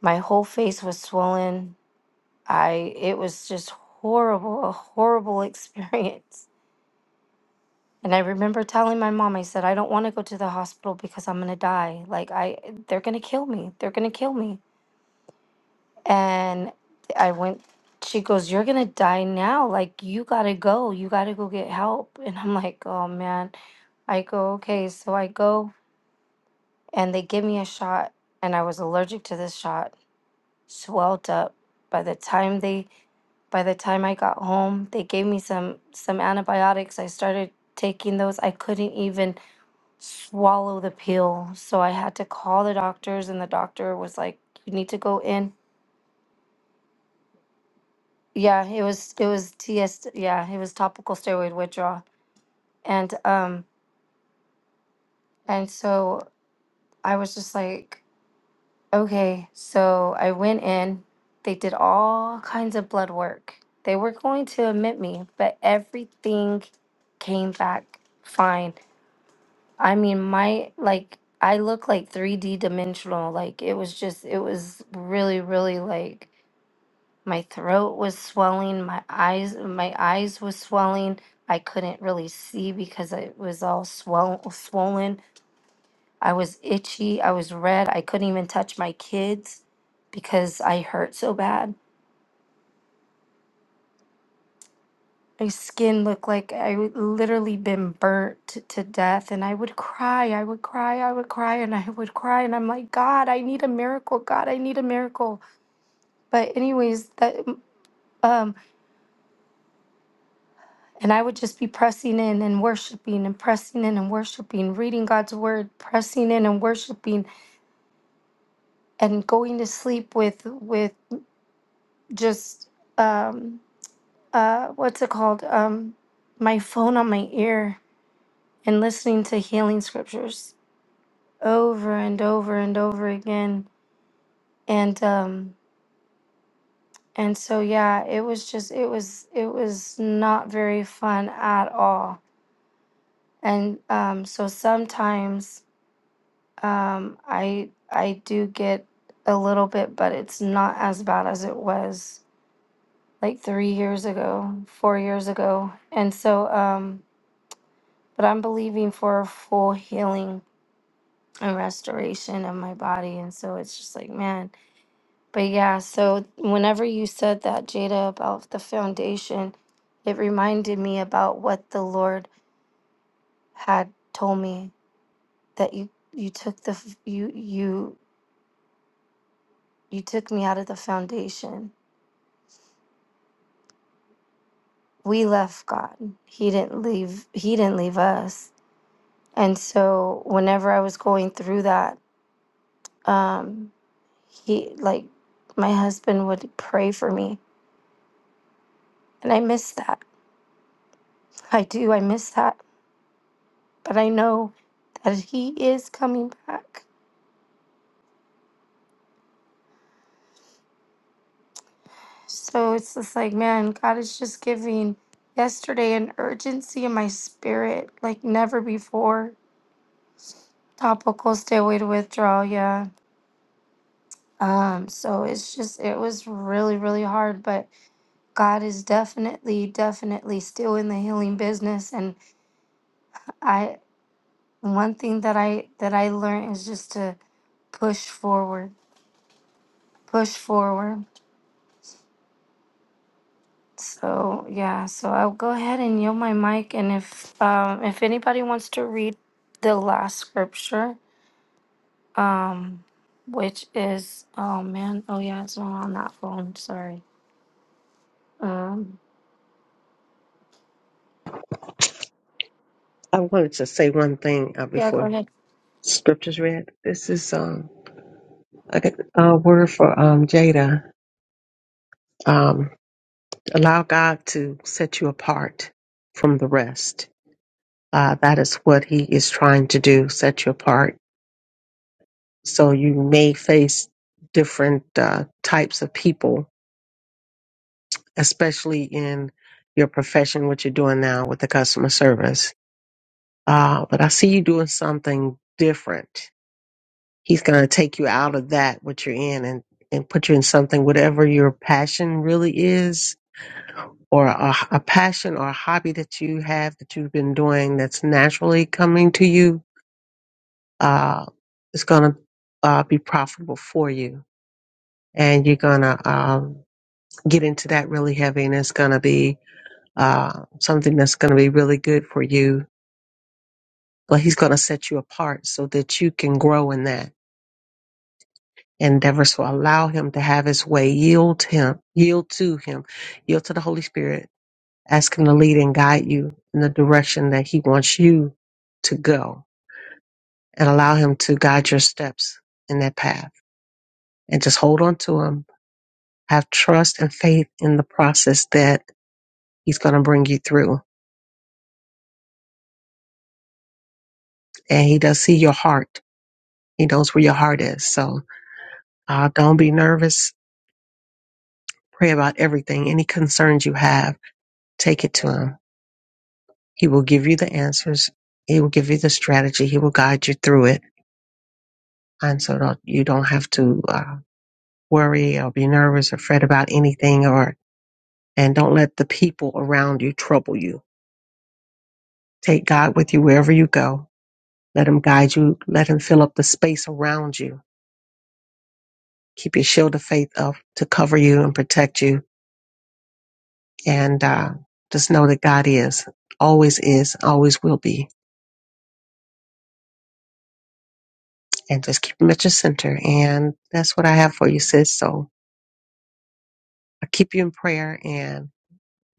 [SPEAKER 2] my whole face was swollen. I it was just horrible, a horrible *laughs* experience. And I remember telling my mom, I said, I don't want to go to the hospital because I'm gonna die. Like I they're gonna kill me. They're gonna kill me. And I went, she goes, You're gonna die now. Like, you gotta go. You gotta go get help. *laughs* And I'm like, Oh man. I go, Okay. So I go and they give me a shot. And I was allergic to this shot, swelled up. By the time they, by the time I got home, they gave me some some antibiotics. I started taking those. I couldn't even swallow the pill. So I had to call the doctors and the doctor was like, you need to go in Yeah, it was it was TS yeah, it was topical steroid withdrawal. And um and so I was just like, okay, so I went in, they did all kinds of blood work. They were going to admit me, but everything came back fine. I mean, my like I look like 3D dimensional. Like it was just it was really really like My throat was swelling, my eyes my eyes was swelling. I couldn't really see because it was all swell, swollen. I was itchy, I was red. I couldn't even touch my kids because I hurt so bad. My skin looked like I would literally been burnt t- to death and I would cry, I would cry, I would cry and I would cry and I'm like, "God, I need a miracle. God, I need a miracle." But anyways, that um And I would just be pressing in and worshiping and pressing in and worshiping, reading God's word, pressing in and worshiping, and going to sleep with with just um uh what's it called? Um my phone on my ear and listening to healing scriptures over and over and over again. And um and so yeah, it was just it was it was not very fun at all. And um so sometimes Um, I I do get a little bit, but it's not as bad as it was like three years ago, four years ago. And so, um, but I'm believing for a full healing and restoration of my body. And so it's just like, man. But yeah, so whenever you said that, Jada, about the foundation, it reminded me about what the Lord had told me that you you took the f- you you you took me out of the foundation we left God. He didn't leave he didn't leave us. And so whenever I was going through that, um he like my husband would pray for me. And I miss that. I do, I miss that. But I know that he is coming back. So it's just like, man, God is just giving yesterday an urgency in my spirit like never before. Topical, stay away to withdrawal, yeah. Um, so it's just, it was really, really hard, but God is definitely, definitely still in the healing business. And I, one thing that I, that I learned is just to push forward, push forward. So yeah, so I'll go ahead and yield my mic. And if, um, if anybody wants to read the last scripture, um, which is, oh man, oh yeah, it's not on that phone. Sorry. Um,
[SPEAKER 5] I wanted to say one thing uh,
[SPEAKER 2] yeah, go
[SPEAKER 5] before
[SPEAKER 2] ahead.
[SPEAKER 5] scriptures read. This is um I got a word for um Jada. Um allow God to set you apart from the rest. Uh that is what he is trying to do, set you apart. So you may face different uh types of people, especially in your profession, what you're doing now with the customer service. Uh but I see you doing something different He's going to take you out of that, what you're in, and, and put you in something, whatever your passion really is, or a, a passion or a hobby that you have that you've been doing that's naturally coming to you, uh, is going to uh, be profitable for you. And you're going to um, get into that really heavy, and it's going to be uh, something that's going to be really good for you. But he's going to set you apart so that you can grow in that endeavors to allow him to have his way. Yield him, yield to him, yield to the Holy Spirit. Ask him to lead and guide you in the direction that he wants you to go and allow him to guide your steps in that path and just hold on to him. Have trust and faith in the process that he's going to bring you through. And he does see your heart. He knows where your heart is. So uh, don't be nervous. Pray about everything, any concerns you have, take it to him He will give you the answers. He will give you the strategy. He will guide you through it. And so don't, you don't have to uh, worry or be nervous or fret about anything or, and don't let the people around you trouble you. Take God with you wherever you go. Let him guide you. Let him fill up the space around you. Keep your shield of faith up to cover you and protect you. And, uh, just know that God is, always is, always will be. And just keep him at your center. And that's what I have for you, sis. So I keep you in prayer and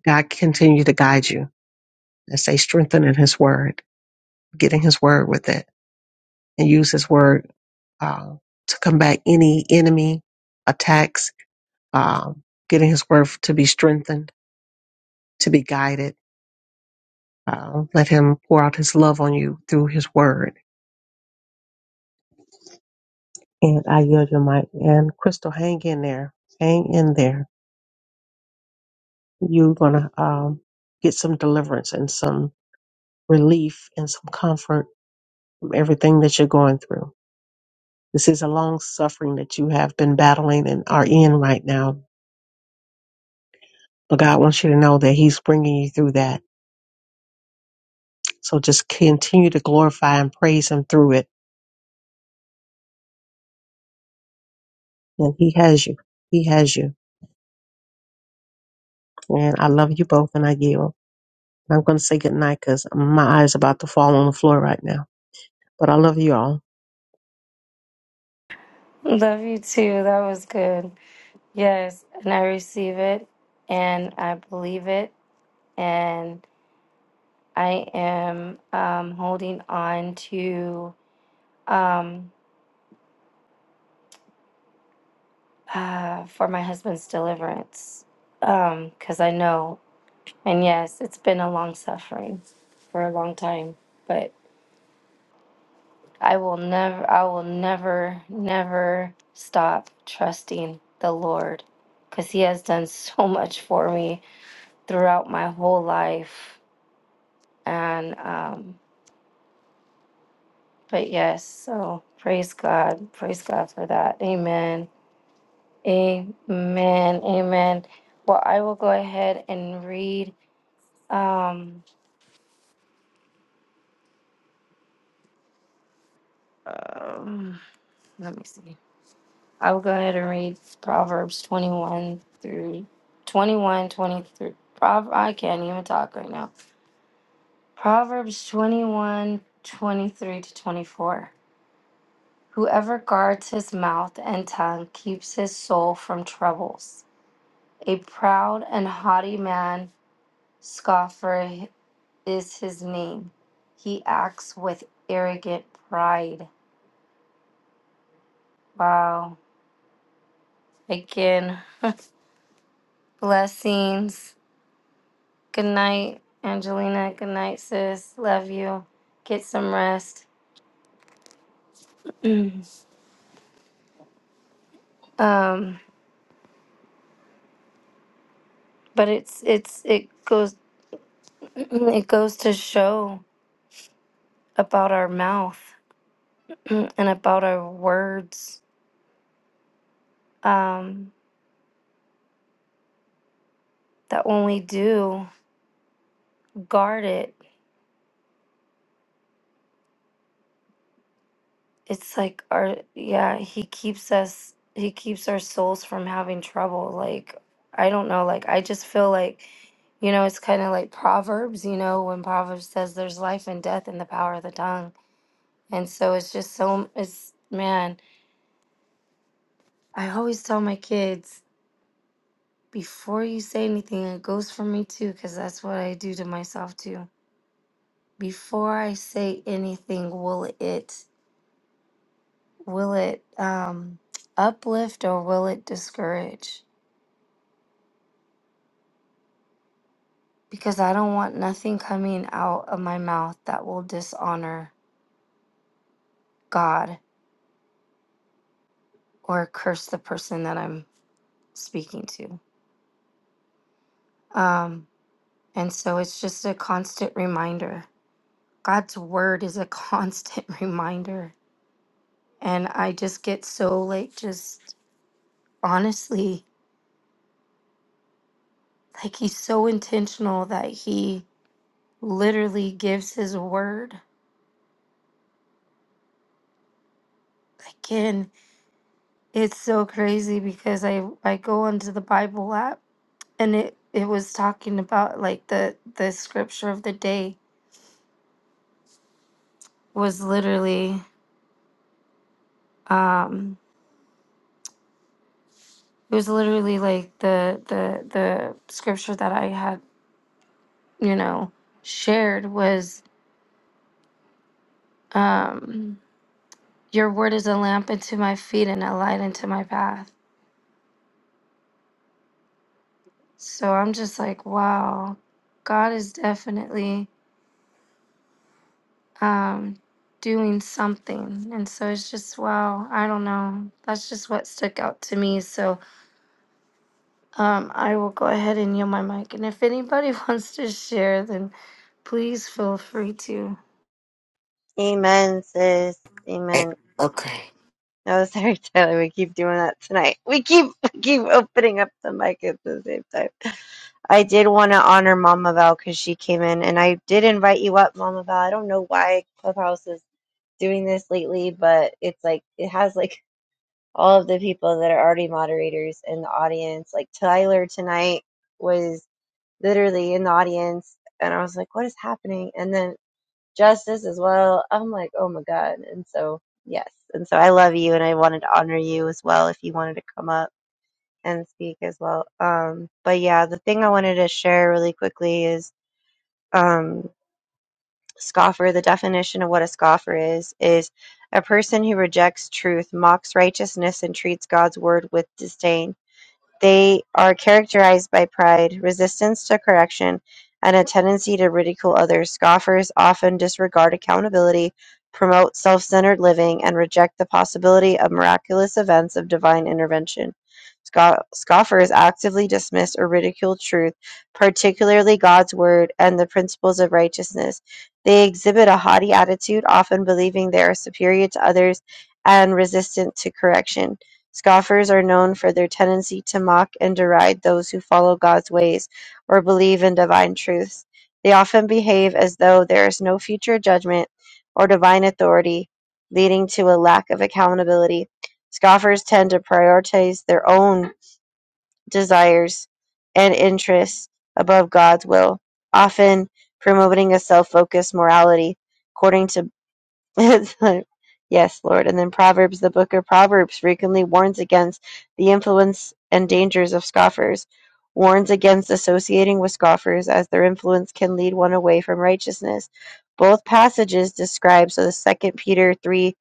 [SPEAKER 5] God continue to guide you and stay strengthened in his word, getting his word with it and use his word uh, to combat any enemy attacks, um, getting his word to be strengthened, to be guided. Uh, let him pour out his love on you through his word. And I yield your mic. And Crystal, hang in there. Hang in there. You're going to um, get some deliverance and some relief and some comfort from everything that you're going through. This is a long suffering that you have been battling and are in right now. But God wants you to know that He's bringing you through that. So just continue to glorify and praise Him through it. And He has you. He has you. And I love you both and I yield. I'm going to say goodnight because my eyes about to fall on the floor right now. But I love you all.
[SPEAKER 2] Love you too. That was good. Yes, and I receive it and I believe it and I am um holding on to um uh for my husband's deliverance. Um cuz I know and yes, it's been a long suffering for a long time, but I will never I will never never stop trusting the Lord cuz he has done so *laughs* much for me throughout my whole life. And, um, but yes, so praise God. Praise God for that. Amen. Amen. Amen. Well, I will go ahead and read. Um, um, let me see. I will go ahead and read Proverbs 21 through twenty one twenty three. 23. Prov- I can't even talk right now. Proverbs 21 23 to 24. Whoever guards his mouth and tongue keeps his soul from troubles. A proud and haughty man, scoffer is his name. He acts with arrogant pride. Wow. Again, blessings. Good night, Angelina. Good night, sis. Love you. Get some rest. *clears throat* um, but it's it's it goes *clears throat* it goes to show about our mouth. Mm, and about our words um that when we do guard it it's like our yeah he keeps us he keeps our souls from having trouble like i don't know like i just feel like you know it's kind of like proverbs you know when proverbs says there's life and death in the power of the tongue and so it's just so it's man i always tell my kids before you say anything it goes for me too because that's what i do to myself too before I say anything, will it will it um, uplift or will it discourage? Because I don't want nothing coming out of my mouth that will dishonor God or curse the person that I'm speaking to. Um, and so it's just a constant reminder. God's word is a *laughs* constant reminder. And I just get so like just honestly like he's so intentional that he literally gives his word. Again, it's so crazy because I I go onto the Bible app and it it was talking about like the the scripture of the day was literally um it was literally like the the the scripture that I had, you know, shared was um your word is a lamp unto my feet and a light unto my path. So I'm just like, wow. God is definitely um, doing something. And so it's just, wow, I don't know. That's just what stuck out to me. So um, I will go ahead and yield my mic. And if anybody *laughs* wants to share, then please feel free to.
[SPEAKER 3] Amen, sis.
[SPEAKER 4] Eh,
[SPEAKER 3] Amen.
[SPEAKER 4] Okay.
[SPEAKER 3] No, *laughs* sorry, Tyler. We keep doing that tonight. We keep *laughs* keep opening up the mic at the same time. I did want to honor Mama Val because she came in, and I did invite you up, Mama Val. I don't know why Clubhouse is doing this lately, but it's like it has like all of the people that are already moderators in the audience. Like Tyler tonight was literally in the audience, and I was like, "What is happening?" And then justice as well. I'm like, oh my God. And so, yes. And so I love you and I wanted to honor you as well if you wanted to come up and speak as well. Um, but yeah, the thing I wanted to share really quickly is um, scoffer, the definition of what a scoffer is, is a person who rejects truth, mocks righteousness, and treats God's word with disdain. They are characterized by pride, resistance to correction, and a tendency to ridicule others. Scoffers often disregard accountability, promote self centered living, and reject the possibility of miraculous events of divine intervention. Sco- Scoffers actively dismiss or ridicule truth, particularly God's word and the principles of righteousness. They exhibit a haughty attitude, often believing they are superior to others and resistant to correction. Scoffers are known for their tendency to mock and deride those who follow God's ways or believe in divine truths. They often behave as though there is no future judgment or divine authority, leading to a lack of accountability. Scoffers tend to prioritize their own desires and interests above God's will, often promoting a self focused morality. According to *laughs* It's like, yes, Lord. And then Proverbs, the book of Proverbs, frequently warns against the influence and dangers of scoffers, warns against associating with scoffers, as their influence can lead one away from righteousness. Both passages describe, so the Second Peter 3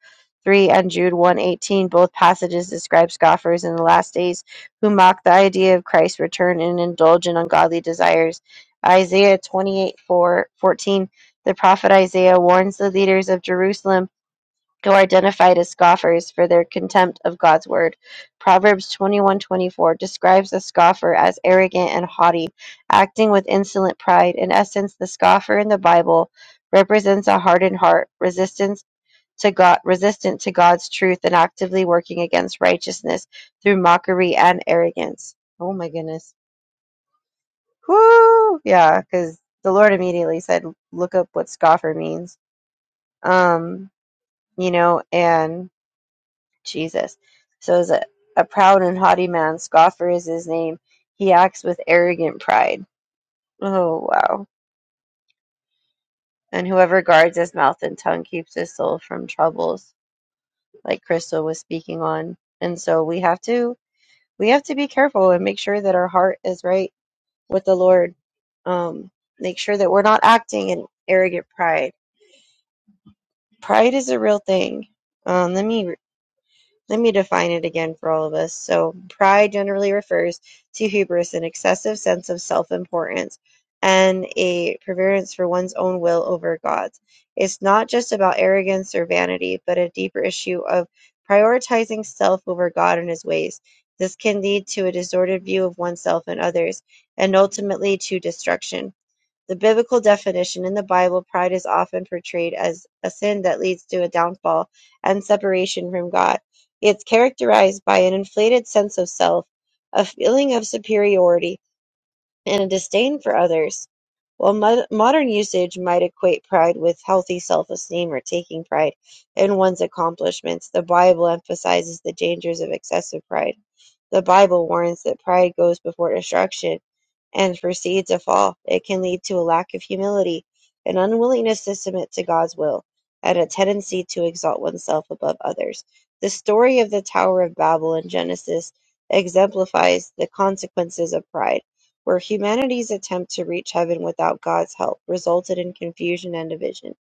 [SPEAKER 3] 3 and Jude one eighteen, both passages describe scoffers in the last days who mock the idea of Christ's return and indulge in ungodly desires. Isaiah twenty eight four fourteen. The prophet Isaiah warns the leaders of Jerusalem who are identified as scoffers for their contempt of God's word. Proverbs 21:24 describes the scoffer as arrogant and haughty, acting with insolent pride. In essence, the scoffer in the Bible represents a hardened heart, resistance to God, resistant to God's truth and actively working against righteousness through mockery and arrogance. Oh my goodness. Whoo! Yeah, cuz the Lord immediately said, "Look up what scoffer means." Um you know, and Jesus. So is a, a proud and haughty man, scoffer is his name. He acts with arrogant pride. Oh wow. And whoever guards his mouth and tongue keeps his soul from troubles, like Crystal was speaking on. And so we have to we have to be careful and make sure that our heart is right with the Lord. Um, make sure that we're not acting in arrogant pride. Pride is a real thing. Um, let me Let me define it again for all of us. So, pride generally refers to hubris, an excessive sense of self importance, and a preference for one's own will over God's. It's not just about arrogance or vanity, but a deeper issue of prioritizing self over God and his ways. This can lead to a distorted view of oneself and others, and ultimately to destruction. The biblical definition in the Bible, pride is often portrayed as a sin that leads to a downfall and separation from God. It's characterized by an inflated sense of self, a feeling of superiority, and a disdain for others, while mo- modern usage might equate pride with healthy self esteem or taking pride in one's accomplishments, the Bible emphasizes the dangers of excessive pride. The Bible warns that pride goes before destruction and precedes a fall. It can lead to a lack of humility, an unwillingness to submit to God's will, and a tendency to exalt oneself above others. The story of the Tower of Babel in Genesis exemplifies the consequences of pride where humanity's attempt to reach heaven without God's help resulted in confusion and division.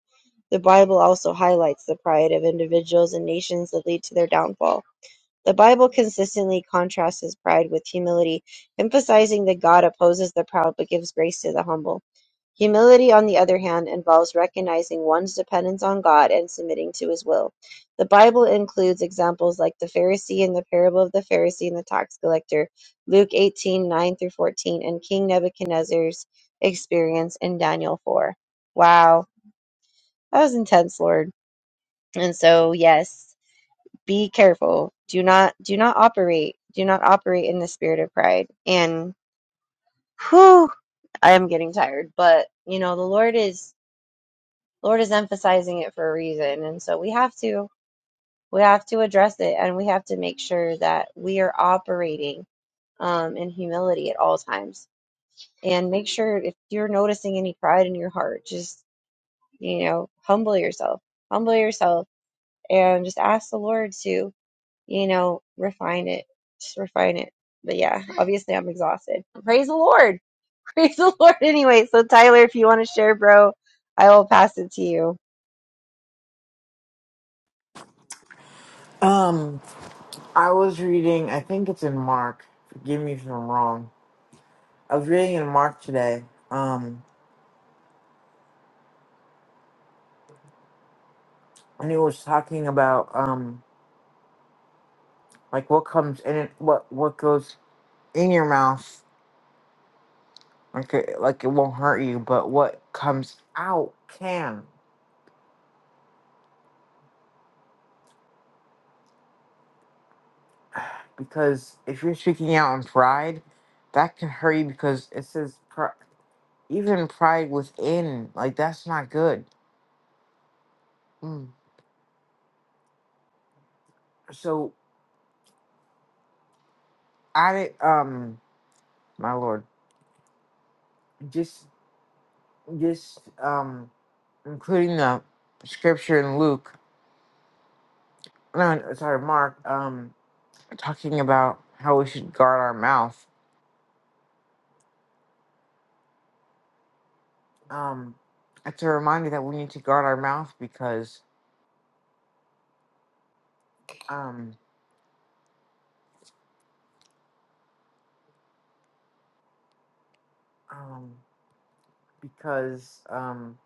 [SPEAKER 3] The Bible also highlights the pride of individuals and nations that lead to their downfall. The Bible consistently contrasts his pride with humility, emphasizing that God opposes the proud but gives grace to the humble. Humility, on the other hand, involves recognizing one's dependence on God and submitting to his will. The Bible includes examples like the Pharisee in the parable of the Pharisee and the tax collector, Luke 18 9 through 14, and King Nebuchadnezzar's experience in Daniel 4. Wow, that was intense, Lord. And so, yes be careful. Do not do not operate. Do not operate in the spirit of pride. And whew, I am getting tired, but you know, the Lord is Lord is emphasizing it for a reason. And so we have to we have to address it and we have to make sure that we are operating um, in humility at all times. And make sure if you're noticing any pride in your heart, just you know, humble yourself. Humble yourself and just ask the Lord to you know, refine it, just refine it. But yeah, obviously I'm exhausted. Praise the Lord. *laughs* Praise the Lord. Anyway, so Tyler, if you want to share, bro, I will pass it to you.
[SPEAKER 4] Um, I was reading. I think it's in Mark. Forgive me if I'm wrong. I was reading in Mark today. Um, and it was talking about um, like what comes in it, what what goes in your mouth. Like it, like it won't hurt you, but what comes out can. Because if you're speaking out in pride, that can hurt you because it says pride. even pride within like that's not good Mm. so i um my lord just just um including the scripture in luke no no, sorry mark um talking about how we should guard our mouth um it's a reminder that we need to guard our mouth because um um because um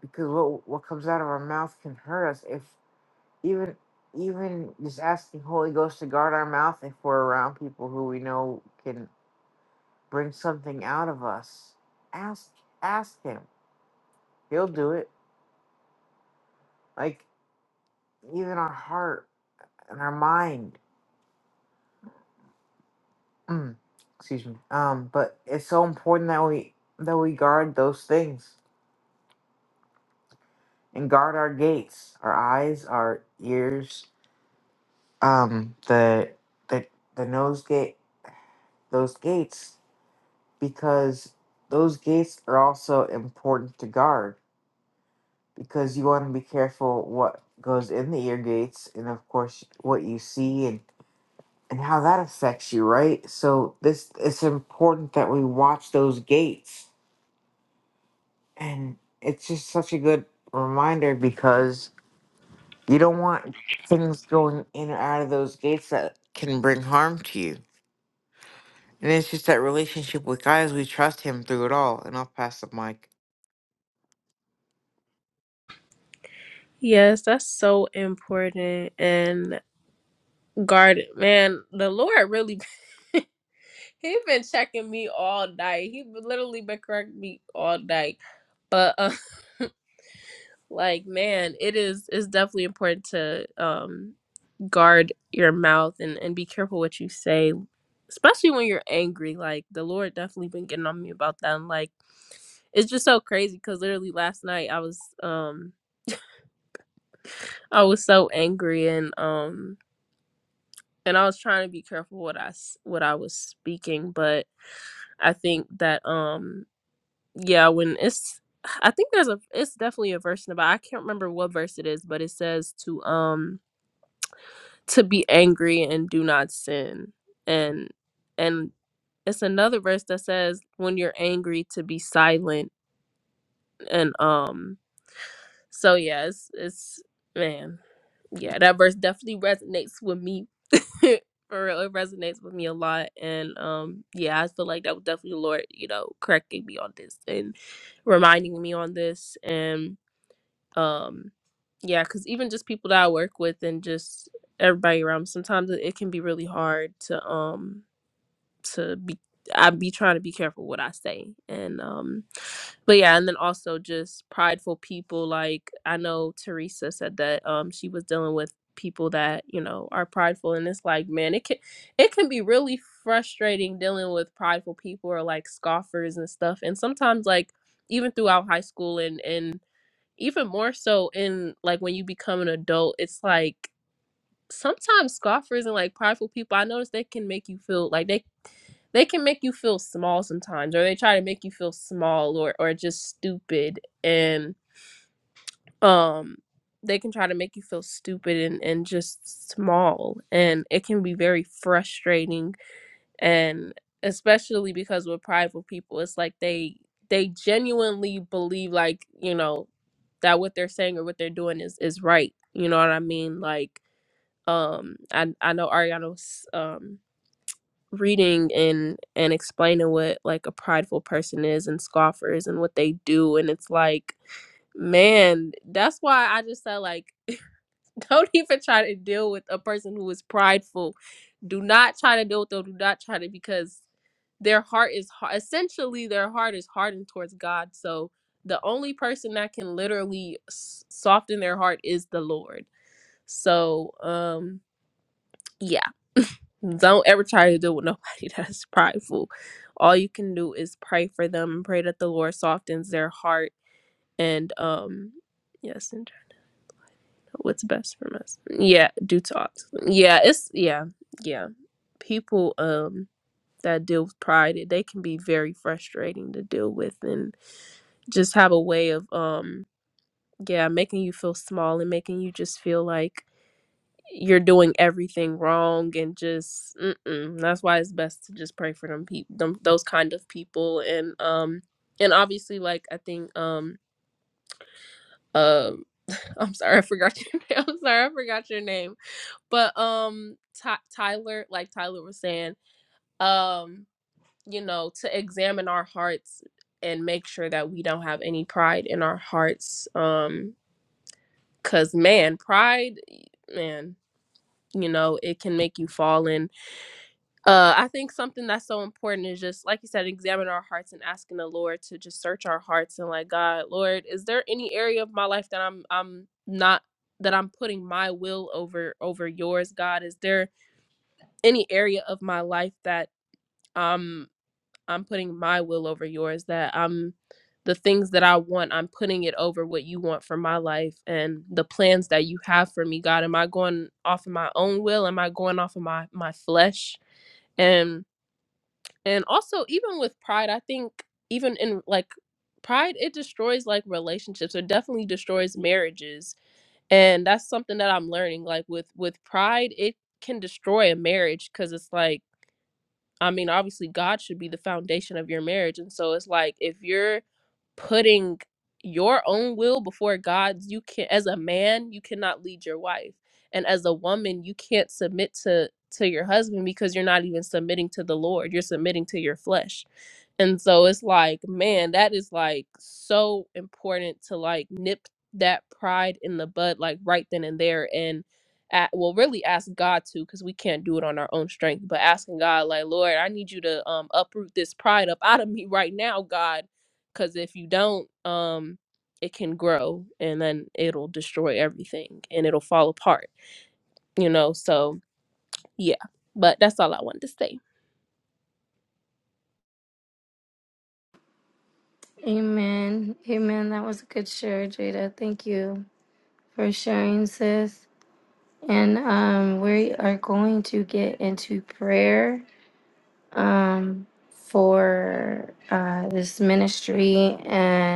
[SPEAKER 4] because what what comes out of our mouth can hurt us if. even even just asking Holy Ghost to guard our mouth if we're around people who we know can bring something out of us. Ask ask him. He'll do it. Like even our heart and our mind. Mm, excuse me. Um, but it's so important that we that we guard those things and guard our gates, our eyes, our ears, um, the the the nose gate, those gates. because those gates are also important to guard because you want to be careful what goes in the ear gates and of course what you see and and how that affects you right so this it's important that we watch those gates and it's just such a good reminder because you don't want things going in or out of those gates that can bring harm to you and it's just that relationship with God as we trust him through it all and i'll pass the mic
[SPEAKER 6] Yes, that's so important. And guard, man, the Lord really *laughs* he been checking me all night. He literally been correcting me all night. But uh, *laughs* like, man, it is it's definitely important to um guard your mouth and, and be careful what you say, especially when you're angry. Like the Lord definitely been getting on me about that. And like it's just so crazy because literally last night I was um I was so angry and um and I was trying to be careful what I s- what I was speaking, but I think that um yeah when it's I think there's a it's definitely a verse in the Bible. I can't remember what verse it is, but it says to um to be angry and do not sin and and it's another verse that says when you're angry to be silent and um so yeah it's, it's man yeah that verse definitely resonates with me *laughs* for real it resonates with me a lot and um yeah i feel like that was definitely the lord you know correcting me on this and reminding me on this and um yeah because even just people that i work with and just everybody around me, sometimes it it can be really hard to um to be I be trying to be careful what I say. And um but yeah, and then also just prideful people like I know Teresa said that um she was dealing with people that, you know, are prideful and it's like, man, it can it can be really frustrating dealing with prideful people or like scoffers and stuff. And sometimes like even throughout high school and and even more so in like when you become an adult, it's like sometimes scoffers and like prideful people, I notice they can make you feel like they they can make you feel small sometimes, or they try to make you feel small or or just stupid, and um they can try to make you feel stupid and and just small, and it can be very frustrating, and especially because with prideful people, it's like they they genuinely believe like you know that what they're saying or what they're doing is is right. You know what I mean? Like um i i know ariana was um reading and and explaining what like a prideful person is and scoffers and what they do and it's like man that's why i just said like *laughs* don't even try to deal with a person who is prideful do not try to deal with them do not try to because their heart is har- essentially their heart is hardened towards god so the only person that can literally s- soften their heart is the lord so um yeah. Don't ever try to deal with nobody *laughs* that's prideful. All you can do is pray for them and pray that the Lord softens their heart and um yes, and try to know what's best for us. Yeah, do talk. Yeah, it's yeah, yeah. People um that deal with pride, they can be very frustrating to deal with and just have a way of um yeah, making you feel small and making you just feel like you're doing everything wrong and just mm-mm. that's why it's best to just pray for them people them, those kind of people and um and obviously like i think um uh *laughs* i'm sorry i forgot your *laughs* name i'm sorry i forgot your name but um Ty tyler like tyler was saying um you know to examine our hearts and make sure that we don't have any pride in our hearts um because man pride man you know it can make you fall in Uh, I think something that's so important is just like you said, examine our hearts and asking the Lord to just search our hearts and like God, Lord, is there any area of my life that I'm I'm not that I'm putting my will over over yours, God? Is there any area of my life that um I'm putting my will over yours that I'm the things that I want, I'm putting it over what you want for my life and the plans that you have for me, God. Am I going off of my own will? Am I going off of my my flesh? and also even with pride i think even in like pride it destroys like relationships it definitely destroys marriages and that's something that i'm learning like with with pride it can destroy a marriage because it's like I mean, obviously, God should be the foundation of your marriage. And so it's like if you're putting your own will before God's, you can as a man, you cannot lead your wife. And as a woman, you can't submit to to your husband because you're not even submitting to the Lord. You're submitting to your flesh. And so it's like, man, that is like so important to like nip that pride in the bud like right then and there. And at, well really ask god to because we can't do it on our own strength but asking god like lord i need you to um uproot this pride up out of me *laughs* right now god because if you don't um it can grow and then it'll destroy everything and it'll fall apart you know so yeah, but that's all I wanted to say.
[SPEAKER 2] Amen. Amen. That was a good share, Jada. Thank you for sharing, sis. And um, we are going to get into prayer um, for uh, this ministry and.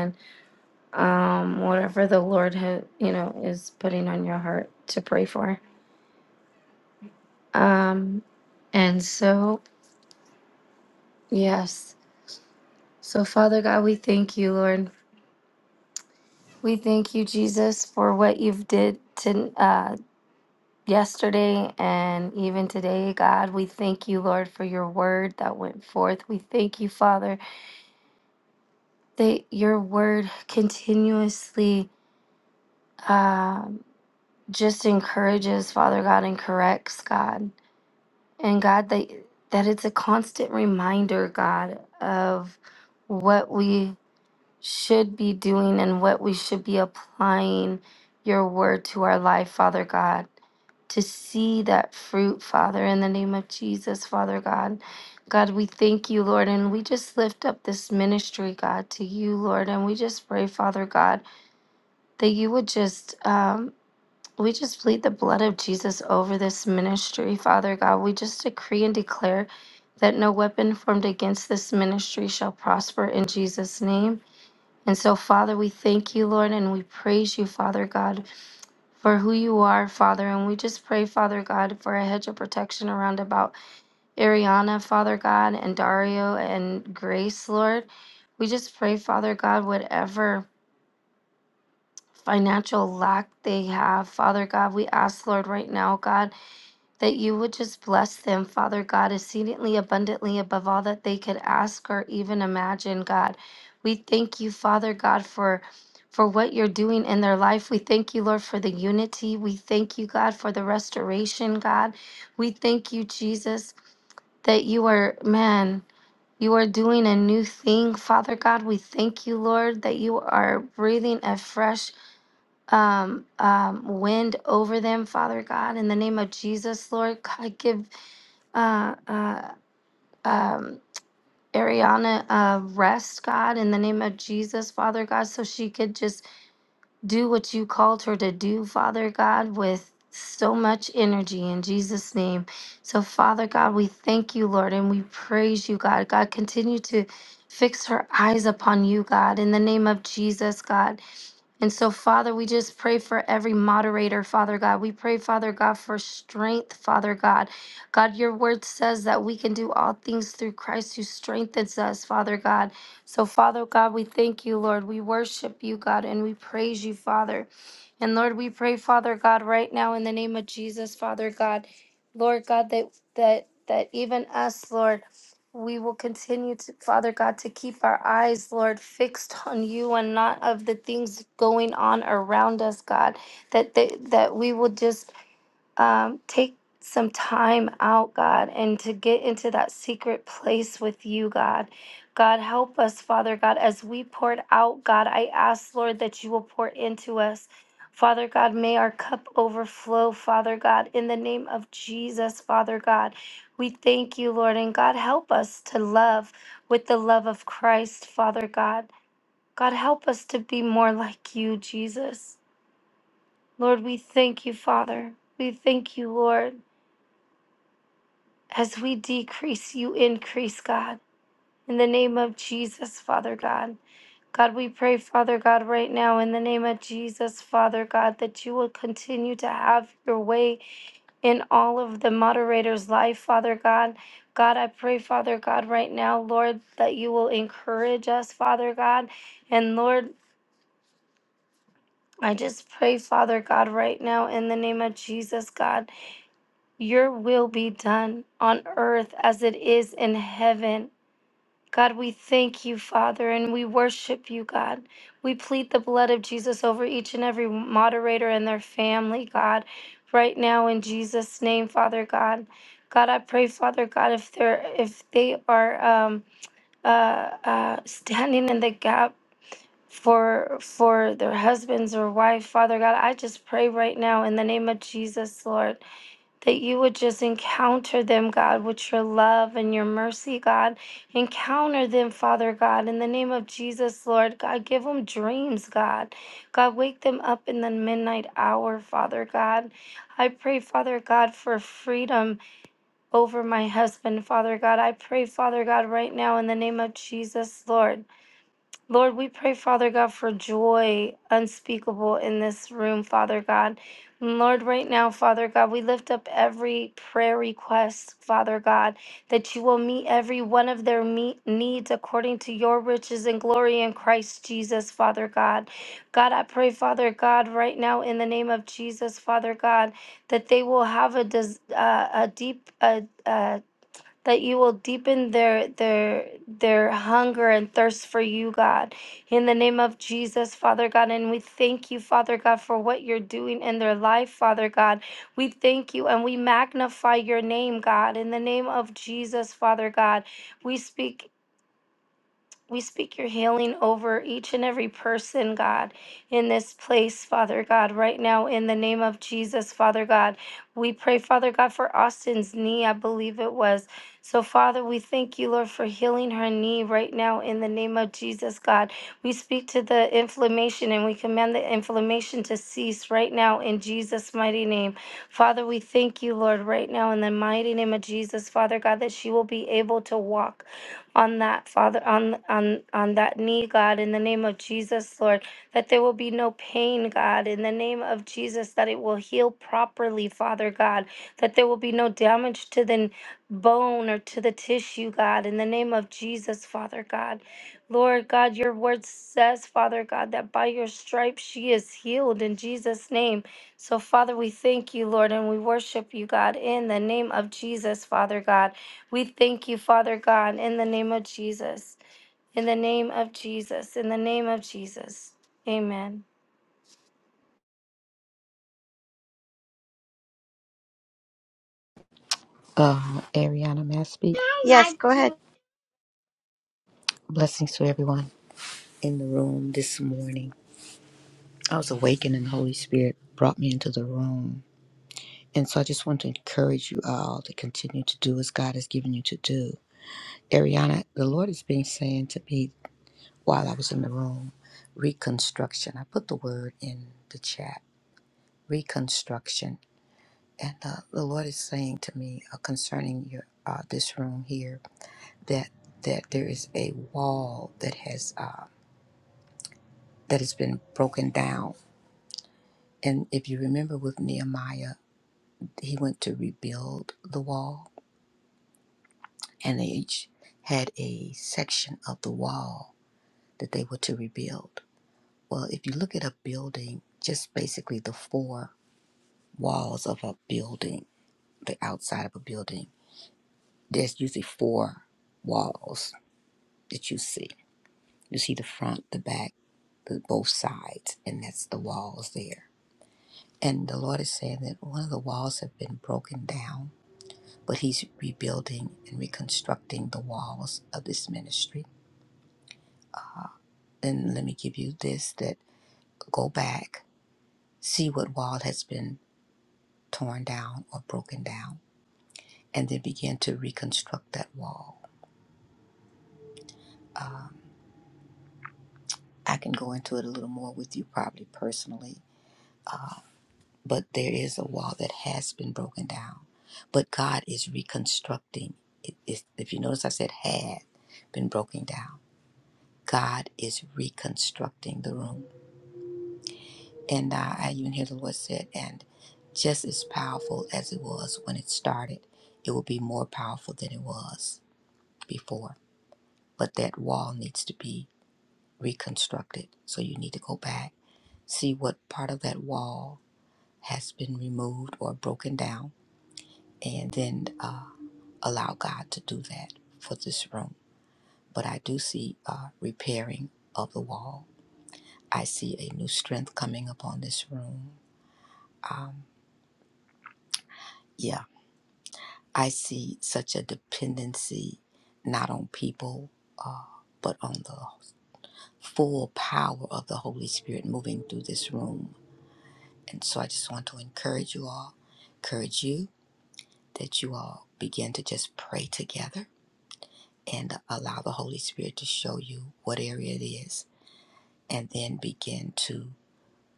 [SPEAKER 2] um, whatever the Lord ha- you know is putting on your heart to pray for. Um, and so yes, so Father God, we thank you, Lord. We thank you, Jesus, for what you've did to uh, yesterday and even today, God. We thank you, Lord, for your word that went forth. We thank you, Father, that your word continuously um, just encourages, Father God, and corrects, God And God, that, that it's a constant reminder, God, of what we should be doing and what we should be applying your word to our life, Father God, to see that fruit, Father, in the name of Jesus, Father God. God, we thank you, Lord, and we just lift up this ministry, God, to you, Lord, and we just pray, Father God, that you would just, um, we just plead the blood of Jesus over this ministry, Father God. We just decree and declare that no weapon formed against this ministry shall prosper in Jesus' name. And so, Father, we thank you, Lord, and we praise you, Father God, for who you are, Father. And we just pray, Father God, for a hedge of protection around about Ariana, Father God, and Dario and Grace, Lord. We just pray, Father God, whatever financial lack they have, Father God, we ask, Lord, right now, God. that you would just bless them, Father God, exceedingly abundantly above all that they could ask or even imagine, God. We thank you, Father God, for for what you're doing in their life. We thank you, Lord, for the unity. We thank you, God, for the restoration, God. We thank you, Jesus, that you are, man, you are doing a new thing, Father God. We thank you, Lord, that you are breathing a fresh um, um, wind over them, Father God. In the name of Jesus, Lord, God, give uh, uh, um, Ariana uh, rest, God, in the name of Jesus, Father God, so she could just do what you called her to do, Father God, with so much energy in Jesus' name. So, Father God, we thank you, Lord, and we praise you, God. God, continue to fix her eyes upon you, God, in the name of Jesus, God. And so, Father, we just pray for every moderator, Father God. We pray, Father God, for strength, Father God. God, your word says that we can do all things through Christ who strengthens us, Father God. So, Father God, we thank you, Lord. We worship you, God, and we praise you, Father. And Lord, we pray, Father God, right now in the name of Jesus, Father God, Lord God, that that that even us, Lord, we will continue to, Father God, to keep our eyes, Lord, fixed *laughs* on you and not of the things going on around us, God. That that, that we will just um, take some time out, God, and to get into that secret place with you, God. God, help us, Father God, as we poured out, God. I ask, Lord, that you will pour into us. Father God, may our cup overflow, Father God, in the name of Jesus, Father God. We thank you, Lord, and God, help us to love with the love of Christ, Father God. God, help us to be more like you, Jesus. Lord, we thank you, Father. We thank you, Lord. As we decrease, you increase, God. In the name of Jesus, Father God. God, we pray, Father God, right now, in the name of Jesus, Father God, that you will continue to have your way in all of the moderators' life, Father God. God, I pray, Father God, right now, Lord, that you will encourage us, Father God. And Lord, I just pray, Father God, right now, in the name of Jesus, God, your will be done on earth as it is in heaven. God, we thank you, Father, and we worship you, God. We plead the blood of Jesus over each and every moderator and their family, God, right now in Jesus' name, Father God. God, I pray, Father God, if they're if they are um, uh, uh, standing in the gap for for their husbands or wife, Father God, I just pray right now in the name of Jesus, Lord that you would just encounter them, God, with your love and your mercy, God. Encounter them, Father God, in the name of Jesus, Lord. God, give them dreams, God. God, wake them up in the midnight hour, Father God. I pray, Father God, for freedom over my husband, Father God. I pray, Father God, right now in the name of Jesus, Lord. Lord, we pray, Father God, for joy unspeakable in this room, Father God. And Lord, right now, Father God, we lift up every prayer request, Father God, that you will meet every one of their me- needs according to your riches and glory in Christ Jesus, Father God. God, I pray, Father God, right now in the name of Jesus, Father God, that they will have a, des- uh, a deep, uh, uh, that you will deepen their their their hunger and thirst for you, God. In the name of Jesus, Father God, and we thank you, Father God, for what you're doing in their life, Father God. We thank you and we magnify your name, God. In the name of Jesus, Father God, we speak. We speak your healing over each and every person, God, in this place, Father God, right now, in the name of Jesus, Father God. We pray, Father God, for Austin's knee, I believe it was. So, Father, we thank you, Lord, for healing her knee right now, in the name of Jesus, God. We speak to the inflammation and we command the inflammation to cease right now, in Jesus' mighty name. Father, we thank you, Lord, right now, in the mighty name of Jesus, Father God, that she will be able to walk on that father on on on that knee god in the name of jesus lord that there will be no pain god in the name of jesus that it will heal properly father god that there will be no damage to the n- bone or to the tissue god in the name of jesus father god lord god your word says father god that by your stripes she is healed in jesus name so father we thank you lord and we worship you god in the name of jesus father god we thank you, Father God, in the name of Jesus. In the name of Jesus. In the name of Jesus. Amen.
[SPEAKER 10] Uh, Ariana, may I speak?
[SPEAKER 3] Yes, go ahead.
[SPEAKER 10] Blessings to everyone in the room this morning. I was awakened and the Holy Spirit brought me into the room. And so I just want to encourage you all to continue to do as God has given you to do. Ariana, the Lord has been saying to me while I was in the room, reconstruction. I put the word in the chat, reconstruction. And uh, the Lord is saying to me uh, concerning your uh, this room here that that there is a wall that has uh, that has been broken down. And if you remember with Nehemiah, he went to rebuild the wall, and they each had a section of the wall that they were to rebuild. Well, if you look at a building, just basically the four walls of a building, the outside of a building, there's usually four walls that you see. You see the front, the back, the both sides, and that's the walls there. And the Lord is saying that one of the walls have been broken down but he's rebuilding and reconstructing the walls of this ministry. And let me give you this that go back, see what wall has been torn down or broken down, and then begin to reconstruct that wall. Um, I can go into it a little more with you probably personally, but there is a wall that has been broken down. But God is reconstructing. It, if if you notice, I said had been broken down. God is reconstructing the room. And uh, I even hear the Lord said, and just as powerful as it was when it started, it will be more powerful than it was before. But that wall needs to be reconstructed. So you need to go back, see what part of that wall has been removed or broken down, and then uh, allow God to do that for this room. But I do see uh, repairing of the wall. I see a new strength coming upon this room. Um, yeah, I see such a dependency not on people, uh, but on the full power of the Holy Spirit moving through this room. And so I just want to encourage you all, encourage you that you all begin to just pray together and allow the Holy Spirit to show you what area it is and then begin to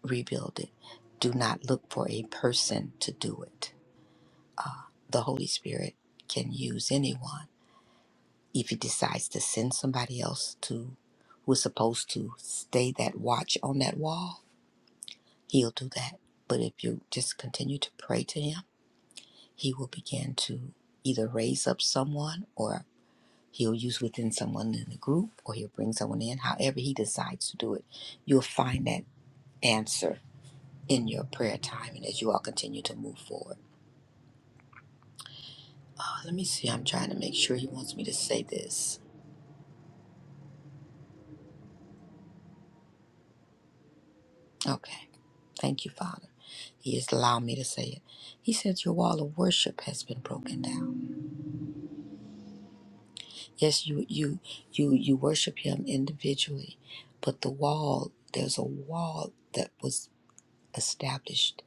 [SPEAKER 10] rebuild it. Do not look for a person to do it. Uh, the Holy Spirit can use anyone if it decides to send somebody else to who is supposed to stay that watch on that wall, he'll do that. But if you just continue to pray to him, he will begin to either raise up someone or he'll use within someone in the group or he'll bring someone in. However he decides to do it, you'll find that answer in your prayer time and as you all continue to move forward. Uh, let me see, I'm trying to make sure he wants me to say this. Okay. Thank you, Father. He has allowed me to say it. He said your wall of worship has been broken down. Yes, you you you you worship him individually, but the wall, there's a wall that was established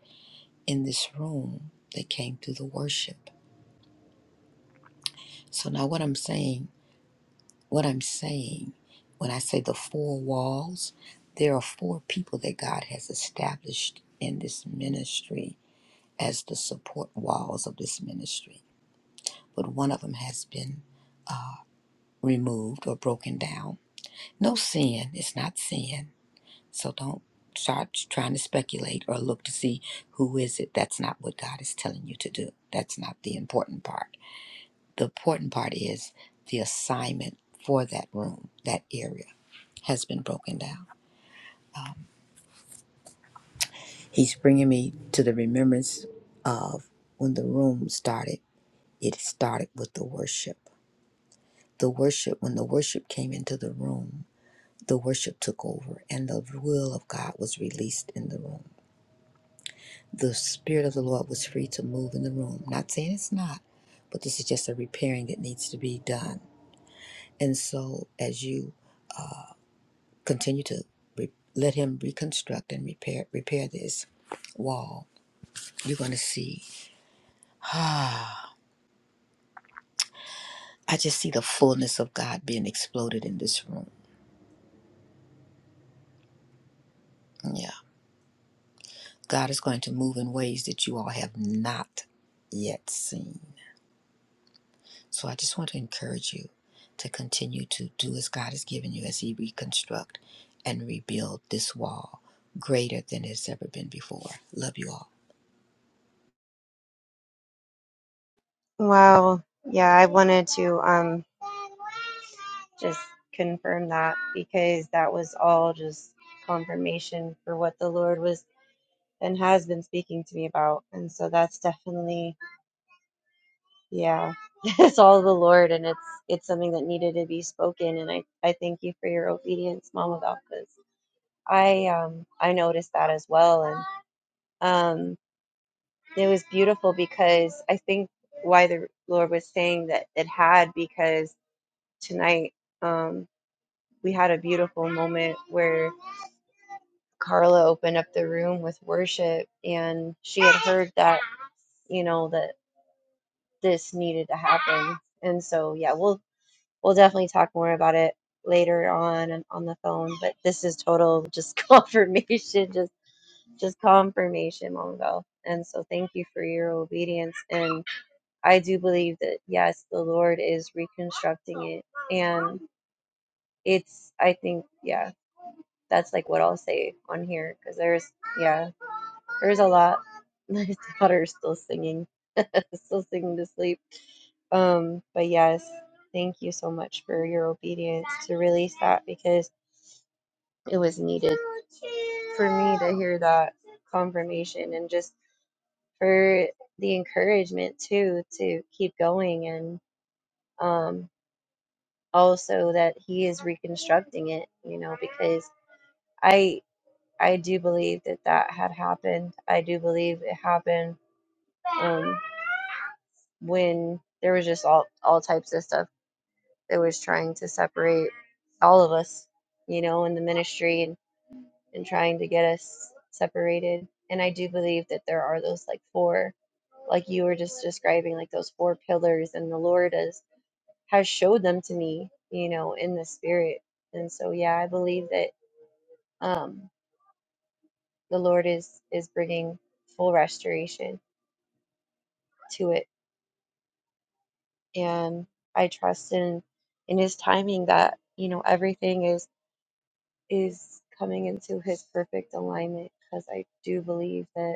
[SPEAKER 10] in this room that came through the worship. So now what I'm saying, what I'm saying, when I say the four walls, there are four people that God has established in this ministry as the support walls of this ministry. But one of them has been removed or broken down. No sin is not sin. So don't start trying to speculate or look to see who is it. That's not what God is telling you to do. That's not the important part. The important part is the assignment for that room, that area has been broken down. He's bringing me to the remembrance of when the room started. It started with the worship. The worship, when the worship came into the room, the worship took over and the will of God was released in the room. The Spirit of the Lord was free to move in the room. Not saying it's not, but this is just a repairing that needs to be done. And so, as you continue to re- let Him reconstruct and repair repair this wall, you're going to see. *sighs* Ah, I just see the fullness of God being exploded in this room. Yeah, God is going to move in ways that you all have not yet seen. So I just want to encourage you to continue to do as God has given you as He reconstruct and rebuild this wall greater than it's ever been before. Love you all.
[SPEAKER 3] Wow. Yeah, I wanted to um just confirm that because that was all just confirmation for what the Lord was and has been speaking to me about. And so that's definitely Yeah. *laughs* It's all the Lord and it's it's something that needed to be spoken and I I thank you for your obedience, Mama God, 'cause I um I noticed that as well and um it was beautiful because I think why the Lord was saying that it had because tonight um we had a beautiful moment where Carla opened up the room with worship and she had heard that you know that this needed to happen and so yeah we'll we'll definitely talk more about it later on and on the phone but this is total just *laughs* confirmation just just confirmation mongo and so thank you for your obedience and i do believe that yes the lord is reconstructing it and it's i think yeah that's like what i'll say on here because there's yeah there's a lot *laughs* my daughter's still singing *laughs* still singing to sleep um but yes thank you so much for your obedience to release that because it was needed for me to hear that confirmation and just for the encouragement too to keep going and um also that he is reconstructing it you know because i i do believe that that had happened i do believe it happened um when there was just all all types of stuff that was trying to separate all of us you know in the ministry and. and trying to get us separated. And I do believe that there are those like four, like you were just describing, like those four pillars, and the Lord has has showed them to me, you know, in the spirit. And so, yeah, I believe that um, the Lord is is bringing full restoration to it, and I trust in in His timing that you know everything is is coming into His perfect alignment because I do believe that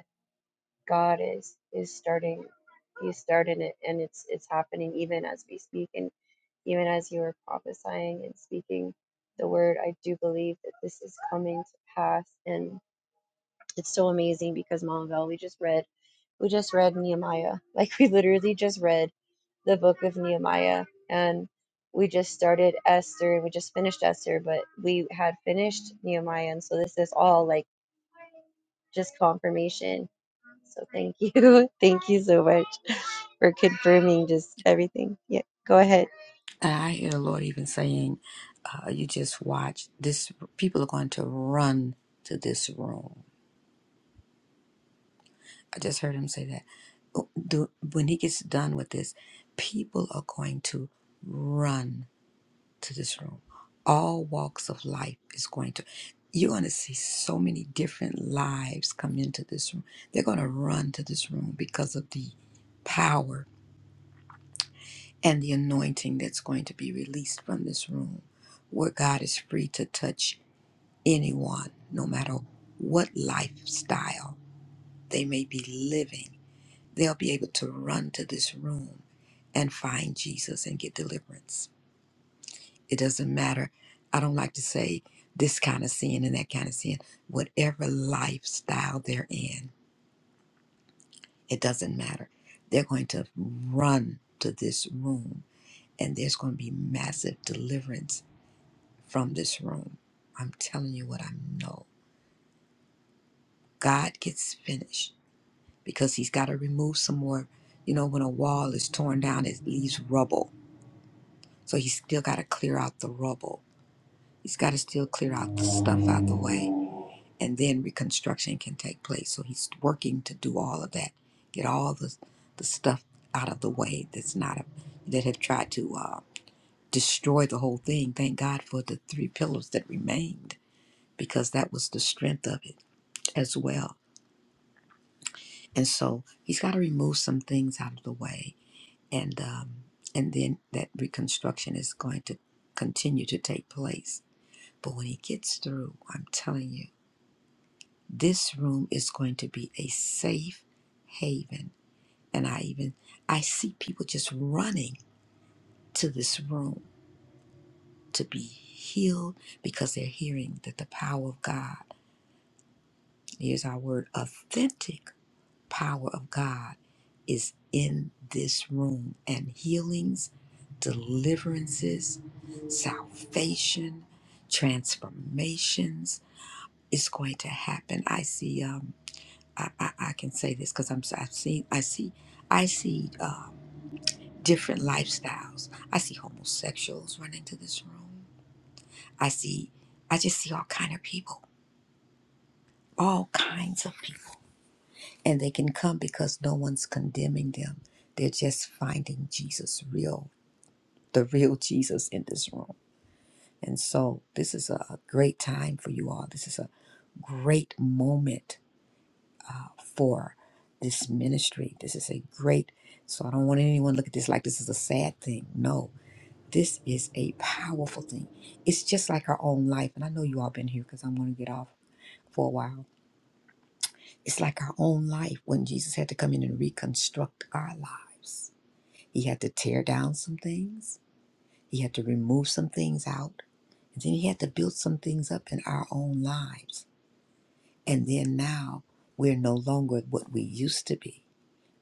[SPEAKER 3] God is is starting he's started it and it's it's happening even as we speak and even as you are prophesying and speaking the word I do believe that this is coming to pass and it's so amazing because Monvel we just read we just read Nehemiah *laughs* like we literally just read the book of Nehemiah and we just started Esther and we just finished Esther but we had finished Nehemiah and so this is all like just confirmation so thank you *laughs* thank you so much we're confirming just everything. Yeah, go ahead.
[SPEAKER 10] And I hear the Lord even saying, uh, you just watch this, people are going to run to this room. I just heard him say that. Oh, The- When he gets done with this, people are going to run. to this room. All walks of life is going to, you're going to see so many different lives come into this room. They're going to run to this room because of the power and the anointing that's going to be released from this room, where God is free to touch anyone, no matter what lifestyle they may be living. They'll be able to run to this room and find Jesus and get deliverance. It doesn't matter. I don't like to say this kind of sin and that kind of sin. Whatever lifestyle they're in, it doesn't matter. They're going to run to this room and there's going to be massive deliverance from this room. I'm telling you what I know. God gets finished because he's got to remove some more. You know, when a wall is torn down, it leaves rubble. So he's still got to clear out the rubble. He's got to still clear out the stuff out the way and then reconstruction can take place. So he's working to do all of that, get all the the stuff out of the way that's not a, that have tried to uh, destroy the whole thing. Thank God for the three pillars that remained because that was the strength of it as well. And so he's got to remove some things out of the way, and um, and then that reconstruction is going to continue to take place. But when he gets through, I'm telling you. this room is going to be a safe haven and i even i see people just running to this room to be healed because they're hearing that the power of god here's our word authentic power of god is in this room and healings deliverances salvation transformations is going to happen i see um I, I, I can say this because I'm I I've seen I see I see uh, different lifestyles. I see homosexuals run into this room. I see I just see all kind of people, all kinds of people, and they can come because no one's condemning them. They're just finding Jesus real, the real Jesus in this room. And so this is a a great time for you all. This is a great moment for this ministry. This is a great, so I don't want anyone to look at this like this is a sad thing. No, this is a powerful thing. It's just like our own life. And I know you all been here because I'm going to get off for a while. It's like our own life when Jesus had to come in and reconstruct our lives. He had to tear down some things, he had to remove some things out, and then he had to build some things up in our own lives. And then now we're no longer what we used to be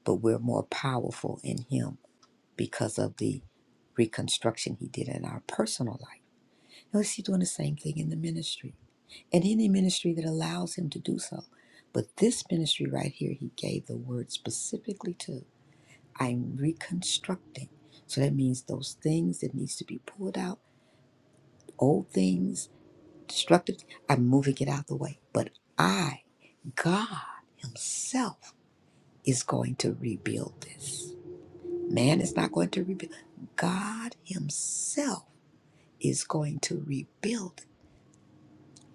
[SPEAKER 10] but we're more powerful in Him because of the reconstruction He did in our personal life. Notice He's doing the same thing in the ministry and any ministry that allows Him to do so. But this ministry right here, He gave the word specifically to I'm reconstructing. So that means those things that needs to be pulled out, old things, destructive, I'm moving it out the way. But I, God Himself, is going to rebuild this. Man is not going to rebuild. God Himself is going to rebuild.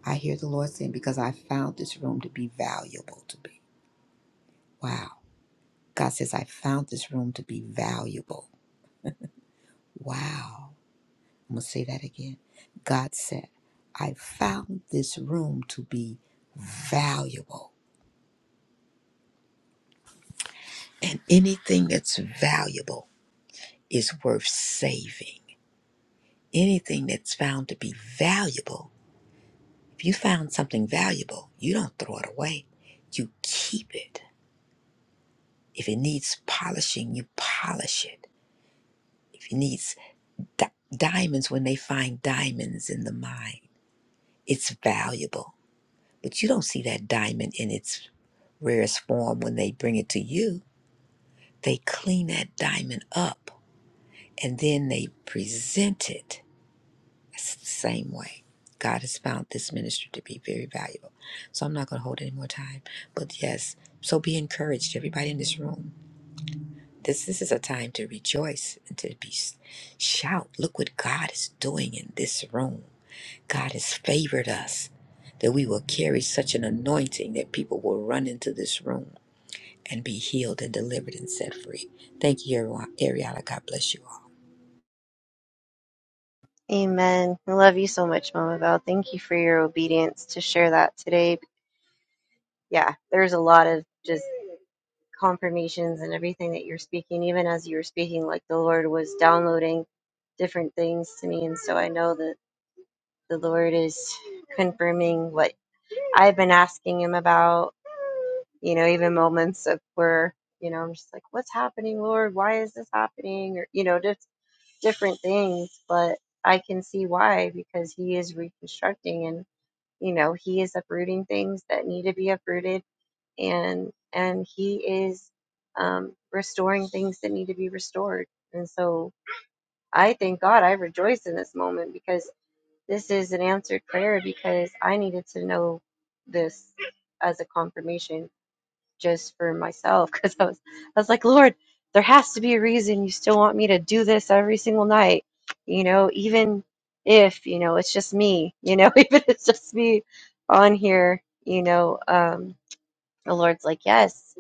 [SPEAKER 10] I hear the Lord saying, because I found this room to be valuable to me. Wow. God says, I found this room to be valuable. Wow. I'm going to say that again. God said, I found this room to be valuable. And anything that's valuable is worth saving. Anything that's found to be valuable If you found something valuable, you don't throw it away. You keep it. If it needs polishing, you polish it. If it needs di- diamonds, when they find diamonds in the mine, it's valuable. But you don't see that diamond in its rarest form when they bring it to you. They clean that diamond up and then they present it It's the same way. God has found this ministry to be very valuable. So I'm not going to hold any more time. But yes, so be encouraged, everybody in this room. This, this is a time to rejoice and to be shout. Look what God is doing in this room. God has favored us that we will carry such an anointing that people will run into this room and be healed and delivered and set free. Thank you, Ari- Ariana. God bless you all.
[SPEAKER 3] Amen. I love you so much, Mama Val. Thank you for your obedience to share that today. Yeah, there's a lot of just confirmations and everything that you're speaking, even as you were speaking, like the Lord was downloading different things to me. And so I know that the Lord is confirming what I've been asking Him about, you know, even moments of where, you know, I'm just like, what's happening, Lord? Why is this happening? Or, you know, just. different things, but I can see why because he is reconstructing and you know he is uprooting things that need to be uprooted and and he is um, restoring things that need to be restored. And so I thank God I rejoice in this moment because this is an answered prayer because I needed to know this as a confirmation just for myself *laughs* because I was I was like, Lord, there has to be a reason you still want me to do this every single night, you know, even if you know it's just me, you know, *laughs* even if it's just me on here, you know, um, the Lord's like, yes,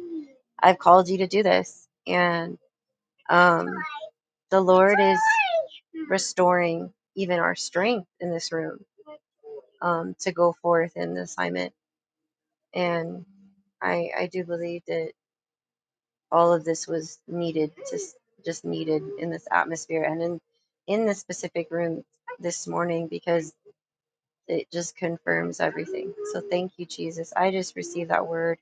[SPEAKER 3] I've called you to do this, and um, the Lord is restoring even our strength in this room um, to go forth in the assignment, and I I do believe that. all of this was needed just just needed in this atmosphere and in in this specific room this morning because it just confirms everything so thank you jesus i just received that word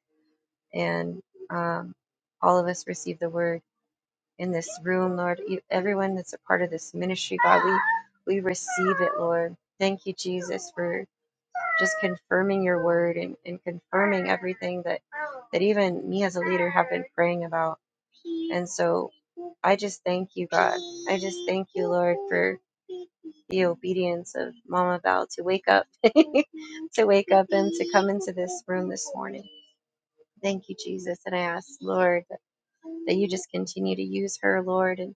[SPEAKER 3] and um, all of us receive the word in this room lord E- everyone that's a part of this ministry god we we receive it lord thank you jesus for just confirming your word and, and confirming everything that that even me as a leader have been praying about and so I just thank you, God. I just thank you, Lord, for the obedience of Mama Val to wake up, *laughs* to wake up and to come into this room this morning. Thank you, Jesus. And I ask, Lord, that you just continue to use her, Lord, and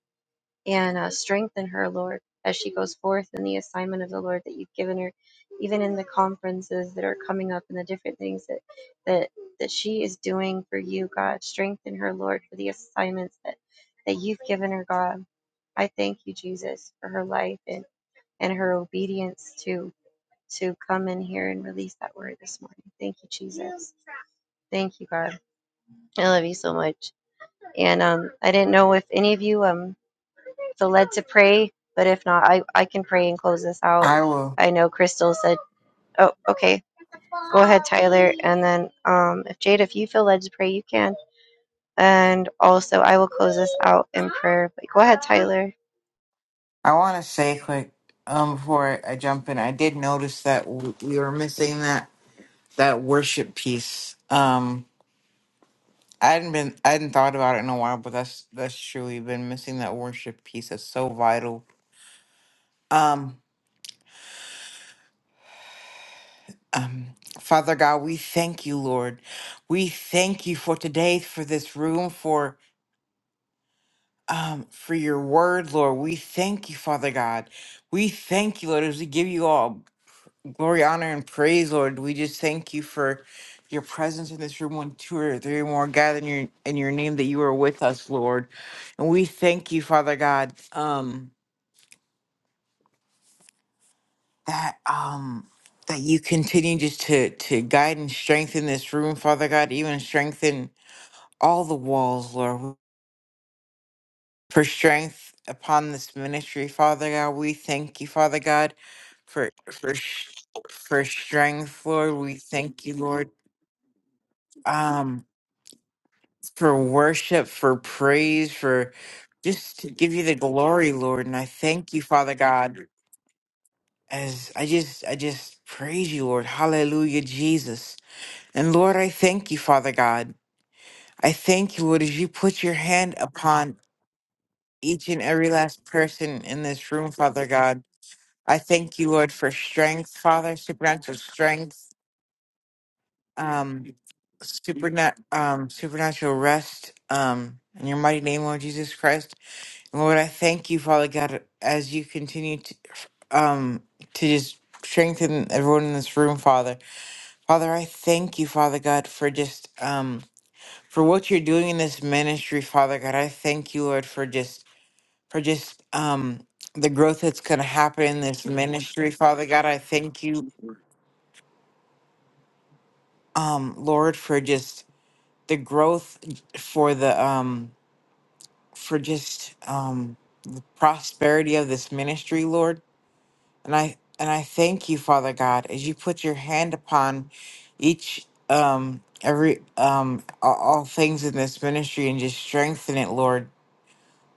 [SPEAKER 3] and uh, strengthen her, Lord, as she goes forth in the assignment of the Lord that you've given her, even in the conferences that are coming up and the different things that that that she is doing for you, God. Strengthen her, Lord, for the assignments that that you've given her, God. I thank you, Jesus, for her life and and her obedience to to come in here and release that word this morning. Thank you, Jesus. Thank you, God. I love you so much. And um, I didn't know if any of you um feel led to pray, but if not, I, I can pray and close this out.
[SPEAKER 4] I will.
[SPEAKER 3] I know Crystal said, oh, okay, go ahead, Tyler. And then um, if Jade, if you feel led to pray, you can. And also, I will close this out in prayer. But go ahead, Tyler.
[SPEAKER 4] I want to say quick um, before I jump in, I did notice that w- we were missing that that worship piece. Um, I hadn't been, I hadn't thought about it in a while, but that's that's true. We've been missing that worship piece. That's so vital. Um, um, Father God, we thank you, Lord. We thank you for today, for this room, for um, for your word, Lord. We thank you, Father God. We thank you, Lord, as we give you all. Glory, honor, and praise, Lord. We just thank you for your presence in this room when two or three more gathered in your, in your name that you are with us, Lord. And we thank you, Father God, um, that um that you continue just to to guide and strengthen this room, Father God, even strengthen all the walls, Lord, for strength upon this ministry, Father God. We thank you, Father God, for for sh- for strength, Lord. We thank you, Lord. Um for worship, for praise, for just to give you the glory, Lord. And I thank you, Father God, as I just I just praise you, Lord. Hallelujah, Jesus. And Lord, I thank you, Father God. I thank you, Lord, as you put your hand upon each and every last person in this room, Father God. I thank you, Lord, for strength, Father, supernatural strength, um, supernat um, supernatural rest, um, in your mighty name, Lord Jesus Christ. Lord, I thank you, Father God, as you continue to um to just strengthen everyone in this room, Father. Father, I thank you, Father God, for just um for what you're doing in this ministry, Father God. I thank you, Lord, for just for just um the growth that's gonna happen in this ministry, Father God. I thank you, um, Lord, for just the growth for the um for just um the prosperity of this ministry, Lord. And I and I thank you, Father God, as you put your hand upon each um every um all, all things in this ministry and just strengthen it, Lord.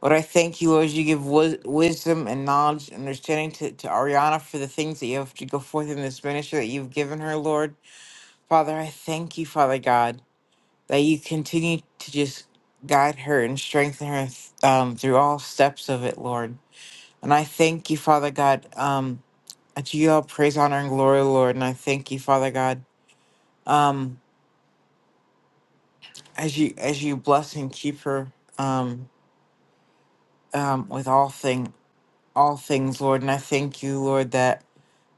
[SPEAKER 4] Lord, I thank you Lord, as you give wis- wisdom and knowledge and understanding to, to Ariana for the things that you have to go forth in this ministry that you've given her, Lord. Father, I thank you, Father God, that you continue to just guide her and strengthen her um, through all steps of it, Lord. And I thank you, Father God. Um, to you all praise, honor, and glory, Lord. And I thank you, Father God, um, as you as you bless and keep her um, um, with all thing all things, Lord. And I thank you, Lord, that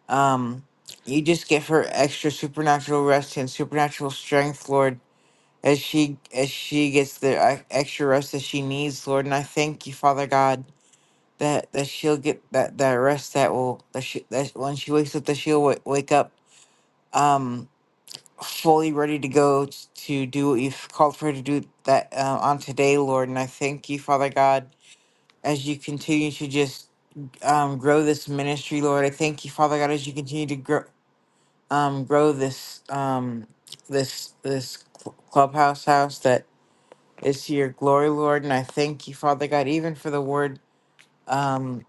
[SPEAKER 4] um, you just give her extra supernatural rest and supernatural strength, Lord. As she as she gets the uh, extra rest that she needs, Lord, and I thank you, Father God, that that she'll get that that rest that will that she that when she wakes up that she'll w- wake up, um, fully ready to go t- to do what you've called for her to do that uh, on today, Lord. And I thank you, Father God, as you continue to just um, grow this ministry, Lord. I thank you, Father God, as you continue to grow um, grow this um, this this cl- clubhouse house that is to your glory, Lord. And I thank you, Father God, even for the word. Um,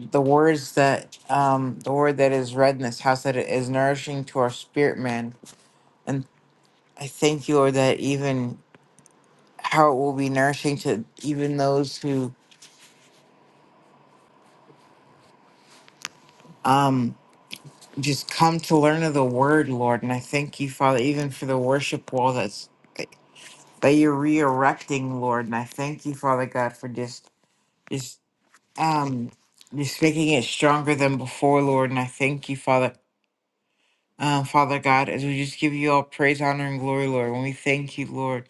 [SPEAKER 4] the words that um the word that is read in this house that it is nourishing to our spirit man and I thank you, Lord, that even how it will be nourishing to even those who um just come to learn of the word, Lord. And I thank you, Father, even for the worship wall that's that you're re-erecting, Lord. And I thank you, Father God, for just just um just making it stronger than before, Lord. And I thank you, Father. Um, Father God, as we just give you all praise, honor, and glory, Lord, and we thank you, Lord,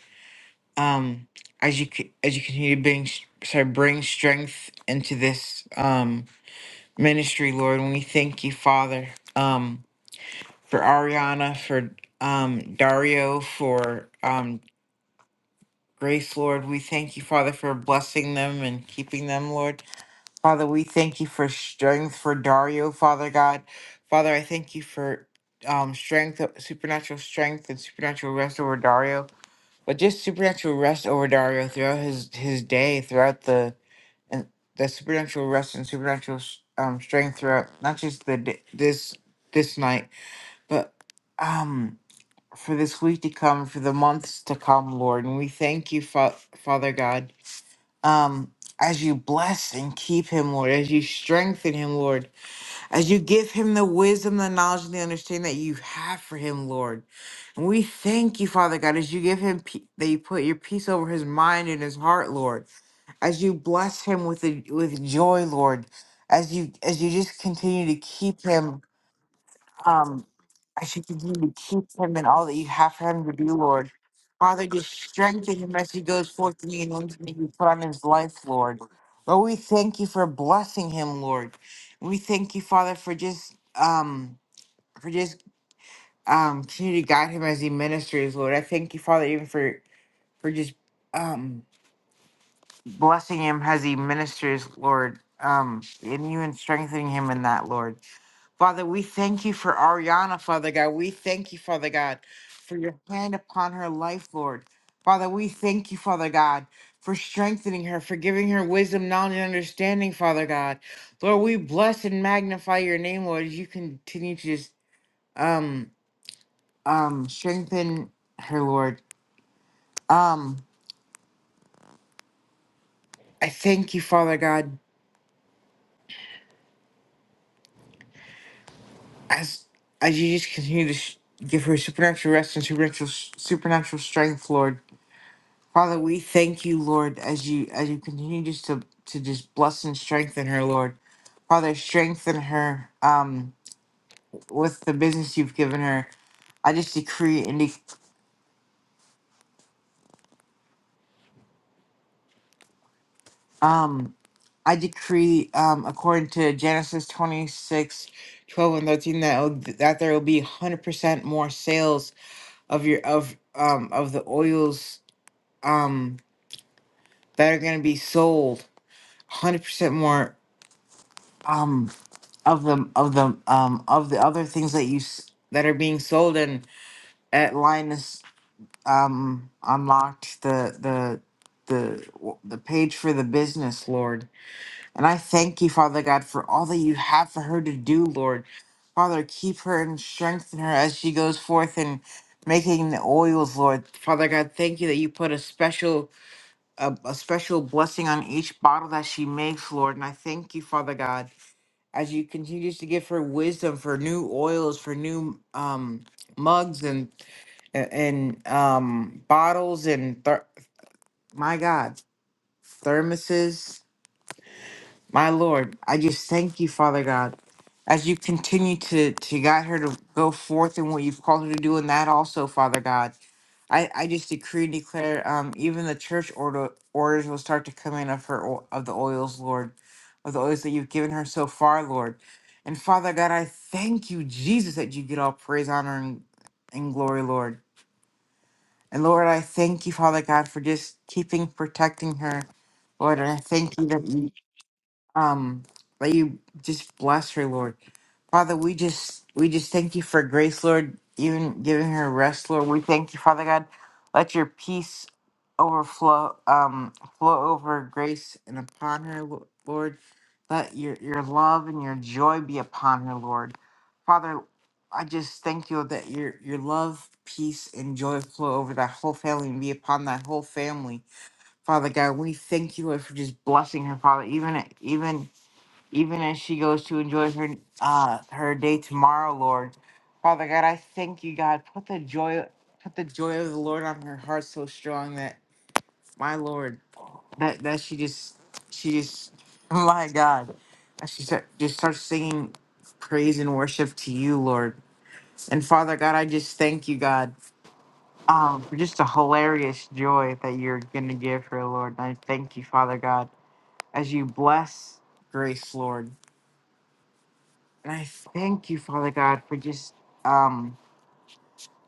[SPEAKER 4] um, as you c- as you continue to bring, sorry, bring strength into this, um, ministry, Lord. And we thank you, Father, um, for Ariana, for um, Dario, for um, Grace, Lord. We thank you, Father, for blessing them and keeping them, Lord. Father, we thank you for strength for Dario, Father God. Father, I thank you for um, strength, supernatural strength, and supernatural rest over Dario. But just supernatural rest over Dario throughout his his day, throughout the and the supernatural rest and supernatural um strength throughout not just the d- this this night but um for this week to come for the months to come lord and we thank you Fa- father god um as you bless and keep him lord as you strengthen him lord as you give him the wisdom, the knowledge, and the understanding that you have for him, Lord. And we thank you, Father God, as you give him pe- that you put your peace over his mind and his heart, Lord. As you bless him with the, with joy, Lord. As you as you just continue to keep him um, I should continue to keep him in all that you have for him to do, Lord. Father, just strengthen him as he goes forth in the anointing that you put on his life, Lord. Lord, we thank you for blessing him, Lord. We thank you, Father, for just um for just um continue to guide him as he ministers, Lord. I thank you, Father, even for for just um blessing him as he ministers, Lord, um, and you and strengthening him in that, Lord. Father, we thank you for Ariana, Father God. We thank you, Father God, for your hand upon her life, Lord. Father, we thank you, Father God, for strengthening her, for giving her wisdom, knowledge, and understanding, Father God. Lord, we bless and magnify your name, Lord, as you continue to just um um strengthen her, Lord. Um, I thank you, Father God. as as you just continue to sh- give her supernatural rest and supernatural supernatural strength, Lord Father, we thank you, Lord, as you as you continue just to to just bless and strengthen her, Lord Father, strengthen her um with the business you've given her. I just decree and de- um I decree um according to Genesis 26, 12 and 13 that will- that there will be 100% more sales of your of um of the oils um that are going to be sold 100% more um of the of the um of the other things that you s- that are being sold and at Linus um unlocked the the the w- the page for the business lord and i thank you father god for all that you have for her to do lord father keep her and strengthen her as she goes forth and making the oils lord father god thank you that you put a special a, a special blessing on each bottle that she makes, Lord. And I thank you, Father God, as you continue to give her wisdom for new oils, for new um, mugs and and um, bottles and ther- my God, thermoses. My Lord, I just thank you, Father God, as you continue to to guide her to go forth in what you've called her to do, and that also, Father God. I, I just decree and declare, um, even the church order orders will start to come in of her o- of the oils, Lord, of the oils that you've given her so far, Lord. And Father God, I thank you, Jesus, that you get all praise, honor, and, and glory, Lord. And Lord, I thank you, Father God, for just keeping protecting her, Lord. And I thank you that you um let you just bless her lord father we just we just thank you for grace lord even giving her rest lord we thank you father god let your peace overflow um flow over grace and upon her Lo- lord let your your love and your joy be upon her lord father i just thank you that your your love peace and joy flow over that whole family and be upon that whole family Father God, we thank you, Lord, for just blessing her, Father. Even even even as she goes to enjoy her uh her day tomorrow, Lord. Father God, I thank you, God. Put the joy put the joy of the Lord on her heart so strong that my Lord that that she just she just *laughs* my God. that She start, just starts singing praise and worship to you, Lord. And Father God, I just thank you, God, um, for just a hilarious joy that you're gonna give her, Lord. And I thank you, Father God, as you bless Grace, Lord. And I thank you, Father God, for just um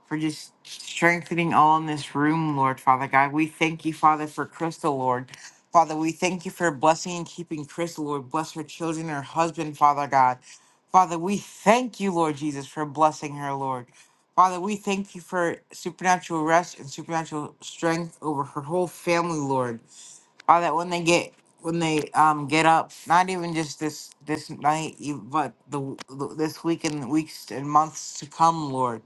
[SPEAKER 4] for just strengthening all in this room, Lord Father God. We thank you, Father, for Crystal, Lord. Father, we thank you for blessing and keeping Crystal, Lord. Bless her children, her husband, Father God. Father, we thank you, Lord Jesus, for blessing her, Lord. Father, we thank you for supernatural rest and supernatural strength over her whole family, Lord. Or that when they get when they um get up, not even just this this night, you- but the, w- the this week and weeks and months to come, Lord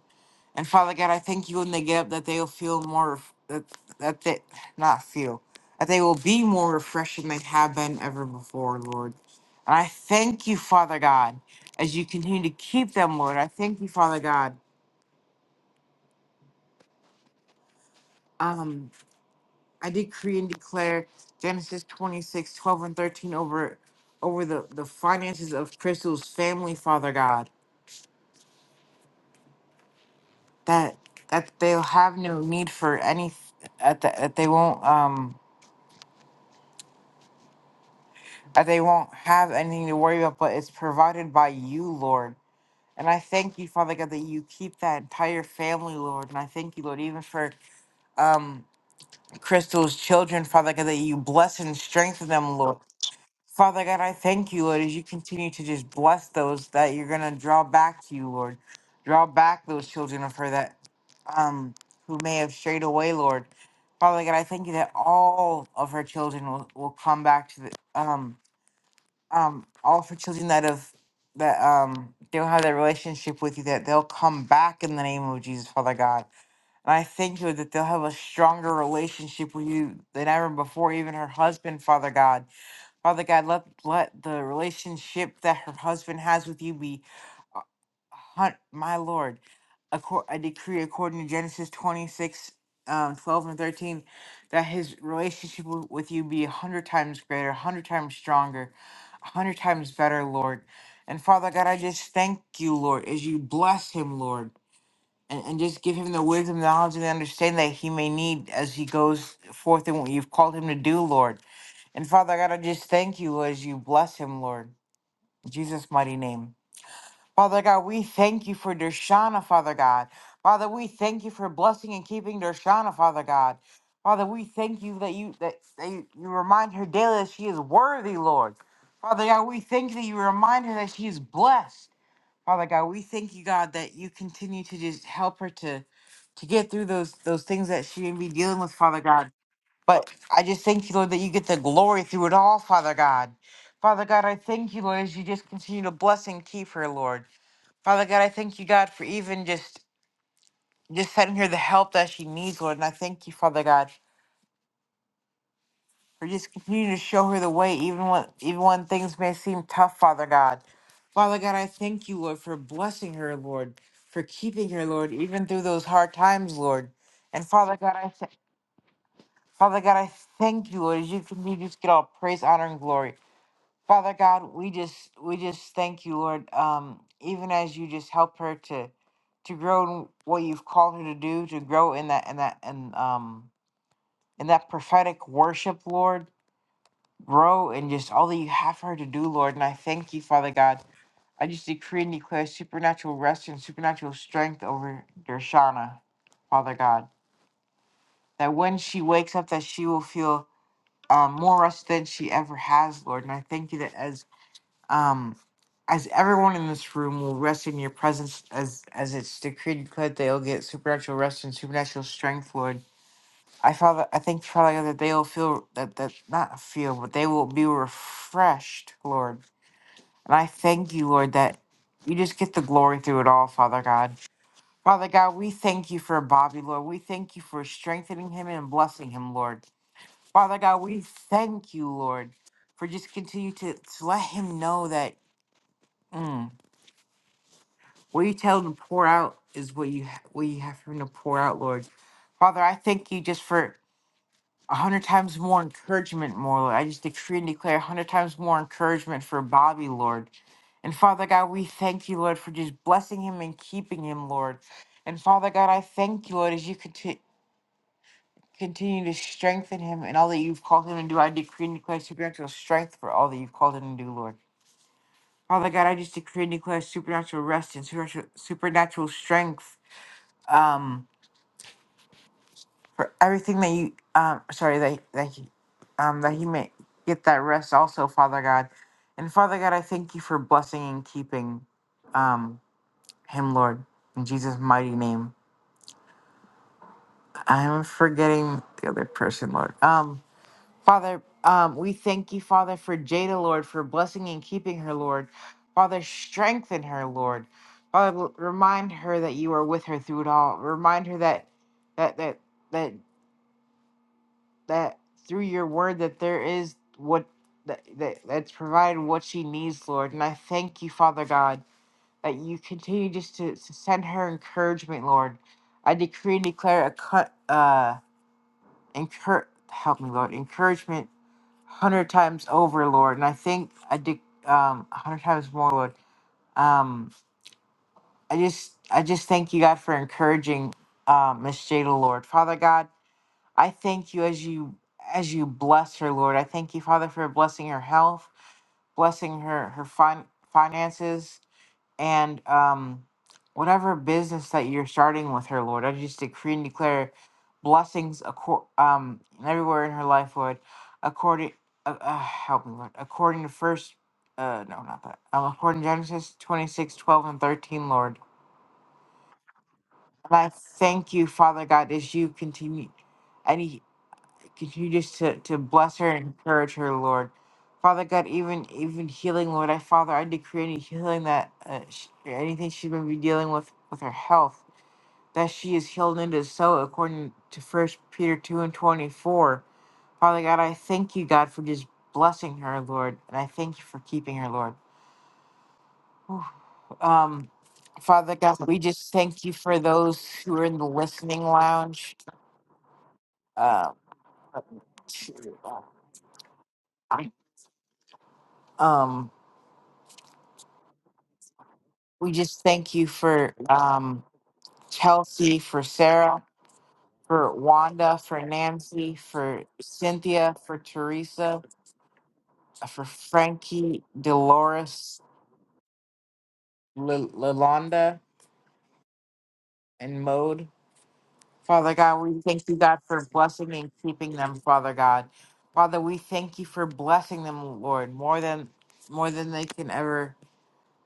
[SPEAKER 4] and Father God, I thank you when they get up that they will feel more ref- that that they not feel that they will be more refreshed than they have been ever before, Lord. And I thank you, Father God, as you continue to keep them, Lord. I thank you, Father God. um, I decree and declare Genesis 26 12 and 13 over over the, the finances of Crystal's family, Father God. That that they'll have no need for any that, that that they won't um that they won't have anything to worry about, but it's provided by you, Lord. And I thank you, Father God, that you keep that entire family, Lord. And I thank you, Lord, even for um Crystal's children, Father God, that you bless and strengthen them, Lord. Father God, I thank you, Lord, as you continue to just bless those that you're gonna draw back to you, Lord. Draw back those children of her that um who may have strayed away, Lord. Father God, I thank you that all of her children will, will come back to the um um all of her children that have that um don't have that relationship with you, that they'll come back in the name of Jesus, Father God. And I thank you that they'll have a stronger relationship with you than ever before, even her husband, Father God. Father God, let let the relationship that her husband has with you be, uh, hun- my Lord, accor- I decree according to Genesis 26, um, 12 and 13, that his relationship w- with you be a hundred times greater, a hundred times stronger, a hundred times better, Lord. And Father God, I just thank you, Lord, as you bless him, Lord. And, and just give him the wisdom, knowledge, and the understanding that he may need as he goes forth in what you've called him to do, Lord. And Father God, I just thank you as you bless him, Lord. In Jesus' mighty name. Father God, we thank you for Dershana, Father God. Father, we thank you for blessing and keeping Dershana, Father God. Father, we thank you that you that, that you, you remind her daily that she is worthy, Lord. Father God, we thank you that you remind her that she is blessed. Father God, we thank you, God, that you continue to just help her to to get through those those things that she may be dealing with, Father God. But I just thank you, Lord, that you get the glory through it all, Father God. Father God, I thank you, Lord, as you just continue to bless and keep her, Lord. Father God, I thank you, God, for even just just sending her the help that she needs, Lord. And I thank you, Father God, for just continuing to show her the way, even when even when things may seem tough, Father God. Father God, I thank you, Lord, for blessing her, Lord, for keeping her, Lord, even through those hard times, Lord. And Father God, I th- Father God, I thank you, Lord, as you continue to just get all praise, honor, and glory. Father God, we just we just thank you, Lord. Um, even as you just help her to to grow in what you've called her to do, to grow in that in that and um in that prophetic worship, Lord, grow in just all that you have for her to do, Lord. And I thank you, Father God. I just decree and declare supernatural rest and supernatural strength over Dershana, Father God. That when she wakes up, that she will feel um, more rest than she ever has, Lord. And I thank you that as Um, as everyone in this room will rest in your presence, as as it's decreed and declared, they'll get supernatural rest and supernatural strength, Lord. I Father, I thank you, Father God, that they'll feel that that not feel, but they will be refreshed, Lord. And I thank you, Lord, that you just get the glory through it all, Father God. Father God, we thank you for Bobby, Lord. We thank you for strengthening him and blessing him, Lord. Father God, we thank you, Lord, for just continue to, to let him know that. mm, What you tell them to pour out is what you ha- what you have for them to pour out, Lord. Father, I thank you just for a hundred times more encouragement, more Lord. I just decree and declare a hundred times more encouragement for Bobby, Lord. And Father God, we thank you, Lord, for just blessing him and keeping him, Lord. And Father God, I thank you, Lord, as you conti- continue to strengthen him and all that you've called him to do. I decree and declare supernatural strength for all that you've called him to do, Lord. Father God, I just decree and declare supernatural rest and supernatural supernatural strength um, for everything that you, um, sorry, that, that he, um, that he may get that rest also, Father God. And Father God, I thank you for blessing and keeping, um, him, Lord, in Jesus' mighty name. I'm forgetting the other person, Lord. Um, Father, um, we thank you, Father, for Jada, Lord, for blessing and keeping her, Lord. Father, strengthen her, Lord. Father, l- remind her that you are with her through it all. Remind her that, that, that, that. that through your word that there is what that, that that's provided what she needs, Lord. And I thank you, Father God, that you continue just to, to send her encouragement, Lord. I decree and declare a cut uh encour help me, Lord, encouragement hundred times over, Lord. And I think I de- um hundred times more, Lord. Um I just I just thank you God for encouraging um Miss Jada, Lord. Father God, I thank you as you as you bless her, Lord. I thank you, Father, for blessing her health, blessing her her fin- finances, and um, whatever business that you're starting with her, Lord. I just decree and declare blessings acor- um everywhere in her life, Lord. According, uh, uh, help me, Lord. According to first, uh, no, not that. Um, according to Genesis 26 12 and thirteen, Lord. And I thank you, Father God, as you continue. Continue just to, to bless her and encourage her, Lord. Father God, even even healing, Lord, I Father, I decree any healing that uh, sh anything she's going to be dealing with with her health, that she is healed and is so, according to First Peter two and twenty four. Father God, I thank you, God, for just blessing her, Lord, and I thank you for keeping her, Lord. Whew. Um, Father God, we just thank you for those who are in the listening lounge. Uh, um, We just thank you for um, Chelsea, for Sarah, for Wanda, for Nancy, for Cynthia, for Teresa, for Frankie, Dolores, L- Lalonda, and Mode. Father God, we thank you, God, for blessing and keeping them, Father God. Father, we thank you for blessing them, Lord, more than more than they can ever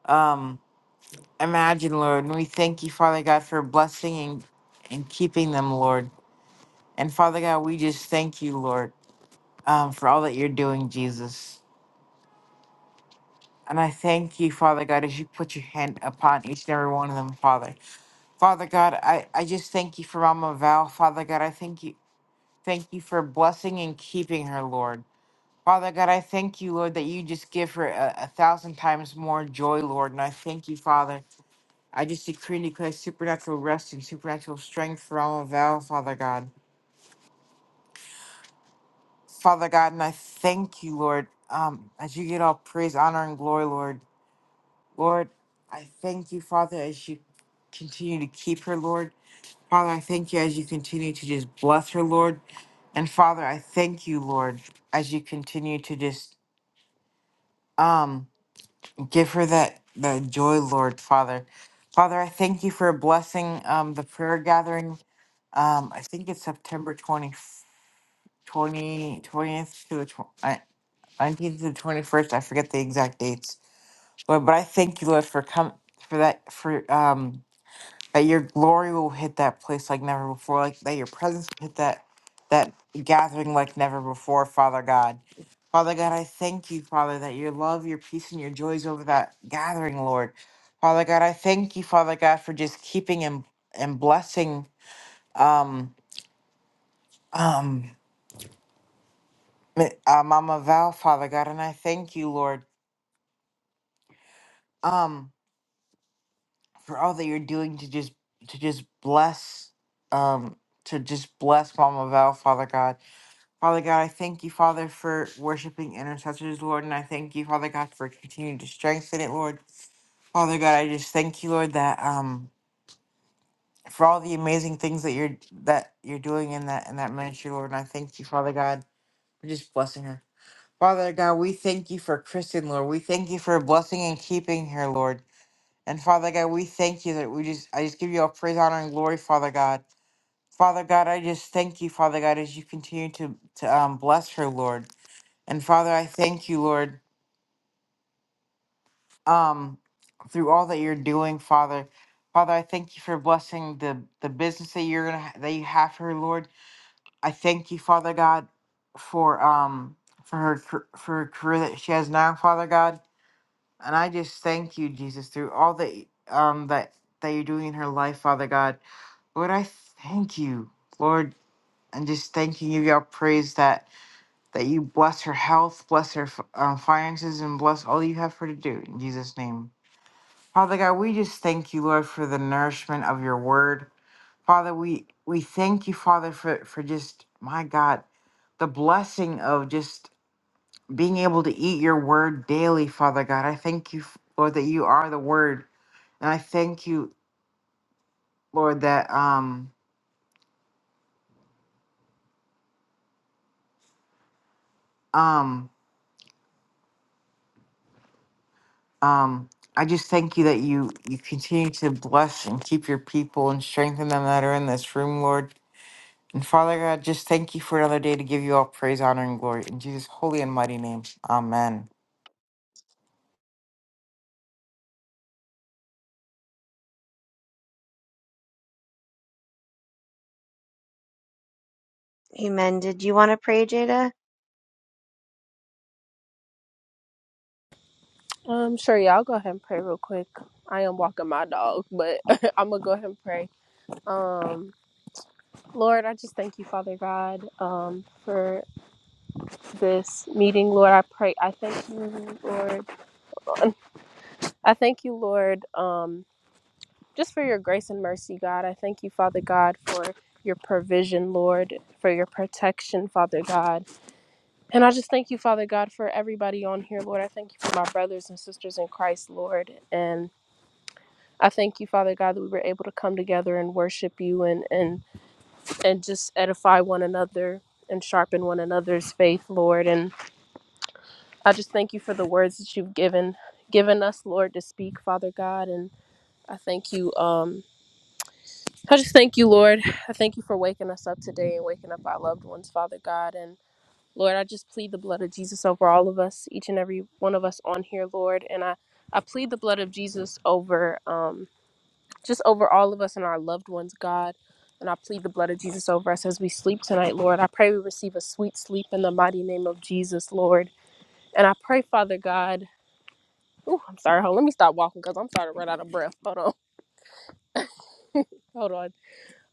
[SPEAKER 4] um, imagine, Lord. And we thank you, Father God, for blessing and, and keeping them, Lord. And Father God, we just thank you, Lord, um, for all that you're doing, Jesus. And I thank you, Father God, as you put your hand upon each and every one of them, Father. Father God, I, I just thank you for Mama Val, Father God. I thank you, thank you for blessing and keeping her, Lord. Father God, I thank you, Lord, that you just give her a, a thousand times more joy, Lord. And I thank you, Father. I just decree and declare supernatural rest and supernatural strength for Mama Val, Father God. Father God, and I thank you, Lord, um, as you get all praise, honor, and glory, Lord. Lord, I thank you, Father, as you continue to keep her, Lord. Father, I thank you as you continue to just bless her, Lord. And Father, I thank you, Lord, as you continue to just um give her that that joy, Lord, Father. Father, I thank you for blessing um the prayer gathering. Um, I think it's September 20, 20 twentieth to the twenty. 19th and 21st. I forget the exact dates. Lord, but I thank you, Lord, for come for that for um that your glory will hit that place like never before, like that your presence will hit that that gathering like never before, Father God. Father God, I thank you, Father, that your love, your peace, and your joys over that gathering, Lord. Father God, I thank you, Father God, for just keeping and and blessing um um uh, Mama Val, Father God, and I thank you, Lord. Um for all that you're doing to just to just bless um to just bless Mama Val, Father God. Father God, I thank you, Father, for worshiping intercessors, Lord, and I thank you, Father God, for continuing to strengthen it, Lord. Father God, I just thank you, Lord, that um for all the amazing things that you're that you're doing in that in that ministry, Lord, and I thank you, Father God, for just blessing her. Father God, we thank you for Kristen, Lord. We thank you for blessing and keeping her, Lord. And Father God, we thank you that we just, I just give you all praise, honor, and glory, Father God. Father God, I just thank you, Father God, as you continue to, to um, bless her, Lord. And Father, I thank you, Lord, um, through all that you're doing, Father. Father, I thank you for blessing the, the business that you're gonna ha- that you have for her, Lord. I thank you, Father God, for um for her car- for her career that she has now, Father God. And I just thank you, Jesus, through all that y- um that that you're doing in her life, Father God. Lord, I thank you, Lord. I'm just thanking you, y'all. Praise that that you bless her health, bless her uh, finances, and bless all you have for her to do in Jesus' name. Father God, we just thank you, Lord, for the nourishment of your word. Father, we we thank you, Father, for for just my God, the blessing of just being able to eat your word daily, Father God. I thank you, Lord, that you are the word, and I thank you, Lord, that um um. Um, I just thank you that you you continue to bless and keep your people and strengthen them that are in this room, Lord. And Father God, just thank you for another day to give you all praise, honor, and glory in Jesus' holy and mighty name. Amen.
[SPEAKER 3] Amen. Did you want to pray, Jada?
[SPEAKER 6] Um, sure, y'all go ahead and pray real quick. I am walking my dog, but *laughs* I'm gonna go ahead and pray. Um, Lord, I just thank you, Father God, um, for this meeting. Lord, I pray. I thank you, Lord. I thank you, Lord, um, just for your grace and mercy, God. I thank you, Father God, for your provision, Lord, for your protection, Father God. And I just thank you, Father God, for everybody on here, Lord. I thank you for my brothers and sisters in Christ, Lord. And I thank you, Father God, that we were able to come together and worship you and and and just edify one another and sharpen one another's faith, Lord. And I just thank you for the words that you've given given us, Lord, to speak, Father God. And I thank you. Um, I just thank you, Lord. I thank you for waking us up today and waking up our loved ones, Father God. And Lord, I just plead the blood of Jesus over all of us, each and every one of us on here, Lord. And I, I plead the blood of Jesus over um, just over all of us and our loved ones, God. And I plead the blood of Jesus over us as we sleep tonight, Lord. I pray we receive a sweet sleep in the mighty name of Jesus, Lord. And I pray, Father God. Ooh, I'm sorry. Hold. on. Let me stop walking because I'm starting to run out of breath. Hold on. Hold on.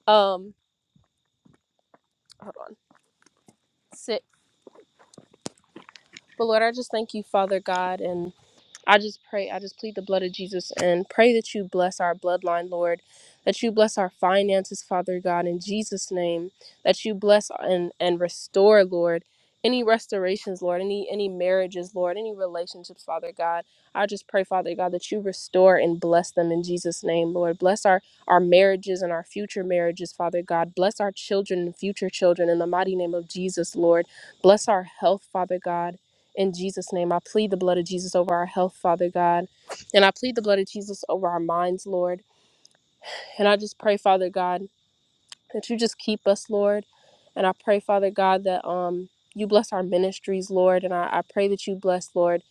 [SPEAKER 6] Um. Hold on. Sit. But Lord, I just thank you, Father God, and I just pray, I just plead the blood of Jesus and pray that you bless our bloodline, Lord, that you bless our finances, Father God, in Jesus' name, that you bless and, and restore, Lord. Any restorations, Lord, any any marriages, Lord, any relationships, Father God. I just pray, Father God, that you restore and bless them in Jesus' name, Lord. Bless our our marriages and our future marriages, Father God. Bless our children and future children in the mighty name of Jesus, Lord. Bless our health, Father God. In Jesus' name, I plead the blood of Jesus over our health, Father God. And I plead the blood of Jesus over our minds, Lord. And I just pray, Father God, that you just keep us, Lord. And I pray, Father God, that um you bless our ministries, Lord. And I, I pray that you bless, Lord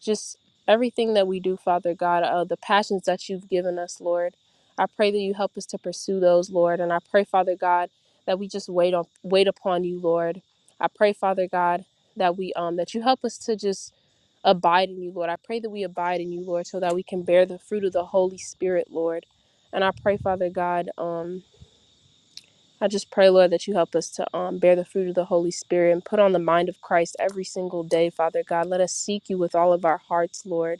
[SPEAKER 6] just everything that we do, Father God, uh, the passions that you've given us, Lord. I pray that you help us to pursue those, Lord, and I pray, Father God, that we just wait on wait upon you, Lord. I pray, Father God, that we um that you help us to just abide in you, Lord. I pray that we abide in you, Lord, so that we can bear the fruit of the Holy Spirit, Lord. And I pray, Father God, um, I just pray, Lord, that you help us to um, bear the fruit of the Holy Spirit and put on the mind of Christ every single day, Father God. Let us seek you with all of our hearts, Lord.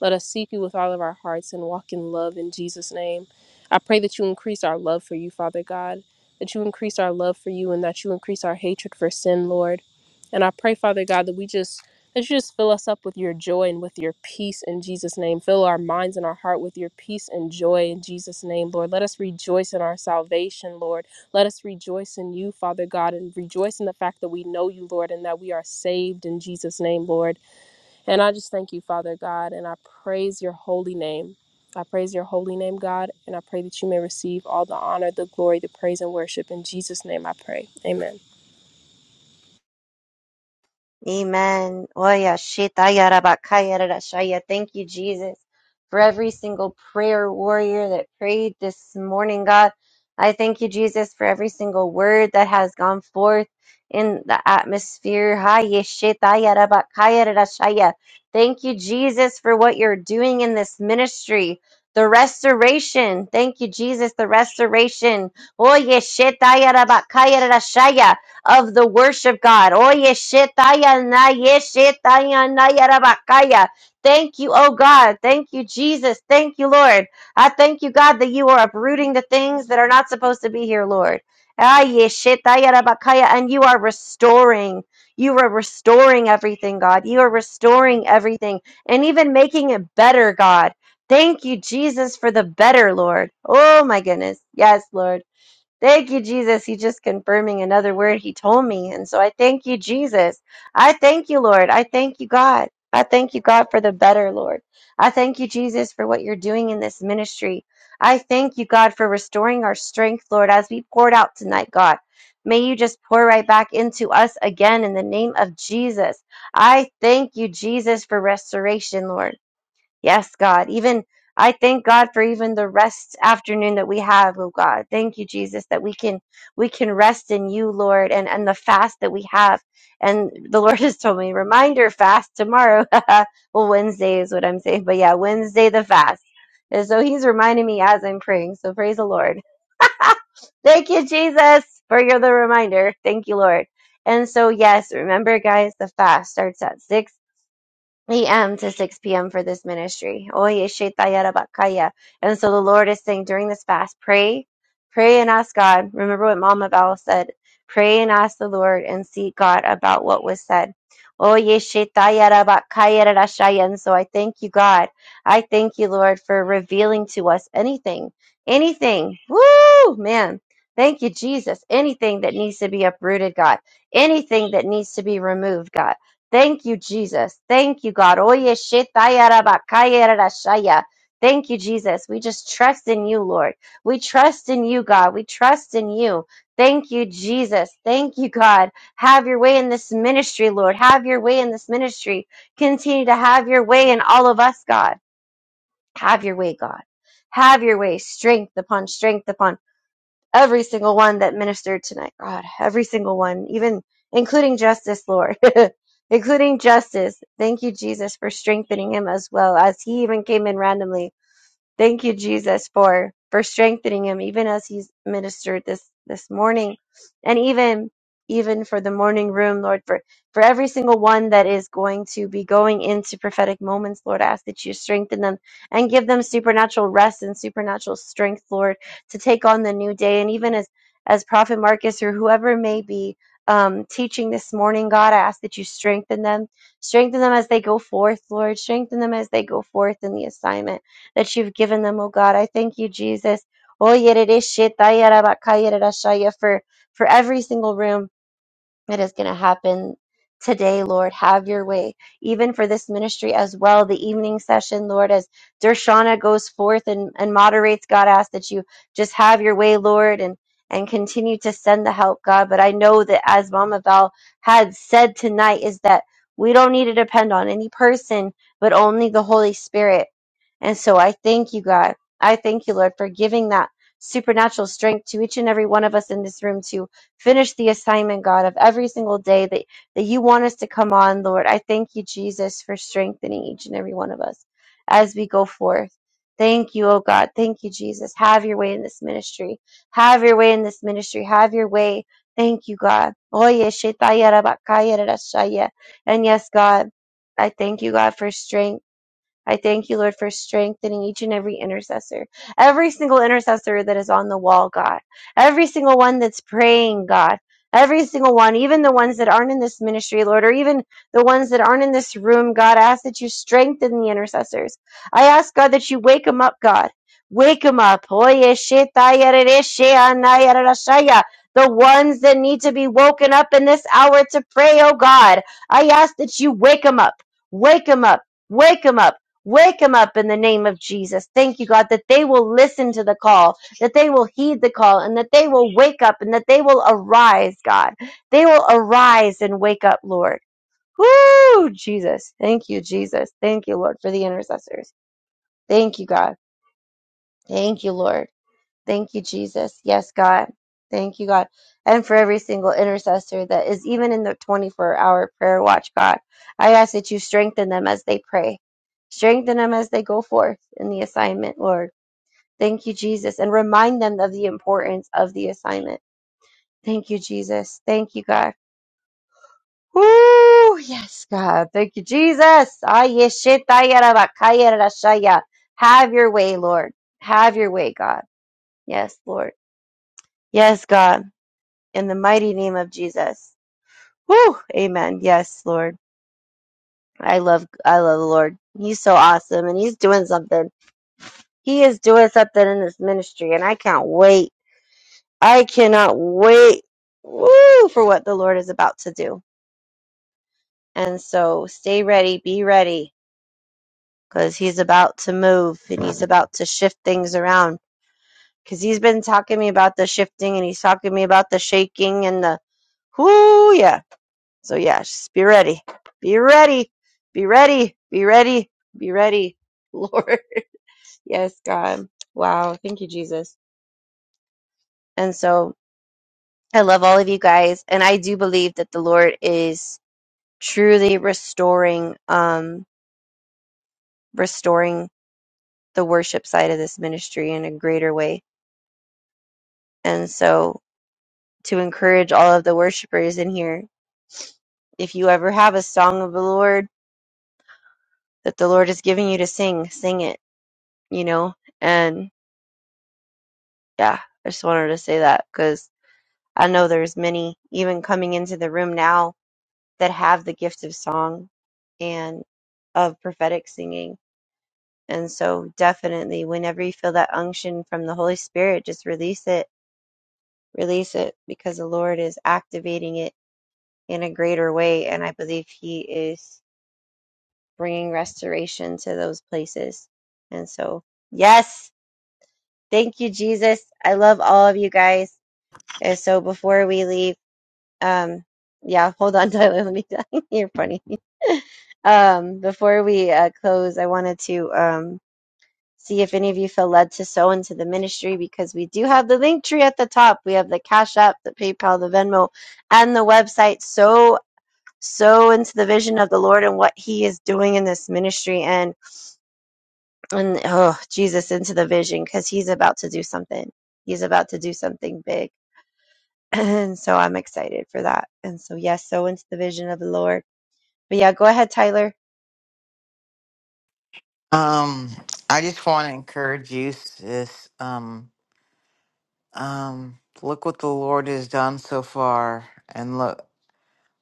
[SPEAKER 6] Let us seek you with all of our hearts and walk in love in Jesus' name. I pray that you increase our love for you, Father God, that you increase our love for you and that you increase our hatred for sin, Lord. And I pray, Father God, that we just that you just fill us up with your joy and with your peace in Jesus' name. Fill our minds and our heart with your peace and joy in Jesus' name, Lord. Let us rejoice in our salvation, Lord. Let us rejoice in you, Father God, and rejoice in the fact that we know you, Lord, and that we are saved in Jesus' name, Lord. And I just thank you, Father God, and I praise your holy name. I praise your holy name, God, and I pray that you may receive all the honor, the glory, the praise, and worship. In Jesus' name I pray. Amen.
[SPEAKER 3] Amen. Oya shitaya rabakaya rarashaya. Thank you, Jesus, for every single prayer warrior that prayed this morning, God. I thank you, Jesus, for every single word that has gone forth in the atmosphere. Haya shitaya rabakaya rarashaya. Thank you, Jesus, for what you're doing in this ministry. The restoration. Thank you, Jesus, the restoration. Oye shitaya rabakaya rarashaya of the worship, God. Oye, shetaya na, ye shetaya na yarabakaya. Thank you, oh God. Thank you, Jesus. Thank you, Lord. I thank you, God, that you are uprooting the things that are not supposed to be here, Lord. Aye, shetaya rabakaya, And you are restoring. You are restoring everything, God. You are restoring everything and even making it better, God. Thank you, Jesus, for the better, Lord. Oh, my goodness. Yes, Lord. Thank you, Jesus. He's just confirming another word he told me. And so I thank you, Jesus. I thank you, Lord. I thank you, God. I thank you, God, for the better, Lord. I thank you, Jesus, for what you're doing in this ministry. I thank you, God, for restoring our strength, Lord, as we poured out tonight, God. May you just pour right back into us again in the name of Jesus. I thank you, Jesus, for restoration, Lord. Yes, God. Even I thank God for even the rest afternoon that we have, oh God. Thank you, Jesus, that we can we can rest in you, Lord, and and the fast that we have. And the *laughs* Lord has told me, reminder fast tomorrow. *laughs* well, Wednesday is what I'm saying, but yeah, Wednesday the fast. And so He's reminding me as I'm praying. So praise the Lord. *laughs* Thank you, Jesus, for your the reminder. Thank you, Lord. And so yes, remember, guys, the fast starts at 6 eight a.m. to 6 p.m. for this ministry. Oye, shaitaya rabakaya. And so the Lord is saying during this fast, pray, pray and ask God. Remember what Mama Val said. Pray and ask the Lord and seek God about what was said. Oye, shaitaya rabakaya rarashaya. And so I thank you, God. I thank you, Lord, for revealing to us anything, anything. Woo, man. Thank you, Jesus. Anything that needs to be uprooted, God. Anything that needs to be removed, God Thank you, Jesus. Thank you, God. Oye, shetaya rabakaya rarashaya. Thank you, Jesus. We just trust in you, Lord. We trust in you, God. We trust in you. Thank you, Jesus. Thank you, God. Have your way in this ministry, Lord. Have your way in this ministry. Continue to have your way in all of us, God. Have your way, God. Have your way, strength upon strength upon every single one that ministered tonight, God, every single one, even including Justice, Lord, *laughs* including Justice. Thank you, Jesus, for strengthening him as well as he even came in randomly. Thank you, Jesus, for for strengthening him, even as he's ministered this this morning, and even even for the morning room, Lord, for for every single one that is going to be going into prophetic moments, Lord, I ask that you strengthen them and give them supernatural rest and supernatural strength, Lord, to take on the new day, and even as as Prophet Marcus or whoever may be um, teaching this morning, God, I ask that you strengthen them, strengthen them as they go forth, Lord, strengthen them as they go forth in the assignment that you've given them, oh God. I thank you, Jesus. Oh, yeah, it is shit. I, yeah, yeah, yeah, yeah, for for every single room. It is going to happen today, Lord. Have your way, even for this ministry as well. The evening session, Lord, as Dershana goes forth and, and moderates, God, ask that you just have your way, Lord, and and continue to send the help, God. But I know that as Mama Val had said tonight, is that we don't need to depend on any person, but only the Holy Spirit. And so I thank you, God. I thank you, Lord, for giving that supernatural strength to each and every one of us in this room, to. Finish the assignment, God, of every single day that, that you want us to come on, Lord. I thank you, Jesus, for strengthening each and every one of us as we go forth. Thank you, oh God. Thank you, Jesus. Have your way in this ministry. Have your way in this ministry. Have your way. Thank you, God. Oye, shetaya rabakaya rarashaya. And yes, God, I thank you, God, for strength. I thank you, Lord, for strengthening each and every intercessor, every single intercessor that is on the wall, God, every single one that's praying, God, every single one, even the ones that aren't in this ministry, Lord, or even the ones that aren't in this room, God, I ask that you strengthen the intercessors. I ask, God, that you wake them up, God. Wake them up. Oye, sheta, yere, The ones that need to be woken up in this hour to pray, oh God. I ask that you wake them up. Wake them up. Wake 'em up. Wake them up in the name of Jesus. Thank you, God, that they will listen to the call, that they will heed the call, and that they will wake up and that they will arise, God. They will arise and wake up, Lord. Woo, Jesus. Thank you, Jesus. Thank you, Lord, for the intercessors. Thank you, God. Thank you, Lord. Thank you, Jesus. Yes, God. Thank you, God. And for every single intercessor that is even in the 24 hour prayer watch, God, I ask that you strengthen them as they pray, strengthen them as they go forth in the assignment, Lord. Thank you, Jesus. And remind them of the importance of the assignment. Thank you, Jesus. Thank you, God. Woo! Yes, God. Thank you, Jesus. Ay, yeshitayarabakayarashaya. Have your way, Lord. Have your way, God. Yes, Lord. Yes, God. in the mighty name of Jesus. Whew, amen. Yes, Lord. I love I love the Lord. He's so awesome and he's doing something. He is doing something in this ministry and I can't wait. I cannot wait woo for what the Lord is about to do. And so stay ready, be ready cuz he's about to move and he's about to shift things around cuz he's been talking to me about the shifting and he's talking to me about the shaking and the whoo yeah So yeah, just be ready. Be ready. Be ready. Be ready. Be ready. Lord. *laughs* Yes, God. Wow. Thank you, Jesus. And so I love all of you guys. And I do believe that the Lord is truly restoring, um, restoring the worship side of this ministry in a greater way. And so to encourage all of the worshipers in here, if you ever have a song of the Lord that the Lord is giving you to sing, sing it, you know, and. yeah, I just wanted to say that because I know there's many even coming into the room now that have the gift of song and of prophetic singing. And so definitely whenever you feel that unction from the Holy Spirit, just release it, release it because the Lord is activating it in a greater way. And I believe he is bringing restoration to those places. And so, yes, thank you, Jesus. I love all of you guys. And so before we leave, Um, yeah, hold on, *laughs* Tyler. Let me. *laughs* You're funny. *laughs* Um, before we uh, close, I wanted to um, see if any of you feel led to sow into the ministry because we do have the link tree at the top. We have the Cash App, the PayPal, the Venmo, and the website. So sow into the vision of the Lord and what He is doing in this ministry, and and oh Jesus into the vision because He's about to do something. He's about to do something big. *clears throat* And so I'm excited for that. And so, yes, sow into the vision of the Lord But yeah, go ahead, Tyler.
[SPEAKER 4] Um, I just want to encourage you, sis. Um, um, look what the Lord has done so far, and look.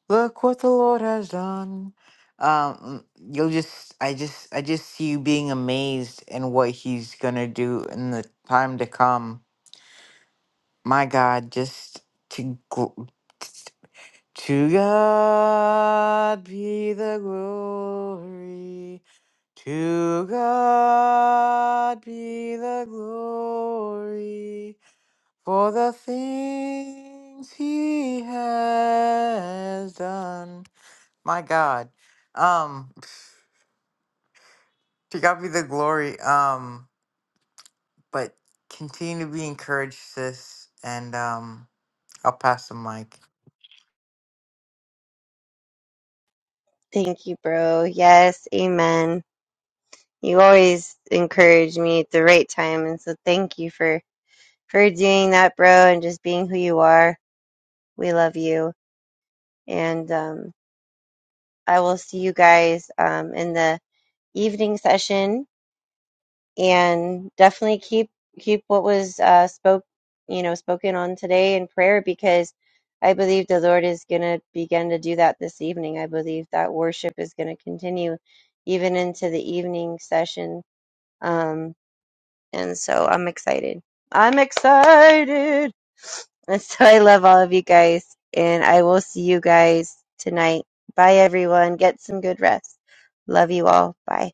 [SPEAKER 4] Look what the Lord has done. Um, you'll just, I just, I just see you being amazed in what He's gonna do in the time to come. My God, just to gl- to God be the glory. To God be the glory for the things He has done. My God. Um, *laughs* to God be the glory. Um, but continue to be encouraged, sis. And um, I'll pass the mic.
[SPEAKER 3] Thank you, bro. Yes, amen. You always encourage me at the right time, and so thank you for for doing that, bro, and just being who you are. We love you, and um, I will see you guys um, in the evening session and definitely keep keep what was uh, spoke you know spoken on today in prayer because I believe the Lord is going to begin to do that this evening. I believe that worship is going to continue even into the evening session, um, and so I'm excited. I'm excited, *laughs* and so I love all of you guys, and I will see you guys tonight. Bye, everyone. Get some good rest. Love you all. Bye.